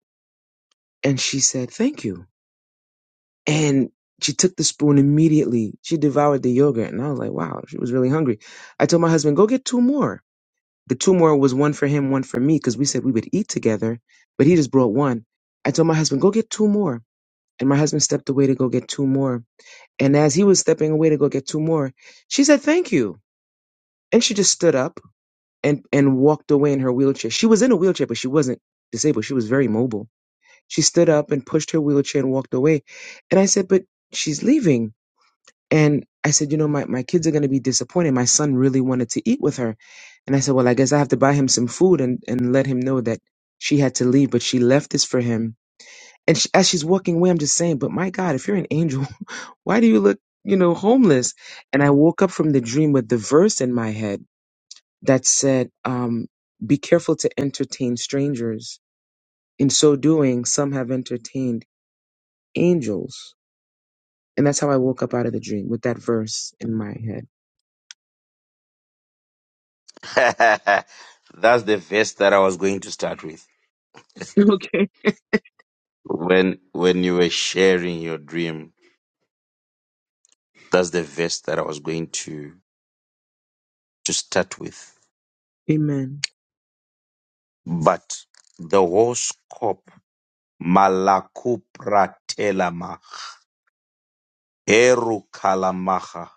Speaker 16: And she said, thank you. And she took the spoon immediately. She devoured the yogurt. And I was like, wow, she was really hungry. I told my husband, go get two more. The two more was one for him, one for me, because we said we would eat together, but he just brought one. I told my husband, go get two more. And my husband stepped away to go get two more. And as he was stepping away to go get two more, she said, thank you. And she just stood up and, and walked away in her wheelchair. She was in a wheelchair, but she wasn't disabled. She was very mobile. She stood up and pushed her wheelchair and walked away. And I said, but she's leaving and I said, you know, my, my kids are going to be disappointed. My son really wanted to eat with her. And I said, well, I guess I have to buy him some food and, and let him know that she had to leave, but she left this for him. And she, as she's walking away, I'm just saying, but my God, if you're an angel, why do you look, you know, homeless? And I woke up from the dream with the verse in my head that said, um, be careful to entertain strangers. In so doing, some have entertained angels. And that's how I woke up out of the dream with that verse in my head.
Speaker 2: That's the verse that I was going to start with.
Speaker 16: Okay.
Speaker 2: When when you were sharing your dream, that's the verse that I was going to to start with.
Speaker 16: Amen.
Speaker 2: But the whole scope Malakupra Eru kalamaha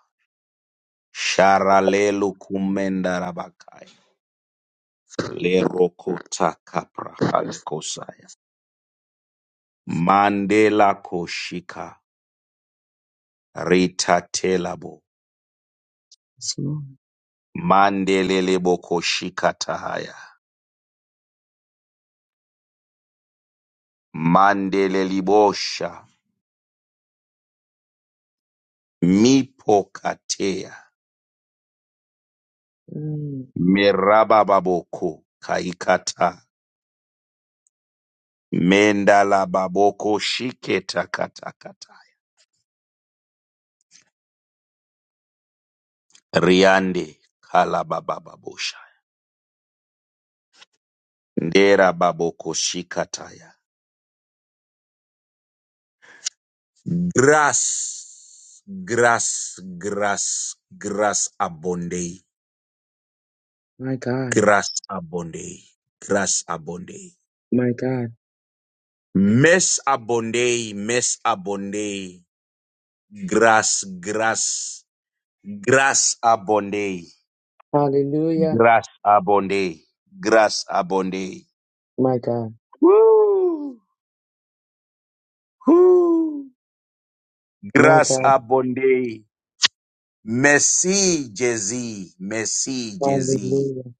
Speaker 2: sharalelu kumendarabakaya lerokota kapra halikosaya mandela koshika Rita ritatelabo
Speaker 16: Yes, Lord.
Speaker 2: mandelelebo koshika tahaya mandelelibosha mipokatea
Speaker 16: Mm,
Speaker 2: merabababoko kaikata mendalababoko shiketakatakatai riande kalabababosha Ndera baboko shikataya. Grass, grass, grass, grass abonde,
Speaker 16: my God,
Speaker 2: grass abonde, grass abonde.
Speaker 16: my God.
Speaker 2: Mess abonde, mess abonde, grass, grass, grass abonde,
Speaker 16: Hallelujah.
Speaker 2: grass abonde, grass abonde.
Speaker 16: My God,
Speaker 2: Woo, woo.
Speaker 16: my
Speaker 2: Grass
Speaker 16: God.
Speaker 2: abonde, merci Jezi, merci Jezi.
Speaker 16: Hallelujah.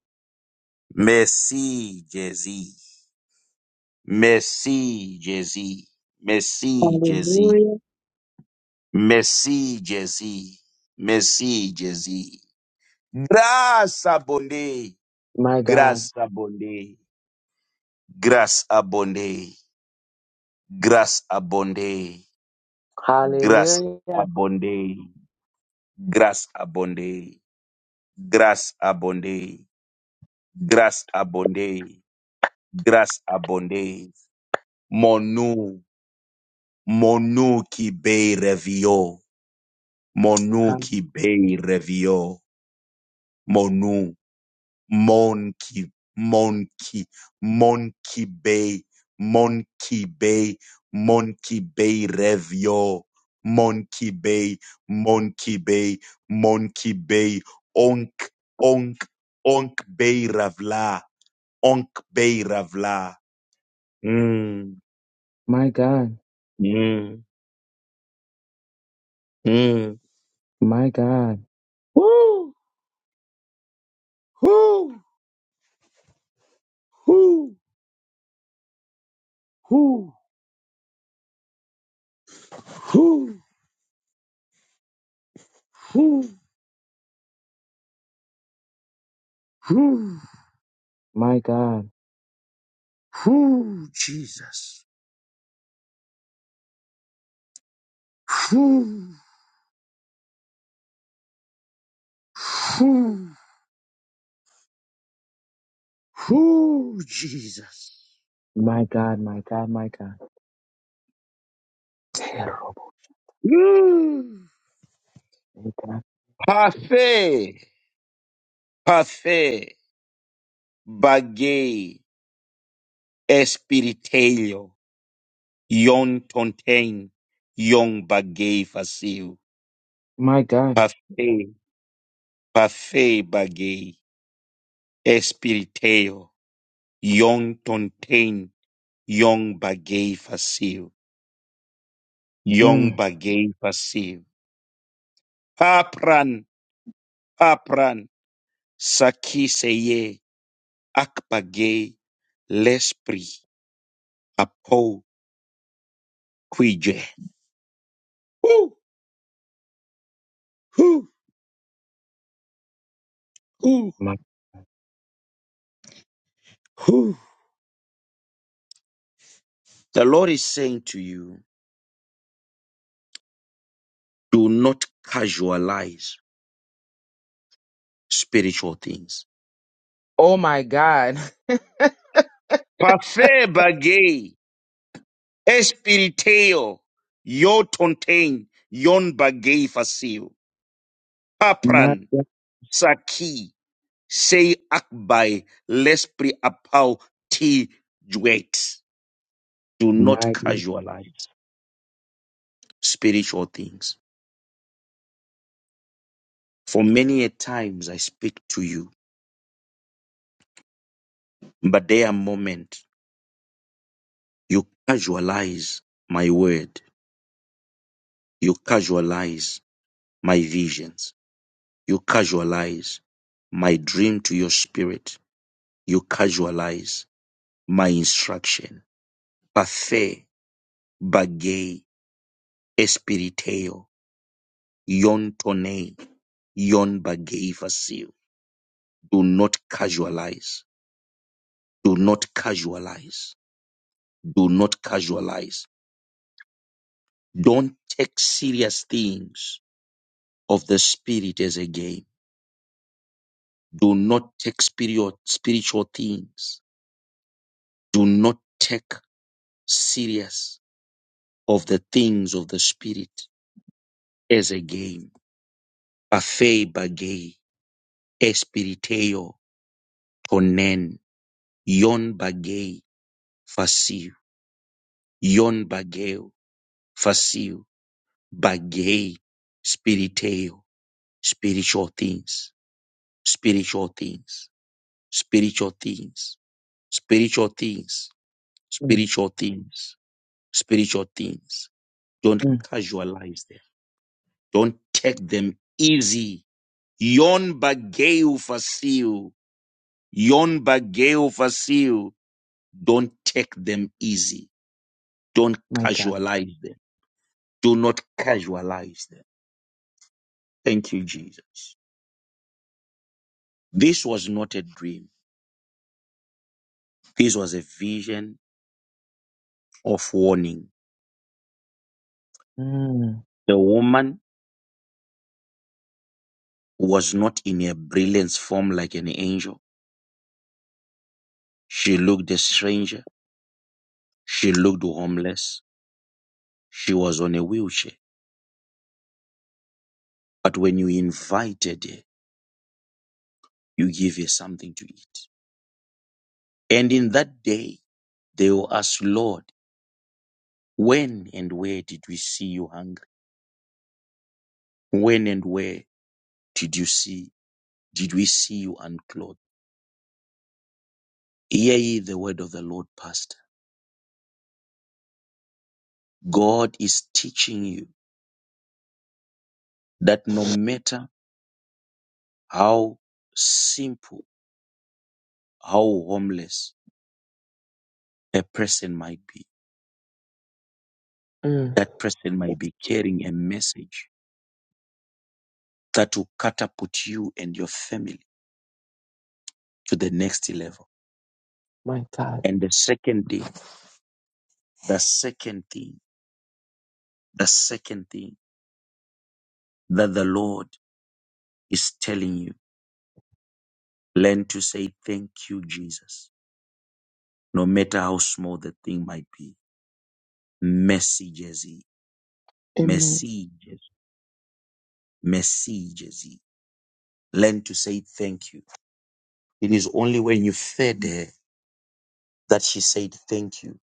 Speaker 2: Messi Jay-Z. Messi Jay-Z. Messi Jay-Z.
Speaker 16: Hallelujah.
Speaker 2: Messi Jay-Z. Messi Jay-Z. Grace abonde.
Speaker 16: My God.
Speaker 2: Grace abonde. Grace abonde. Grace abonde. Grace
Speaker 16: Hallelujah.
Speaker 2: abonde. Grace abonde. Grace Grace abonde. Grace Monu. Monu ki be revio. Monu
Speaker 16: Ha-
Speaker 2: ki bei revio. Monu. Monki. Monki. Monki bei. Monki bei. Monki bei revio. Monki bei. Monki bei. Monki bei. Onk. Onk. Onk bei ravla. Onk bei ravla. Mm.
Speaker 16: My God,
Speaker 2: Mm. Mm.
Speaker 16: my God,
Speaker 2: Woo. Woo. Woo. Woo. Woo. Woo. Woo.
Speaker 16: my God,
Speaker 2: Who Jesus? Who who who Jesus?
Speaker 16: my God, my God, my God. Terrible.
Speaker 2: Ooh.
Speaker 16: My God.
Speaker 2: Parfait, parfait, bagay, espiritelio, yon tontain, yon bagay facil.
Speaker 16: My God.
Speaker 2: Parfait, parfait bagay, espiritelio, yon tontain, yon bagay facil, yon
Speaker 16: Mm,
Speaker 2: bagay facil. Papran, papran. Sakiseye akpage lespri apo quije. Woo, woo, woo, woo. The Lord is saying to you, do not casualize spiritual things.
Speaker 16: Oh my God.
Speaker 2: Pafe bagay espiriteo yo tontain yon bagay fasil.
Speaker 16: My
Speaker 2: Papran
Speaker 16: God.
Speaker 2: saki say akbai l'esprit apau ti juet. Do not
Speaker 16: My,
Speaker 2: casualize. spiritual things. For many a times I speak to you, but there are moments you casualize my word, you casualize my visions, you casualize my dream to your spirit, you casualize my instruction. Pathé, bagay, espiriteo, yon tone, yon bagay facile. Do not casualize. Do not casualize. Do not casualize Don't take serious things of the spirit as a game. Do not take spirit, spiritual things. Do not take serious of the things of the spirit as a game. Afe bagay, espiriteo tonen, yon bagay fasiu, yon bagay fasiu, bagay spiriteo, spiritual things, spiritual things, spiritual things spiritual things,
Speaker 16: mm,
Speaker 2: spiritual things, spiritual things. Don't
Speaker 16: mm,
Speaker 2: casualize them. Don't take them easy. Yon bageu fasil. Yon bageu fasil. Don't take them easy. Don't
Speaker 16: my God.
Speaker 2: casualize them. Do not casualize them. Thank you, Jesus. This was not a dream. This was a vision of warning.
Speaker 16: Mm,
Speaker 2: The woman was not in her brilliance form like an angel She looked a stranger. She looked homeless. She was on a wheelchair. But when you invited her, you gave her something to eat. And in that day, they will ask, Lord, when and where did we see you hungry? When and where did you see, did we see you unclothed? Hear ye the word of the Lord, Pastor. God is teaching you that no matter how simple, how homeless a person might be,
Speaker 16: mm,
Speaker 2: That person might be carrying a message that will catapult you and your family to the next level.
Speaker 16: my God.
Speaker 2: And the second thing, the second thing, the second thing that the Lord is telling you, learn to say thank you, Jesus, no matter how small the thing might be. Messages,
Speaker 16: Amen.
Speaker 2: messages, messages. Learn to say thank you. It is only when you fed her that she said thank you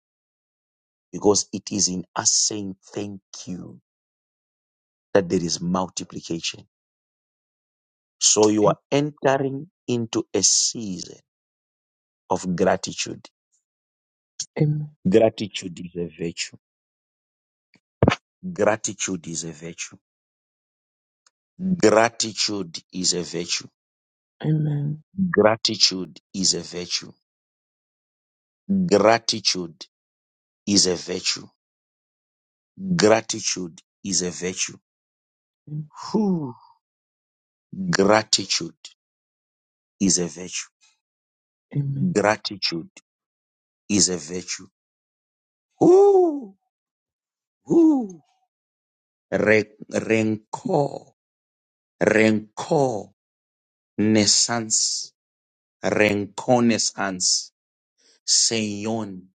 Speaker 2: because it is in us saying thank you that there is multiplication. So you are entering into a season of gratitude.
Speaker 16: Amen.
Speaker 2: Gratitude is a virtue. Gratitude is a virtue. Gratitude is a virtue.
Speaker 16: Amen.
Speaker 2: Gratitude is a virtue. Gratitude is a virtue. Gratitude is a virtue. Whew. Gratitude is a virtue.
Speaker 16: Amen.
Speaker 2: Gratitude is a virtue. Whoo, whoo. Re- rancor Reconnaissance, reconnaissance, seyon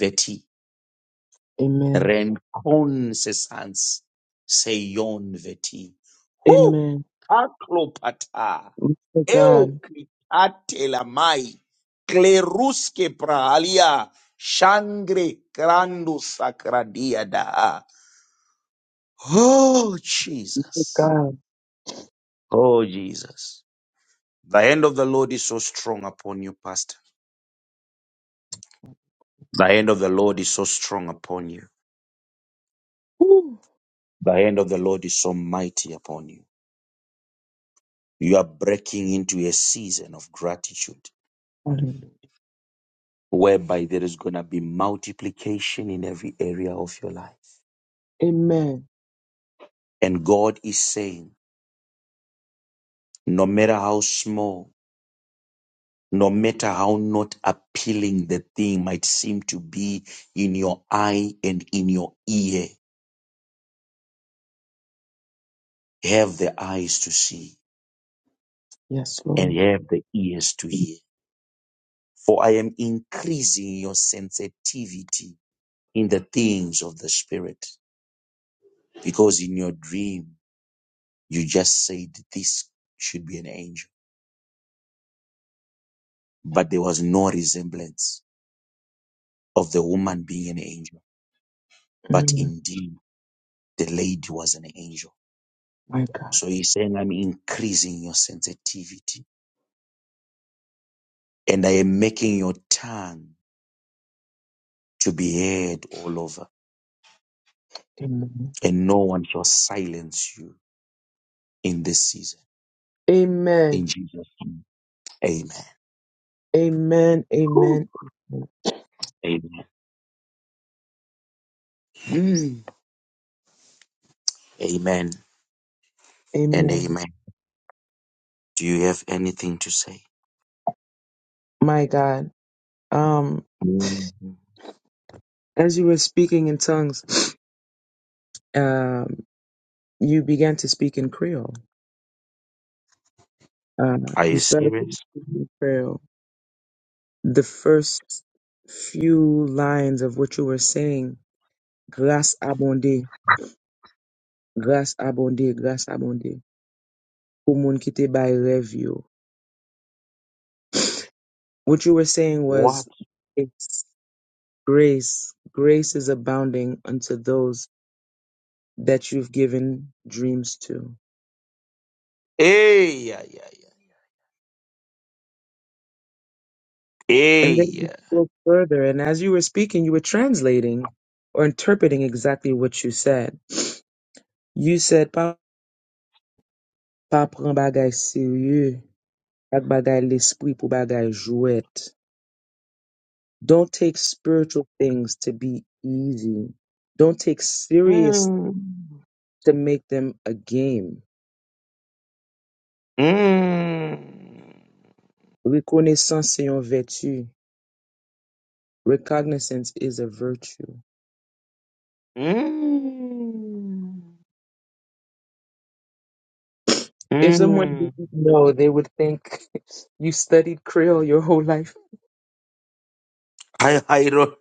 Speaker 2: veti,
Speaker 16: Amen.
Speaker 2: reconnaissance, seyon veti. Hu,
Speaker 16: Amen.
Speaker 2: aklopata,
Speaker 16: To God.
Speaker 2: eukritatelamai, kleruske prahalia, shangre grandus sacradia da. Oh,
Speaker 16: To
Speaker 2: Jesus.
Speaker 16: God.
Speaker 2: Oh, Jesus. The hand of the Lord is so strong upon you, Pastor. The hand of the Lord is so strong upon you.
Speaker 16: Woo.
Speaker 2: The hand of the Lord is so mighty upon you. You are breaking into a season of gratitude
Speaker 16: Hallelujah.
Speaker 2: whereby there is going to be multiplication in every area of your life.
Speaker 16: Amen.
Speaker 2: And God is saying, no matter how small, no matter how not appealing the thing might seem to be in your eye and in your ear, have the eyes to see
Speaker 16: Yes,
Speaker 2: and
Speaker 16: Lord.
Speaker 2: have the ears to hear for I am increasing your sensitivity in the things of the spirit. Because in your dream, you just said this should be an angel, but there was no resemblance of the woman being an angel. But
Speaker 16: Mm,
Speaker 2: indeed, the lady was an angel.
Speaker 16: my God.
Speaker 2: So he's saying, I'm increasing your sensitivity and I am making your tongue to be heard all over,
Speaker 16: Amen.
Speaker 2: and no one shall silence you in this season. In
Speaker 16: Amen.
Speaker 2: Jesus' name, amen.
Speaker 16: Amen.
Speaker 2: Whew.
Speaker 16: Amen.
Speaker 2: Amen. Mm. Amen and
Speaker 16: Amen.
Speaker 2: amen. Do you have anything to say?
Speaker 16: My God. Um,
Speaker 2: Mhm.
Speaker 16: as you were speaking in tongues, um, you began to speak in Creole. Uh,
Speaker 2: Are
Speaker 16: you
Speaker 2: you
Speaker 16: started
Speaker 2: serious?
Speaker 16: with Pharaoh. The first few lines of what you were saying, grâce abondée, grâce abondée, grâce abondée, pour moun qui te bail rêve yo." What you were saying
Speaker 2: What?
Speaker 16: was, it's grace. Grace is abounding unto those that you've given dreams to.
Speaker 2: Hey, yeah, yeah, yeah. Hey,
Speaker 16: And then you
Speaker 2: yeah.
Speaker 16: spoke further, and as you were speaking, you were translating or interpreting exactly what you said. You said, pa pran bagay serye ak bagay l'espri pou bagay jouet. Don't take spiritual things to be easy. Don't take serious
Speaker 2: Mm.
Speaker 16: to make them a game.
Speaker 2: Mm.
Speaker 16: Reconnaissance c'est une vertu. Recognizance is a virtue.
Speaker 2: Mm.
Speaker 16: If someone
Speaker 2: Mm.
Speaker 16: didn't know, they would think you studied Creole your whole life.
Speaker 2: I, I don't.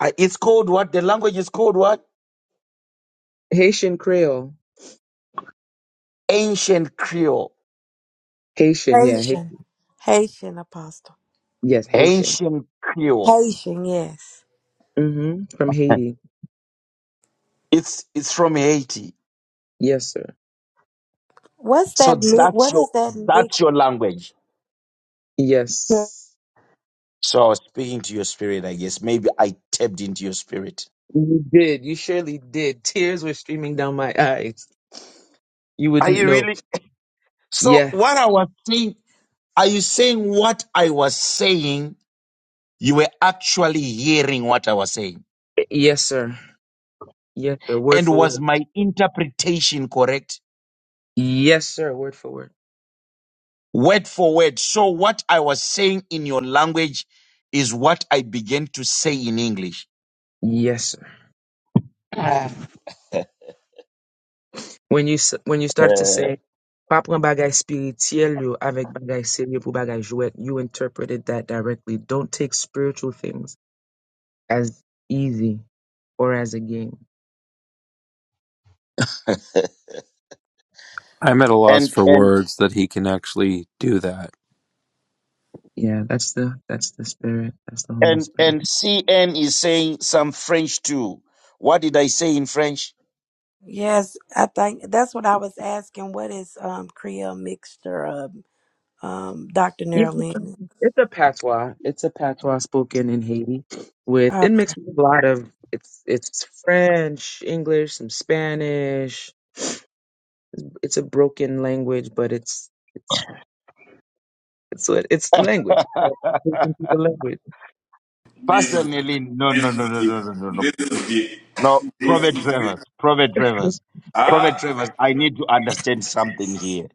Speaker 2: I, it's called what? The language is called what?
Speaker 16: Haitian Creole.
Speaker 2: Ancient Creole.
Speaker 16: Haitian, yeah. Hai-
Speaker 5: Haitian. Haitian apostle.
Speaker 16: yes, Haitian.
Speaker 2: Ancient Creole.
Speaker 5: Haitian, yes.
Speaker 16: hmm From Haiti.
Speaker 2: It's it's from Haiti.
Speaker 16: Yes, sir.
Speaker 5: What's
Speaker 2: So
Speaker 5: that? mi- What
Speaker 2: that's your
Speaker 5: is that
Speaker 2: that's your
Speaker 5: mixture?
Speaker 2: language.
Speaker 16: Yes.
Speaker 2: So I was speaking to your spirit, I guess. Maybe I tapped into your spirit.
Speaker 16: You did. You surely did. Tears were streaming down my eyes. You
Speaker 2: Are
Speaker 16: wouldn't
Speaker 2: you
Speaker 16: know.
Speaker 2: really? So
Speaker 16: Yeah.
Speaker 2: what I was saying, are you saying what I was saying? You were actually hearing what I was saying.
Speaker 16: Yes, sir. Yes, sir. Word
Speaker 2: And
Speaker 16: for
Speaker 2: was
Speaker 16: word.
Speaker 2: my interpretation correct?
Speaker 16: Yes, sir. Word for word.
Speaker 2: Word for word. So what I was saying in your language is what I began to say in English.
Speaker 16: Yes, sir. When you s- when you started to say, "Pa pran bagay spirituel yo avek bagay serye pou bagay jouet," you interpreted that directly. Don't take spiritual things as easy or as a game.
Speaker 7: I'm at a loss
Speaker 2: And
Speaker 7: for
Speaker 2: and
Speaker 7: words that he can actually do that.
Speaker 16: Yeah, that's the that's the spirit. That's the Holy
Speaker 2: and
Speaker 16: Spirit.
Speaker 2: and CN is saying some French too. What did I say in French?
Speaker 5: Yes, I think that's what I was asking. What is um Creole mixture of um Dr.
Speaker 16: Yeah, it's a
Speaker 5: Nerlin?
Speaker 16: it's a patois. It's a patois spoken in Haiti with
Speaker 5: Uh,
Speaker 16: it mixed with a lot of it's it's French, English, some Spanish. It's a broken language, but it's it's it's what- it's language. but it's broken people language.
Speaker 1: This is
Speaker 2: Personally, no, no,
Speaker 1: this
Speaker 2: no,
Speaker 1: is
Speaker 2: no,
Speaker 1: deep.
Speaker 2: no, no, no, no.
Speaker 1: This is deep.
Speaker 2: No,
Speaker 1: This
Speaker 2: Prophet
Speaker 1: is deep.
Speaker 2: Travers, Prophet Travers, Prophet
Speaker 1: Ah,
Speaker 2: Travers, I need to understand something here.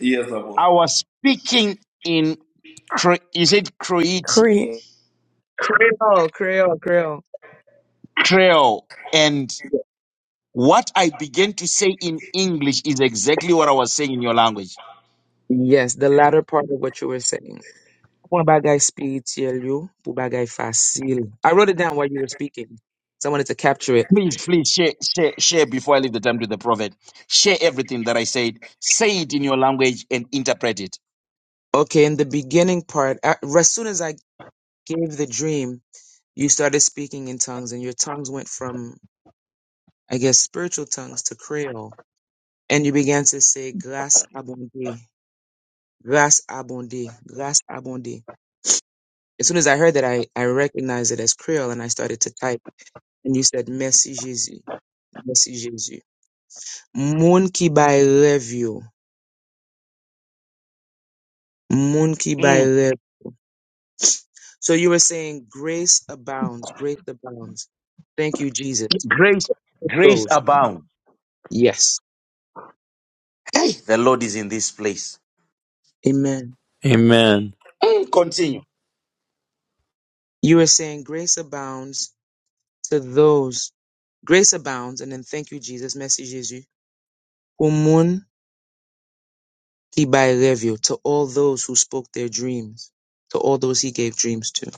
Speaker 1: yes, Apostle.
Speaker 2: I was speaking in, Cro- is it Croati,
Speaker 5: Creole.
Speaker 16: Creole, Creole, Creole.
Speaker 2: Creole, and what I began to say in English is exactly what I was saying in your language.
Speaker 16: Yes, the latter part of what you were saying. Kung bagay spiritual yo, kung bagay fasil. I wrote it down while you were speaking, so I wanted to capture it.
Speaker 2: Please, please share, share, share before I leave the time to the prophet. Share everything that I said. Say it in your language and interpret it.
Speaker 16: Okay, in the beginning part, a- as soon as I gave the dream you started speaking in tongues and your tongues went from i guess spiritual tongues to creole and you began to say grace abondée grace abondée grace abondée as soon as i heard that i i recognized it as creole and i started to type and you said merci jésus merci jésus moun ki bay rev yo moun ki bay
Speaker 2: Mm.
Speaker 16: rev so you were saying grace abounds grace abounds thank you jesus
Speaker 2: Grace,
Speaker 16: it
Speaker 2: grace
Speaker 16: goes
Speaker 2: abound.
Speaker 16: yes
Speaker 2: Hey, the Lord is in this place.
Speaker 16: amen
Speaker 7: Amen.
Speaker 2: Continue.
Speaker 16: you were saying grace abounds to those. Grace abounds, and then thank you, Jesus. Merci, Jésus. Pour moun ki bay To all those who spoke their dreams, to all those he gave dreams to.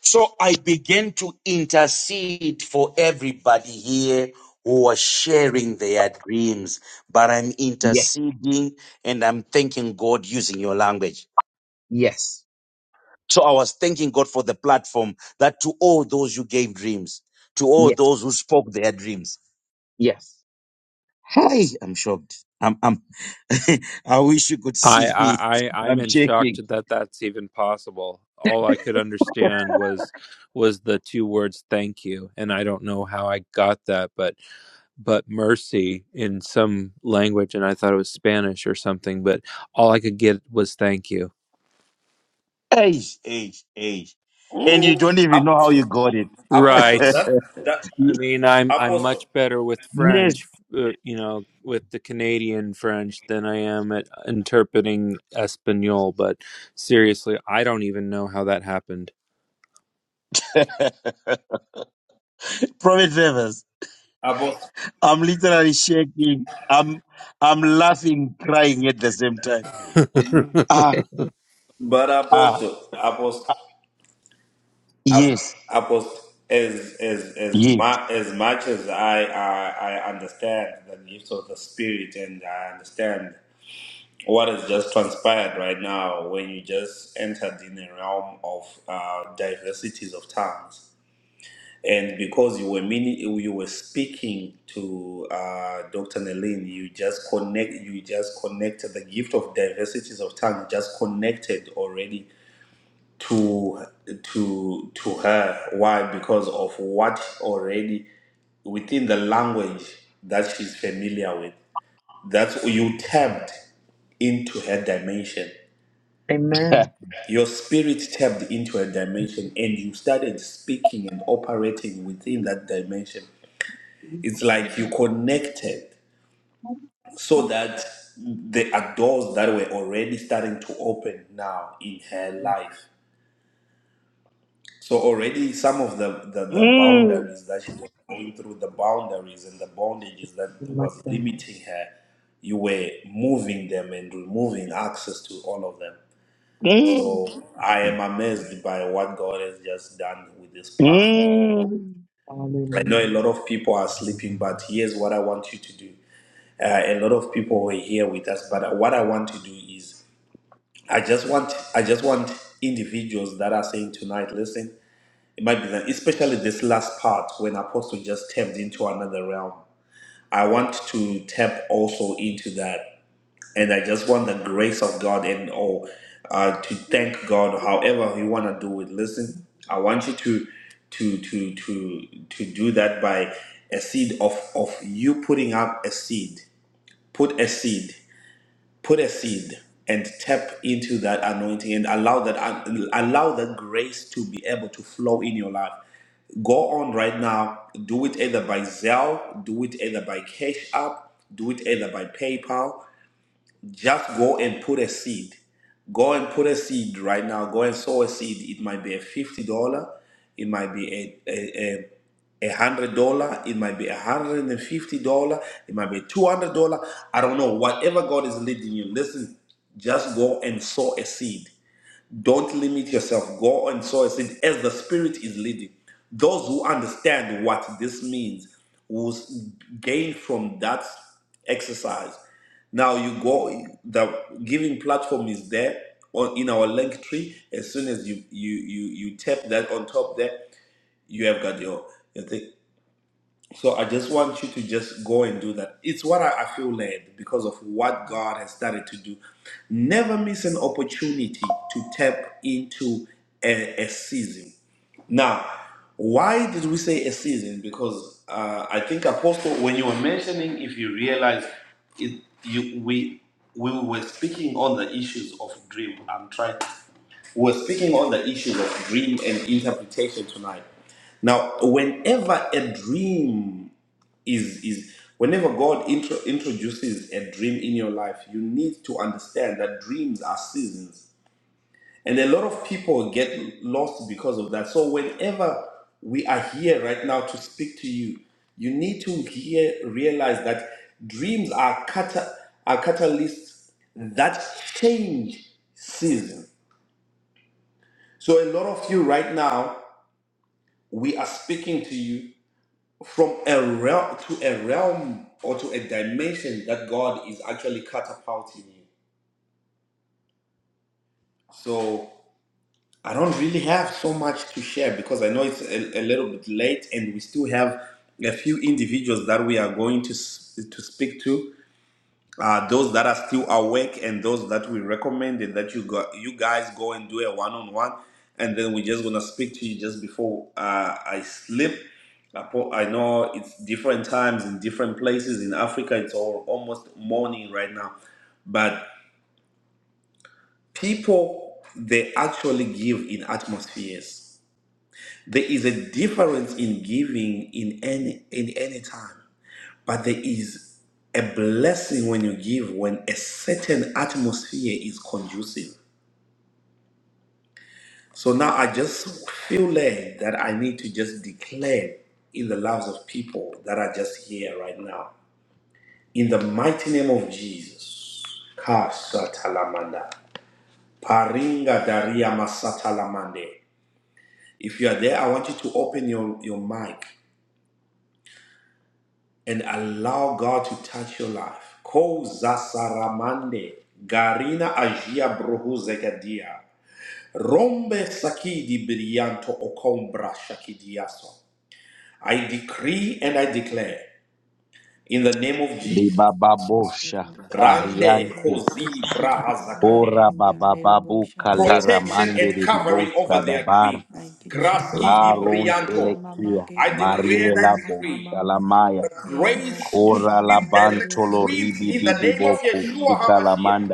Speaker 2: So I began to intercede for everybody here who are sharing their dreams, but I'm
Speaker 16: Yes,
Speaker 2: interceding and I'm thanking God using your language.
Speaker 16: yes,
Speaker 2: So I was thanking God for the platform that to all those who gave dreams, to all
Speaker 16: yes,
Speaker 2: those who spoke their dreams.
Speaker 16: yes.
Speaker 2: Hi, I'm shocked. I'm, I'm, I wish you could
Speaker 7: I,
Speaker 2: see me.
Speaker 7: I, I I'm
Speaker 2: I'm
Speaker 7: in shock
Speaker 2: shaking.
Speaker 7: that that's even possible. All I could understand was was the two words "thank you," and I don't know how I got that, but but mercy in some language and I thought it was Spanish or something, but all I could get was thank you.
Speaker 2: Hey, hey, hey. And you
Speaker 1: Mm,
Speaker 2: don't even know how you
Speaker 1: Apostle,
Speaker 2: got it.
Speaker 1: Apostle,
Speaker 7: Right.
Speaker 1: that's that
Speaker 7: I mean, I'm I'm
Speaker 1: Apostle,
Speaker 7: much better with
Speaker 2: yes.
Speaker 7: French, uh, you know, with the Canadian French than I am at interpreting Espanol, but seriously, I don't even know how that happened.
Speaker 2: Prophet Favors,
Speaker 1: Apostle,
Speaker 2: I'm literally shaking. I'm I'm laughing, crying at the same time. Ah,
Speaker 1: but
Speaker 2: ah,
Speaker 1: Apostle, Apostle, Ap-
Speaker 2: yes,
Speaker 1: Apostle. As as as
Speaker 2: yes.
Speaker 1: ma- as much as I, I I understand the gifts of the Spirit, and I understand what has just transpired right now when you just entered in a realm of uh, diversities of tongues. And because you were mini- you were speaking to uh, Dr. Nelin, you just connect you just connected the gift of diversities of tongue just connected already to to to her. Why? Because of what already within the language that she's familiar with. That's you tapped into her dimension.
Speaker 16: Amen.
Speaker 1: your spirit tapped into a dimension and you started speaking and operating within that dimension. It's like you connected so that there are doors that were already starting to open now in her life. So already some of the, the, the
Speaker 2: mm,
Speaker 1: boundaries that she was going through, the boundaries and the bondages that
Speaker 16: My
Speaker 1: was
Speaker 16: God.
Speaker 1: limiting her, you were moving them and removing access to all of them.
Speaker 2: mm,
Speaker 1: So I am amazed by what God has just done with this platform.
Speaker 2: mm.
Speaker 1: I know a
Speaker 16: Hallelujah.
Speaker 1: lot of people are sleeping, but here's what I want you to do. Uh, a lot of people were here with us, but what I want to do is I just want I just want individuals that are saying tonight, listen, it might be that especially this last part when Apostle just tapped into another realm. I want to tap also into that. and I just want the grace of God and all uh, to thank God, however you want to do it. Listen, I want you to to to to to do that by a seed of of you putting up a seed. Put a seed. Put a seed and tap into that anointing and allow that allow that grace to be able to flow in your life go on right now. Do it either by Zelle, do it either by Cash App, do it either by PayPal just go and put a seed. Go and put a seed right now. Go and sow a seed. It might be a fifty dollar, it might be a a, a, a hundred dollar, it might be a hundred and fifty dollar, it might be two hundred dollar. I don't know. Whatever God is leading you, listen. Just go and sow a seed. Don't limit yourself. Go and sow a seed as the Spirit is leading. Those who understand what this means will s- gain from that exercise. Now you go. The giving platform is there on in our link tree. As soon as you you you you tap that on top there, you have got your, your thing. So I just want you to just go and do that. It's what I, I feel led because of what God has started to do. Never miss an opportunity to tap into a, a season. Now, why did we say a season? Because uh, I think Apostle, when you were mentioning, if you realize it, you we we were speaking on the issues of dream. I'm trying. We're speaking on the issues of dream and interpretation tonight. Now, whenever a dream is is whenever God intro, introduces a dream in your life, you need to understand that dreams are seasons, and a lot of people get lost because of that. So whenever we are here right now to speak to you, you need to hear, realize that dreams are cata- are catalysts that change season. So a lot of you right now, we are speaking to you. from a realm to a realm or to a dimension that God is actually catapulting you. So I don't really have so much to share because I know it's a, a little bit late and we still have a few individuals that we are going to s- to speak to. uh, those that are still awake and those that we recommended that you go, you guys go and do a one-on-one and then we're just gonna speak to you just before uh, i sleep I po- I know it's different times in different places in africa it's all almost morning right now but people they actually give in atmospheres there is a difference in giving in any in any time, but there is a blessing when you give when a certain atmosphere is conducive. So now I just feel led that I need to just declare in the lives of people that are just here right now. In the mighty name of Jesus. Kasatalamanda. Paringa daria masatalamande. If you are there, I want you to open your, your mic and allow God to touch your life. Ko zasaramande garina agia brohu zegadia. Rombe sakidi brillanto okombra shakidiaso. I decree and I declare in the name of Jesus.
Speaker 3: Thank you,
Speaker 2: Libababosha
Speaker 1: Rande
Speaker 2: Kariante
Speaker 1: kozi brahazakade.
Speaker 2: Kora Babababu Kalera
Speaker 1: Protection
Speaker 2: Mande
Speaker 1: and
Speaker 3: Jesus.
Speaker 1: covering
Speaker 2: Riboshka
Speaker 1: over their
Speaker 2: Dabar
Speaker 1: dreams.
Speaker 3: Thank you, Jesus.
Speaker 1: Graski di
Speaker 2: Laron
Speaker 1: brillanto.
Speaker 2: Telekia
Speaker 1: I decree and
Speaker 2: Marile
Speaker 1: I
Speaker 2: Labo
Speaker 1: decree.
Speaker 2: Shalamaya
Speaker 1: the grace to
Speaker 2: Kora
Speaker 1: dream direct
Speaker 2: Labantolo
Speaker 1: dreams
Speaker 2: Ribi
Speaker 1: in the
Speaker 2: Bibi
Speaker 1: name of
Speaker 2: Boko
Speaker 1: Yeshua
Speaker 2: Shika
Speaker 1: HaMashiach.
Speaker 2: Lamanda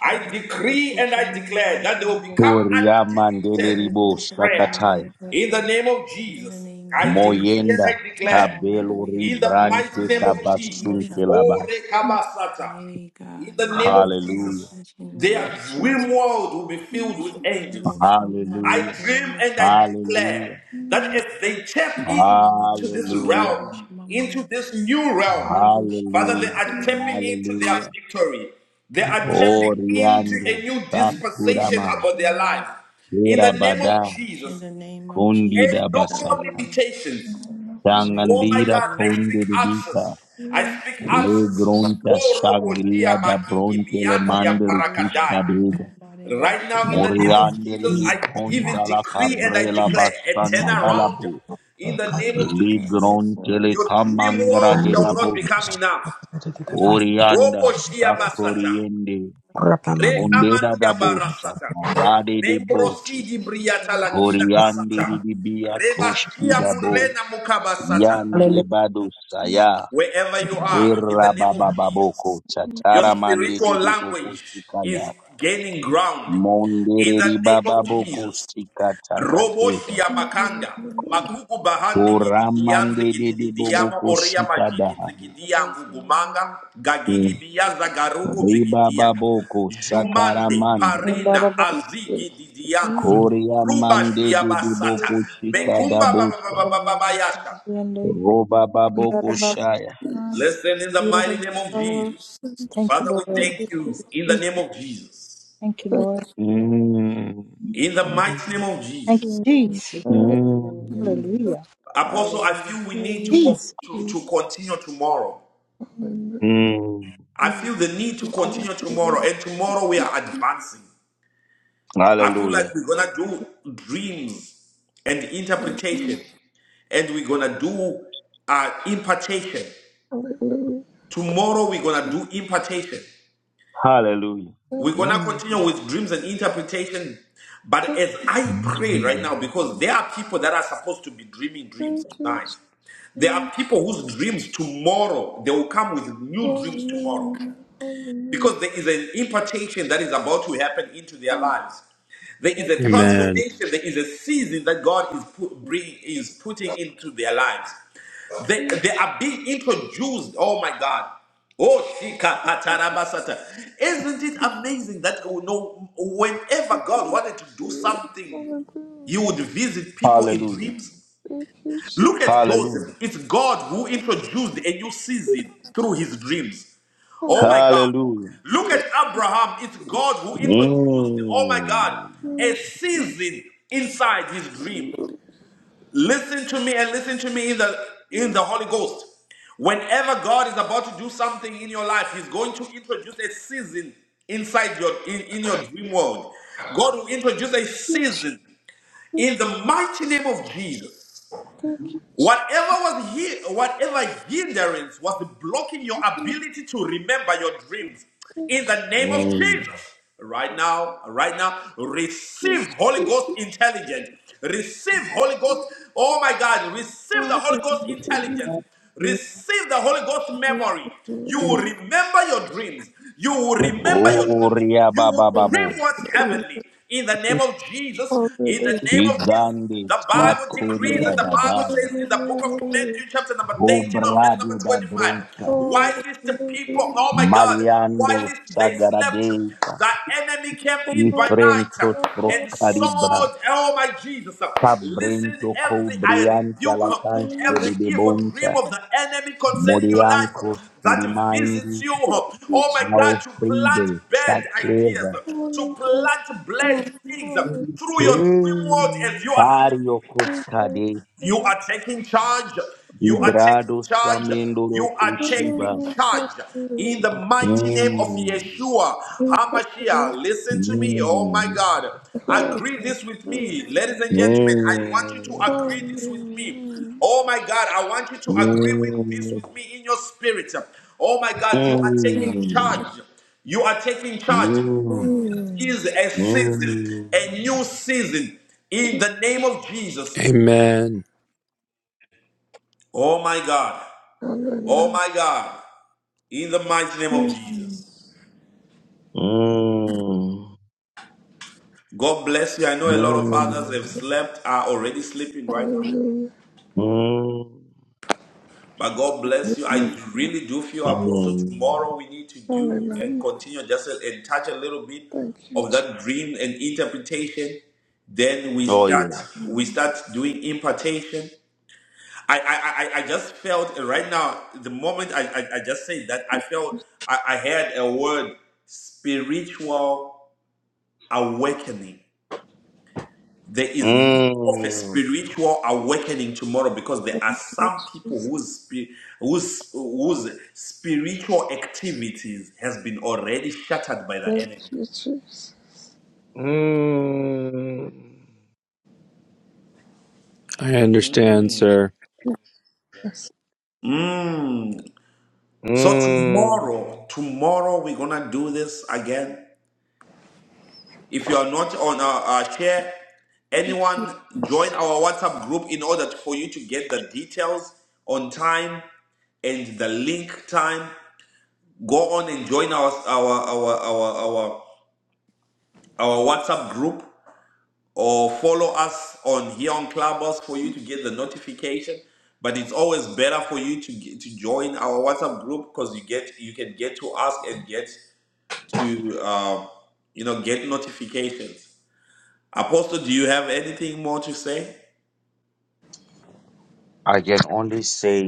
Speaker 1: I decree and I declare that they will become
Speaker 2: Toria mandele
Speaker 1: addicted
Speaker 2: ribo
Speaker 1: to prayer.
Speaker 2: sakatai.
Speaker 1: In the name of
Speaker 3: In the
Speaker 1: Jesus,
Speaker 3: name of
Speaker 1: I decree
Speaker 2: Moyenda
Speaker 3: Jesus.
Speaker 1: and I declare,
Speaker 2: kabelo
Speaker 3: Hallelujah.
Speaker 1: in
Speaker 3: The
Speaker 1: the mighty
Speaker 3: devotion,
Speaker 2: ribrante
Speaker 1: name
Speaker 3: Mama.
Speaker 1: of Jesus,
Speaker 2: kabasunte
Speaker 3: Devotion, Mama.
Speaker 1: O
Speaker 2: labai.
Speaker 1: Rekabasata,
Speaker 3: Hey,
Speaker 1: in
Speaker 3: God. The
Speaker 1: the name of
Speaker 3: devotion, Mama.
Speaker 2: Hallelujah.
Speaker 1: Jesus,
Speaker 3: In the name of
Speaker 1: their
Speaker 3: Jesus.
Speaker 1: dream world will be filled
Speaker 3: And
Speaker 1: with
Speaker 3: she can
Speaker 1: angels.
Speaker 3: emotion, Mama.
Speaker 1: I
Speaker 2: Hallelujah.
Speaker 3: The
Speaker 1: dream
Speaker 3: emotion,
Speaker 1: and I
Speaker 3: Mama.
Speaker 1: declare
Speaker 2: Hallelujah.
Speaker 1: that as they tap
Speaker 3: She
Speaker 1: in
Speaker 3: can
Speaker 1: into
Speaker 3: Mama.
Speaker 1: this
Speaker 3: Get
Speaker 2: Hallelujah.
Speaker 3: emotion,
Speaker 1: realm,
Speaker 3: Mama.
Speaker 1: into this new
Speaker 3: The
Speaker 1: realm,
Speaker 3: devotion,
Speaker 1: Father,
Speaker 3: Mama.
Speaker 1: they
Speaker 2: Hallelujah.
Speaker 1: are
Speaker 3: Get
Speaker 1: tapping
Speaker 3: emotion.
Speaker 1: into their
Speaker 2: Hallelujah.
Speaker 1: victory. They are
Speaker 3: The
Speaker 1: tapping
Speaker 3: devotion,
Speaker 1: into
Speaker 3: Mama.
Speaker 1: a
Speaker 2: Oriande
Speaker 1: new dispensation
Speaker 2: sakurama.
Speaker 3: And she,
Speaker 1: about their
Speaker 3: Mama.
Speaker 1: lives. In the name of
Speaker 2: Irabada
Speaker 3: In
Speaker 1: Jesus,
Speaker 3: the name of
Speaker 1: and
Speaker 2: kundi
Speaker 3: Jesus.
Speaker 1: no more
Speaker 2: dabasaka.
Speaker 3: Hallelujah.
Speaker 1: limitations. Oh my
Speaker 3: Hallelujah.
Speaker 2: Tangandira
Speaker 1: God, I
Speaker 3: Hallelujah.
Speaker 1: speak
Speaker 2: kundi
Speaker 1: access. I speak
Speaker 2: Le
Speaker 1: access.
Speaker 2: gronta
Speaker 1: Oh, Robo, Tia,
Speaker 2: sagria da
Speaker 1: Makingi,
Speaker 2: bronte le
Speaker 3: The
Speaker 1: Biandia,
Speaker 2: mandri
Speaker 3: Devotion,
Speaker 2: cusca
Speaker 1: Barakadai.
Speaker 3: Mama.
Speaker 2: deda.
Speaker 3: The
Speaker 1: Right now,
Speaker 3: Devotion.
Speaker 1: in the name of
Speaker 2: Moriandele
Speaker 1: Jesus,
Speaker 2: li
Speaker 1: I
Speaker 3: In the
Speaker 2: bronta
Speaker 1: even
Speaker 2: la
Speaker 3: name
Speaker 1: decree
Speaker 3: of
Speaker 1: and I
Speaker 3: Jesus.
Speaker 2: cabrela
Speaker 1: declare a
Speaker 2: bastanta la
Speaker 1: turnaround
Speaker 2: bu.
Speaker 1: in the name of
Speaker 3: Yes,
Speaker 2: Li
Speaker 3: God,
Speaker 1: Jesus.
Speaker 3: yes,
Speaker 2: gronte
Speaker 3: Lord.
Speaker 2: le
Speaker 1: Your
Speaker 3: Yes.
Speaker 1: dream
Speaker 2: camangra
Speaker 1: world
Speaker 2: de da
Speaker 1: shall not become
Speaker 2: bosca.
Speaker 1: enough.
Speaker 3: Devotion,
Speaker 2: Orianda
Speaker 1: Robo shia
Speaker 3: devotion,
Speaker 1: basata.
Speaker 2: sacoriende.
Speaker 3: devotion,
Speaker 2: Ondeda da
Speaker 1: Rekamandia
Speaker 2: bossa.
Speaker 1: barasata.
Speaker 2: Parade de boti.
Speaker 1: Membrosidi briata lakina
Speaker 3: devotion.
Speaker 2: Coriande
Speaker 1: asata.
Speaker 2: di di bia
Speaker 1: Reba
Speaker 2: coschi da
Speaker 1: shia
Speaker 2: bo.
Speaker 1: murena mukabasata.
Speaker 2: Yande badusa
Speaker 1: Wherever you
Speaker 5: Hallelujah.
Speaker 1: are, in the name of
Speaker 2: Irababababoko
Speaker 1: Jesus, your
Speaker 2: chatara mandi
Speaker 1: spiritual
Speaker 2: didi boko
Speaker 1: language is
Speaker 2: sikaya.
Speaker 1: gaining ground. In
Speaker 2: Mondereri
Speaker 1: the name of
Speaker 2: bababoko
Speaker 1: Jesus.
Speaker 2: shika takatega.
Speaker 1: Roboshia makanda makuku bahandi gidigianzi
Speaker 2: Uramande didi
Speaker 1: gididiyama
Speaker 2: boboko
Speaker 1: oria
Speaker 2: shika
Speaker 1: majiki
Speaker 2: daha.
Speaker 1: zigidia ngugumanga gagigi
Speaker 2: Mm.
Speaker 1: biyaza garuku
Speaker 2: Riba
Speaker 1: bigidia
Speaker 2: baboko
Speaker 1: jumande
Speaker 2: sakaramandi.
Speaker 1: parina azigi didianzu
Speaker 2: Korea
Speaker 1: ruba
Speaker 2: mande
Speaker 1: shia
Speaker 2: didi
Speaker 1: basata
Speaker 2: boko shika
Speaker 1: mekumba baba baba
Speaker 2: daboska.
Speaker 1: baba bayasha
Speaker 2: Roba baboko shaya.
Speaker 1: listen in the mighty name of Jesus
Speaker 15: Thank you,
Speaker 1: Father we
Speaker 15: Lord.
Speaker 1: thank you in the name of Jesus
Speaker 15: Thank you, Lord.
Speaker 2: Mm.
Speaker 1: in the mighty name of
Speaker 15: Thank you,
Speaker 1: Jesus
Speaker 15: Jesus.
Speaker 3: Hallelujah.
Speaker 2: Mm.
Speaker 15: Hallelujah.
Speaker 1: Apostle I
Speaker 3: Hallelujah.
Speaker 1: feel we need to con-
Speaker 15: Jesus.
Speaker 1: to, to continue tomorrow
Speaker 2: Mm.
Speaker 1: I feel the need to continue tomorrow, and tomorrow we are advancing. I feel like
Speaker 2: Hallelujah.
Speaker 1: we're gonna do dreams and interpretation, and we're gonna do uh, impartation.
Speaker 14: Hallelujah.
Speaker 1: Tomorrow we're gonna do impartation.
Speaker 2: Hallelujah.
Speaker 1: We're gonna continue with dreams and interpretation. But as I pray right
Speaker 2: Mm.
Speaker 1: now, because there are people that are supposed to be dreaming dreams tonight, there are people whose dreams tomorrow they will come with new dreams tomorrow.
Speaker 14: Hallelujah,
Speaker 1: because there is an impartation that is about to happen into their lives. There is a
Speaker 7: Amen.
Speaker 1: transformation, there is a season that God is, put, bring, is putting into their lives. They, they are being introduced, oh my God. Oh, Shika Patarabasata. Isn't it amazing that you know, whenever God wanted to do something, He would
Speaker 14: hallelujah.
Speaker 1: visit people in
Speaker 2: Hallelujah.
Speaker 1: dreams?
Speaker 14: Thank you, Jesus.
Speaker 1: Look at
Speaker 2: Hallelujah.
Speaker 1: Joseph. It's God who introduced a new season through his dreams. Oh
Speaker 14: Hallelujah,
Speaker 1: my God.
Speaker 2: Hallelujah.
Speaker 1: Look at Abraham. It's God who introduced, oh my
Speaker 2: Mm.
Speaker 1: God, a season
Speaker 14: Jesus.
Speaker 1: inside his dream.
Speaker 14: Hallelujah.
Speaker 1: Listen to me and listen to me in the in the Holy Ghost. Whenever God is about to do something in your life, He's going to introduce a season inside your in, in your dream world. God will introduce a season in the mighty name of Jesus.
Speaker 14: Thank
Speaker 1: Whatever was he, whatever hindrance was blocking your
Speaker 14: you,
Speaker 1: ability to remember your dreams,
Speaker 14: thank
Speaker 1: in the name of
Speaker 2: Mm.
Speaker 1: Jesus, right now, right now,
Speaker 14: you,
Speaker 1: receive
Speaker 14: Jesus.
Speaker 1: Holy Ghost intelligence. Receive Holy Ghost. Oh my God, receive the
Speaker 14: Hallelujah,
Speaker 1: Holy Ghost
Speaker 14: hallelujah.
Speaker 1: intelligence. Receive the Holy Ghost memory. You will
Speaker 14: Hallelujah, hallelujah.
Speaker 1: remember your dreams. You will remember your dreams.
Speaker 2: Oria
Speaker 1: You will
Speaker 2: baba
Speaker 1: dream
Speaker 2: babo.
Speaker 1: what's
Speaker 14: Hallelujah, hallelujah.
Speaker 1: heavenly. In the name of
Speaker 14: Hallelujah,
Speaker 1: Jesus,
Speaker 14: hallelujah.
Speaker 1: in the name of Jesus,
Speaker 2: Igande
Speaker 1: the Bible decrees and
Speaker 2: sakuria
Speaker 14: Thank
Speaker 1: the
Speaker 2: da
Speaker 14: you,
Speaker 1: Bible
Speaker 2: baba.
Speaker 1: says in the book of Matthew, chapter number 13, or verse number
Speaker 2: Obrade da bronska.
Speaker 1: 25, whilst the people, oh my God,
Speaker 2: Mariando
Speaker 1: whilst they slept,
Speaker 2: sagaradeka.
Speaker 1: Thy enemy came in by night
Speaker 2: Ifrentos
Speaker 1: and saw,
Speaker 2: procalibra.
Speaker 1: oh my Jesus. Listen,
Speaker 2: Sabrento
Speaker 1: every I
Speaker 2: cobrianta la
Speaker 1: rebuke
Speaker 2: canche
Speaker 1: every
Speaker 2: de
Speaker 1: evil
Speaker 2: debonta.
Speaker 1: dream of the enemy concerning your life
Speaker 2: Moriancos
Speaker 1: that visits
Speaker 2: kirimaindi.
Speaker 1: you. Oh my God, to plant
Speaker 2: Alfredo
Speaker 1: bad
Speaker 2: sacreva.
Speaker 1: ideas, to plant bad things through your dream world
Speaker 2: Mm.
Speaker 1: as you are sleeping.
Speaker 2: Bario Coscade,
Speaker 1: You are taking charge. You are taking
Speaker 2: Vibrado
Speaker 1: charge. You
Speaker 2: Samendoro
Speaker 14: hallelujah.
Speaker 1: are taking
Speaker 2: Ushiba.
Speaker 1: charge. In
Speaker 14: Hallelujah,
Speaker 1: the mighty name of
Speaker 2: Mm.
Speaker 1: Yeshua HaMashiach,
Speaker 14: hallelujah.
Speaker 1: listen to me. Oh my
Speaker 2: Mm.
Speaker 1: God.
Speaker 14: Hallelujah,
Speaker 1: Agree this with
Speaker 14: hallelujah.
Speaker 1: me. Ladies and gentlemen, I want you to
Speaker 2: Mm.
Speaker 1: agree this with me.
Speaker 14: Hallelujah.
Speaker 1: Oh my God, I want you to agree with this with me in your spirit. Oh my
Speaker 2: Mm. Mm. Mm.
Speaker 1: God, you are taking
Speaker 14: Mm.
Speaker 2: Mm.
Speaker 1: charge. You are taking charge. This is a season, a new season in the name of Jesus.
Speaker 7: Amen.
Speaker 1: Oh my God. Oh
Speaker 14: Hallelujah.
Speaker 1: my God. In the mighty name of
Speaker 14: Mm.
Speaker 1: Jesus.
Speaker 2: Mm.
Speaker 1: God bless you. I
Speaker 2: Mm.
Speaker 1: know a lot of others
Speaker 2: Mm.
Speaker 1: have slept, are already sleeping right now.
Speaker 14: Hallelujah.
Speaker 2: Mm.
Speaker 1: But God bless you. I really do feel, Apostle, tomorrow we need to do and
Speaker 14: Hallelujah.
Speaker 1: continue just a- and touch a little bit
Speaker 14: Thank you,
Speaker 1: of
Speaker 14: Je-
Speaker 1: that dream and interpretation. Then we
Speaker 2: Oh,
Speaker 1: start
Speaker 2: yes.
Speaker 1: we start doing impartation. I I, I, I just felt right now, the moment I, I, I just said that, I felt I, I had a word spiritual awakening. There is need of a
Speaker 2: Mm.
Speaker 1: spiritual awakening tomorrow because there are some people whose spi- whose whose spiritual activities has been already shattered by the
Speaker 14: thank
Speaker 1: enemy.
Speaker 14: you, Jesus.
Speaker 2: Mm.
Speaker 7: I understand,
Speaker 1: Mm.
Speaker 7: sir.
Speaker 14: Yes,
Speaker 1: Mm. So
Speaker 2: Mm.
Speaker 1: tomorrow, tomorrow we're gonna do this again. If you are not on our, our share, anyone join
Speaker 14: yes.
Speaker 1: our WhatsApp group in order for you to get the details on time and the link time. go on and join our our our our our, our WhatsApp group or follow us on here on Clubhouse for you to get the notification. But it's always better for you to get, to join our WhatsApp group because you get you can get to us and get to uh, you know get notifications. Apostle, do you have anything more to say?
Speaker 2: I can only say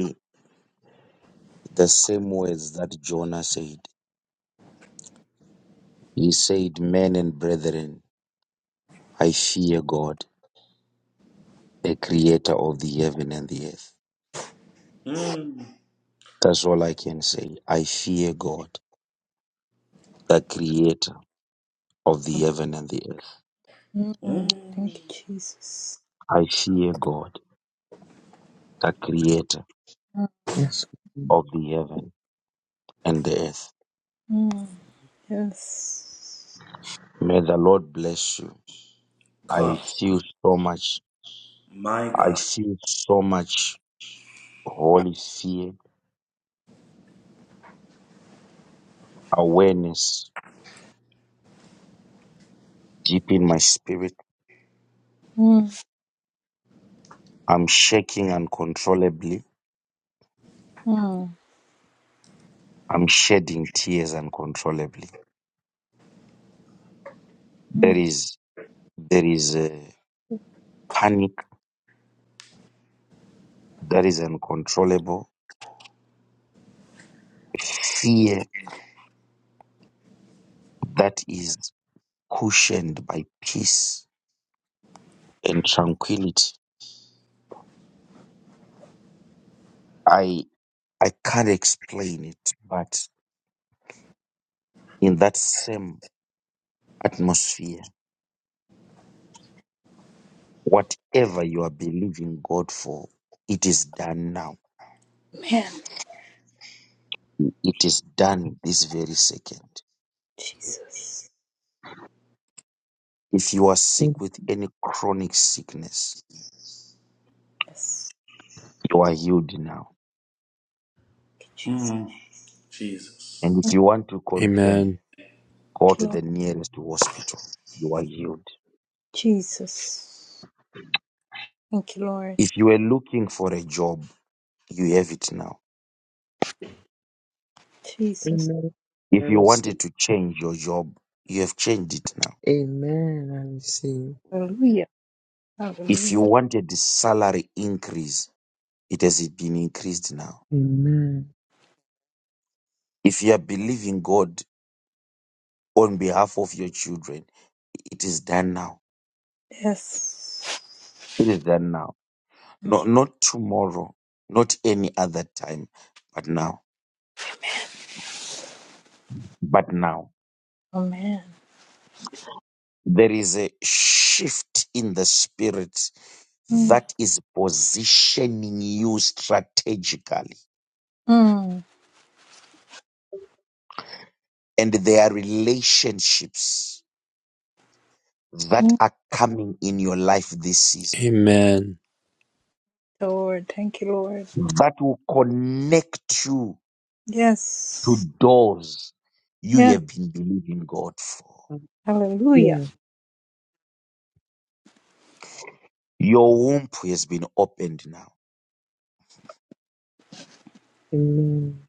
Speaker 2: the same words that Jonah said. He said, Men and brethren, I fear God, the creator of the heaven and the earth.
Speaker 1: Mm.
Speaker 2: That's all I can say. I fear God, the creator of the heaven and the earth.
Speaker 15: Mm, Thank you,
Speaker 1: Mm.
Speaker 15: Jesus.
Speaker 2: I fear God, the creator
Speaker 15: Mm,
Speaker 16: Yes.
Speaker 2: of the heaven and the earth.
Speaker 15: mm, Yes.
Speaker 2: May the Lord bless you. I
Speaker 1: Come,
Speaker 2: feel so much,
Speaker 1: my
Speaker 2: I
Speaker 1: God,
Speaker 2: feel so much holy fear, awareness deep in my spirit.
Speaker 15: Mm,
Speaker 2: I'm shaking uncontrollably
Speaker 15: mm,
Speaker 2: I'm shedding tears uncontrollably. There
Speaker 15: mm.
Speaker 2: is there is a panic that is uncontrollable, fear that is cushioned by peace and tranquility. I I can't explain it, but in that same atmosphere, whatever you are believing God for, it is done now.
Speaker 15: Man,
Speaker 2: It is done this very second.
Speaker 15: Jesus.
Speaker 2: If you are sick with any chronic sickness,
Speaker 15: Yes.
Speaker 2: you are healed now
Speaker 15: Thank
Speaker 1: mm. Jesus.
Speaker 2: And if you want to confirm,
Speaker 7: Amen.
Speaker 2: go to
Speaker 15: you,
Speaker 2: the nearest hospital. You are healed.
Speaker 15: Jesus. Thank you, Lord. Jesus. Thank you, Lord.
Speaker 2: If you were looking for a job, you have it now.
Speaker 15: Jesus.
Speaker 16: Amen. I
Speaker 2: If you
Speaker 16: receive.
Speaker 2: wanted to change your job, you have changed it now.
Speaker 16: Amen. I receive.
Speaker 15: Hallelujah.
Speaker 2: If you
Speaker 15: Hallelujah.
Speaker 2: wanted the salary increase, it has been increased now.
Speaker 16: Amen.
Speaker 2: If you are believing God on behalf of your children, it is done now.
Speaker 15: Yes.
Speaker 2: It is done now. No,
Speaker 15: Thank you.
Speaker 2: not tomorrow, not any other time, but now. But now.
Speaker 15: Amen.
Speaker 2: There is a shift in the spirit
Speaker 15: Mm,
Speaker 2: that is positioning you strategically.
Speaker 15: mm,
Speaker 2: And there are relationships that
Speaker 15: mm.
Speaker 2: are coming in your life this season
Speaker 7: Amen.
Speaker 15: Lord. Thank you, Lord.
Speaker 2: that will connect you
Speaker 15: Yes.
Speaker 2: to doors you
Speaker 15: Yes.
Speaker 2: have been believing God for.
Speaker 15: Hallelujah.
Speaker 16: Yeah,
Speaker 2: Your womb has been opened now.
Speaker 16: amen.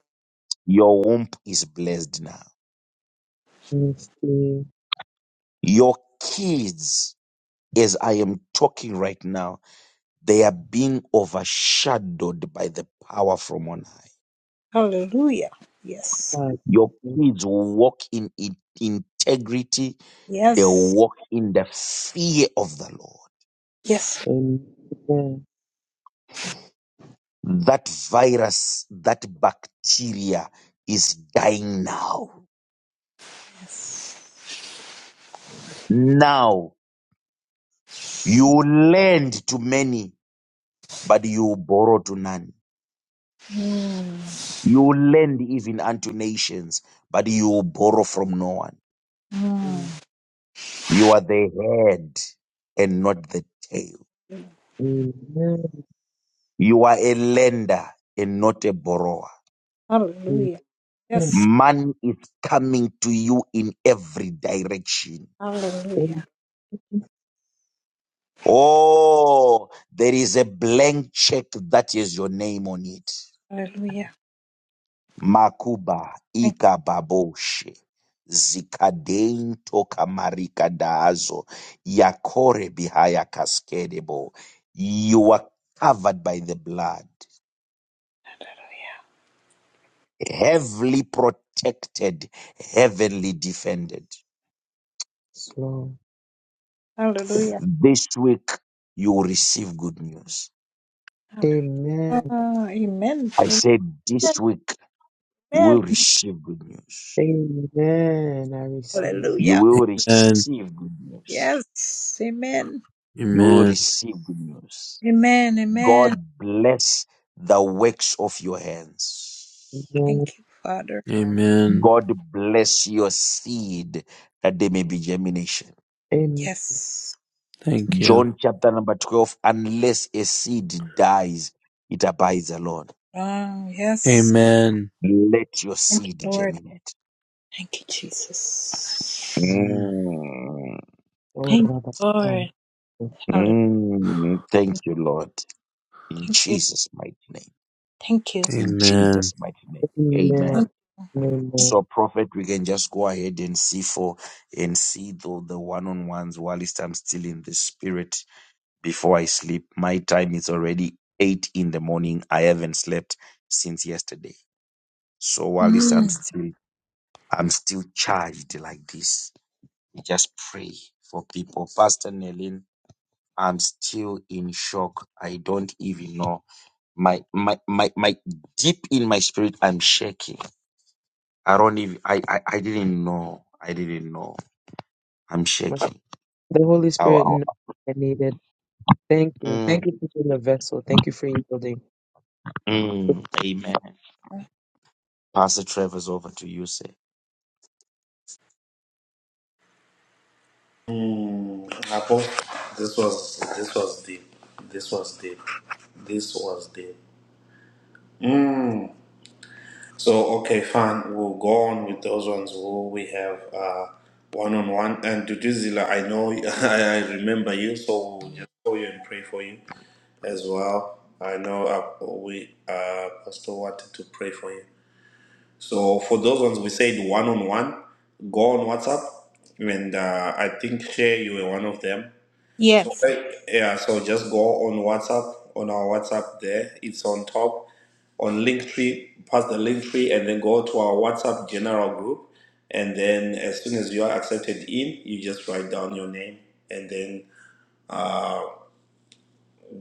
Speaker 2: Your womb is blessed now.
Speaker 16: Yes, dear
Speaker 2: Your kids, as I am talking right now, They are being overshadowed by the power from on high.
Speaker 15: Hallelujah. Yes.
Speaker 16: God.
Speaker 2: Your kids will walk in in- integrity. They will
Speaker 15: Yes.
Speaker 2: walk in the fear of the Lord.
Speaker 15: Yes.
Speaker 16: Amen. Amen.
Speaker 2: That virus, that bacteria is dying now.
Speaker 15: Yes.
Speaker 2: Now you lend to many, but you borrow to none.
Speaker 15: Mm.
Speaker 2: You lend even unto nations, but you borrow from no one.
Speaker 15: Mm.
Speaker 2: You are the head and not the tail.
Speaker 16: Amen.
Speaker 2: You are a lender and not a borrower.
Speaker 15: Hallelujah.
Speaker 16: Amen.
Speaker 15: Yes.
Speaker 2: Money is coming to you in every direction.
Speaker 15: Hallelujah.
Speaker 16: In
Speaker 2: Oh, there is a blank check that is your name on it.
Speaker 15: Hallelujah.
Speaker 2: Makuba
Speaker 15: Thank-
Speaker 2: ikababoshe zikadein toka marika daazo yakore bihaya cascadebo. You are covered by the blood, heavily protected, heavenly defended.
Speaker 16: Jesus' name.
Speaker 15: Hallelujah.
Speaker 2: This week, you will receive good news.
Speaker 15: Hallelujah.
Speaker 16: Amen.
Speaker 15: Ah, amen.
Speaker 2: I said, this
Speaker 15: Amen.
Speaker 2: week, you
Speaker 15: Amen.
Speaker 2: will receive good news.
Speaker 16: Amen. I receive it.
Speaker 2: You
Speaker 15: Hallelujah.
Speaker 2: will
Speaker 7: Amen.
Speaker 2: receive good news.
Speaker 15: Yes. Amen.
Speaker 2: You will
Speaker 7: Amen.
Speaker 2: receive good news.
Speaker 15: Amen.
Speaker 2: God
Speaker 15: Amen.
Speaker 2: bless the works of your hands.
Speaker 16: Amen.
Speaker 15: Thank you, Father.
Speaker 7: Amen.
Speaker 2: God bless your seed that there may be germination.
Speaker 16: Amen.
Speaker 15: Yes.
Speaker 7: Thank you.
Speaker 2: John chapter number 12, unless a seed dies, it abides alone.
Speaker 15: Um, yes.
Speaker 7: Amen.
Speaker 2: Let your
Speaker 15: Thank
Speaker 2: seed
Speaker 15: you, Lord.
Speaker 2: germinate.
Speaker 15: Thank you, Jesus.
Speaker 7: Mm,
Speaker 2: Mm.
Speaker 16: Oh,
Speaker 15: Thank you,
Speaker 16: Rabbi.
Speaker 15: Lord. Hallelujah.
Speaker 2: Mm, thank you, Lord. In
Speaker 15: Thank you.
Speaker 2: Jesus' mighty name.
Speaker 15: Thank you.
Speaker 2: In
Speaker 7: Amen.
Speaker 2: Jesus' mighty name.
Speaker 16: Amen.
Speaker 2: Amen. So,
Speaker 16: Amen.
Speaker 2: Prophet, we can just go ahead and see for and see though the one on ones whilst I'm still in the spirit before I sleep. My time is already eight in the morning. I haven't slept since yesterday. So whilst I'm
Speaker 15: Mm.
Speaker 2: still I'm still charged like this. Just pray for people. Pastor Nelin, I'm still in shock. I don't even know my my my my deep in my spirit i'm shaking i don't even i i, I didn't know i didn't know i'm shaking
Speaker 16: The Holy
Speaker 2: Ow,
Speaker 16: Spirit
Speaker 2: ow.
Speaker 16: knows I needed. Thank you.
Speaker 2: Mm,
Speaker 16: Thank you for being a vessel. Thank you for yielding.
Speaker 2: mm, amen pastor trevor's over to you sir
Speaker 1: Mm, Apple, this was this was deep. This was deep. This was deep. Mm. So okay, fine. We'll go on with those ones. Who we have uh one on one and Duduzila. I know I, I remember you, so we'll just call you and pray for you as well. I know uh, we uh Pastor wanted to pray for you. So for those ones, we said one on one. Go on WhatsApp, and uh, I think share you were one of them So
Speaker 15: Yes.
Speaker 1: uh, yeah, so just go on WhatsApp on our WhatsApp there. It's on top on Linktree, past the Linktree, and then go to our WhatsApp general group. And then as soon as you are accepted in, you just write down your name, and then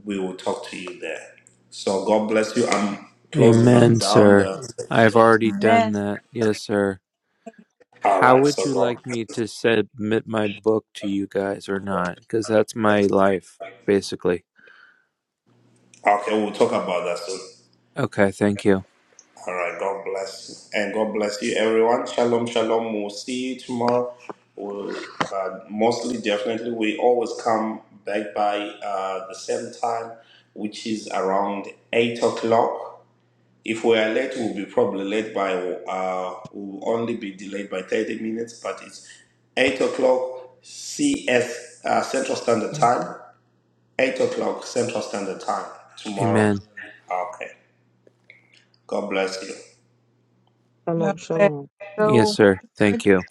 Speaker 1: we will talk to you there. So God bless you. I'm closing up
Speaker 7: Amen,
Speaker 1: down
Speaker 7: sir.
Speaker 1: the.
Speaker 7: I have already done
Speaker 15: Amen.
Speaker 7: that. Yes, sir.
Speaker 1: All
Speaker 7: How
Speaker 1: right.
Speaker 7: would
Speaker 1: So
Speaker 7: you like me to submit my book to you guys or not? Because that's my life,
Speaker 1: God.
Speaker 7: basically.
Speaker 1: Okay, we'll talk about that soon.
Speaker 7: Okay, thank you.
Speaker 1: All right. God bless. you. And God bless you, everyone. Shalom, shalom. We'll see you tomorrow. We'll, uh, mostly, definitely, we always come back by uh, the same time, which is around 8 o'clock. If we are late, we'll be probably late by, uh, we'll only be delayed by 30 minutes, but it's 8 o'clock CS, uh, Central Standard Time. 8 o'clock Central Standard Time tomorrow.
Speaker 7: Amen.
Speaker 1: Okay. God bless you.
Speaker 15: Your
Speaker 16: Shalom, shalom.
Speaker 7: Yes,
Speaker 15: word.
Speaker 7: sir. Thank you.